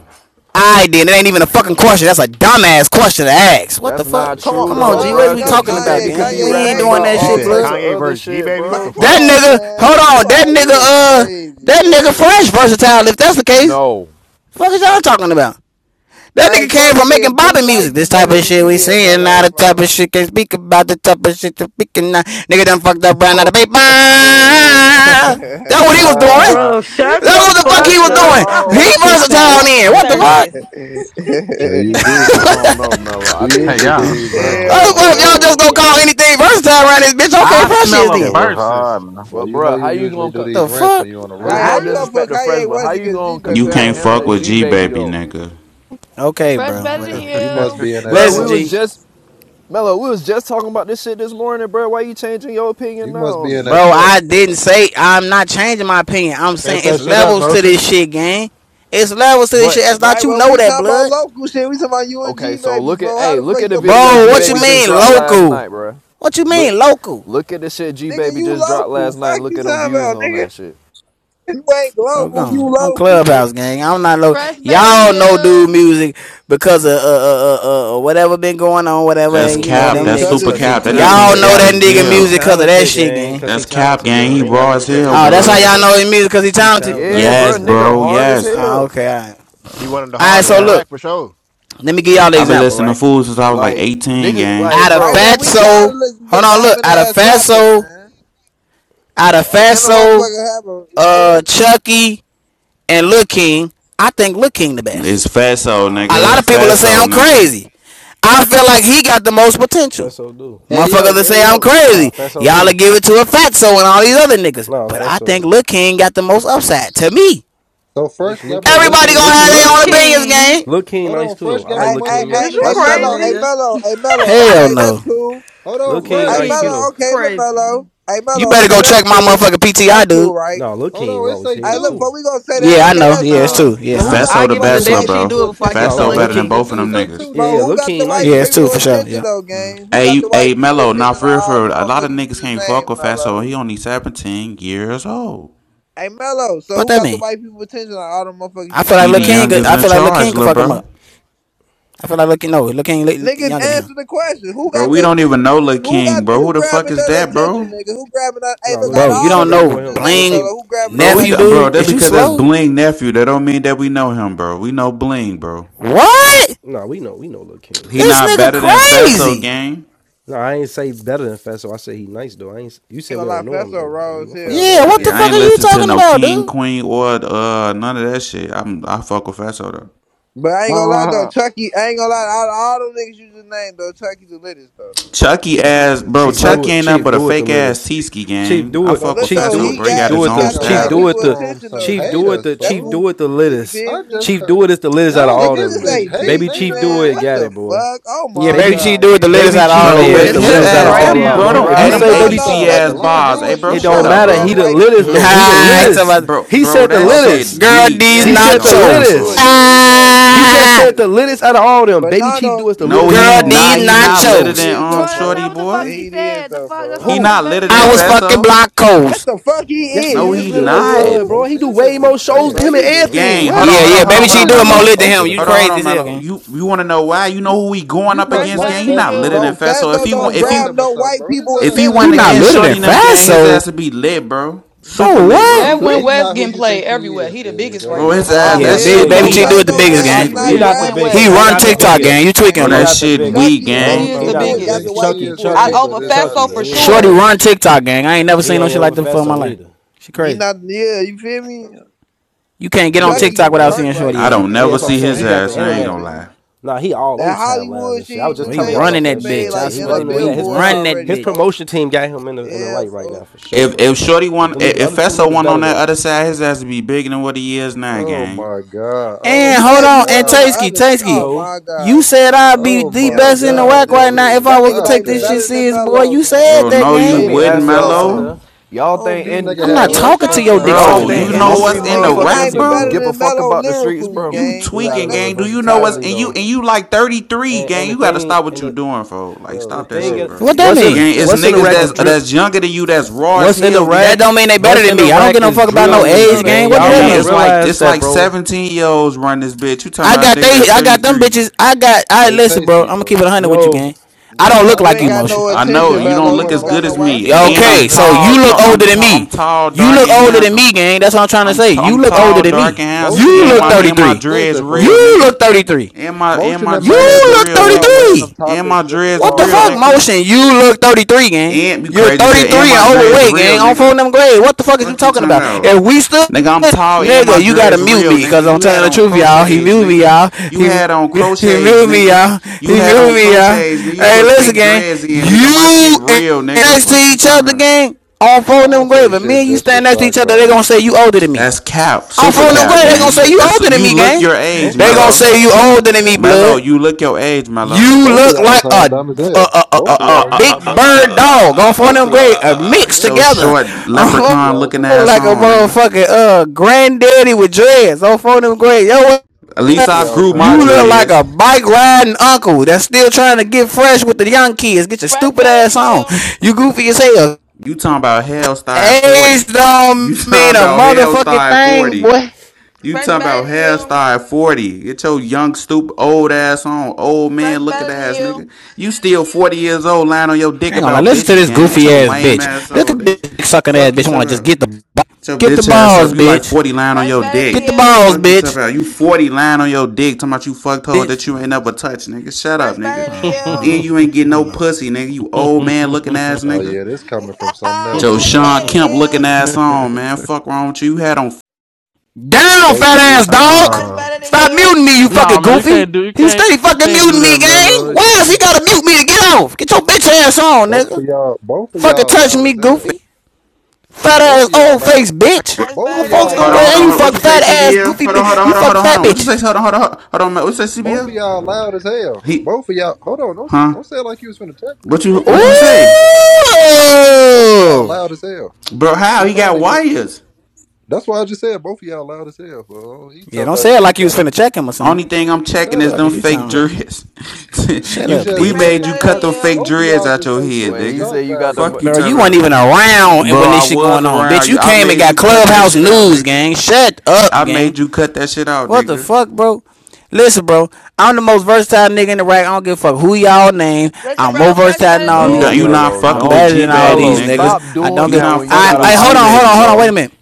[SPEAKER 8] I did. It ain't even a fucking question. That's a dumbass question to ask. What
[SPEAKER 36] That's
[SPEAKER 8] the fuck?
[SPEAKER 36] not
[SPEAKER 22] That,
[SPEAKER 35] Come
[SPEAKER 22] that
[SPEAKER 36] true
[SPEAKER 22] was a
[SPEAKER 8] Come
[SPEAKER 35] on,
[SPEAKER 8] on,
[SPEAKER 36] though,
[SPEAKER 22] very
[SPEAKER 8] G.
[SPEAKER 35] duh,
[SPEAKER 8] What is
[SPEAKER 35] we
[SPEAKER 36] bro.
[SPEAKER 8] we
[SPEAKER 22] dumbass
[SPEAKER 35] know
[SPEAKER 36] Cause
[SPEAKER 8] talking
[SPEAKER 36] G
[SPEAKER 22] question.
[SPEAKER 8] about,
[SPEAKER 35] Kanye.
[SPEAKER 36] Baby could
[SPEAKER 8] gang?
[SPEAKER 36] be
[SPEAKER 8] We
[SPEAKER 35] Kanye
[SPEAKER 8] ain't
[SPEAKER 36] rapping
[SPEAKER 35] made
[SPEAKER 8] doing
[SPEAKER 35] it,
[SPEAKER 36] about
[SPEAKER 8] that
[SPEAKER 40] You
[SPEAKER 36] all
[SPEAKER 8] shit,
[SPEAKER 40] said
[SPEAKER 35] gang.
[SPEAKER 36] types
[SPEAKER 8] blood.
[SPEAKER 36] of
[SPEAKER 40] Kanye
[SPEAKER 36] other
[SPEAKER 40] versus G
[SPEAKER 36] shit,
[SPEAKER 40] Baby? What
[SPEAKER 35] Con-
[SPEAKER 40] the
[SPEAKER 36] bro.
[SPEAKER 35] Come
[SPEAKER 8] That
[SPEAKER 40] fuck?
[SPEAKER 35] on,
[SPEAKER 8] nigga,
[SPEAKER 35] man.
[SPEAKER 8] hold
[SPEAKER 35] You
[SPEAKER 8] on, that
[SPEAKER 35] are
[SPEAKER 8] nigga,
[SPEAKER 35] you is
[SPEAKER 8] uh,
[SPEAKER 35] crazy,
[SPEAKER 8] that nigga
[SPEAKER 35] bro.
[SPEAKER 8] fresh versatile. If that's the case,
[SPEAKER 36] No,
[SPEAKER 8] The fuck is y'all talking about?
[SPEAKER 35] All
[SPEAKER 8] That nigga
[SPEAKER 35] right, fuck
[SPEAKER 8] came
[SPEAKER 35] it
[SPEAKER 8] from making
[SPEAKER 35] then. Pooh
[SPEAKER 8] bopping music.
[SPEAKER 35] Icy
[SPEAKER 8] This type
[SPEAKER 35] better
[SPEAKER 8] of
[SPEAKER 35] than
[SPEAKER 8] shit
[SPEAKER 35] you
[SPEAKER 8] we
[SPEAKER 35] did,
[SPEAKER 8] seeing now,
[SPEAKER 35] Mello,
[SPEAKER 8] the type
[SPEAKER 35] bro.
[SPEAKER 8] of shit can't speak about the type of shit you're speaking now. Nigga done fucked up right out of
[SPEAKER 34] Oh,
[SPEAKER 8] paper.
[SPEAKER 34] oh.
[SPEAKER 8] That's what he was doing.
[SPEAKER 34] nah,
[SPEAKER 2] Bro, shut
[SPEAKER 8] That's
[SPEAKER 2] the
[SPEAKER 8] what the fuck
[SPEAKER 2] fuck
[SPEAKER 34] that
[SPEAKER 8] he was
[SPEAKER 34] shit
[SPEAKER 2] up.
[SPEAKER 8] doing.
[SPEAKER 34] wrong.
[SPEAKER 8] He
[SPEAKER 17] That shit sound
[SPEAKER 8] versatile
[SPEAKER 17] like a
[SPEAKER 8] then. What the fuck?
[SPEAKER 17] circus.
[SPEAKER 32] Now you usually
[SPEAKER 36] I don't know, Mello.
[SPEAKER 32] you
[SPEAKER 36] I,
[SPEAKER 1] hey
[SPEAKER 32] usually do
[SPEAKER 1] y'all
[SPEAKER 32] these rants
[SPEAKER 1] slow.
[SPEAKER 32] when
[SPEAKER 8] What
[SPEAKER 32] you're
[SPEAKER 35] Hell
[SPEAKER 8] the
[SPEAKER 32] on the
[SPEAKER 8] fuck? if Y'all
[SPEAKER 32] road,
[SPEAKER 8] just
[SPEAKER 35] no,
[SPEAKER 8] gonna
[SPEAKER 32] folks.
[SPEAKER 8] call
[SPEAKER 35] bro.
[SPEAKER 8] anything versatile around this bitch? Okay,
[SPEAKER 1] I
[SPEAKER 8] fresh
[SPEAKER 1] smell
[SPEAKER 8] is
[SPEAKER 1] a
[SPEAKER 34] Shit
[SPEAKER 8] then.
[SPEAKER 34] was
[SPEAKER 1] versus.
[SPEAKER 34] hard,
[SPEAKER 32] Well,
[SPEAKER 36] but
[SPEAKER 32] you know
[SPEAKER 36] bro,
[SPEAKER 32] you
[SPEAKER 36] how you
[SPEAKER 32] usually
[SPEAKER 36] gonna?
[SPEAKER 32] do these
[SPEAKER 8] The
[SPEAKER 32] rants
[SPEAKER 8] fuck?
[SPEAKER 32] when you're on the
[SPEAKER 36] There's
[SPEAKER 35] Like, how
[SPEAKER 36] no
[SPEAKER 32] road,
[SPEAKER 35] you
[SPEAKER 1] Ah?
[SPEAKER 35] gonna
[SPEAKER 32] folks.
[SPEAKER 36] disrespect
[SPEAKER 35] put
[SPEAKER 36] to Fresh,
[SPEAKER 35] Kanye
[SPEAKER 36] but how
[SPEAKER 35] West
[SPEAKER 36] you
[SPEAKER 35] against G
[SPEAKER 36] gonna
[SPEAKER 33] You
[SPEAKER 35] Baby
[SPEAKER 36] compare
[SPEAKER 33] can't
[SPEAKER 35] though,
[SPEAKER 36] him
[SPEAKER 33] fuck
[SPEAKER 36] to
[SPEAKER 35] bro?
[SPEAKER 33] with
[SPEAKER 36] G
[SPEAKER 33] G
[SPEAKER 36] Baby
[SPEAKER 33] Baby
[SPEAKER 36] though?
[SPEAKER 33] nigga.
[SPEAKER 8] Okay,
[SPEAKER 20] Fresh
[SPEAKER 8] bro.
[SPEAKER 20] better than
[SPEAKER 8] Whatever,
[SPEAKER 32] You
[SPEAKER 8] gang.
[SPEAKER 32] must
[SPEAKER 20] you.
[SPEAKER 32] be in that
[SPEAKER 36] bro?
[SPEAKER 8] Listen,
[SPEAKER 36] we
[SPEAKER 32] truck.
[SPEAKER 8] G.
[SPEAKER 36] was just Mello. We was just talking about this shit this morning, bro. Why you changing your opinion
[SPEAKER 32] You
[SPEAKER 36] now
[SPEAKER 32] must be
[SPEAKER 36] on
[SPEAKER 32] in
[SPEAKER 36] it?
[SPEAKER 32] that
[SPEAKER 8] Bro,
[SPEAKER 32] truck,
[SPEAKER 8] I didn't
[SPEAKER 32] folks.
[SPEAKER 8] say I'm not changing my opinion. I'm saying
[SPEAKER 5] Set
[SPEAKER 8] it's
[SPEAKER 5] that shit up,
[SPEAKER 8] levels to
[SPEAKER 5] Motion.
[SPEAKER 8] this shit, gang. It's levels to this
[SPEAKER 36] But
[SPEAKER 8] shit. That's not
[SPEAKER 35] Right,
[SPEAKER 8] you
[SPEAKER 35] well,
[SPEAKER 8] know
[SPEAKER 35] we
[SPEAKER 8] that,
[SPEAKER 35] talking about
[SPEAKER 8] blood.
[SPEAKER 35] local shit. We talking about
[SPEAKER 36] okay,
[SPEAKER 35] UNG,
[SPEAKER 36] so
[SPEAKER 35] baby,
[SPEAKER 36] look at
[SPEAKER 35] bro. How
[SPEAKER 36] hey,
[SPEAKER 35] the fuck
[SPEAKER 36] look
[SPEAKER 35] you
[SPEAKER 36] at the
[SPEAKER 35] gonna put
[SPEAKER 36] video
[SPEAKER 8] Bro,
[SPEAKER 36] G
[SPEAKER 35] Kanye
[SPEAKER 8] what you
[SPEAKER 36] Baby
[SPEAKER 35] West in
[SPEAKER 36] just
[SPEAKER 8] mean
[SPEAKER 35] this
[SPEAKER 36] dropped
[SPEAKER 35] shit?
[SPEAKER 36] last
[SPEAKER 8] local?
[SPEAKER 36] night, bro.
[SPEAKER 8] What you
[SPEAKER 36] Look,
[SPEAKER 8] mean local?
[SPEAKER 36] look at the shit G
[SPEAKER 35] Nigga,
[SPEAKER 36] Baby
[SPEAKER 35] you
[SPEAKER 36] just dropped
[SPEAKER 35] local.
[SPEAKER 36] last night, and
[SPEAKER 35] Fuck
[SPEAKER 36] look
[SPEAKER 35] you
[SPEAKER 36] at them
[SPEAKER 35] talking
[SPEAKER 36] views
[SPEAKER 35] about,
[SPEAKER 36] on
[SPEAKER 35] nigga.
[SPEAKER 36] that shit.
[SPEAKER 35] You ain't
[SPEAKER 8] Bro, go
[SPEAKER 35] global, you
[SPEAKER 8] on. I'm
[SPEAKER 35] local, nigga.
[SPEAKER 8] Clubhouse, gang. I'm not local.
[SPEAKER 20] Fresh better than
[SPEAKER 8] Y'all know dude
[SPEAKER 20] you.
[SPEAKER 8] music because of uh, uh, uh, uh, uh, whatever been going on, whatever,
[SPEAKER 33] That's
[SPEAKER 8] and
[SPEAKER 22] No,
[SPEAKER 8] you know
[SPEAKER 22] cause
[SPEAKER 33] cap,
[SPEAKER 8] them
[SPEAKER 22] he,
[SPEAKER 33] that's
[SPEAKER 35] Cause
[SPEAKER 8] niggas.
[SPEAKER 33] super
[SPEAKER 35] of
[SPEAKER 22] cause he
[SPEAKER 33] cap. That nigga
[SPEAKER 35] YouTube,
[SPEAKER 33] can't
[SPEAKER 8] Y'all
[SPEAKER 33] stay
[SPEAKER 22] talented,
[SPEAKER 8] know
[SPEAKER 33] out
[SPEAKER 35] nigga.
[SPEAKER 8] that
[SPEAKER 33] of
[SPEAKER 8] nigga
[SPEAKER 22] cause he
[SPEAKER 33] jail.
[SPEAKER 8] music because of that
[SPEAKER 22] talented,
[SPEAKER 8] shit,
[SPEAKER 22] gang,
[SPEAKER 8] gang.
[SPEAKER 22] cause he
[SPEAKER 33] That's cap
[SPEAKER 22] talented,
[SPEAKER 33] gang,
[SPEAKER 40] Nah,
[SPEAKER 22] gang.
[SPEAKER 33] he
[SPEAKER 40] he
[SPEAKER 22] It
[SPEAKER 40] got
[SPEAKER 22] ain't
[SPEAKER 33] raw
[SPEAKER 40] some
[SPEAKER 22] even
[SPEAKER 33] as
[SPEAKER 22] cause
[SPEAKER 40] shit
[SPEAKER 22] of
[SPEAKER 40] for
[SPEAKER 33] hell,
[SPEAKER 22] his
[SPEAKER 8] Oh, that's
[SPEAKER 22] street
[SPEAKER 40] sure.
[SPEAKER 8] how
[SPEAKER 22] shit,
[SPEAKER 33] blood.
[SPEAKER 8] y'all
[SPEAKER 22] bro.
[SPEAKER 8] know his music because he
[SPEAKER 22] He
[SPEAKER 8] talented?
[SPEAKER 22] talented. I ain't
[SPEAKER 36] Yeah,
[SPEAKER 22] gonna lie, he
[SPEAKER 36] bro,
[SPEAKER 33] Yes,
[SPEAKER 36] nigga
[SPEAKER 22] talented,
[SPEAKER 33] bro,
[SPEAKER 36] hard
[SPEAKER 22] folks.
[SPEAKER 36] as
[SPEAKER 33] yes.
[SPEAKER 8] Oh,
[SPEAKER 36] hell.
[SPEAKER 8] okay, all right.
[SPEAKER 40] He one of the
[SPEAKER 8] All right,
[SPEAKER 40] hardest
[SPEAKER 8] so
[SPEAKER 40] in the
[SPEAKER 22] Nah,
[SPEAKER 40] rack
[SPEAKER 8] look.
[SPEAKER 40] for sure.
[SPEAKER 8] Let me give
[SPEAKER 22] yeah.
[SPEAKER 8] y'all the
[SPEAKER 33] I've been
[SPEAKER 8] example,
[SPEAKER 33] listening
[SPEAKER 8] right?
[SPEAKER 33] to Fool since I was like
[SPEAKER 36] Like
[SPEAKER 33] 18,
[SPEAKER 36] nigga,
[SPEAKER 33] gang.
[SPEAKER 36] like
[SPEAKER 35] Right, man,
[SPEAKER 36] bro,
[SPEAKER 35] we tired
[SPEAKER 8] Adafaso.
[SPEAKER 35] of listening to
[SPEAKER 8] Hold on, look.
[SPEAKER 35] Batman ass rappers,
[SPEAKER 8] Adafaso,
[SPEAKER 35] man. Uh, can the
[SPEAKER 8] Adafaso,
[SPEAKER 35] motherfucker have them? you feel
[SPEAKER 8] uh,
[SPEAKER 35] me?
[SPEAKER 8] Chucky, and Lil King. I think Lil King the best.
[SPEAKER 33] It's Faso,
[SPEAKER 40] Nah,
[SPEAKER 8] A
[SPEAKER 33] nigga.
[SPEAKER 8] lot of people are saying
[SPEAKER 33] Faso,
[SPEAKER 8] I'm
[SPEAKER 33] nigga.
[SPEAKER 8] crazy. I
[SPEAKER 40] that's
[SPEAKER 8] feel
[SPEAKER 40] a
[SPEAKER 8] like he got the most potential.
[SPEAKER 22] Fesso do.
[SPEAKER 41] Hey
[SPEAKER 8] Motherfuckers
[SPEAKER 41] yo,
[SPEAKER 8] that say
[SPEAKER 41] hey
[SPEAKER 8] I'm
[SPEAKER 41] yo.
[SPEAKER 22] Nah,
[SPEAKER 8] crazy.
[SPEAKER 22] Fesso
[SPEAKER 8] Y'all will
[SPEAKER 22] do.
[SPEAKER 8] give it to a fatso and all these other niggas.
[SPEAKER 22] Nah,
[SPEAKER 8] But I
[SPEAKER 22] Fesso.
[SPEAKER 8] think Lil King got the most upside to me.
[SPEAKER 32] So
[SPEAKER 22] Look,
[SPEAKER 32] Fresh
[SPEAKER 22] Lil
[SPEAKER 32] got more
[SPEAKER 22] King, Lil
[SPEAKER 8] Everybody
[SPEAKER 22] King,
[SPEAKER 32] monthly.
[SPEAKER 22] Lil
[SPEAKER 8] gonna have
[SPEAKER 22] King,
[SPEAKER 4] Look,
[SPEAKER 8] their own
[SPEAKER 22] nice too.
[SPEAKER 8] opinions,
[SPEAKER 4] King,
[SPEAKER 8] gang.
[SPEAKER 22] Lil King,
[SPEAKER 32] Hold
[SPEAKER 22] nice
[SPEAKER 32] on,
[SPEAKER 22] too though.
[SPEAKER 32] Fresh
[SPEAKER 22] I
[SPEAKER 32] got
[SPEAKER 22] like
[SPEAKER 35] Hey,
[SPEAKER 32] more
[SPEAKER 22] Lil
[SPEAKER 35] hey,
[SPEAKER 32] monthly
[SPEAKER 22] King
[SPEAKER 35] hey,
[SPEAKER 22] music.
[SPEAKER 4] Is
[SPEAKER 32] listeners
[SPEAKER 4] you
[SPEAKER 35] hey,
[SPEAKER 32] than
[SPEAKER 41] What's
[SPEAKER 32] you,
[SPEAKER 41] up,
[SPEAKER 35] Mello,
[SPEAKER 32] boy.
[SPEAKER 35] hey,
[SPEAKER 41] nigga?
[SPEAKER 4] crazy?
[SPEAKER 35] Mello, hey, Mello,
[SPEAKER 8] Hell
[SPEAKER 35] okay, that's
[SPEAKER 8] no.
[SPEAKER 35] cool.
[SPEAKER 32] Hold
[SPEAKER 22] Lil
[SPEAKER 32] on,
[SPEAKER 4] Look,
[SPEAKER 22] King,
[SPEAKER 35] Hey,
[SPEAKER 22] nice
[SPEAKER 32] fresh.
[SPEAKER 4] King
[SPEAKER 22] too
[SPEAKER 4] is
[SPEAKER 35] Mello,
[SPEAKER 22] though.
[SPEAKER 35] okay, look,
[SPEAKER 4] crazy.
[SPEAKER 35] Mello. Hey,
[SPEAKER 8] You
[SPEAKER 35] Mello,
[SPEAKER 8] better
[SPEAKER 35] okay,
[SPEAKER 8] go
[SPEAKER 35] that's
[SPEAKER 8] check my
[SPEAKER 35] cool.
[SPEAKER 8] motherfucking
[SPEAKER 35] That's
[SPEAKER 8] PTI,
[SPEAKER 35] cool,
[SPEAKER 8] dude.
[SPEAKER 35] right?
[SPEAKER 22] No, Lil
[SPEAKER 32] Hold
[SPEAKER 22] King
[SPEAKER 32] on, it
[SPEAKER 22] raw as
[SPEAKER 32] say
[SPEAKER 35] I
[SPEAKER 22] hell
[SPEAKER 35] look,
[SPEAKER 32] two.
[SPEAKER 35] bro,
[SPEAKER 22] too.
[SPEAKER 35] we gonna say that.
[SPEAKER 8] Yeah, I
[SPEAKER 35] Okay,
[SPEAKER 8] know.
[SPEAKER 35] that's
[SPEAKER 8] Yeah, it's
[SPEAKER 35] cool.
[SPEAKER 4] Oh,
[SPEAKER 8] true.
[SPEAKER 35] But who
[SPEAKER 8] Yeah, uh
[SPEAKER 35] got
[SPEAKER 4] I
[SPEAKER 33] Faso
[SPEAKER 35] the
[SPEAKER 33] the
[SPEAKER 4] give it
[SPEAKER 8] Yeah,
[SPEAKER 4] the
[SPEAKER 35] fucking
[SPEAKER 8] it's true.
[SPEAKER 33] bachelor,
[SPEAKER 4] baby
[SPEAKER 35] white
[SPEAKER 4] tree
[SPEAKER 33] bro.
[SPEAKER 4] do
[SPEAKER 35] people
[SPEAKER 4] it before I give it
[SPEAKER 35] attention,
[SPEAKER 22] No,
[SPEAKER 4] the
[SPEAKER 22] no,
[SPEAKER 33] Faso
[SPEAKER 4] look
[SPEAKER 22] Lil
[SPEAKER 33] better
[SPEAKER 35] bro?
[SPEAKER 22] King,
[SPEAKER 33] than
[SPEAKER 4] king.
[SPEAKER 32] It
[SPEAKER 4] It's
[SPEAKER 33] both of
[SPEAKER 32] do
[SPEAKER 33] them
[SPEAKER 32] say
[SPEAKER 4] wicked.
[SPEAKER 33] niggas.
[SPEAKER 32] two,
[SPEAKER 22] yeah,
[SPEAKER 35] Bro,
[SPEAKER 22] yeah,
[SPEAKER 32] nigga.
[SPEAKER 35] who
[SPEAKER 22] Lil
[SPEAKER 35] got the
[SPEAKER 22] King, nice
[SPEAKER 35] white
[SPEAKER 8] Yeah, it's
[SPEAKER 22] though.
[SPEAKER 8] two
[SPEAKER 35] people
[SPEAKER 8] for sure.
[SPEAKER 35] attention
[SPEAKER 8] Yeah,
[SPEAKER 35] though, gang? Who
[SPEAKER 33] Hey,
[SPEAKER 35] got the white
[SPEAKER 33] hey,
[SPEAKER 35] people
[SPEAKER 33] Mello, now
[SPEAKER 35] attention on
[SPEAKER 33] for real,
[SPEAKER 35] all
[SPEAKER 33] for
[SPEAKER 35] the
[SPEAKER 33] real, a lot of
[SPEAKER 35] motherfuckers you
[SPEAKER 33] niggas
[SPEAKER 35] just
[SPEAKER 33] can't fuck
[SPEAKER 35] named,
[SPEAKER 33] with
[SPEAKER 35] Mello?
[SPEAKER 33] Faso. He only 17 years old.
[SPEAKER 35] Hey, Mello. So
[SPEAKER 8] what
[SPEAKER 35] who
[SPEAKER 8] that
[SPEAKER 35] got the
[SPEAKER 8] mean
[SPEAKER 35] white people attention on all the motherfuckers
[SPEAKER 8] I
[SPEAKER 35] you
[SPEAKER 8] feel like
[SPEAKER 33] He
[SPEAKER 35] just
[SPEAKER 8] Lil
[SPEAKER 33] the
[SPEAKER 8] King.
[SPEAKER 35] named
[SPEAKER 8] Could,
[SPEAKER 33] youngest
[SPEAKER 8] I
[SPEAKER 35] though?
[SPEAKER 33] in
[SPEAKER 8] feel like Lil
[SPEAKER 33] charge,
[SPEAKER 8] King could
[SPEAKER 33] lil'
[SPEAKER 8] fuck him
[SPEAKER 33] bro.
[SPEAKER 8] up. I feel like Lil King. No, Lil King li-
[SPEAKER 35] Nigga,
[SPEAKER 8] younger than him,
[SPEAKER 35] answer the question. Who
[SPEAKER 33] Bro,
[SPEAKER 35] got
[SPEAKER 33] we
[SPEAKER 35] the
[SPEAKER 33] don't even know Lil
[SPEAKER 35] who got
[SPEAKER 33] King, bro. Who
[SPEAKER 35] who
[SPEAKER 33] the fuck
[SPEAKER 35] grabbing
[SPEAKER 33] is
[SPEAKER 35] the
[SPEAKER 33] that,
[SPEAKER 35] attention,
[SPEAKER 33] bro?
[SPEAKER 35] nigga? Who grabbing that? Hey,
[SPEAKER 22] No,
[SPEAKER 35] look,
[SPEAKER 22] Lil
[SPEAKER 35] out
[SPEAKER 8] bro.
[SPEAKER 35] of
[SPEAKER 22] King,
[SPEAKER 8] You
[SPEAKER 22] he
[SPEAKER 35] all
[SPEAKER 22] be
[SPEAKER 35] the
[SPEAKER 8] don't
[SPEAKER 35] people
[SPEAKER 22] rapping
[SPEAKER 8] know
[SPEAKER 35] you
[SPEAKER 22] with
[SPEAKER 35] just
[SPEAKER 22] him. Lil
[SPEAKER 35] named,
[SPEAKER 8] Bling
[SPEAKER 35] Mello,
[SPEAKER 22] King,
[SPEAKER 35] who grabbing the
[SPEAKER 33] Bro, we
[SPEAKER 35] white
[SPEAKER 8] nephew,
[SPEAKER 35] people
[SPEAKER 33] bro,
[SPEAKER 8] dude.
[SPEAKER 33] that
[SPEAKER 8] Is you
[SPEAKER 35] attention,
[SPEAKER 33] because that's
[SPEAKER 35] gang?
[SPEAKER 8] slow?
[SPEAKER 33] Bling nephew. That don't mean that we know him, bro. We know Bling, bro.
[SPEAKER 8] What?
[SPEAKER 22] no, we know, we know Lil King in
[SPEAKER 33] He
[SPEAKER 22] the
[SPEAKER 8] This
[SPEAKER 33] not
[SPEAKER 22] city.
[SPEAKER 8] nigga
[SPEAKER 33] better than Faso,
[SPEAKER 8] crazy.
[SPEAKER 33] gang.
[SPEAKER 22] No, I ain't say better than Festo. I say he nice though. I ain't. You
[SPEAKER 35] Ain't
[SPEAKER 22] said
[SPEAKER 35] gonna
[SPEAKER 22] we don't
[SPEAKER 35] lie,
[SPEAKER 22] know
[SPEAKER 35] that's
[SPEAKER 22] him
[SPEAKER 35] a
[SPEAKER 22] though. Like,
[SPEAKER 35] raw
[SPEAKER 22] we
[SPEAKER 35] as
[SPEAKER 22] motherfuckers
[SPEAKER 35] hell
[SPEAKER 22] know
[SPEAKER 8] Yeah,
[SPEAKER 35] though.
[SPEAKER 22] Lil
[SPEAKER 35] I
[SPEAKER 8] what the
[SPEAKER 22] King.
[SPEAKER 33] Yeah,
[SPEAKER 35] ain't
[SPEAKER 33] I
[SPEAKER 35] gonna
[SPEAKER 8] fuck
[SPEAKER 33] ain't
[SPEAKER 8] are
[SPEAKER 35] lie
[SPEAKER 8] you
[SPEAKER 35] to
[SPEAKER 33] listen to
[SPEAKER 35] you.
[SPEAKER 8] talking
[SPEAKER 33] no
[SPEAKER 8] about,
[SPEAKER 33] King,
[SPEAKER 8] dude?
[SPEAKER 33] Queen, or uh none of that shit. I'm I fuck with Faso though.
[SPEAKER 35] But I ain't gonna lie
[SPEAKER 34] man.
[SPEAKER 35] though, Chucky. I ain't gonna lie. All, all them niggas you just named though, Chucky the littest though. Man.
[SPEAKER 33] Chucky ass bro,
[SPEAKER 22] Chief,
[SPEAKER 8] So
[SPEAKER 22] do
[SPEAKER 33] Chucky
[SPEAKER 22] it.
[SPEAKER 33] ain't nothing
[SPEAKER 22] Chief,
[SPEAKER 33] but a
[SPEAKER 22] do it to
[SPEAKER 33] fake
[SPEAKER 22] let
[SPEAKER 33] ass T-ski
[SPEAKER 22] Chief,
[SPEAKER 33] gang.
[SPEAKER 22] do
[SPEAKER 33] I
[SPEAKER 22] it.
[SPEAKER 35] But
[SPEAKER 33] fuck
[SPEAKER 35] look
[SPEAKER 33] with
[SPEAKER 22] Chief,
[SPEAKER 35] though,
[SPEAKER 22] do
[SPEAKER 33] Faso,
[SPEAKER 35] he
[SPEAKER 22] it.
[SPEAKER 33] bro. He
[SPEAKER 22] Chief,
[SPEAKER 35] got
[SPEAKER 33] got
[SPEAKER 22] do
[SPEAKER 33] his
[SPEAKER 32] I
[SPEAKER 35] he
[SPEAKER 22] it to.
[SPEAKER 33] own
[SPEAKER 32] ain't
[SPEAKER 35] got
[SPEAKER 32] gonna
[SPEAKER 35] the
[SPEAKER 22] Chief,
[SPEAKER 32] lie,
[SPEAKER 35] white
[SPEAKER 33] style.
[SPEAKER 22] do
[SPEAKER 32] this
[SPEAKER 22] it
[SPEAKER 35] people
[SPEAKER 22] to.
[SPEAKER 32] room
[SPEAKER 35] attention
[SPEAKER 32] some
[SPEAKER 35] though,
[SPEAKER 22] Chief, do it
[SPEAKER 32] haters,
[SPEAKER 35] gang.
[SPEAKER 22] to.
[SPEAKER 35] That's
[SPEAKER 22] Chief,
[SPEAKER 32] fool.
[SPEAKER 35] who.
[SPEAKER 22] do it to let
[SPEAKER 35] Did you feel
[SPEAKER 32] I
[SPEAKER 35] me?
[SPEAKER 32] just
[SPEAKER 22] Chief,
[SPEAKER 32] heard
[SPEAKER 22] do it is the lit out of
[SPEAKER 32] y'all
[SPEAKER 35] Did
[SPEAKER 32] in
[SPEAKER 22] all
[SPEAKER 35] you
[SPEAKER 32] this
[SPEAKER 22] them.
[SPEAKER 35] just
[SPEAKER 22] You,
[SPEAKER 32] bitch
[SPEAKER 35] say
[SPEAKER 22] baby,
[SPEAKER 32] hating, ain't
[SPEAKER 35] Tisky,
[SPEAKER 22] Chief,
[SPEAKER 32] y'all
[SPEAKER 22] do
[SPEAKER 35] man?
[SPEAKER 22] it.
[SPEAKER 35] What
[SPEAKER 32] gang?
[SPEAKER 22] Got
[SPEAKER 35] the
[SPEAKER 22] it, boy.
[SPEAKER 35] fuck? Oh
[SPEAKER 8] yeah,
[SPEAKER 35] my
[SPEAKER 8] baby
[SPEAKER 22] Baby,
[SPEAKER 8] G
[SPEAKER 35] god,
[SPEAKER 8] do it the
[SPEAKER 35] gang.
[SPEAKER 8] latest
[SPEAKER 22] baby,
[SPEAKER 8] out
[SPEAKER 35] I'm
[SPEAKER 8] of all
[SPEAKER 22] Chief,
[SPEAKER 35] going
[SPEAKER 33] Bro,
[SPEAKER 35] on
[SPEAKER 22] do
[SPEAKER 8] they
[SPEAKER 22] it is
[SPEAKER 8] ass
[SPEAKER 33] baby,
[SPEAKER 8] for
[SPEAKER 22] the
[SPEAKER 35] mute.
[SPEAKER 33] his
[SPEAKER 22] lit
[SPEAKER 8] sure.
[SPEAKER 4] Especially
[SPEAKER 22] out
[SPEAKER 36] y'all
[SPEAKER 22] of
[SPEAKER 33] ass,
[SPEAKER 32] It's
[SPEAKER 4] right
[SPEAKER 36] talking
[SPEAKER 22] all of
[SPEAKER 33] that
[SPEAKER 36] about
[SPEAKER 22] them. If
[SPEAKER 33] bro
[SPEAKER 36] Lil
[SPEAKER 4] now.
[SPEAKER 22] you if
[SPEAKER 33] don't
[SPEAKER 22] you
[SPEAKER 33] ate
[SPEAKER 35] Hey,
[SPEAKER 33] them
[SPEAKER 36] Riley?
[SPEAKER 22] say
[SPEAKER 35] no,
[SPEAKER 32] it
[SPEAKER 22] baby,
[SPEAKER 35] no,
[SPEAKER 33] ABC
[SPEAKER 32] sound like
[SPEAKER 35] baby
[SPEAKER 33] ass
[SPEAKER 32] a lot
[SPEAKER 35] Chief
[SPEAKER 32] of
[SPEAKER 33] bars.
[SPEAKER 35] do
[SPEAKER 32] hating
[SPEAKER 33] Hey
[SPEAKER 35] it
[SPEAKER 33] bro,
[SPEAKER 22] it
[SPEAKER 32] shit
[SPEAKER 35] too,
[SPEAKER 33] shut
[SPEAKER 22] don't
[SPEAKER 35] fo.
[SPEAKER 32] going
[SPEAKER 35] He
[SPEAKER 33] up,
[SPEAKER 22] matter.
[SPEAKER 32] on in
[SPEAKER 35] grabbed the
[SPEAKER 22] He
[SPEAKER 33] bro.
[SPEAKER 32] here,
[SPEAKER 22] the
[SPEAKER 35] white
[SPEAKER 32] man.
[SPEAKER 22] littest
[SPEAKER 35] people
[SPEAKER 22] though. He the
[SPEAKER 35] attention,
[SPEAKER 8] Ah, he
[SPEAKER 35] fo.
[SPEAKER 8] talking
[SPEAKER 22] littest.
[SPEAKER 33] That
[SPEAKER 8] about
[SPEAKER 33] bro
[SPEAKER 22] He
[SPEAKER 33] bro,
[SPEAKER 22] said the
[SPEAKER 33] that
[SPEAKER 36] Y'all talk.
[SPEAKER 33] shit
[SPEAKER 22] littest.
[SPEAKER 8] girl
[SPEAKER 33] weak.
[SPEAKER 35] Yeah,
[SPEAKER 8] these
[SPEAKER 33] I
[SPEAKER 22] He
[SPEAKER 33] ain't
[SPEAKER 35] yeah,
[SPEAKER 22] said the
[SPEAKER 33] gonna
[SPEAKER 35] baby
[SPEAKER 33] lie,
[SPEAKER 35] Chief
[SPEAKER 8] nachos.
[SPEAKER 35] do it.
[SPEAKER 22] littest.
[SPEAKER 33] fool.
[SPEAKER 35] Yeah, his ass. Yeah,
[SPEAKER 22] He
[SPEAKER 35] he the
[SPEAKER 22] just
[SPEAKER 8] Ah,
[SPEAKER 22] said the
[SPEAKER 35] latest, fo.
[SPEAKER 22] littest out of all them.
[SPEAKER 35] But
[SPEAKER 22] Baby
[SPEAKER 35] no,
[SPEAKER 22] Chief
[SPEAKER 35] no.
[SPEAKER 22] do us the
[SPEAKER 33] No,
[SPEAKER 22] littest out of
[SPEAKER 33] he
[SPEAKER 8] girl
[SPEAKER 22] all
[SPEAKER 35] Yeah,
[SPEAKER 8] these
[SPEAKER 33] not
[SPEAKER 22] them.
[SPEAKER 33] he
[SPEAKER 35] he is
[SPEAKER 33] not
[SPEAKER 35] though.
[SPEAKER 33] litter
[SPEAKER 35] He
[SPEAKER 8] nachos.
[SPEAKER 33] than
[SPEAKER 35] is
[SPEAKER 33] um
[SPEAKER 20] Bro,
[SPEAKER 35] though,
[SPEAKER 20] that's
[SPEAKER 35] fo.
[SPEAKER 33] Shorty
[SPEAKER 20] not what the fuck
[SPEAKER 35] Yeah,
[SPEAKER 20] he
[SPEAKER 33] boy.
[SPEAKER 35] he is
[SPEAKER 20] said. The
[SPEAKER 35] though,
[SPEAKER 20] fuck,
[SPEAKER 35] fo.
[SPEAKER 20] that's why
[SPEAKER 33] He
[SPEAKER 22] Who?
[SPEAKER 20] Fresh
[SPEAKER 33] not
[SPEAKER 20] better
[SPEAKER 33] litter
[SPEAKER 20] than
[SPEAKER 33] than
[SPEAKER 8] I was
[SPEAKER 20] you.
[SPEAKER 8] fucking
[SPEAKER 33] Faso.
[SPEAKER 35] That's
[SPEAKER 8] blockos.
[SPEAKER 35] the fuck he
[SPEAKER 22] Yes, he
[SPEAKER 33] No,
[SPEAKER 35] is.
[SPEAKER 32] Bro,
[SPEAKER 22] is
[SPEAKER 33] he
[SPEAKER 35] Is you
[SPEAKER 22] litter than
[SPEAKER 32] shut up,
[SPEAKER 22] blood,
[SPEAKER 35] cool?
[SPEAKER 33] not.
[SPEAKER 22] bro. He
[SPEAKER 32] motion.
[SPEAKER 22] do
[SPEAKER 32] You
[SPEAKER 22] way
[SPEAKER 32] just be
[SPEAKER 22] more shows
[SPEAKER 32] saying
[SPEAKER 35] Bro,
[SPEAKER 22] than him and
[SPEAKER 35] you
[SPEAKER 32] shit,
[SPEAKER 35] just
[SPEAKER 32] bro.
[SPEAKER 22] everything.
[SPEAKER 33] Gang,
[SPEAKER 35] saying
[SPEAKER 33] hold
[SPEAKER 35] shit
[SPEAKER 33] on,
[SPEAKER 8] Yeah,
[SPEAKER 22] What?
[SPEAKER 33] hold on,
[SPEAKER 8] yeah,
[SPEAKER 35] now,
[SPEAKER 33] hold on,
[SPEAKER 8] baby,
[SPEAKER 33] hold
[SPEAKER 32] What
[SPEAKER 8] she
[SPEAKER 33] on,
[SPEAKER 35] bro.
[SPEAKER 32] is
[SPEAKER 8] doing more
[SPEAKER 32] he
[SPEAKER 33] Mello.
[SPEAKER 8] lit than him.
[SPEAKER 32] talking
[SPEAKER 8] You
[SPEAKER 33] Hold on,
[SPEAKER 32] about?
[SPEAKER 33] hold
[SPEAKER 8] crazy
[SPEAKER 33] on,
[SPEAKER 8] as hell,
[SPEAKER 33] Mello.
[SPEAKER 8] gang.
[SPEAKER 33] You you want to know why? You know
[SPEAKER 32] You
[SPEAKER 33] who we going
[SPEAKER 32] you
[SPEAKER 33] up
[SPEAKER 32] must
[SPEAKER 20] Fresh
[SPEAKER 33] against?
[SPEAKER 32] like
[SPEAKER 33] Gang,
[SPEAKER 20] better
[SPEAKER 33] he
[SPEAKER 20] than
[SPEAKER 33] not
[SPEAKER 32] Fatso
[SPEAKER 33] lit in
[SPEAKER 20] you.
[SPEAKER 35] Fo
[SPEAKER 33] that
[SPEAKER 32] or you
[SPEAKER 33] fast. So if
[SPEAKER 35] Festo
[SPEAKER 32] you
[SPEAKER 33] he wa-
[SPEAKER 35] don't
[SPEAKER 32] must
[SPEAKER 33] if
[SPEAKER 32] know
[SPEAKER 33] he
[SPEAKER 35] grab
[SPEAKER 32] him or
[SPEAKER 35] no
[SPEAKER 32] something,
[SPEAKER 35] white
[SPEAKER 32] bro. His
[SPEAKER 35] people
[SPEAKER 33] if
[SPEAKER 32] ass
[SPEAKER 33] he
[SPEAKER 32] not
[SPEAKER 35] attention,
[SPEAKER 8] He
[SPEAKER 33] went
[SPEAKER 8] not
[SPEAKER 32] lit,
[SPEAKER 33] against
[SPEAKER 35] gang.
[SPEAKER 32] gang.
[SPEAKER 8] litter than
[SPEAKER 33] Shorty
[SPEAKER 32] What the
[SPEAKER 33] and
[SPEAKER 32] hell
[SPEAKER 33] them
[SPEAKER 32] is you
[SPEAKER 8] fast,
[SPEAKER 33] gang,
[SPEAKER 32] talking
[SPEAKER 33] his
[SPEAKER 32] about?
[SPEAKER 33] ass
[SPEAKER 8] so
[SPEAKER 33] would be lit, bro. Super
[SPEAKER 8] bro,
[SPEAKER 35] You-
[SPEAKER 33] lit,
[SPEAKER 32] He
[SPEAKER 8] what?
[SPEAKER 22] He
[SPEAKER 4] That
[SPEAKER 33] bro.
[SPEAKER 4] Win
[SPEAKER 32] he
[SPEAKER 22] lit.
[SPEAKER 4] West
[SPEAKER 32] not who
[SPEAKER 4] getting
[SPEAKER 32] you
[SPEAKER 4] played
[SPEAKER 32] think he
[SPEAKER 4] everywhere.
[SPEAKER 32] is,
[SPEAKER 4] He the
[SPEAKER 32] gang.
[SPEAKER 4] biggest right
[SPEAKER 32] I
[SPEAKER 33] Bro,
[SPEAKER 32] ain't
[SPEAKER 4] now
[SPEAKER 33] his
[SPEAKER 32] gonna
[SPEAKER 4] out of
[SPEAKER 22] No,
[SPEAKER 33] ass
[SPEAKER 4] all
[SPEAKER 32] lie.
[SPEAKER 22] he
[SPEAKER 4] of
[SPEAKER 8] Yeah,
[SPEAKER 33] that
[SPEAKER 22] not the
[SPEAKER 4] them.
[SPEAKER 35] Yeah,
[SPEAKER 8] big
[SPEAKER 33] shit
[SPEAKER 8] baby,
[SPEAKER 22] biggest.
[SPEAKER 35] Fo
[SPEAKER 22] He
[SPEAKER 8] she
[SPEAKER 22] not
[SPEAKER 8] do
[SPEAKER 33] weak.
[SPEAKER 22] the
[SPEAKER 8] it the
[SPEAKER 35] Festo
[SPEAKER 8] biggest,
[SPEAKER 33] That
[SPEAKER 22] biggest.
[SPEAKER 35] ass
[SPEAKER 4] All
[SPEAKER 35] is
[SPEAKER 8] gang.
[SPEAKER 33] shit
[SPEAKER 4] you
[SPEAKER 22] He
[SPEAKER 35] not
[SPEAKER 4] hear is
[SPEAKER 33] weak,
[SPEAKER 22] not the
[SPEAKER 4] Win
[SPEAKER 35] grabbing the
[SPEAKER 8] He
[SPEAKER 22] biggest. He
[SPEAKER 35] white
[SPEAKER 8] run
[SPEAKER 4] West.
[SPEAKER 22] not the
[SPEAKER 32] Uh,
[SPEAKER 35] people
[SPEAKER 8] TikTok, gang.
[SPEAKER 22] biggest.
[SPEAKER 35] attention,
[SPEAKER 8] You tweaking,
[SPEAKER 33] bro.
[SPEAKER 35] gang.
[SPEAKER 22] He
[SPEAKER 33] That
[SPEAKER 22] not
[SPEAKER 8] emotion.
[SPEAKER 22] the
[SPEAKER 33] shit
[SPEAKER 22] biggest
[SPEAKER 33] weak,
[SPEAKER 35] Chucky and
[SPEAKER 32] I
[SPEAKER 22] though.
[SPEAKER 4] He
[SPEAKER 35] Baby
[SPEAKER 32] don't
[SPEAKER 33] gang.
[SPEAKER 4] is
[SPEAKER 22] He
[SPEAKER 32] know
[SPEAKER 4] the
[SPEAKER 35] Chief
[SPEAKER 32] who
[SPEAKER 22] not
[SPEAKER 35] do
[SPEAKER 22] the
[SPEAKER 32] you
[SPEAKER 35] it got
[SPEAKER 32] think
[SPEAKER 35] the
[SPEAKER 4] biggest.
[SPEAKER 22] biggest.
[SPEAKER 35] white
[SPEAKER 32] he
[SPEAKER 22] Chucky,
[SPEAKER 32] is,
[SPEAKER 35] people
[SPEAKER 4] I
[SPEAKER 32] gang,
[SPEAKER 22] Chucky,
[SPEAKER 35] attention,
[SPEAKER 32] but
[SPEAKER 4] over
[SPEAKER 32] it's
[SPEAKER 35] gang.
[SPEAKER 32] not
[SPEAKER 22] Chucky.
[SPEAKER 4] Fatso for
[SPEAKER 32] that
[SPEAKER 22] He ain't the
[SPEAKER 8] Shorty
[SPEAKER 32] blood.
[SPEAKER 4] sure.
[SPEAKER 8] run
[SPEAKER 22] biggest.
[SPEAKER 8] TikTok, gang. I ain't never
[SPEAKER 22] He
[SPEAKER 8] seen no
[SPEAKER 22] ain't
[SPEAKER 8] shit like
[SPEAKER 22] over
[SPEAKER 8] that before in my
[SPEAKER 22] Fesso
[SPEAKER 8] life.
[SPEAKER 22] either.
[SPEAKER 8] She
[SPEAKER 35] You
[SPEAKER 8] crazy.
[SPEAKER 35] not yeah, you feel me?
[SPEAKER 8] You can't get
[SPEAKER 22] He
[SPEAKER 8] on
[SPEAKER 22] just the
[SPEAKER 8] TikTok
[SPEAKER 35] Chucky
[SPEAKER 8] without seeing
[SPEAKER 35] turned
[SPEAKER 22] litters.
[SPEAKER 35] right
[SPEAKER 8] Shorty
[SPEAKER 33] I
[SPEAKER 35] now,
[SPEAKER 8] ass.
[SPEAKER 33] don't
[SPEAKER 22] Yeah,
[SPEAKER 33] never
[SPEAKER 35] gang.
[SPEAKER 22] that's what I'm
[SPEAKER 33] see
[SPEAKER 35] Like,
[SPEAKER 22] saying.
[SPEAKER 35] I
[SPEAKER 33] his
[SPEAKER 22] He
[SPEAKER 35] ain't
[SPEAKER 22] got the
[SPEAKER 33] ass.
[SPEAKER 35] gonna
[SPEAKER 33] I
[SPEAKER 35] lie
[SPEAKER 33] ain't
[SPEAKER 35] to
[SPEAKER 22] internet.
[SPEAKER 33] gonna lie.
[SPEAKER 35] you.
[SPEAKER 22] Nah, he all on
[SPEAKER 35] That
[SPEAKER 22] timelines
[SPEAKER 35] Hollywood
[SPEAKER 22] and
[SPEAKER 35] shit
[SPEAKER 22] shit. I
[SPEAKER 35] he
[SPEAKER 22] was just
[SPEAKER 8] Boy,
[SPEAKER 35] just
[SPEAKER 8] he
[SPEAKER 22] telling
[SPEAKER 35] made,
[SPEAKER 22] y'all
[SPEAKER 35] that
[SPEAKER 8] running
[SPEAKER 22] about
[SPEAKER 8] that
[SPEAKER 35] shit
[SPEAKER 22] that
[SPEAKER 35] made
[SPEAKER 8] bitch.
[SPEAKER 22] shit.
[SPEAKER 8] I
[SPEAKER 22] Yeah,
[SPEAKER 35] like
[SPEAKER 22] he
[SPEAKER 35] then
[SPEAKER 8] swear
[SPEAKER 35] a
[SPEAKER 8] to
[SPEAKER 22] running the
[SPEAKER 8] boy,
[SPEAKER 22] net.
[SPEAKER 8] he
[SPEAKER 22] His
[SPEAKER 35] billboard
[SPEAKER 22] his,
[SPEAKER 8] run that
[SPEAKER 35] already,
[SPEAKER 22] his
[SPEAKER 8] bitch.
[SPEAKER 35] folks.
[SPEAKER 22] promotion team got him in the in the
[SPEAKER 35] Yeah,
[SPEAKER 22] light right
[SPEAKER 35] folks.
[SPEAKER 22] now for sure.
[SPEAKER 33] If
[SPEAKER 22] But
[SPEAKER 33] if Shorty
[SPEAKER 22] but
[SPEAKER 33] won,
[SPEAKER 22] them
[SPEAKER 33] if
[SPEAKER 22] the
[SPEAKER 33] if
[SPEAKER 22] other two
[SPEAKER 33] Fesso
[SPEAKER 22] niggas
[SPEAKER 33] won on
[SPEAKER 22] better
[SPEAKER 33] that
[SPEAKER 22] though.
[SPEAKER 33] other side, his ass would be bigger than what he is now,
[SPEAKER 32] Oh
[SPEAKER 33] gang.
[SPEAKER 32] my god. Oh
[SPEAKER 8] And
[SPEAKER 35] You say
[SPEAKER 8] hold
[SPEAKER 32] my
[SPEAKER 35] if he
[SPEAKER 8] on, and
[SPEAKER 35] wasn't on the
[SPEAKER 32] god,
[SPEAKER 8] Tasky,
[SPEAKER 35] other.
[SPEAKER 32] bro.
[SPEAKER 35] Oh
[SPEAKER 8] Tasky,
[SPEAKER 22] Yo,
[SPEAKER 35] my
[SPEAKER 8] you
[SPEAKER 35] god,
[SPEAKER 8] said I'd
[SPEAKER 35] gang.
[SPEAKER 8] be
[SPEAKER 32] Oh
[SPEAKER 8] the
[SPEAKER 35] Yeah,
[SPEAKER 32] my
[SPEAKER 35] I'm
[SPEAKER 8] best in the
[SPEAKER 35] done with
[SPEAKER 32] god,
[SPEAKER 8] whack
[SPEAKER 35] this
[SPEAKER 8] right now
[SPEAKER 35] shit.
[SPEAKER 8] if
[SPEAKER 32] Moshe.
[SPEAKER 8] I
[SPEAKER 35] That
[SPEAKER 8] was to
[SPEAKER 35] nigga
[SPEAKER 32] Stop
[SPEAKER 35] not
[SPEAKER 8] take
[SPEAKER 35] even
[SPEAKER 8] this shit
[SPEAKER 32] that.
[SPEAKER 35] better than
[SPEAKER 8] serious, boy.
[SPEAKER 35] Melo,
[SPEAKER 8] You said
[SPEAKER 33] Bro,
[SPEAKER 35] gang.
[SPEAKER 8] that,
[SPEAKER 33] no,
[SPEAKER 35] I
[SPEAKER 22] yeah,
[SPEAKER 33] you
[SPEAKER 36] Let
[SPEAKER 8] gang.
[SPEAKER 35] ain't
[SPEAKER 36] me
[SPEAKER 22] if
[SPEAKER 35] even
[SPEAKER 22] you
[SPEAKER 33] wouldn't,
[SPEAKER 36] ask
[SPEAKER 35] gonna
[SPEAKER 22] push
[SPEAKER 36] y'all
[SPEAKER 22] it
[SPEAKER 35] lie to
[SPEAKER 22] out
[SPEAKER 35] you.
[SPEAKER 36] something.
[SPEAKER 33] Mello.
[SPEAKER 22] there,
[SPEAKER 36] Y'all
[SPEAKER 35] Don't
[SPEAKER 36] think
[SPEAKER 32] This
[SPEAKER 36] in
[SPEAKER 35] be,
[SPEAKER 22] yes
[SPEAKER 32] nigga
[SPEAKER 22] he
[SPEAKER 8] I'm
[SPEAKER 32] had a
[SPEAKER 8] not
[SPEAKER 20] He
[SPEAKER 22] would.
[SPEAKER 35] folks.
[SPEAKER 20] was
[SPEAKER 32] dirt
[SPEAKER 8] talking to
[SPEAKER 20] trolling.
[SPEAKER 8] your
[SPEAKER 20] He was
[SPEAKER 8] dick
[SPEAKER 32] cosign.
[SPEAKER 36] y'all
[SPEAKER 32] What
[SPEAKER 33] Bro,
[SPEAKER 20] trolling.
[SPEAKER 8] sucking
[SPEAKER 20] He was
[SPEAKER 32] what
[SPEAKER 36] think
[SPEAKER 33] you
[SPEAKER 22] Yes
[SPEAKER 8] ass,
[SPEAKER 22] he
[SPEAKER 20] trolling. He
[SPEAKER 33] know
[SPEAKER 20] was
[SPEAKER 8] motion.
[SPEAKER 36] industry
[SPEAKER 33] what's
[SPEAKER 22] would.
[SPEAKER 20] trolling.
[SPEAKER 33] in
[SPEAKER 20] He
[SPEAKER 35] Nigga,
[SPEAKER 33] the
[SPEAKER 20] was
[SPEAKER 35] he
[SPEAKER 20] trolling.
[SPEAKER 35] not
[SPEAKER 22] Yes
[SPEAKER 33] rack,
[SPEAKER 36] motherfuckers
[SPEAKER 22] he
[SPEAKER 35] even better
[SPEAKER 33] bro?
[SPEAKER 36] give
[SPEAKER 22] would.
[SPEAKER 36] a
[SPEAKER 35] than
[SPEAKER 36] fuck
[SPEAKER 35] Melo
[SPEAKER 36] about the streets,
[SPEAKER 35] lyrically,
[SPEAKER 36] bro?
[SPEAKER 33] You
[SPEAKER 35] gang.
[SPEAKER 22] You
[SPEAKER 35] Like,
[SPEAKER 22] got a
[SPEAKER 35] and
[SPEAKER 33] tweaking,
[SPEAKER 22] lot
[SPEAKER 35] that's a
[SPEAKER 22] of
[SPEAKER 33] gang. Do you know what's
[SPEAKER 35] female,
[SPEAKER 22] versatility
[SPEAKER 33] in you?
[SPEAKER 22] though,
[SPEAKER 33] And
[SPEAKER 35] gang.
[SPEAKER 33] you like 33,
[SPEAKER 22] and
[SPEAKER 33] gang.
[SPEAKER 22] and the
[SPEAKER 33] You gotta
[SPEAKER 22] thing
[SPEAKER 33] stop what
[SPEAKER 22] and
[SPEAKER 33] you
[SPEAKER 22] the
[SPEAKER 33] doing, bro. Like,
[SPEAKER 32] bro
[SPEAKER 22] the
[SPEAKER 33] stop that
[SPEAKER 22] thing
[SPEAKER 32] bro.
[SPEAKER 33] shit,
[SPEAKER 22] in
[SPEAKER 33] bro.
[SPEAKER 8] What
[SPEAKER 35] You
[SPEAKER 8] that
[SPEAKER 35] said,
[SPEAKER 22] what's in
[SPEAKER 35] you
[SPEAKER 8] mean?
[SPEAKER 33] Gang,
[SPEAKER 35] said,
[SPEAKER 33] it's
[SPEAKER 22] what's in the
[SPEAKER 32] Hey
[SPEAKER 33] niggas
[SPEAKER 22] rack
[SPEAKER 32] Mo
[SPEAKER 22] is
[SPEAKER 33] that's
[SPEAKER 22] drill.
[SPEAKER 33] that's younger than you that's raw as
[SPEAKER 22] What's in the
[SPEAKER 33] hell,
[SPEAKER 8] That
[SPEAKER 22] rack?
[SPEAKER 8] don't
[SPEAKER 33] gang.
[SPEAKER 8] mean they better
[SPEAKER 22] What's
[SPEAKER 8] than
[SPEAKER 22] in the
[SPEAKER 8] me. I don't
[SPEAKER 22] rack
[SPEAKER 8] give no
[SPEAKER 22] is
[SPEAKER 8] fuck about
[SPEAKER 35] nah,
[SPEAKER 22] drill
[SPEAKER 8] no
[SPEAKER 35] for sure
[SPEAKER 22] music,
[SPEAKER 8] age,
[SPEAKER 22] gang.
[SPEAKER 8] gang.
[SPEAKER 35] that
[SPEAKER 8] What do
[SPEAKER 22] Y'all
[SPEAKER 35] though.
[SPEAKER 8] that
[SPEAKER 33] Gang,
[SPEAKER 22] gotta
[SPEAKER 33] it's
[SPEAKER 8] mean?
[SPEAKER 33] like
[SPEAKER 22] realize
[SPEAKER 33] it's
[SPEAKER 22] that,
[SPEAKER 33] like
[SPEAKER 22] bro.
[SPEAKER 33] 17 year olds run this bitch. You talking
[SPEAKER 8] I
[SPEAKER 33] about a
[SPEAKER 8] got
[SPEAKER 33] nigga
[SPEAKER 8] they,
[SPEAKER 33] that's
[SPEAKER 8] I got them
[SPEAKER 33] 33.
[SPEAKER 8] bitches. I got, I
[SPEAKER 32] hey
[SPEAKER 8] listen, bro. I'm
[SPEAKER 32] Tasty
[SPEAKER 8] gonna keep it
[SPEAKER 32] folks.
[SPEAKER 8] 100 with you,
[SPEAKER 22] Yo,
[SPEAKER 8] gang. I don't look
[SPEAKER 32] I,
[SPEAKER 35] You
[SPEAKER 8] like
[SPEAKER 35] ain't
[SPEAKER 8] you,
[SPEAKER 32] I
[SPEAKER 35] got
[SPEAKER 32] see
[SPEAKER 8] motion.
[SPEAKER 35] no
[SPEAKER 32] I
[SPEAKER 33] I
[SPEAKER 32] see
[SPEAKER 33] know
[SPEAKER 35] attention,
[SPEAKER 32] I
[SPEAKER 33] you
[SPEAKER 32] see
[SPEAKER 33] don't
[SPEAKER 35] Melo. You
[SPEAKER 33] look
[SPEAKER 32] what
[SPEAKER 33] as
[SPEAKER 35] don't
[SPEAKER 33] good
[SPEAKER 35] got no
[SPEAKER 33] as
[SPEAKER 32] motion I
[SPEAKER 35] white
[SPEAKER 33] me,
[SPEAKER 32] see
[SPEAKER 35] people
[SPEAKER 32] what
[SPEAKER 33] and I'm
[SPEAKER 8] Okay,
[SPEAKER 32] motion and
[SPEAKER 35] attention,
[SPEAKER 8] so
[SPEAKER 33] tall.
[SPEAKER 32] Mello
[SPEAKER 35] folks.
[SPEAKER 8] you look
[SPEAKER 32] do,
[SPEAKER 8] older
[SPEAKER 33] I'm
[SPEAKER 8] than
[SPEAKER 32] folks.
[SPEAKER 33] tall. I'm
[SPEAKER 8] me.
[SPEAKER 33] tall,
[SPEAKER 8] You
[SPEAKER 33] dark
[SPEAKER 8] look
[SPEAKER 33] and
[SPEAKER 8] older than
[SPEAKER 33] handsome.
[SPEAKER 8] me, gang. That's what I'm trying to
[SPEAKER 33] I'm
[SPEAKER 8] say.
[SPEAKER 33] t-
[SPEAKER 8] You
[SPEAKER 33] I'm
[SPEAKER 8] look older
[SPEAKER 33] tall,
[SPEAKER 8] than
[SPEAKER 33] dark and
[SPEAKER 8] me.
[SPEAKER 33] handsome,
[SPEAKER 32] Motion
[SPEAKER 8] You
[SPEAKER 32] and
[SPEAKER 33] and
[SPEAKER 8] look
[SPEAKER 33] my
[SPEAKER 32] Mello
[SPEAKER 33] and my
[SPEAKER 32] just
[SPEAKER 8] 33.
[SPEAKER 33] dreads
[SPEAKER 32] listen,
[SPEAKER 33] real,
[SPEAKER 32] folks.
[SPEAKER 8] You
[SPEAKER 33] nigga.
[SPEAKER 8] look 33.
[SPEAKER 33] And my and
[SPEAKER 32] Motion
[SPEAKER 33] my
[SPEAKER 32] and Mello
[SPEAKER 33] dreads
[SPEAKER 8] You
[SPEAKER 32] just
[SPEAKER 8] look
[SPEAKER 33] real,
[SPEAKER 32] throw out
[SPEAKER 33] nigga.
[SPEAKER 32] random
[SPEAKER 8] 33.
[SPEAKER 33] And my
[SPEAKER 32] topics just to
[SPEAKER 33] dreads
[SPEAKER 8] What the
[SPEAKER 32] cause
[SPEAKER 33] real,
[SPEAKER 8] fuck,
[SPEAKER 33] nigga.
[SPEAKER 8] motion?
[SPEAKER 32] arguments, folks.
[SPEAKER 8] You look 33, gang.
[SPEAKER 33] And you
[SPEAKER 8] You're
[SPEAKER 33] crazy as hell. And
[SPEAKER 8] 33
[SPEAKER 33] my
[SPEAKER 8] and
[SPEAKER 33] dreads
[SPEAKER 8] overweight,
[SPEAKER 33] real,
[SPEAKER 8] gang. On phone
[SPEAKER 33] nigga.
[SPEAKER 8] them grade. What the fuck is you
[SPEAKER 33] Fuck you
[SPEAKER 8] talking
[SPEAKER 33] talking
[SPEAKER 8] about? If
[SPEAKER 33] about.
[SPEAKER 8] we stood,
[SPEAKER 33] Nigga, I'm tall and my
[SPEAKER 8] nigga, you gotta
[SPEAKER 33] dreads
[SPEAKER 8] mute
[SPEAKER 33] real,
[SPEAKER 8] me, cause
[SPEAKER 33] nigga.
[SPEAKER 8] I'm
[SPEAKER 33] You had
[SPEAKER 8] telling the
[SPEAKER 33] on
[SPEAKER 8] truth, y'all. He
[SPEAKER 33] crochets,
[SPEAKER 8] mute me,
[SPEAKER 33] nigga.
[SPEAKER 8] y'all.
[SPEAKER 33] You
[SPEAKER 8] He
[SPEAKER 33] had on
[SPEAKER 8] he
[SPEAKER 33] crochets,
[SPEAKER 8] mute me,
[SPEAKER 33] nigga.
[SPEAKER 8] y'all.
[SPEAKER 33] You
[SPEAKER 8] He
[SPEAKER 33] had on
[SPEAKER 8] mute me, y'all.
[SPEAKER 33] crochets, nigga. You
[SPEAKER 8] Hey,
[SPEAKER 33] put
[SPEAKER 8] listen,
[SPEAKER 33] fake
[SPEAKER 8] gang.
[SPEAKER 33] dreads in, nigga. My shit
[SPEAKER 8] You and
[SPEAKER 33] real, nigga.
[SPEAKER 8] next to
[SPEAKER 33] Fuck you
[SPEAKER 8] each
[SPEAKER 33] talking
[SPEAKER 8] other,
[SPEAKER 33] about.
[SPEAKER 8] gang. On phone
[SPEAKER 32] Y'all
[SPEAKER 8] them
[SPEAKER 32] say
[SPEAKER 8] grade, but
[SPEAKER 32] shit
[SPEAKER 8] me and you
[SPEAKER 32] just for
[SPEAKER 8] stand next to
[SPEAKER 32] shock
[SPEAKER 8] each other, they
[SPEAKER 32] value,
[SPEAKER 8] gonna say you
[SPEAKER 32] man.
[SPEAKER 8] older than me.
[SPEAKER 33] That's cap.
[SPEAKER 8] On
[SPEAKER 33] Super
[SPEAKER 8] phone them
[SPEAKER 32] Y'all
[SPEAKER 33] cap,
[SPEAKER 32] be
[SPEAKER 8] grade, they
[SPEAKER 32] on
[SPEAKER 8] gonna
[SPEAKER 32] this
[SPEAKER 8] say
[SPEAKER 33] gang.
[SPEAKER 32] bitch
[SPEAKER 8] you
[SPEAKER 33] That's
[SPEAKER 8] older
[SPEAKER 32] just.
[SPEAKER 8] than
[SPEAKER 33] you
[SPEAKER 8] me,
[SPEAKER 33] look
[SPEAKER 8] gang.
[SPEAKER 33] your age,
[SPEAKER 32] Both of
[SPEAKER 8] They gonna
[SPEAKER 32] y'all
[SPEAKER 33] Mello.
[SPEAKER 8] say you
[SPEAKER 32] sound dumb as
[SPEAKER 8] older than me,
[SPEAKER 32] hell, man.
[SPEAKER 33] Mello,
[SPEAKER 8] blood.
[SPEAKER 33] you look your age, Mello.
[SPEAKER 8] You
[SPEAKER 32] Both of
[SPEAKER 8] look
[SPEAKER 32] y'all
[SPEAKER 8] like
[SPEAKER 32] sound
[SPEAKER 8] a
[SPEAKER 32] dumb as
[SPEAKER 8] a,
[SPEAKER 32] hell.
[SPEAKER 8] a, a,
[SPEAKER 32] Both of
[SPEAKER 8] a
[SPEAKER 32] y'all sound
[SPEAKER 8] big
[SPEAKER 33] uh,
[SPEAKER 32] dumb as
[SPEAKER 33] uh,
[SPEAKER 8] bird
[SPEAKER 32] hell.
[SPEAKER 8] dog on
[SPEAKER 33] uh, uh,
[SPEAKER 8] one of
[SPEAKER 32] Both
[SPEAKER 8] them
[SPEAKER 32] of
[SPEAKER 33] uh,
[SPEAKER 8] great
[SPEAKER 32] y'all
[SPEAKER 8] uh,
[SPEAKER 32] sound dumb
[SPEAKER 33] uh, uh,
[SPEAKER 32] as
[SPEAKER 8] mixed
[SPEAKER 33] so
[SPEAKER 32] hell.
[SPEAKER 8] together.
[SPEAKER 33] short,
[SPEAKER 32] Both of
[SPEAKER 33] leprechaun
[SPEAKER 32] y'all
[SPEAKER 33] looking
[SPEAKER 8] Uh,
[SPEAKER 32] sound
[SPEAKER 33] ass
[SPEAKER 32] dumb
[SPEAKER 8] like a
[SPEAKER 32] as
[SPEAKER 33] on, nigga.
[SPEAKER 32] hell.
[SPEAKER 8] motherfucking uh granddaddy with dreads off on phone them great. Yo
[SPEAKER 33] At least
[SPEAKER 32] Both of
[SPEAKER 33] I
[SPEAKER 32] y'all
[SPEAKER 33] grew
[SPEAKER 32] sound
[SPEAKER 33] my
[SPEAKER 8] you
[SPEAKER 32] dumb as
[SPEAKER 8] look like
[SPEAKER 32] hell.
[SPEAKER 33] dreads.
[SPEAKER 8] a bike riding uncle that's still trying to get fresh with the young kids. Get your
[SPEAKER 20] Fresh
[SPEAKER 8] stupid
[SPEAKER 20] better
[SPEAKER 8] ass
[SPEAKER 20] than
[SPEAKER 8] on.
[SPEAKER 20] you.
[SPEAKER 8] You goofy as hell.
[SPEAKER 33] You talking about Hellstar at
[SPEAKER 8] Age
[SPEAKER 33] 40.
[SPEAKER 8] don't
[SPEAKER 33] You
[SPEAKER 8] mean
[SPEAKER 33] talking
[SPEAKER 8] a
[SPEAKER 33] about
[SPEAKER 8] motherfucking
[SPEAKER 33] Hellstar at
[SPEAKER 8] thing.
[SPEAKER 33] 40. You
[SPEAKER 20] Fresh
[SPEAKER 33] talking about
[SPEAKER 20] better than you.
[SPEAKER 33] Hellstar at 40. Get your young, stupid, old ass on. Old
[SPEAKER 20] Fresh
[SPEAKER 33] man looking
[SPEAKER 20] better than
[SPEAKER 33] ass, nigga.
[SPEAKER 20] you.
[SPEAKER 33] You still 40 years old lying on your dick
[SPEAKER 8] Hang on, like
[SPEAKER 33] about
[SPEAKER 8] listen to
[SPEAKER 33] bitches,
[SPEAKER 8] this
[SPEAKER 33] gang. Get
[SPEAKER 8] goofy
[SPEAKER 33] your
[SPEAKER 8] ass
[SPEAKER 33] lame
[SPEAKER 8] bitch.
[SPEAKER 33] ass
[SPEAKER 8] Look
[SPEAKER 33] on,
[SPEAKER 8] at this
[SPEAKER 33] nigga.
[SPEAKER 8] sucking ass
[SPEAKER 33] Fuck you
[SPEAKER 8] bitch. I
[SPEAKER 33] talking
[SPEAKER 8] Wanna just
[SPEAKER 33] about.
[SPEAKER 8] get the get
[SPEAKER 33] your
[SPEAKER 8] the
[SPEAKER 33] bitch ass up.
[SPEAKER 8] balls,
[SPEAKER 33] You like
[SPEAKER 8] bitch.
[SPEAKER 33] 40 lying on
[SPEAKER 20] Fresh
[SPEAKER 33] your
[SPEAKER 20] better than
[SPEAKER 8] Get
[SPEAKER 33] dick.
[SPEAKER 8] the
[SPEAKER 20] you.
[SPEAKER 8] balls,
[SPEAKER 33] Fuck you talking
[SPEAKER 8] bitch.
[SPEAKER 33] about. You 40 lying on your dick talking about you fucked hoe
[SPEAKER 8] bitch.
[SPEAKER 33] that you ain't never touched, nigga. Shut up,
[SPEAKER 20] Fresh
[SPEAKER 33] nigga.
[SPEAKER 20] better than you.
[SPEAKER 33] And you ain't getting
[SPEAKER 8] I do
[SPEAKER 33] no
[SPEAKER 8] know.
[SPEAKER 33] pussy, nigga. You old man looking ass
[SPEAKER 32] Oh
[SPEAKER 33] nigga.
[SPEAKER 32] yeah, this coming from something
[SPEAKER 20] Fresh
[SPEAKER 33] Joe
[SPEAKER 32] else.
[SPEAKER 20] better
[SPEAKER 32] I
[SPEAKER 33] Sean
[SPEAKER 32] ain't
[SPEAKER 20] than
[SPEAKER 32] gonna. lie.
[SPEAKER 33] Kemp
[SPEAKER 32] I'm gonna.
[SPEAKER 20] you.
[SPEAKER 33] looking ass on, man. Fuck wrong with you. You had on F
[SPEAKER 8] Down,
[SPEAKER 32] Folks
[SPEAKER 8] fat ass
[SPEAKER 32] shooting, folks.
[SPEAKER 8] dog.
[SPEAKER 20] Fresh
[SPEAKER 1] oh.
[SPEAKER 20] better than
[SPEAKER 8] Stop
[SPEAKER 20] you.
[SPEAKER 8] muting me, you
[SPEAKER 1] No
[SPEAKER 8] fucking
[SPEAKER 1] man, you
[SPEAKER 8] goofy.
[SPEAKER 1] can't do you
[SPEAKER 8] He
[SPEAKER 1] can't
[SPEAKER 8] stay
[SPEAKER 1] you
[SPEAKER 8] fucking
[SPEAKER 1] can't do
[SPEAKER 8] muting me,
[SPEAKER 1] that,
[SPEAKER 8] gang.
[SPEAKER 1] Mello.
[SPEAKER 8] Why is he gotta mute me to get off? Get your bitch ass on,
[SPEAKER 32] Both
[SPEAKER 8] nigga.
[SPEAKER 32] of y'all. Both of
[SPEAKER 8] Fucking
[SPEAKER 32] y'all
[SPEAKER 8] touch
[SPEAKER 32] loud
[SPEAKER 8] me,
[SPEAKER 32] as hell.
[SPEAKER 8] goofy. Fat
[SPEAKER 32] Both
[SPEAKER 8] ass
[SPEAKER 32] of y'all
[SPEAKER 8] old
[SPEAKER 32] loud.
[SPEAKER 8] face, bitch.
[SPEAKER 20] Fresh
[SPEAKER 32] Both
[SPEAKER 8] Oh,
[SPEAKER 32] of
[SPEAKER 20] better than
[SPEAKER 8] folks
[SPEAKER 32] y'all
[SPEAKER 8] don't
[SPEAKER 33] Hold
[SPEAKER 8] go.
[SPEAKER 33] on,
[SPEAKER 32] loud
[SPEAKER 20] you.
[SPEAKER 32] as
[SPEAKER 33] hold on,
[SPEAKER 8] And
[SPEAKER 33] hold
[SPEAKER 8] you
[SPEAKER 33] on.
[SPEAKER 32] hell.
[SPEAKER 33] What
[SPEAKER 8] fuck
[SPEAKER 33] you say,
[SPEAKER 8] fat ass
[SPEAKER 33] CBL?
[SPEAKER 8] goofy
[SPEAKER 33] Hold on, hold
[SPEAKER 8] bitch.
[SPEAKER 33] on,
[SPEAKER 8] You
[SPEAKER 33] hold on,
[SPEAKER 8] fuck
[SPEAKER 33] hold on, hold
[SPEAKER 8] fat
[SPEAKER 33] on. What you say?
[SPEAKER 8] bitches.
[SPEAKER 33] Hold on, hold on, hold on, hold on. What you say,
[SPEAKER 32] Both
[SPEAKER 33] CBL?
[SPEAKER 32] of y'all loud as hell.
[SPEAKER 33] He,
[SPEAKER 32] Both of y'all. Hold on. Don't
[SPEAKER 33] huh?
[SPEAKER 32] don't say it like you was finna attack me.
[SPEAKER 33] What you,
[SPEAKER 32] Both of
[SPEAKER 33] what you
[SPEAKER 32] y'all loud
[SPEAKER 33] say,
[SPEAKER 32] as hell. Both of y'all
[SPEAKER 8] Ooh.
[SPEAKER 32] loud as hell.
[SPEAKER 33] bro? How
[SPEAKER 32] He
[SPEAKER 33] he got
[SPEAKER 32] probably. Dr-
[SPEAKER 33] wires?
[SPEAKER 32] That's why I just said both of y'all loud as hell. Bro. He talking
[SPEAKER 8] Yeah, don't
[SPEAKER 32] about
[SPEAKER 8] say it
[SPEAKER 32] you
[SPEAKER 8] like you
[SPEAKER 32] got
[SPEAKER 8] was
[SPEAKER 32] to
[SPEAKER 8] finna
[SPEAKER 32] mute.
[SPEAKER 8] check him or
[SPEAKER 33] Only
[SPEAKER 8] something.
[SPEAKER 33] thing I'm checking
[SPEAKER 32] Shut
[SPEAKER 33] is
[SPEAKER 8] Fuck
[SPEAKER 32] up,
[SPEAKER 33] them
[SPEAKER 8] is you
[SPEAKER 32] cause you
[SPEAKER 33] fake
[SPEAKER 8] talking? about?
[SPEAKER 32] just
[SPEAKER 33] dreads.
[SPEAKER 8] Shut
[SPEAKER 32] you
[SPEAKER 33] you,
[SPEAKER 8] up,
[SPEAKER 33] we
[SPEAKER 32] just
[SPEAKER 8] bitch.
[SPEAKER 20] Fresh
[SPEAKER 33] made
[SPEAKER 32] said
[SPEAKER 33] you
[SPEAKER 20] better than
[SPEAKER 33] cut them
[SPEAKER 32] contra.
[SPEAKER 20] you.
[SPEAKER 33] fake
[SPEAKER 32] Both of
[SPEAKER 33] dreads
[SPEAKER 32] y'all
[SPEAKER 33] out
[SPEAKER 32] just
[SPEAKER 33] your
[SPEAKER 32] say
[SPEAKER 33] head,
[SPEAKER 32] shit for
[SPEAKER 36] Wait, he
[SPEAKER 33] nigga.
[SPEAKER 32] shock
[SPEAKER 36] said you got the
[SPEAKER 32] value,
[SPEAKER 33] Fuck you
[SPEAKER 8] Bro,
[SPEAKER 32] bro.
[SPEAKER 33] talking
[SPEAKER 8] you weren't
[SPEAKER 33] about,
[SPEAKER 8] even around
[SPEAKER 33] bro.
[SPEAKER 8] when
[SPEAKER 33] I
[SPEAKER 8] this shit
[SPEAKER 33] was
[SPEAKER 8] going on. Bitch,
[SPEAKER 33] around you.
[SPEAKER 8] you
[SPEAKER 33] I
[SPEAKER 8] came and
[SPEAKER 33] made
[SPEAKER 8] got
[SPEAKER 33] you cut that
[SPEAKER 8] clubhouse
[SPEAKER 33] shit out,
[SPEAKER 8] news,
[SPEAKER 33] nigga.
[SPEAKER 8] gang. Shut up,
[SPEAKER 33] I
[SPEAKER 8] gang.
[SPEAKER 33] made you cut that shit out,
[SPEAKER 8] What the
[SPEAKER 33] nigga.
[SPEAKER 8] fuck, bro? Listen, bro, I'm the most versatile nigga in the rack. I don't give a fuck who y'all name.
[SPEAKER 20] Listen,
[SPEAKER 8] I'm more
[SPEAKER 20] bro. Fresh
[SPEAKER 8] versatile than
[SPEAKER 20] better than
[SPEAKER 8] all
[SPEAKER 33] You
[SPEAKER 8] these
[SPEAKER 36] no
[SPEAKER 33] don't,
[SPEAKER 20] you.
[SPEAKER 33] you
[SPEAKER 8] niggas.
[SPEAKER 33] not
[SPEAKER 36] Mello.
[SPEAKER 8] I'm
[SPEAKER 33] fucking
[SPEAKER 36] Don't
[SPEAKER 33] with
[SPEAKER 8] better
[SPEAKER 33] G
[SPEAKER 8] than all
[SPEAKER 33] baby,
[SPEAKER 36] Mello.
[SPEAKER 8] these niggas.
[SPEAKER 36] Stop
[SPEAKER 33] nigga.
[SPEAKER 8] I
[SPEAKER 36] doing
[SPEAKER 8] don't
[SPEAKER 33] You
[SPEAKER 8] give.
[SPEAKER 36] that
[SPEAKER 33] not
[SPEAKER 36] when you
[SPEAKER 8] I,
[SPEAKER 33] fucking
[SPEAKER 36] got an
[SPEAKER 8] I
[SPEAKER 33] with
[SPEAKER 8] hold
[SPEAKER 33] G
[SPEAKER 8] on, hold
[SPEAKER 36] audience,
[SPEAKER 33] baby,
[SPEAKER 8] on, hold on. Wait
[SPEAKER 36] bro.
[SPEAKER 8] a
[SPEAKER 33] nigga.
[SPEAKER 8] minute.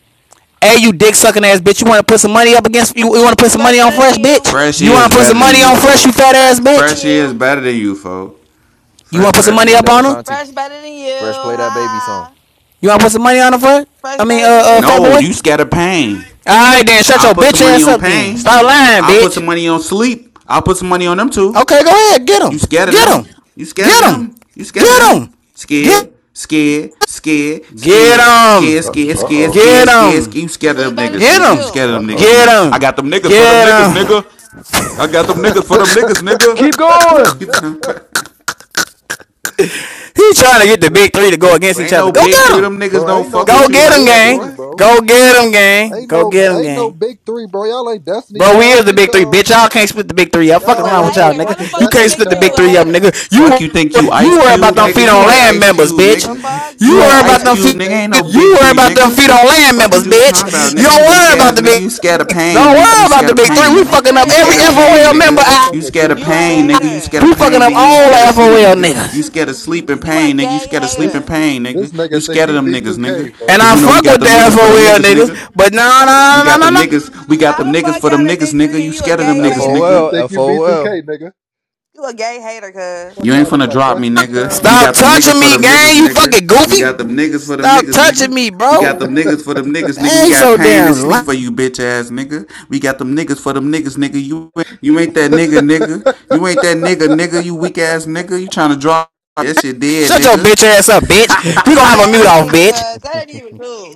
[SPEAKER 8] Hey, you dick sucking ass bitch. You want to put some money up against? You, you want to put some
[SPEAKER 20] Fresh
[SPEAKER 8] money on
[SPEAKER 20] better than
[SPEAKER 8] Fresh,
[SPEAKER 20] you.
[SPEAKER 8] bitch?
[SPEAKER 33] Fresh
[SPEAKER 8] You want
[SPEAKER 33] is
[SPEAKER 8] to put some
[SPEAKER 33] better than
[SPEAKER 8] money
[SPEAKER 33] you,
[SPEAKER 8] on Fresh, you
[SPEAKER 33] folks.
[SPEAKER 8] fat
[SPEAKER 20] Fresh
[SPEAKER 8] ass
[SPEAKER 20] better than
[SPEAKER 8] bitch?
[SPEAKER 33] Fresh is
[SPEAKER 20] you.
[SPEAKER 33] better than you, folks.
[SPEAKER 8] You
[SPEAKER 33] Fresh
[SPEAKER 8] want to put some
[SPEAKER 33] better
[SPEAKER 36] Fresh
[SPEAKER 8] money
[SPEAKER 33] than
[SPEAKER 36] play
[SPEAKER 33] you,
[SPEAKER 8] up
[SPEAKER 36] that
[SPEAKER 8] on her?
[SPEAKER 33] folks.
[SPEAKER 36] Ashanti.
[SPEAKER 20] Fresh better than you.
[SPEAKER 36] Fresh play that baby song.
[SPEAKER 20] Ha.
[SPEAKER 8] You want to put some money on her, Fresh?
[SPEAKER 20] Fresh
[SPEAKER 8] I mean, uh,
[SPEAKER 20] better than
[SPEAKER 8] uh, fat
[SPEAKER 20] you.
[SPEAKER 33] No, you
[SPEAKER 8] boy.
[SPEAKER 33] scared of pain.
[SPEAKER 8] Alright then, shut
[SPEAKER 33] I'll
[SPEAKER 8] your
[SPEAKER 33] put some
[SPEAKER 8] bitch
[SPEAKER 33] money
[SPEAKER 8] ass
[SPEAKER 33] on
[SPEAKER 8] up then.
[SPEAKER 33] Pain.
[SPEAKER 8] Stop lying,
[SPEAKER 33] I'll put
[SPEAKER 8] bitch.
[SPEAKER 33] some money on Sleep. I'll put some money on them two.
[SPEAKER 8] Okay, go ahead. Get
[SPEAKER 33] You
[SPEAKER 8] him.
[SPEAKER 33] scared of
[SPEAKER 8] Get
[SPEAKER 33] them?
[SPEAKER 8] him.
[SPEAKER 33] You scared of
[SPEAKER 8] Get him.
[SPEAKER 33] them? You scared of
[SPEAKER 8] Get him.
[SPEAKER 33] them?
[SPEAKER 8] Get
[SPEAKER 33] Scared, scared, scared,
[SPEAKER 8] Get
[SPEAKER 33] scared, scared,
[SPEAKER 32] Uh
[SPEAKER 8] him.
[SPEAKER 33] scared, scared,
[SPEAKER 32] oh.
[SPEAKER 8] Get
[SPEAKER 33] scared, scared, scared.
[SPEAKER 8] him.
[SPEAKER 33] You scared of them
[SPEAKER 20] Sleep better than
[SPEAKER 33] niggas,
[SPEAKER 8] Get
[SPEAKER 20] you
[SPEAKER 33] nigga. You
[SPEAKER 8] him.
[SPEAKER 33] scared
[SPEAKER 20] too.
[SPEAKER 33] of
[SPEAKER 32] Uh
[SPEAKER 33] them niggas,
[SPEAKER 32] oh.
[SPEAKER 8] Get
[SPEAKER 33] nigga. I
[SPEAKER 8] him.
[SPEAKER 33] got them niggas for them
[SPEAKER 8] Get
[SPEAKER 33] niggas,
[SPEAKER 8] him.
[SPEAKER 33] nigga. I got them
[SPEAKER 32] I
[SPEAKER 33] niggas for them niggas, nigga.
[SPEAKER 36] Keep
[SPEAKER 33] Fuck
[SPEAKER 36] going.
[SPEAKER 33] you.
[SPEAKER 8] He trying to
[SPEAKER 32] got
[SPEAKER 8] get the
[SPEAKER 32] the
[SPEAKER 8] big three to go
[SPEAKER 32] biggest
[SPEAKER 8] against
[SPEAKER 32] for
[SPEAKER 8] each
[SPEAKER 33] Ain't no
[SPEAKER 8] other. Go
[SPEAKER 32] the big.
[SPEAKER 33] big
[SPEAKER 8] get
[SPEAKER 33] three.
[SPEAKER 8] him.
[SPEAKER 33] Them niggas
[SPEAKER 32] Bro,
[SPEAKER 33] don't
[SPEAKER 32] ain't no
[SPEAKER 33] fuck with
[SPEAKER 8] Go
[SPEAKER 33] you
[SPEAKER 32] fucking
[SPEAKER 8] get
[SPEAKER 33] like
[SPEAKER 8] him,
[SPEAKER 32] big
[SPEAKER 33] that,
[SPEAKER 8] gang.
[SPEAKER 32] three,
[SPEAKER 33] boy.
[SPEAKER 32] bro.
[SPEAKER 8] Go get him, gang.
[SPEAKER 32] Ain't
[SPEAKER 8] Go
[SPEAKER 32] no
[SPEAKER 8] get him,
[SPEAKER 32] ain't
[SPEAKER 8] gang.
[SPEAKER 32] no big three, bro. Y'all ain't Destiny
[SPEAKER 8] Bro, we is
[SPEAKER 32] Child.
[SPEAKER 8] the
[SPEAKER 32] Get
[SPEAKER 8] big three,
[SPEAKER 32] y'all.
[SPEAKER 8] bitch. Y'all can't split the big three up. Fuck
[SPEAKER 20] You a
[SPEAKER 32] Y'all
[SPEAKER 8] around with
[SPEAKER 32] ain't
[SPEAKER 8] y'all,
[SPEAKER 32] no
[SPEAKER 20] hater.
[SPEAKER 8] nigga.
[SPEAKER 20] How the
[SPEAKER 32] fucking
[SPEAKER 8] You
[SPEAKER 20] fuck you the
[SPEAKER 8] can't
[SPEAKER 32] Destiny
[SPEAKER 20] big
[SPEAKER 8] split the
[SPEAKER 20] three and
[SPEAKER 8] big
[SPEAKER 20] you a
[SPEAKER 32] Child,
[SPEAKER 8] three up,
[SPEAKER 32] bro.
[SPEAKER 20] hater?
[SPEAKER 8] nigga.
[SPEAKER 33] Fuck
[SPEAKER 8] You
[SPEAKER 33] you think you
[SPEAKER 8] you
[SPEAKER 33] Ice
[SPEAKER 32] Fuck
[SPEAKER 8] worry
[SPEAKER 32] this
[SPEAKER 8] about
[SPEAKER 32] look
[SPEAKER 33] Cube,
[SPEAKER 8] them
[SPEAKER 32] like
[SPEAKER 33] nigga?
[SPEAKER 8] feet
[SPEAKER 33] You
[SPEAKER 8] on
[SPEAKER 33] ain't
[SPEAKER 8] land
[SPEAKER 32] B2K.
[SPEAKER 33] Ice
[SPEAKER 8] members,
[SPEAKER 33] Cube,
[SPEAKER 8] bitch.
[SPEAKER 20] The
[SPEAKER 33] nigga.
[SPEAKER 20] fuck?
[SPEAKER 8] You
[SPEAKER 20] You
[SPEAKER 33] You
[SPEAKER 20] a
[SPEAKER 8] worry
[SPEAKER 33] ain't
[SPEAKER 32] Y'all
[SPEAKER 33] Ice
[SPEAKER 32] ain't
[SPEAKER 8] about them
[SPEAKER 20] hater.
[SPEAKER 33] Cube,
[SPEAKER 8] feet.
[SPEAKER 33] nigga.
[SPEAKER 32] B2K,
[SPEAKER 33] Ain't no
[SPEAKER 32] nigga.
[SPEAKER 8] You
[SPEAKER 33] big
[SPEAKER 8] worry
[SPEAKER 33] three,
[SPEAKER 8] about them feet
[SPEAKER 33] nigga.
[SPEAKER 8] on land
[SPEAKER 33] Fuck
[SPEAKER 8] members,
[SPEAKER 33] is you talking about,
[SPEAKER 8] bitch. You
[SPEAKER 33] nigga?
[SPEAKER 8] don't
[SPEAKER 33] You weak
[SPEAKER 8] worry about
[SPEAKER 33] ass
[SPEAKER 8] the
[SPEAKER 33] nigga.
[SPEAKER 8] big.
[SPEAKER 33] You scared of pain,
[SPEAKER 8] Don't
[SPEAKER 33] nigga. You
[SPEAKER 8] worry about
[SPEAKER 33] scared
[SPEAKER 8] the
[SPEAKER 33] of
[SPEAKER 8] big
[SPEAKER 20] How
[SPEAKER 8] three.
[SPEAKER 20] you
[SPEAKER 33] pain,
[SPEAKER 20] the
[SPEAKER 8] We
[SPEAKER 20] big
[SPEAKER 8] fucking
[SPEAKER 20] three
[SPEAKER 33] nigga.
[SPEAKER 8] up
[SPEAKER 33] You
[SPEAKER 20] and you a
[SPEAKER 8] every
[SPEAKER 33] scared of
[SPEAKER 20] hater?
[SPEAKER 33] pain,
[SPEAKER 32] Ain't
[SPEAKER 8] FOL
[SPEAKER 32] no
[SPEAKER 8] member.
[SPEAKER 33] nigga.
[SPEAKER 8] Out.
[SPEAKER 33] You
[SPEAKER 32] motherfucking
[SPEAKER 33] scared of
[SPEAKER 20] You a
[SPEAKER 33] pain,
[SPEAKER 32] B2K,
[SPEAKER 33] nigga. You
[SPEAKER 32] nigga.
[SPEAKER 20] hater.
[SPEAKER 33] scared of
[SPEAKER 8] We
[SPEAKER 20] You
[SPEAKER 8] fucking
[SPEAKER 20] a
[SPEAKER 33] pain,
[SPEAKER 8] up
[SPEAKER 33] nigga.
[SPEAKER 20] gay
[SPEAKER 33] You
[SPEAKER 8] all
[SPEAKER 33] scared of
[SPEAKER 8] the
[SPEAKER 20] hater.
[SPEAKER 33] sleep,
[SPEAKER 8] FOL
[SPEAKER 33] nigga. You
[SPEAKER 8] niggas.
[SPEAKER 33] scared of sleep and
[SPEAKER 20] You a
[SPEAKER 33] pain, nigga. You
[SPEAKER 20] gay
[SPEAKER 33] scared of sleep
[SPEAKER 32] This
[SPEAKER 33] and
[SPEAKER 20] hater.
[SPEAKER 33] pain,
[SPEAKER 32] this
[SPEAKER 33] nigga. You
[SPEAKER 32] nigga think
[SPEAKER 33] scared of
[SPEAKER 32] he
[SPEAKER 33] them niggas, nigga.
[SPEAKER 32] B2K,
[SPEAKER 8] And
[SPEAKER 32] folks.
[SPEAKER 33] Cause
[SPEAKER 8] I
[SPEAKER 33] you know we
[SPEAKER 8] fuck
[SPEAKER 33] got
[SPEAKER 8] with the
[SPEAKER 33] them niggas for them
[SPEAKER 8] FOL
[SPEAKER 33] niggas,
[SPEAKER 8] niggas,
[SPEAKER 33] nigga.
[SPEAKER 8] but no,
[SPEAKER 33] We
[SPEAKER 8] no, no,
[SPEAKER 33] got
[SPEAKER 8] no,
[SPEAKER 33] them
[SPEAKER 8] no.
[SPEAKER 33] niggas. We got them
[SPEAKER 20] How the
[SPEAKER 33] niggas
[SPEAKER 20] fuck
[SPEAKER 33] for
[SPEAKER 20] y'all
[SPEAKER 33] them
[SPEAKER 20] the
[SPEAKER 33] niggas,
[SPEAKER 20] big
[SPEAKER 33] nigga.
[SPEAKER 20] three and
[SPEAKER 33] You
[SPEAKER 20] you a
[SPEAKER 33] scared of
[SPEAKER 32] You
[SPEAKER 33] them
[SPEAKER 20] gay
[SPEAKER 36] F
[SPEAKER 32] think
[SPEAKER 33] niggas,
[SPEAKER 36] O
[SPEAKER 20] hater?
[SPEAKER 32] you
[SPEAKER 33] nigga.
[SPEAKER 36] L
[SPEAKER 32] think
[SPEAKER 36] F
[SPEAKER 32] you
[SPEAKER 36] O L. FOL.
[SPEAKER 32] B2K, nigga?
[SPEAKER 20] You a gay hater, cuz.
[SPEAKER 32] Fuck
[SPEAKER 33] You ain't
[SPEAKER 32] y'all look
[SPEAKER 33] finna
[SPEAKER 32] like
[SPEAKER 33] drop me,
[SPEAKER 32] Destiny
[SPEAKER 33] nigga.
[SPEAKER 32] Child.
[SPEAKER 33] We
[SPEAKER 32] Ain't
[SPEAKER 8] Stop
[SPEAKER 33] got
[SPEAKER 32] no
[SPEAKER 33] them
[SPEAKER 32] fucking
[SPEAKER 33] niggas
[SPEAKER 8] touching
[SPEAKER 33] for
[SPEAKER 8] me,
[SPEAKER 32] group of
[SPEAKER 33] them
[SPEAKER 32] three,
[SPEAKER 33] niggas,
[SPEAKER 8] gang. You
[SPEAKER 33] nigga.
[SPEAKER 8] fucking
[SPEAKER 33] We
[SPEAKER 8] goofy.
[SPEAKER 33] got them niggas for them
[SPEAKER 8] Stop
[SPEAKER 33] niggas,
[SPEAKER 8] touching
[SPEAKER 33] nigga.
[SPEAKER 8] me,
[SPEAKER 33] We got
[SPEAKER 8] bro.
[SPEAKER 33] them
[SPEAKER 32] nigga.
[SPEAKER 33] niggas for them niggas, nigga.
[SPEAKER 8] That
[SPEAKER 33] We
[SPEAKER 8] ain't
[SPEAKER 33] got
[SPEAKER 8] so
[SPEAKER 33] pain and
[SPEAKER 8] damn lying.
[SPEAKER 33] sleep for you, bitch ass nigga. We got them niggas for them niggas, nigga. You ain't- you ain't that nigga, nigga. You ain't that nigga, nigga. You weak ass nigga. You trying to drop that shit dead,
[SPEAKER 8] Shut your
[SPEAKER 33] nigga.
[SPEAKER 8] bitch ass up, bitch.
[SPEAKER 20] You
[SPEAKER 8] We
[SPEAKER 20] a
[SPEAKER 8] gonna have a
[SPEAKER 20] gay
[SPEAKER 8] mute off,
[SPEAKER 20] hater,
[SPEAKER 8] bitch.
[SPEAKER 20] cuz. That ain't even cool.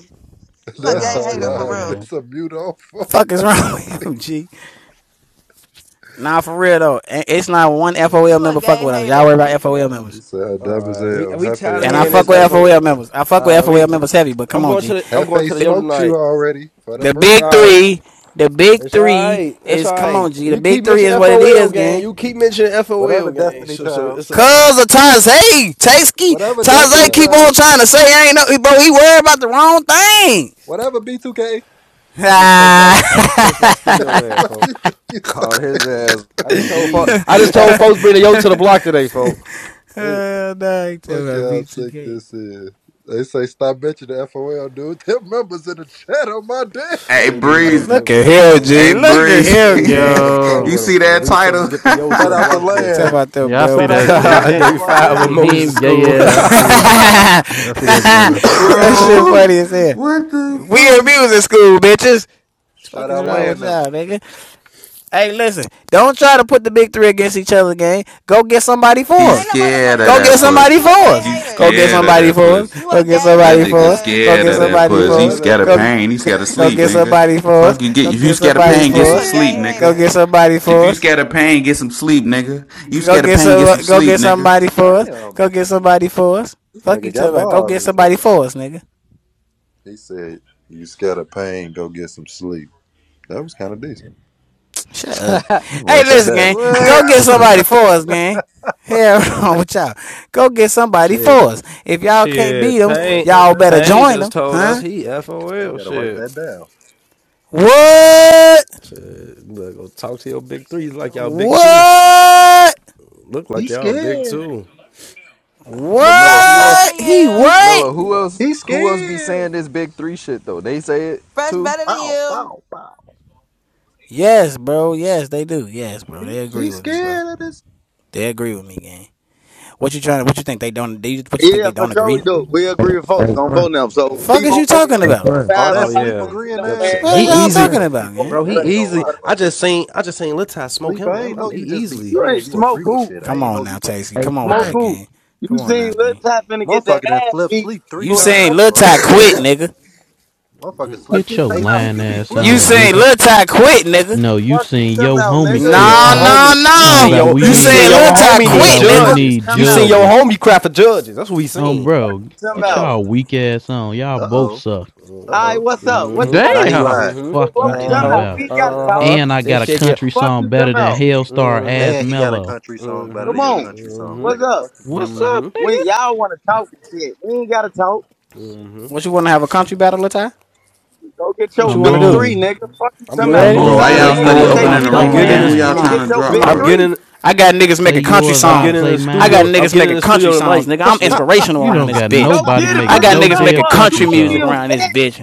[SPEAKER 20] You a
[SPEAKER 32] That's
[SPEAKER 20] gay
[SPEAKER 1] y'all
[SPEAKER 32] how
[SPEAKER 20] hater
[SPEAKER 32] y'all
[SPEAKER 1] slow
[SPEAKER 20] for
[SPEAKER 32] having
[SPEAKER 20] real.
[SPEAKER 1] gang.
[SPEAKER 32] this a mute off.
[SPEAKER 8] Fuck is wrong with you, G? Nah, for real though. It's not one FOL
[SPEAKER 20] You a
[SPEAKER 8] member fuck
[SPEAKER 20] gay
[SPEAKER 8] with us. Y'all worry
[SPEAKER 20] hater.
[SPEAKER 8] about FOL
[SPEAKER 32] You
[SPEAKER 8] members.
[SPEAKER 32] said dumb
[SPEAKER 22] all
[SPEAKER 32] as
[SPEAKER 22] right, we
[SPEAKER 32] hell.
[SPEAKER 22] we
[SPEAKER 32] Hefe
[SPEAKER 22] tired of
[SPEAKER 8] And I
[SPEAKER 22] hearing
[SPEAKER 32] already
[SPEAKER 22] this
[SPEAKER 8] fuck with
[SPEAKER 32] smoked
[SPEAKER 22] FO.
[SPEAKER 8] FOL
[SPEAKER 32] your
[SPEAKER 8] members.
[SPEAKER 32] ass.
[SPEAKER 8] I fuck with
[SPEAKER 22] Uh, we,
[SPEAKER 8] FOL members heavy, but
[SPEAKER 22] I'm
[SPEAKER 8] come on,
[SPEAKER 22] going to
[SPEAKER 8] G.
[SPEAKER 22] the I'm going
[SPEAKER 32] Hefe
[SPEAKER 22] to the yo
[SPEAKER 32] smoked you
[SPEAKER 22] tonight.
[SPEAKER 32] already for the
[SPEAKER 8] The
[SPEAKER 22] It's all
[SPEAKER 8] big
[SPEAKER 32] bread.
[SPEAKER 22] right.
[SPEAKER 8] three, the big
[SPEAKER 22] It's all
[SPEAKER 8] three
[SPEAKER 22] right. It's
[SPEAKER 8] is
[SPEAKER 22] all
[SPEAKER 8] come
[SPEAKER 22] right.
[SPEAKER 8] on, G. The
[SPEAKER 22] You
[SPEAKER 8] big
[SPEAKER 22] keep
[SPEAKER 8] three is
[SPEAKER 22] mentioning
[SPEAKER 8] what it
[SPEAKER 22] FOL
[SPEAKER 8] is,
[SPEAKER 22] gang.
[SPEAKER 8] gang.
[SPEAKER 22] You keep mentioning
[SPEAKER 32] Whatever
[SPEAKER 22] FOL gang.
[SPEAKER 32] Destiny
[SPEAKER 22] So, so
[SPEAKER 32] Child.
[SPEAKER 22] it's all right.
[SPEAKER 8] Cause of Taz, hey, Tasky,
[SPEAKER 32] Whatever
[SPEAKER 22] It's
[SPEAKER 8] Taz,
[SPEAKER 32] Destiny
[SPEAKER 22] all
[SPEAKER 8] keep
[SPEAKER 22] right.
[SPEAKER 8] on
[SPEAKER 32] Child.
[SPEAKER 8] trying to say I ain't no, bro. He worried about the wrong thing.
[SPEAKER 32] Whatever B2K.
[SPEAKER 22] I just text my I
[SPEAKER 8] Ah.
[SPEAKER 22] just text my studio man,
[SPEAKER 32] Fuck you
[SPEAKER 22] folks.
[SPEAKER 32] think you
[SPEAKER 36] Called his
[SPEAKER 32] talking?
[SPEAKER 36] ass.
[SPEAKER 22] I
[SPEAKER 36] It's
[SPEAKER 22] just told folks
[SPEAKER 36] B.
[SPEAKER 22] I just told folks bring the yo to the block today, folks.
[SPEAKER 8] Uh, nah, he talking
[SPEAKER 32] Fuck
[SPEAKER 8] about
[SPEAKER 32] y'all think
[SPEAKER 8] V2K.
[SPEAKER 32] this is. They say stop bitching the FOL dude. Their members in the chat on my
[SPEAKER 33] Hey
[SPEAKER 32] daddy.
[SPEAKER 22] Wait, you go
[SPEAKER 33] breezy,
[SPEAKER 22] play
[SPEAKER 8] Look
[SPEAKER 22] with
[SPEAKER 8] at
[SPEAKER 22] him,
[SPEAKER 8] here,
[SPEAKER 22] folks.
[SPEAKER 33] hey
[SPEAKER 8] G. Look at here,
[SPEAKER 33] breezy.
[SPEAKER 22] Wait, you
[SPEAKER 8] gang.
[SPEAKER 22] finna play
[SPEAKER 33] you
[SPEAKER 1] Yo.
[SPEAKER 22] with him,
[SPEAKER 33] see
[SPEAKER 22] folks.
[SPEAKER 33] that
[SPEAKER 22] We finna
[SPEAKER 33] title,
[SPEAKER 22] just get the yo to
[SPEAKER 32] Shout
[SPEAKER 22] the
[SPEAKER 32] out to
[SPEAKER 22] block
[SPEAKER 8] He
[SPEAKER 22] today,
[SPEAKER 8] talking
[SPEAKER 32] Land.
[SPEAKER 22] folks.
[SPEAKER 8] about them
[SPEAKER 1] Yeah, I see
[SPEAKER 32] Shout out
[SPEAKER 1] that
[SPEAKER 32] to
[SPEAKER 8] bevels.
[SPEAKER 1] shit. He,
[SPEAKER 32] Land
[SPEAKER 22] Day
[SPEAKER 32] on my
[SPEAKER 1] I
[SPEAKER 22] five of
[SPEAKER 1] see
[SPEAKER 32] daddy.
[SPEAKER 22] Moses
[SPEAKER 1] him
[SPEAKER 22] School.
[SPEAKER 1] gay ass. I see I see that turtle.
[SPEAKER 8] that shit
[SPEAKER 33] bro?
[SPEAKER 8] funny as hell.
[SPEAKER 33] What the
[SPEAKER 8] We in
[SPEAKER 33] fuck?
[SPEAKER 8] music school, bitches. What The fuck
[SPEAKER 32] Shout
[SPEAKER 8] is
[SPEAKER 32] out
[SPEAKER 8] wrong with
[SPEAKER 32] Land them.
[SPEAKER 8] y'all, nigga? Hey, listen. Don't try to put the big three against each other, gang. Go get somebody for
[SPEAKER 20] Man,
[SPEAKER 33] He's
[SPEAKER 20] ain't
[SPEAKER 8] us.
[SPEAKER 20] no
[SPEAKER 33] scared of
[SPEAKER 20] motherfucking
[SPEAKER 8] Go
[SPEAKER 20] big
[SPEAKER 8] get
[SPEAKER 33] that
[SPEAKER 20] three, nigga.
[SPEAKER 8] somebody
[SPEAKER 33] pussy.
[SPEAKER 8] for
[SPEAKER 20] You a gay
[SPEAKER 8] us.
[SPEAKER 33] He's
[SPEAKER 8] Go
[SPEAKER 20] hater.
[SPEAKER 8] get
[SPEAKER 33] scared of
[SPEAKER 8] somebody
[SPEAKER 33] that
[SPEAKER 8] for us.
[SPEAKER 33] pussy.
[SPEAKER 20] You a
[SPEAKER 8] Go get
[SPEAKER 20] gay
[SPEAKER 33] That
[SPEAKER 8] somebody
[SPEAKER 20] hater,
[SPEAKER 8] for
[SPEAKER 33] nigga
[SPEAKER 8] us.
[SPEAKER 20] cuz.
[SPEAKER 32] He
[SPEAKER 8] Go
[SPEAKER 33] scared
[SPEAKER 8] get
[SPEAKER 32] told
[SPEAKER 33] of
[SPEAKER 32] me he's
[SPEAKER 33] that
[SPEAKER 8] somebody
[SPEAKER 33] pussy.
[SPEAKER 32] scared
[SPEAKER 33] He
[SPEAKER 8] for
[SPEAKER 32] of
[SPEAKER 8] us.
[SPEAKER 32] that
[SPEAKER 33] scared of
[SPEAKER 8] Go get
[SPEAKER 32] pussy.
[SPEAKER 33] pain. He scared of
[SPEAKER 8] Go
[SPEAKER 33] sleep,
[SPEAKER 8] get
[SPEAKER 33] nigga.
[SPEAKER 8] somebody for us.
[SPEAKER 33] Fuck you get
[SPEAKER 8] Go
[SPEAKER 33] if you
[SPEAKER 8] get
[SPEAKER 33] scared of
[SPEAKER 32] He's
[SPEAKER 8] somebody
[SPEAKER 33] pain, get
[SPEAKER 8] for
[SPEAKER 20] You
[SPEAKER 33] some
[SPEAKER 20] a
[SPEAKER 8] us.
[SPEAKER 33] sleep,
[SPEAKER 20] gay
[SPEAKER 32] scared.
[SPEAKER 8] Go
[SPEAKER 33] nigga.
[SPEAKER 8] get
[SPEAKER 20] hater.
[SPEAKER 8] somebody
[SPEAKER 33] If
[SPEAKER 8] for
[SPEAKER 33] you
[SPEAKER 8] us.
[SPEAKER 33] scared of pain, get some sleep, nigga. You
[SPEAKER 8] Go
[SPEAKER 33] scared of
[SPEAKER 8] get
[SPEAKER 33] pain, get some
[SPEAKER 8] some. Go
[SPEAKER 33] sleep,
[SPEAKER 8] get somebody
[SPEAKER 33] nigga.
[SPEAKER 8] for us.
[SPEAKER 32] Damn.
[SPEAKER 8] Go get somebody for us.
[SPEAKER 32] This
[SPEAKER 8] Fuck you,
[SPEAKER 32] nigga
[SPEAKER 8] talking
[SPEAKER 32] got
[SPEAKER 8] about. Go
[SPEAKER 32] bars
[SPEAKER 8] get
[SPEAKER 32] and
[SPEAKER 8] somebody
[SPEAKER 32] shit.
[SPEAKER 8] for us, nigga.
[SPEAKER 32] He said, You scared of pain, go get some sleep. That was kind of decent.
[SPEAKER 8] Shut up. Hey,
[SPEAKER 32] Write that
[SPEAKER 8] listen,
[SPEAKER 32] down.
[SPEAKER 8] gang. Go get
[SPEAKER 36] What?
[SPEAKER 8] somebody for us, gang. Hell wrong with y'all. Go get somebody for
[SPEAKER 22] shit,
[SPEAKER 8] us. If y'all can't beat
[SPEAKER 32] I
[SPEAKER 22] shit.
[SPEAKER 8] them,
[SPEAKER 32] gotta
[SPEAKER 22] Payne,
[SPEAKER 32] write that
[SPEAKER 8] y'all better
[SPEAKER 32] down.
[SPEAKER 22] Payne
[SPEAKER 8] join
[SPEAKER 22] just
[SPEAKER 8] them,
[SPEAKER 22] told us
[SPEAKER 8] huh?
[SPEAKER 22] he
[SPEAKER 32] I
[SPEAKER 22] FOL.
[SPEAKER 32] gotta write
[SPEAKER 22] Shit.
[SPEAKER 32] that down.
[SPEAKER 8] What?
[SPEAKER 22] Shit, look, go talk to your big three. He's like y'all big
[SPEAKER 32] He's
[SPEAKER 22] two.
[SPEAKER 8] What?
[SPEAKER 22] Look like
[SPEAKER 32] he's
[SPEAKER 22] y'all big
[SPEAKER 32] scared.
[SPEAKER 22] two.
[SPEAKER 36] But Mello,
[SPEAKER 20] Fresh
[SPEAKER 36] who else?
[SPEAKER 20] better
[SPEAKER 8] What?
[SPEAKER 20] than
[SPEAKER 8] He
[SPEAKER 20] you.
[SPEAKER 32] He's
[SPEAKER 8] what?
[SPEAKER 36] Mello, who else?
[SPEAKER 32] he's
[SPEAKER 36] Who else be
[SPEAKER 32] scared.
[SPEAKER 36] saying this big three shit though? They say it
[SPEAKER 20] Fresh
[SPEAKER 36] too.
[SPEAKER 20] better than
[SPEAKER 32] Bow,
[SPEAKER 20] you.
[SPEAKER 32] bow, bow.
[SPEAKER 8] Yes, bro. Yes, they do. Yes, bro.
[SPEAKER 32] He,
[SPEAKER 8] They agree
[SPEAKER 32] he's
[SPEAKER 8] with me, bro.
[SPEAKER 32] scared of this.
[SPEAKER 8] They agree with me, gang. What you trying to? What you think they don't? They, what you think
[SPEAKER 42] Yeah,
[SPEAKER 8] they
[SPEAKER 42] for
[SPEAKER 8] don't
[SPEAKER 42] sure
[SPEAKER 8] agree?
[SPEAKER 42] we do. We agree with folks
[SPEAKER 43] Hey
[SPEAKER 42] on
[SPEAKER 43] friend.
[SPEAKER 42] phone them. So
[SPEAKER 8] Fuck
[SPEAKER 42] feet
[SPEAKER 8] is you
[SPEAKER 42] on
[SPEAKER 8] talking
[SPEAKER 43] hey
[SPEAKER 42] land,
[SPEAKER 8] about?
[SPEAKER 42] go
[SPEAKER 43] friend.
[SPEAKER 32] Oh,
[SPEAKER 42] find
[SPEAKER 22] Oh
[SPEAKER 32] that
[SPEAKER 42] somebody
[SPEAKER 32] sleep
[SPEAKER 42] with
[SPEAKER 22] yeah,
[SPEAKER 42] their feet
[SPEAKER 32] agreeing
[SPEAKER 42] on
[SPEAKER 22] that
[SPEAKER 32] ass.
[SPEAKER 22] shit.
[SPEAKER 42] land,
[SPEAKER 8] What are
[SPEAKER 42] go
[SPEAKER 22] he
[SPEAKER 43] hey
[SPEAKER 32] Sleep
[SPEAKER 42] get
[SPEAKER 8] y'all
[SPEAKER 42] their
[SPEAKER 32] agree
[SPEAKER 22] easy,
[SPEAKER 8] talking
[SPEAKER 42] ass
[SPEAKER 43] friend.
[SPEAKER 32] with
[SPEAKER 42] on
[SPEAKER 8] about,
[SPEAKER 42] phone
[SPEAKER 8] gang?
[SPEAKER 22] bro.
[SPEAKER 42] them
[SPEAKER 32] anything.
[SPEAKER 22] He
[SPEAKER 32] I ain't
[SPEAKER 42] grave.
[SPEAKER 32] gonna
[SPEAKER 42] That's
[SPEAKER 22] easily.
[SPEAKER 32] lie,
[SPEAKER 42] what
[SPEAKER 22] I
[SPEAKER 32] bro.
[SPEAKER 42] it is.
[SPEAKER 22] just seen I just seen Lil Ty smoke
[SPEAKER 32] Sleep.
[SPEAKER 22] him.
[SPEAKER 32] I
[SPEAKER 22] I'm,
[SPEAKER 32] ain't know
[SPEAKER 22] I'm
[SPEAKER 32] you just be
[SPEAKER 22] easily
[SPEAKER 42] You
[SPEAKER 32] saying
[SPEAKER 42] ain't
[SPEAKER 32] you
[SPEAKER 42] smoke
[SPEAKER 22] stuff.
[SPEAKER 32] agree with
[SPEAKER 42] who?
[SPEAKER 32] shit. I
[SPEAKER 8] Come
[SPEAKER 32] ain't
[SPEAKER 8] on
[SPEAKER 32] know you
[SPEAKER 8] now,
[SPEAKER 32] just
[SPEAKER 8] Tasty.
[SPEAKER 43] hey
[SPEAKER 8] Come on with
[SPEAKER 42] Smoke
[SPEAKER 43] friend.
[SPEAKER 8] that,
[SPEAKER 42] who?
[SPEAKER 8] gang.
[SPEAKER 42] You
[SPEAKER 8] Come on
[SPEAKER 42] seen
[SPEAKER 8] now,
[SPEAKER 42] Lil
[SPEAKER 8] G.
[SPEAKER 42] Tap finna get that
[SPEAKER 32] motherfucker done
[SPEAKER 42] ass
[SPEAKER 32] flip
[SPEAKER 42] beat
[SPEAKER 32] sleep three
[SPEAKER 8] You
[SPEAKER 42] before he
[SPEAKER 8] saying
[SPEAKER 42] ran
[SPEAKER 32] times,
[SPEAKER 8] Lil
[SPEAKER 32] bro.
[SPEAKER 8] Ty
[SPEAKER 42] on
[SPEAKER 8] quit,
[SPEAKER 42] broom.
[SPEAKER 8] nigga?
[SPEAKER 32] Motherfucker
[SPEAKER 42] Fuck
[SPEAKER 32] sleep.
[SPEAKER 44] Get
[SPEAKER 42] you
[SPEAKER 44] your
[SPEAKER 42] talking
[SPEAKER 32] Hey,
[SPEAKER 42] about,
[SPEAKER 32] sleep.
[SPEAKER 44] lying
[SPEAKER 32] You be
[SPEAKER 42] nigga?
[SPEAKER 44] ass
[SPEAKER 8] You
[SPEAKER 32] flipping and
[SPEAKER 44] on,
[SPEAKER 32] shit,
[SPEAKER 8] saying
[SPEAKER 32] don't
[SPEAKER 44] Goofy.
[SPEAKER 8] Lil Ty quit, nigga?
[SPEAKER 44] No, you
[SPEAKER 42] Fuck you
[SPEAKER 44] seen
[SPEAKER 42] talking
[SPEAKER 44] your
[SPEAKER 42] about,
[SPEAKER 22] You
[SPEAKER 44] homie
[SPEAKER 42] nigga?
[SPEAKER 22] seen
[SPEAKER 44] quit.
[SPEAKER 8] No,
[SPEAKER 22] your
[SPEAKER 44] Tom,
[SPEAKER 8] no,
[SPEAKER 22] homie. You
[SPEAKER 44] Tom,
[SPEAKER 8] no.
[SPEAKER 22] seen
[SPEAKER 44] about
[SPEAKER 42] You
[SPEAKER 22] your
[SPEAKER 44] we
[SPEAKER 8] You
[SPEAKER 22] you
[SPEAKER 42] seen
[SPEAKER 22] seen
[SPEAKER 44] need,
[SPEAKER 8] saying
[SPEAKER 42] Lil
[SPEAKER 22] your
[SPEAKER 8] Lil
[SPEAKER 42] Tap
[SPEAKER 8] Ty
[SPEAKER 22] homie
[SPEAKER 44] Tom,
[SPEAKER 22] need
[SPEAKER 8] quit,
[SPEAKER 42] quit?
[SPEAKER 44] about we
[SPEAKER 8] nigga?
[SPEAKER 42] Fuck you
[SPEAKER 22] judges.
[SPEAKER 44] need
[SPEAKER 42] talking
[SPEAKER 22] You seen
[SPEAKER 42] about?
[SPEAKER 22] your
[SPEAKER 44] judges.
[SPEAKER 22] homie cry for judges. That's what we
[SPEAKER 44] Um,
[SPEAKER 22] seen.
[SPEAKER 42] Fuck
[SPEAKER 44] bro,
[SPEAKER 42] you talking
[SPEAKER 32] you? Uh
[SPEAKER 44] get
[SPEAKER 32] oh.
[SPEAKER 42] about?
[SPEAKER 44] y'all weak ass on. Y'all
[SPEAKER 32] Uh
[SPEAKER 44] both
[SPEAKER 32] oh.
[SPEAKER 44] suck.
[SPEAKER 32] Uh
[SPEAKER 42] All right,
[SPEAKER 22] Mhm.
[SPEAKER 32] oh.
[SPEAKER 42] what's up? What you
[SPEAKER 22] Mhm.
[SPEAKER 32] Now
[SPEAKER 42] wanna do?
[SPEAKER 32] he
[SPEAKER 1] Damn
[SPEAKER 32] lying.
[SPEAKER 42] What,
[SPEAKER 22] Mhm.
[SPEAKER 42] what,
[SPEAKER 44] Fuck you,
[SPEAKER 42] what
[SPEAKER 32] Now
[SPEAKER 42] we
[SPEAKER 32] he
[SPEAKER 22] Uh
[SPEAKER 42] talking
[SPEAKER 44] Tom,
[SPEAKER 32] lying.
[SPEAKER 22] huh.
[SPEAKER 32] You
[SPEAKER 42] about?
[SPEAKER 32] ain't
[SPEAKER 44] about.
[SPEAKER 42] We
[SPEAKER 32] had
[SPEAKER 42] ain't
[SPEAKER 32] to say
[SPEAKER 42] gotta
[SPEAKER 32] that,
[SPEAKER 22] Uh
[SPEAKER 42] talk.
[SPEAKER 32] bro.
[SPEAKER 22] huh.
[SPEAKER 44] And I
[SPEAKER 22] This
[SPEAKER 44] got a
[SPEAKER 22] shit get.
[SPEAKER 44] country
[SPEAKER 42] Fuck you
[SPEAKER 44] song
[SPEAKER 42] talking
[SPEAKER 44] better than
[SPEAKER 42] about?
[SPEAKER 44] Hellstar
[SPEAKER 22] Mhm.
[SPEAKER 44] Ass
[SPEAKER 32] And he got a
[SPEAKER 44] Mellow.
[SPEAKER 32] country song better
[SPEAKER 42] Come
[SPEAKER 32] than your
[SPEAKER 42] on.
[SPEAKER 32] country song,
[SPEAKER 42] What's
[SPEAKER 32] nigga.
[SPEAKER 42] up?
[SPEAKER 32] Fuck you talking
[SPEAKER 44] What's
[SPEAKER 32] about.
[SPEAKER 44] up,
[SPEAKER 22] Mhm.
[SPEAKER 44] nigga?
[SPEAKER 42] We y'all want to talk and shit. We ain't gotta talk.
[SPEAKER 8] What you want to have a country battle, Lil Ty?
[SPEAKER 42] Go get
[SPEAKER 8] What
[SPEAKER 42] your
[SPEAKER 8] you
[SPEAKER 44] Come
[SPEAKER 8] want to
[SPEAKER 42] big
[SPEAKER 8] do?
[SPEAKER 42] three,
[SPEAKER 44] on,
[SPEAKER 42] nigga. Fuck you,
[SPEAKER 22] I'm
[SPEAKER 8] You
[SPEAKER 42] come
[SPEAKER 22] going.
[SPEAKER 42] out.
[SPEAKER 22] I'm
[SPEAKER 44] come
[SPEAKER 42] Go
[SPEAKER 8] ready?
[SPEAKER 22] getting.
[SPEAKER 33] Bro,
[SPEAKER 32] He's
[SPEAKER 44] on.
[SPEAKER 22] I'm
[SPEAKER 33] why
[SPEAKER 42] find
[SPEAKER 22] getting.
[SPEAKER 44] Play
[SPEAKER 42] them
[SPEAKER 33] y'all
[SPEAKER 8] All
[SPEAKER 42] niggas
[SPEAKER 33] study
[SPEAKER 8] right,
[SPEAKER 42] with
[SPEAKER 44] yours,
[SPEAKER 42] their
[SPEAKER 8] come
[SPEAKER 44] I
[SPEAKER 33] opening
[SPEAKER 32] scared.
[SPEAKER 8] on,
[SPEAKER 33] the
[SPEAKER 42] feet
[SPEAKER 44] play
[SPEAKER 22] I'm
[SPEAKER 42] on
[SPEAKER 33] room
[SPEAKER 22] getting in
[SPEAKER 33] game?
[SPEAKER 42] land
[SPEAKER 33] Who
[SPEAKER 22] this.
[SPEAKER 44] mine.
[SPEAKER 33] y'all
[SPEAKER 8] come
[SPEAKER 42] and
[SPEAKER 8] on,
[SPEAKER 33] trying
[SPEAKER 42] get
[SPEAKER 33] to
[SPEAKER 42] your
[SPEAKER 8] come
[SPEAKER 33] drop,
[SPEAKER 42] big
[SPEAKER 8] on.
[SPEAKER 22] I'm
[SPEAKER 33] bro?
[SPEAKER 42] three.
[SPEAKER 22] getting.
[SPEAKER 8] I got niggas
[SPEAKER 44] Play
[SPEAKER 8] making country
[SPEAKER 44] yours,
[SPEAKER 22] I'm
[SPEAKER 44] I
[SPEAKER 22] getting
[SPEAKER 8] songs.
[SPEAKER 22] in
[SPEAKER 44] play
[SPEAKER 22] the
[SPEAKER 8] I got
[SPEAKER 22] studio.
[SPEAKER 44] mine.
[SPEAKER 22] I'm
[SPEAKER 8] niggas
[SPEAKER 22] getting in
[SPEAKER 8] making
[SPEAKER 22] the
[SPEAKER 8] country
[SPEAKER 22] studio
[SPEAKER 8] songs,
[SPEAKER 22] tonight.
[SPEAKER 8] nigga. I'm
[SPEAKER 22] Sleep.
[SPEAKER 8] inspirational
[SPEAKER 44] You
[SPEAKER 8] around
[SPEAKER 44] don't
[SPEAKER 8] this
[SPEAKER 44] got
[SPEAKER 8] bitch.
[SPEAKER 42] Go
[SPEAKER 44] nobody
[SPEAKER 42] get it.
[SPEAKER 8] I
[SPEAKER 44] making
[SPEAKER 42] Put
[SPEAKER 32] Ah.
[SPEAKER 8] got
[SPEAKER 44] no
[SPEAKER 8] niggas
[SPEAKER 42] yourself
[SPEAKER 8] making
[SPEAKER 44] damn
[SPEAKER 42] up. You
[SPEAKER 8] country
[SPEAKER 44] country
[SPEAKER 42] gonna
[SPEAKER 44] song.
[SPEAKER 8] music
[SPEAKER 42] feel
[SPEAKER 8] around this
[SPEAKER 42] fat.
[SPEAKER 8] bitch.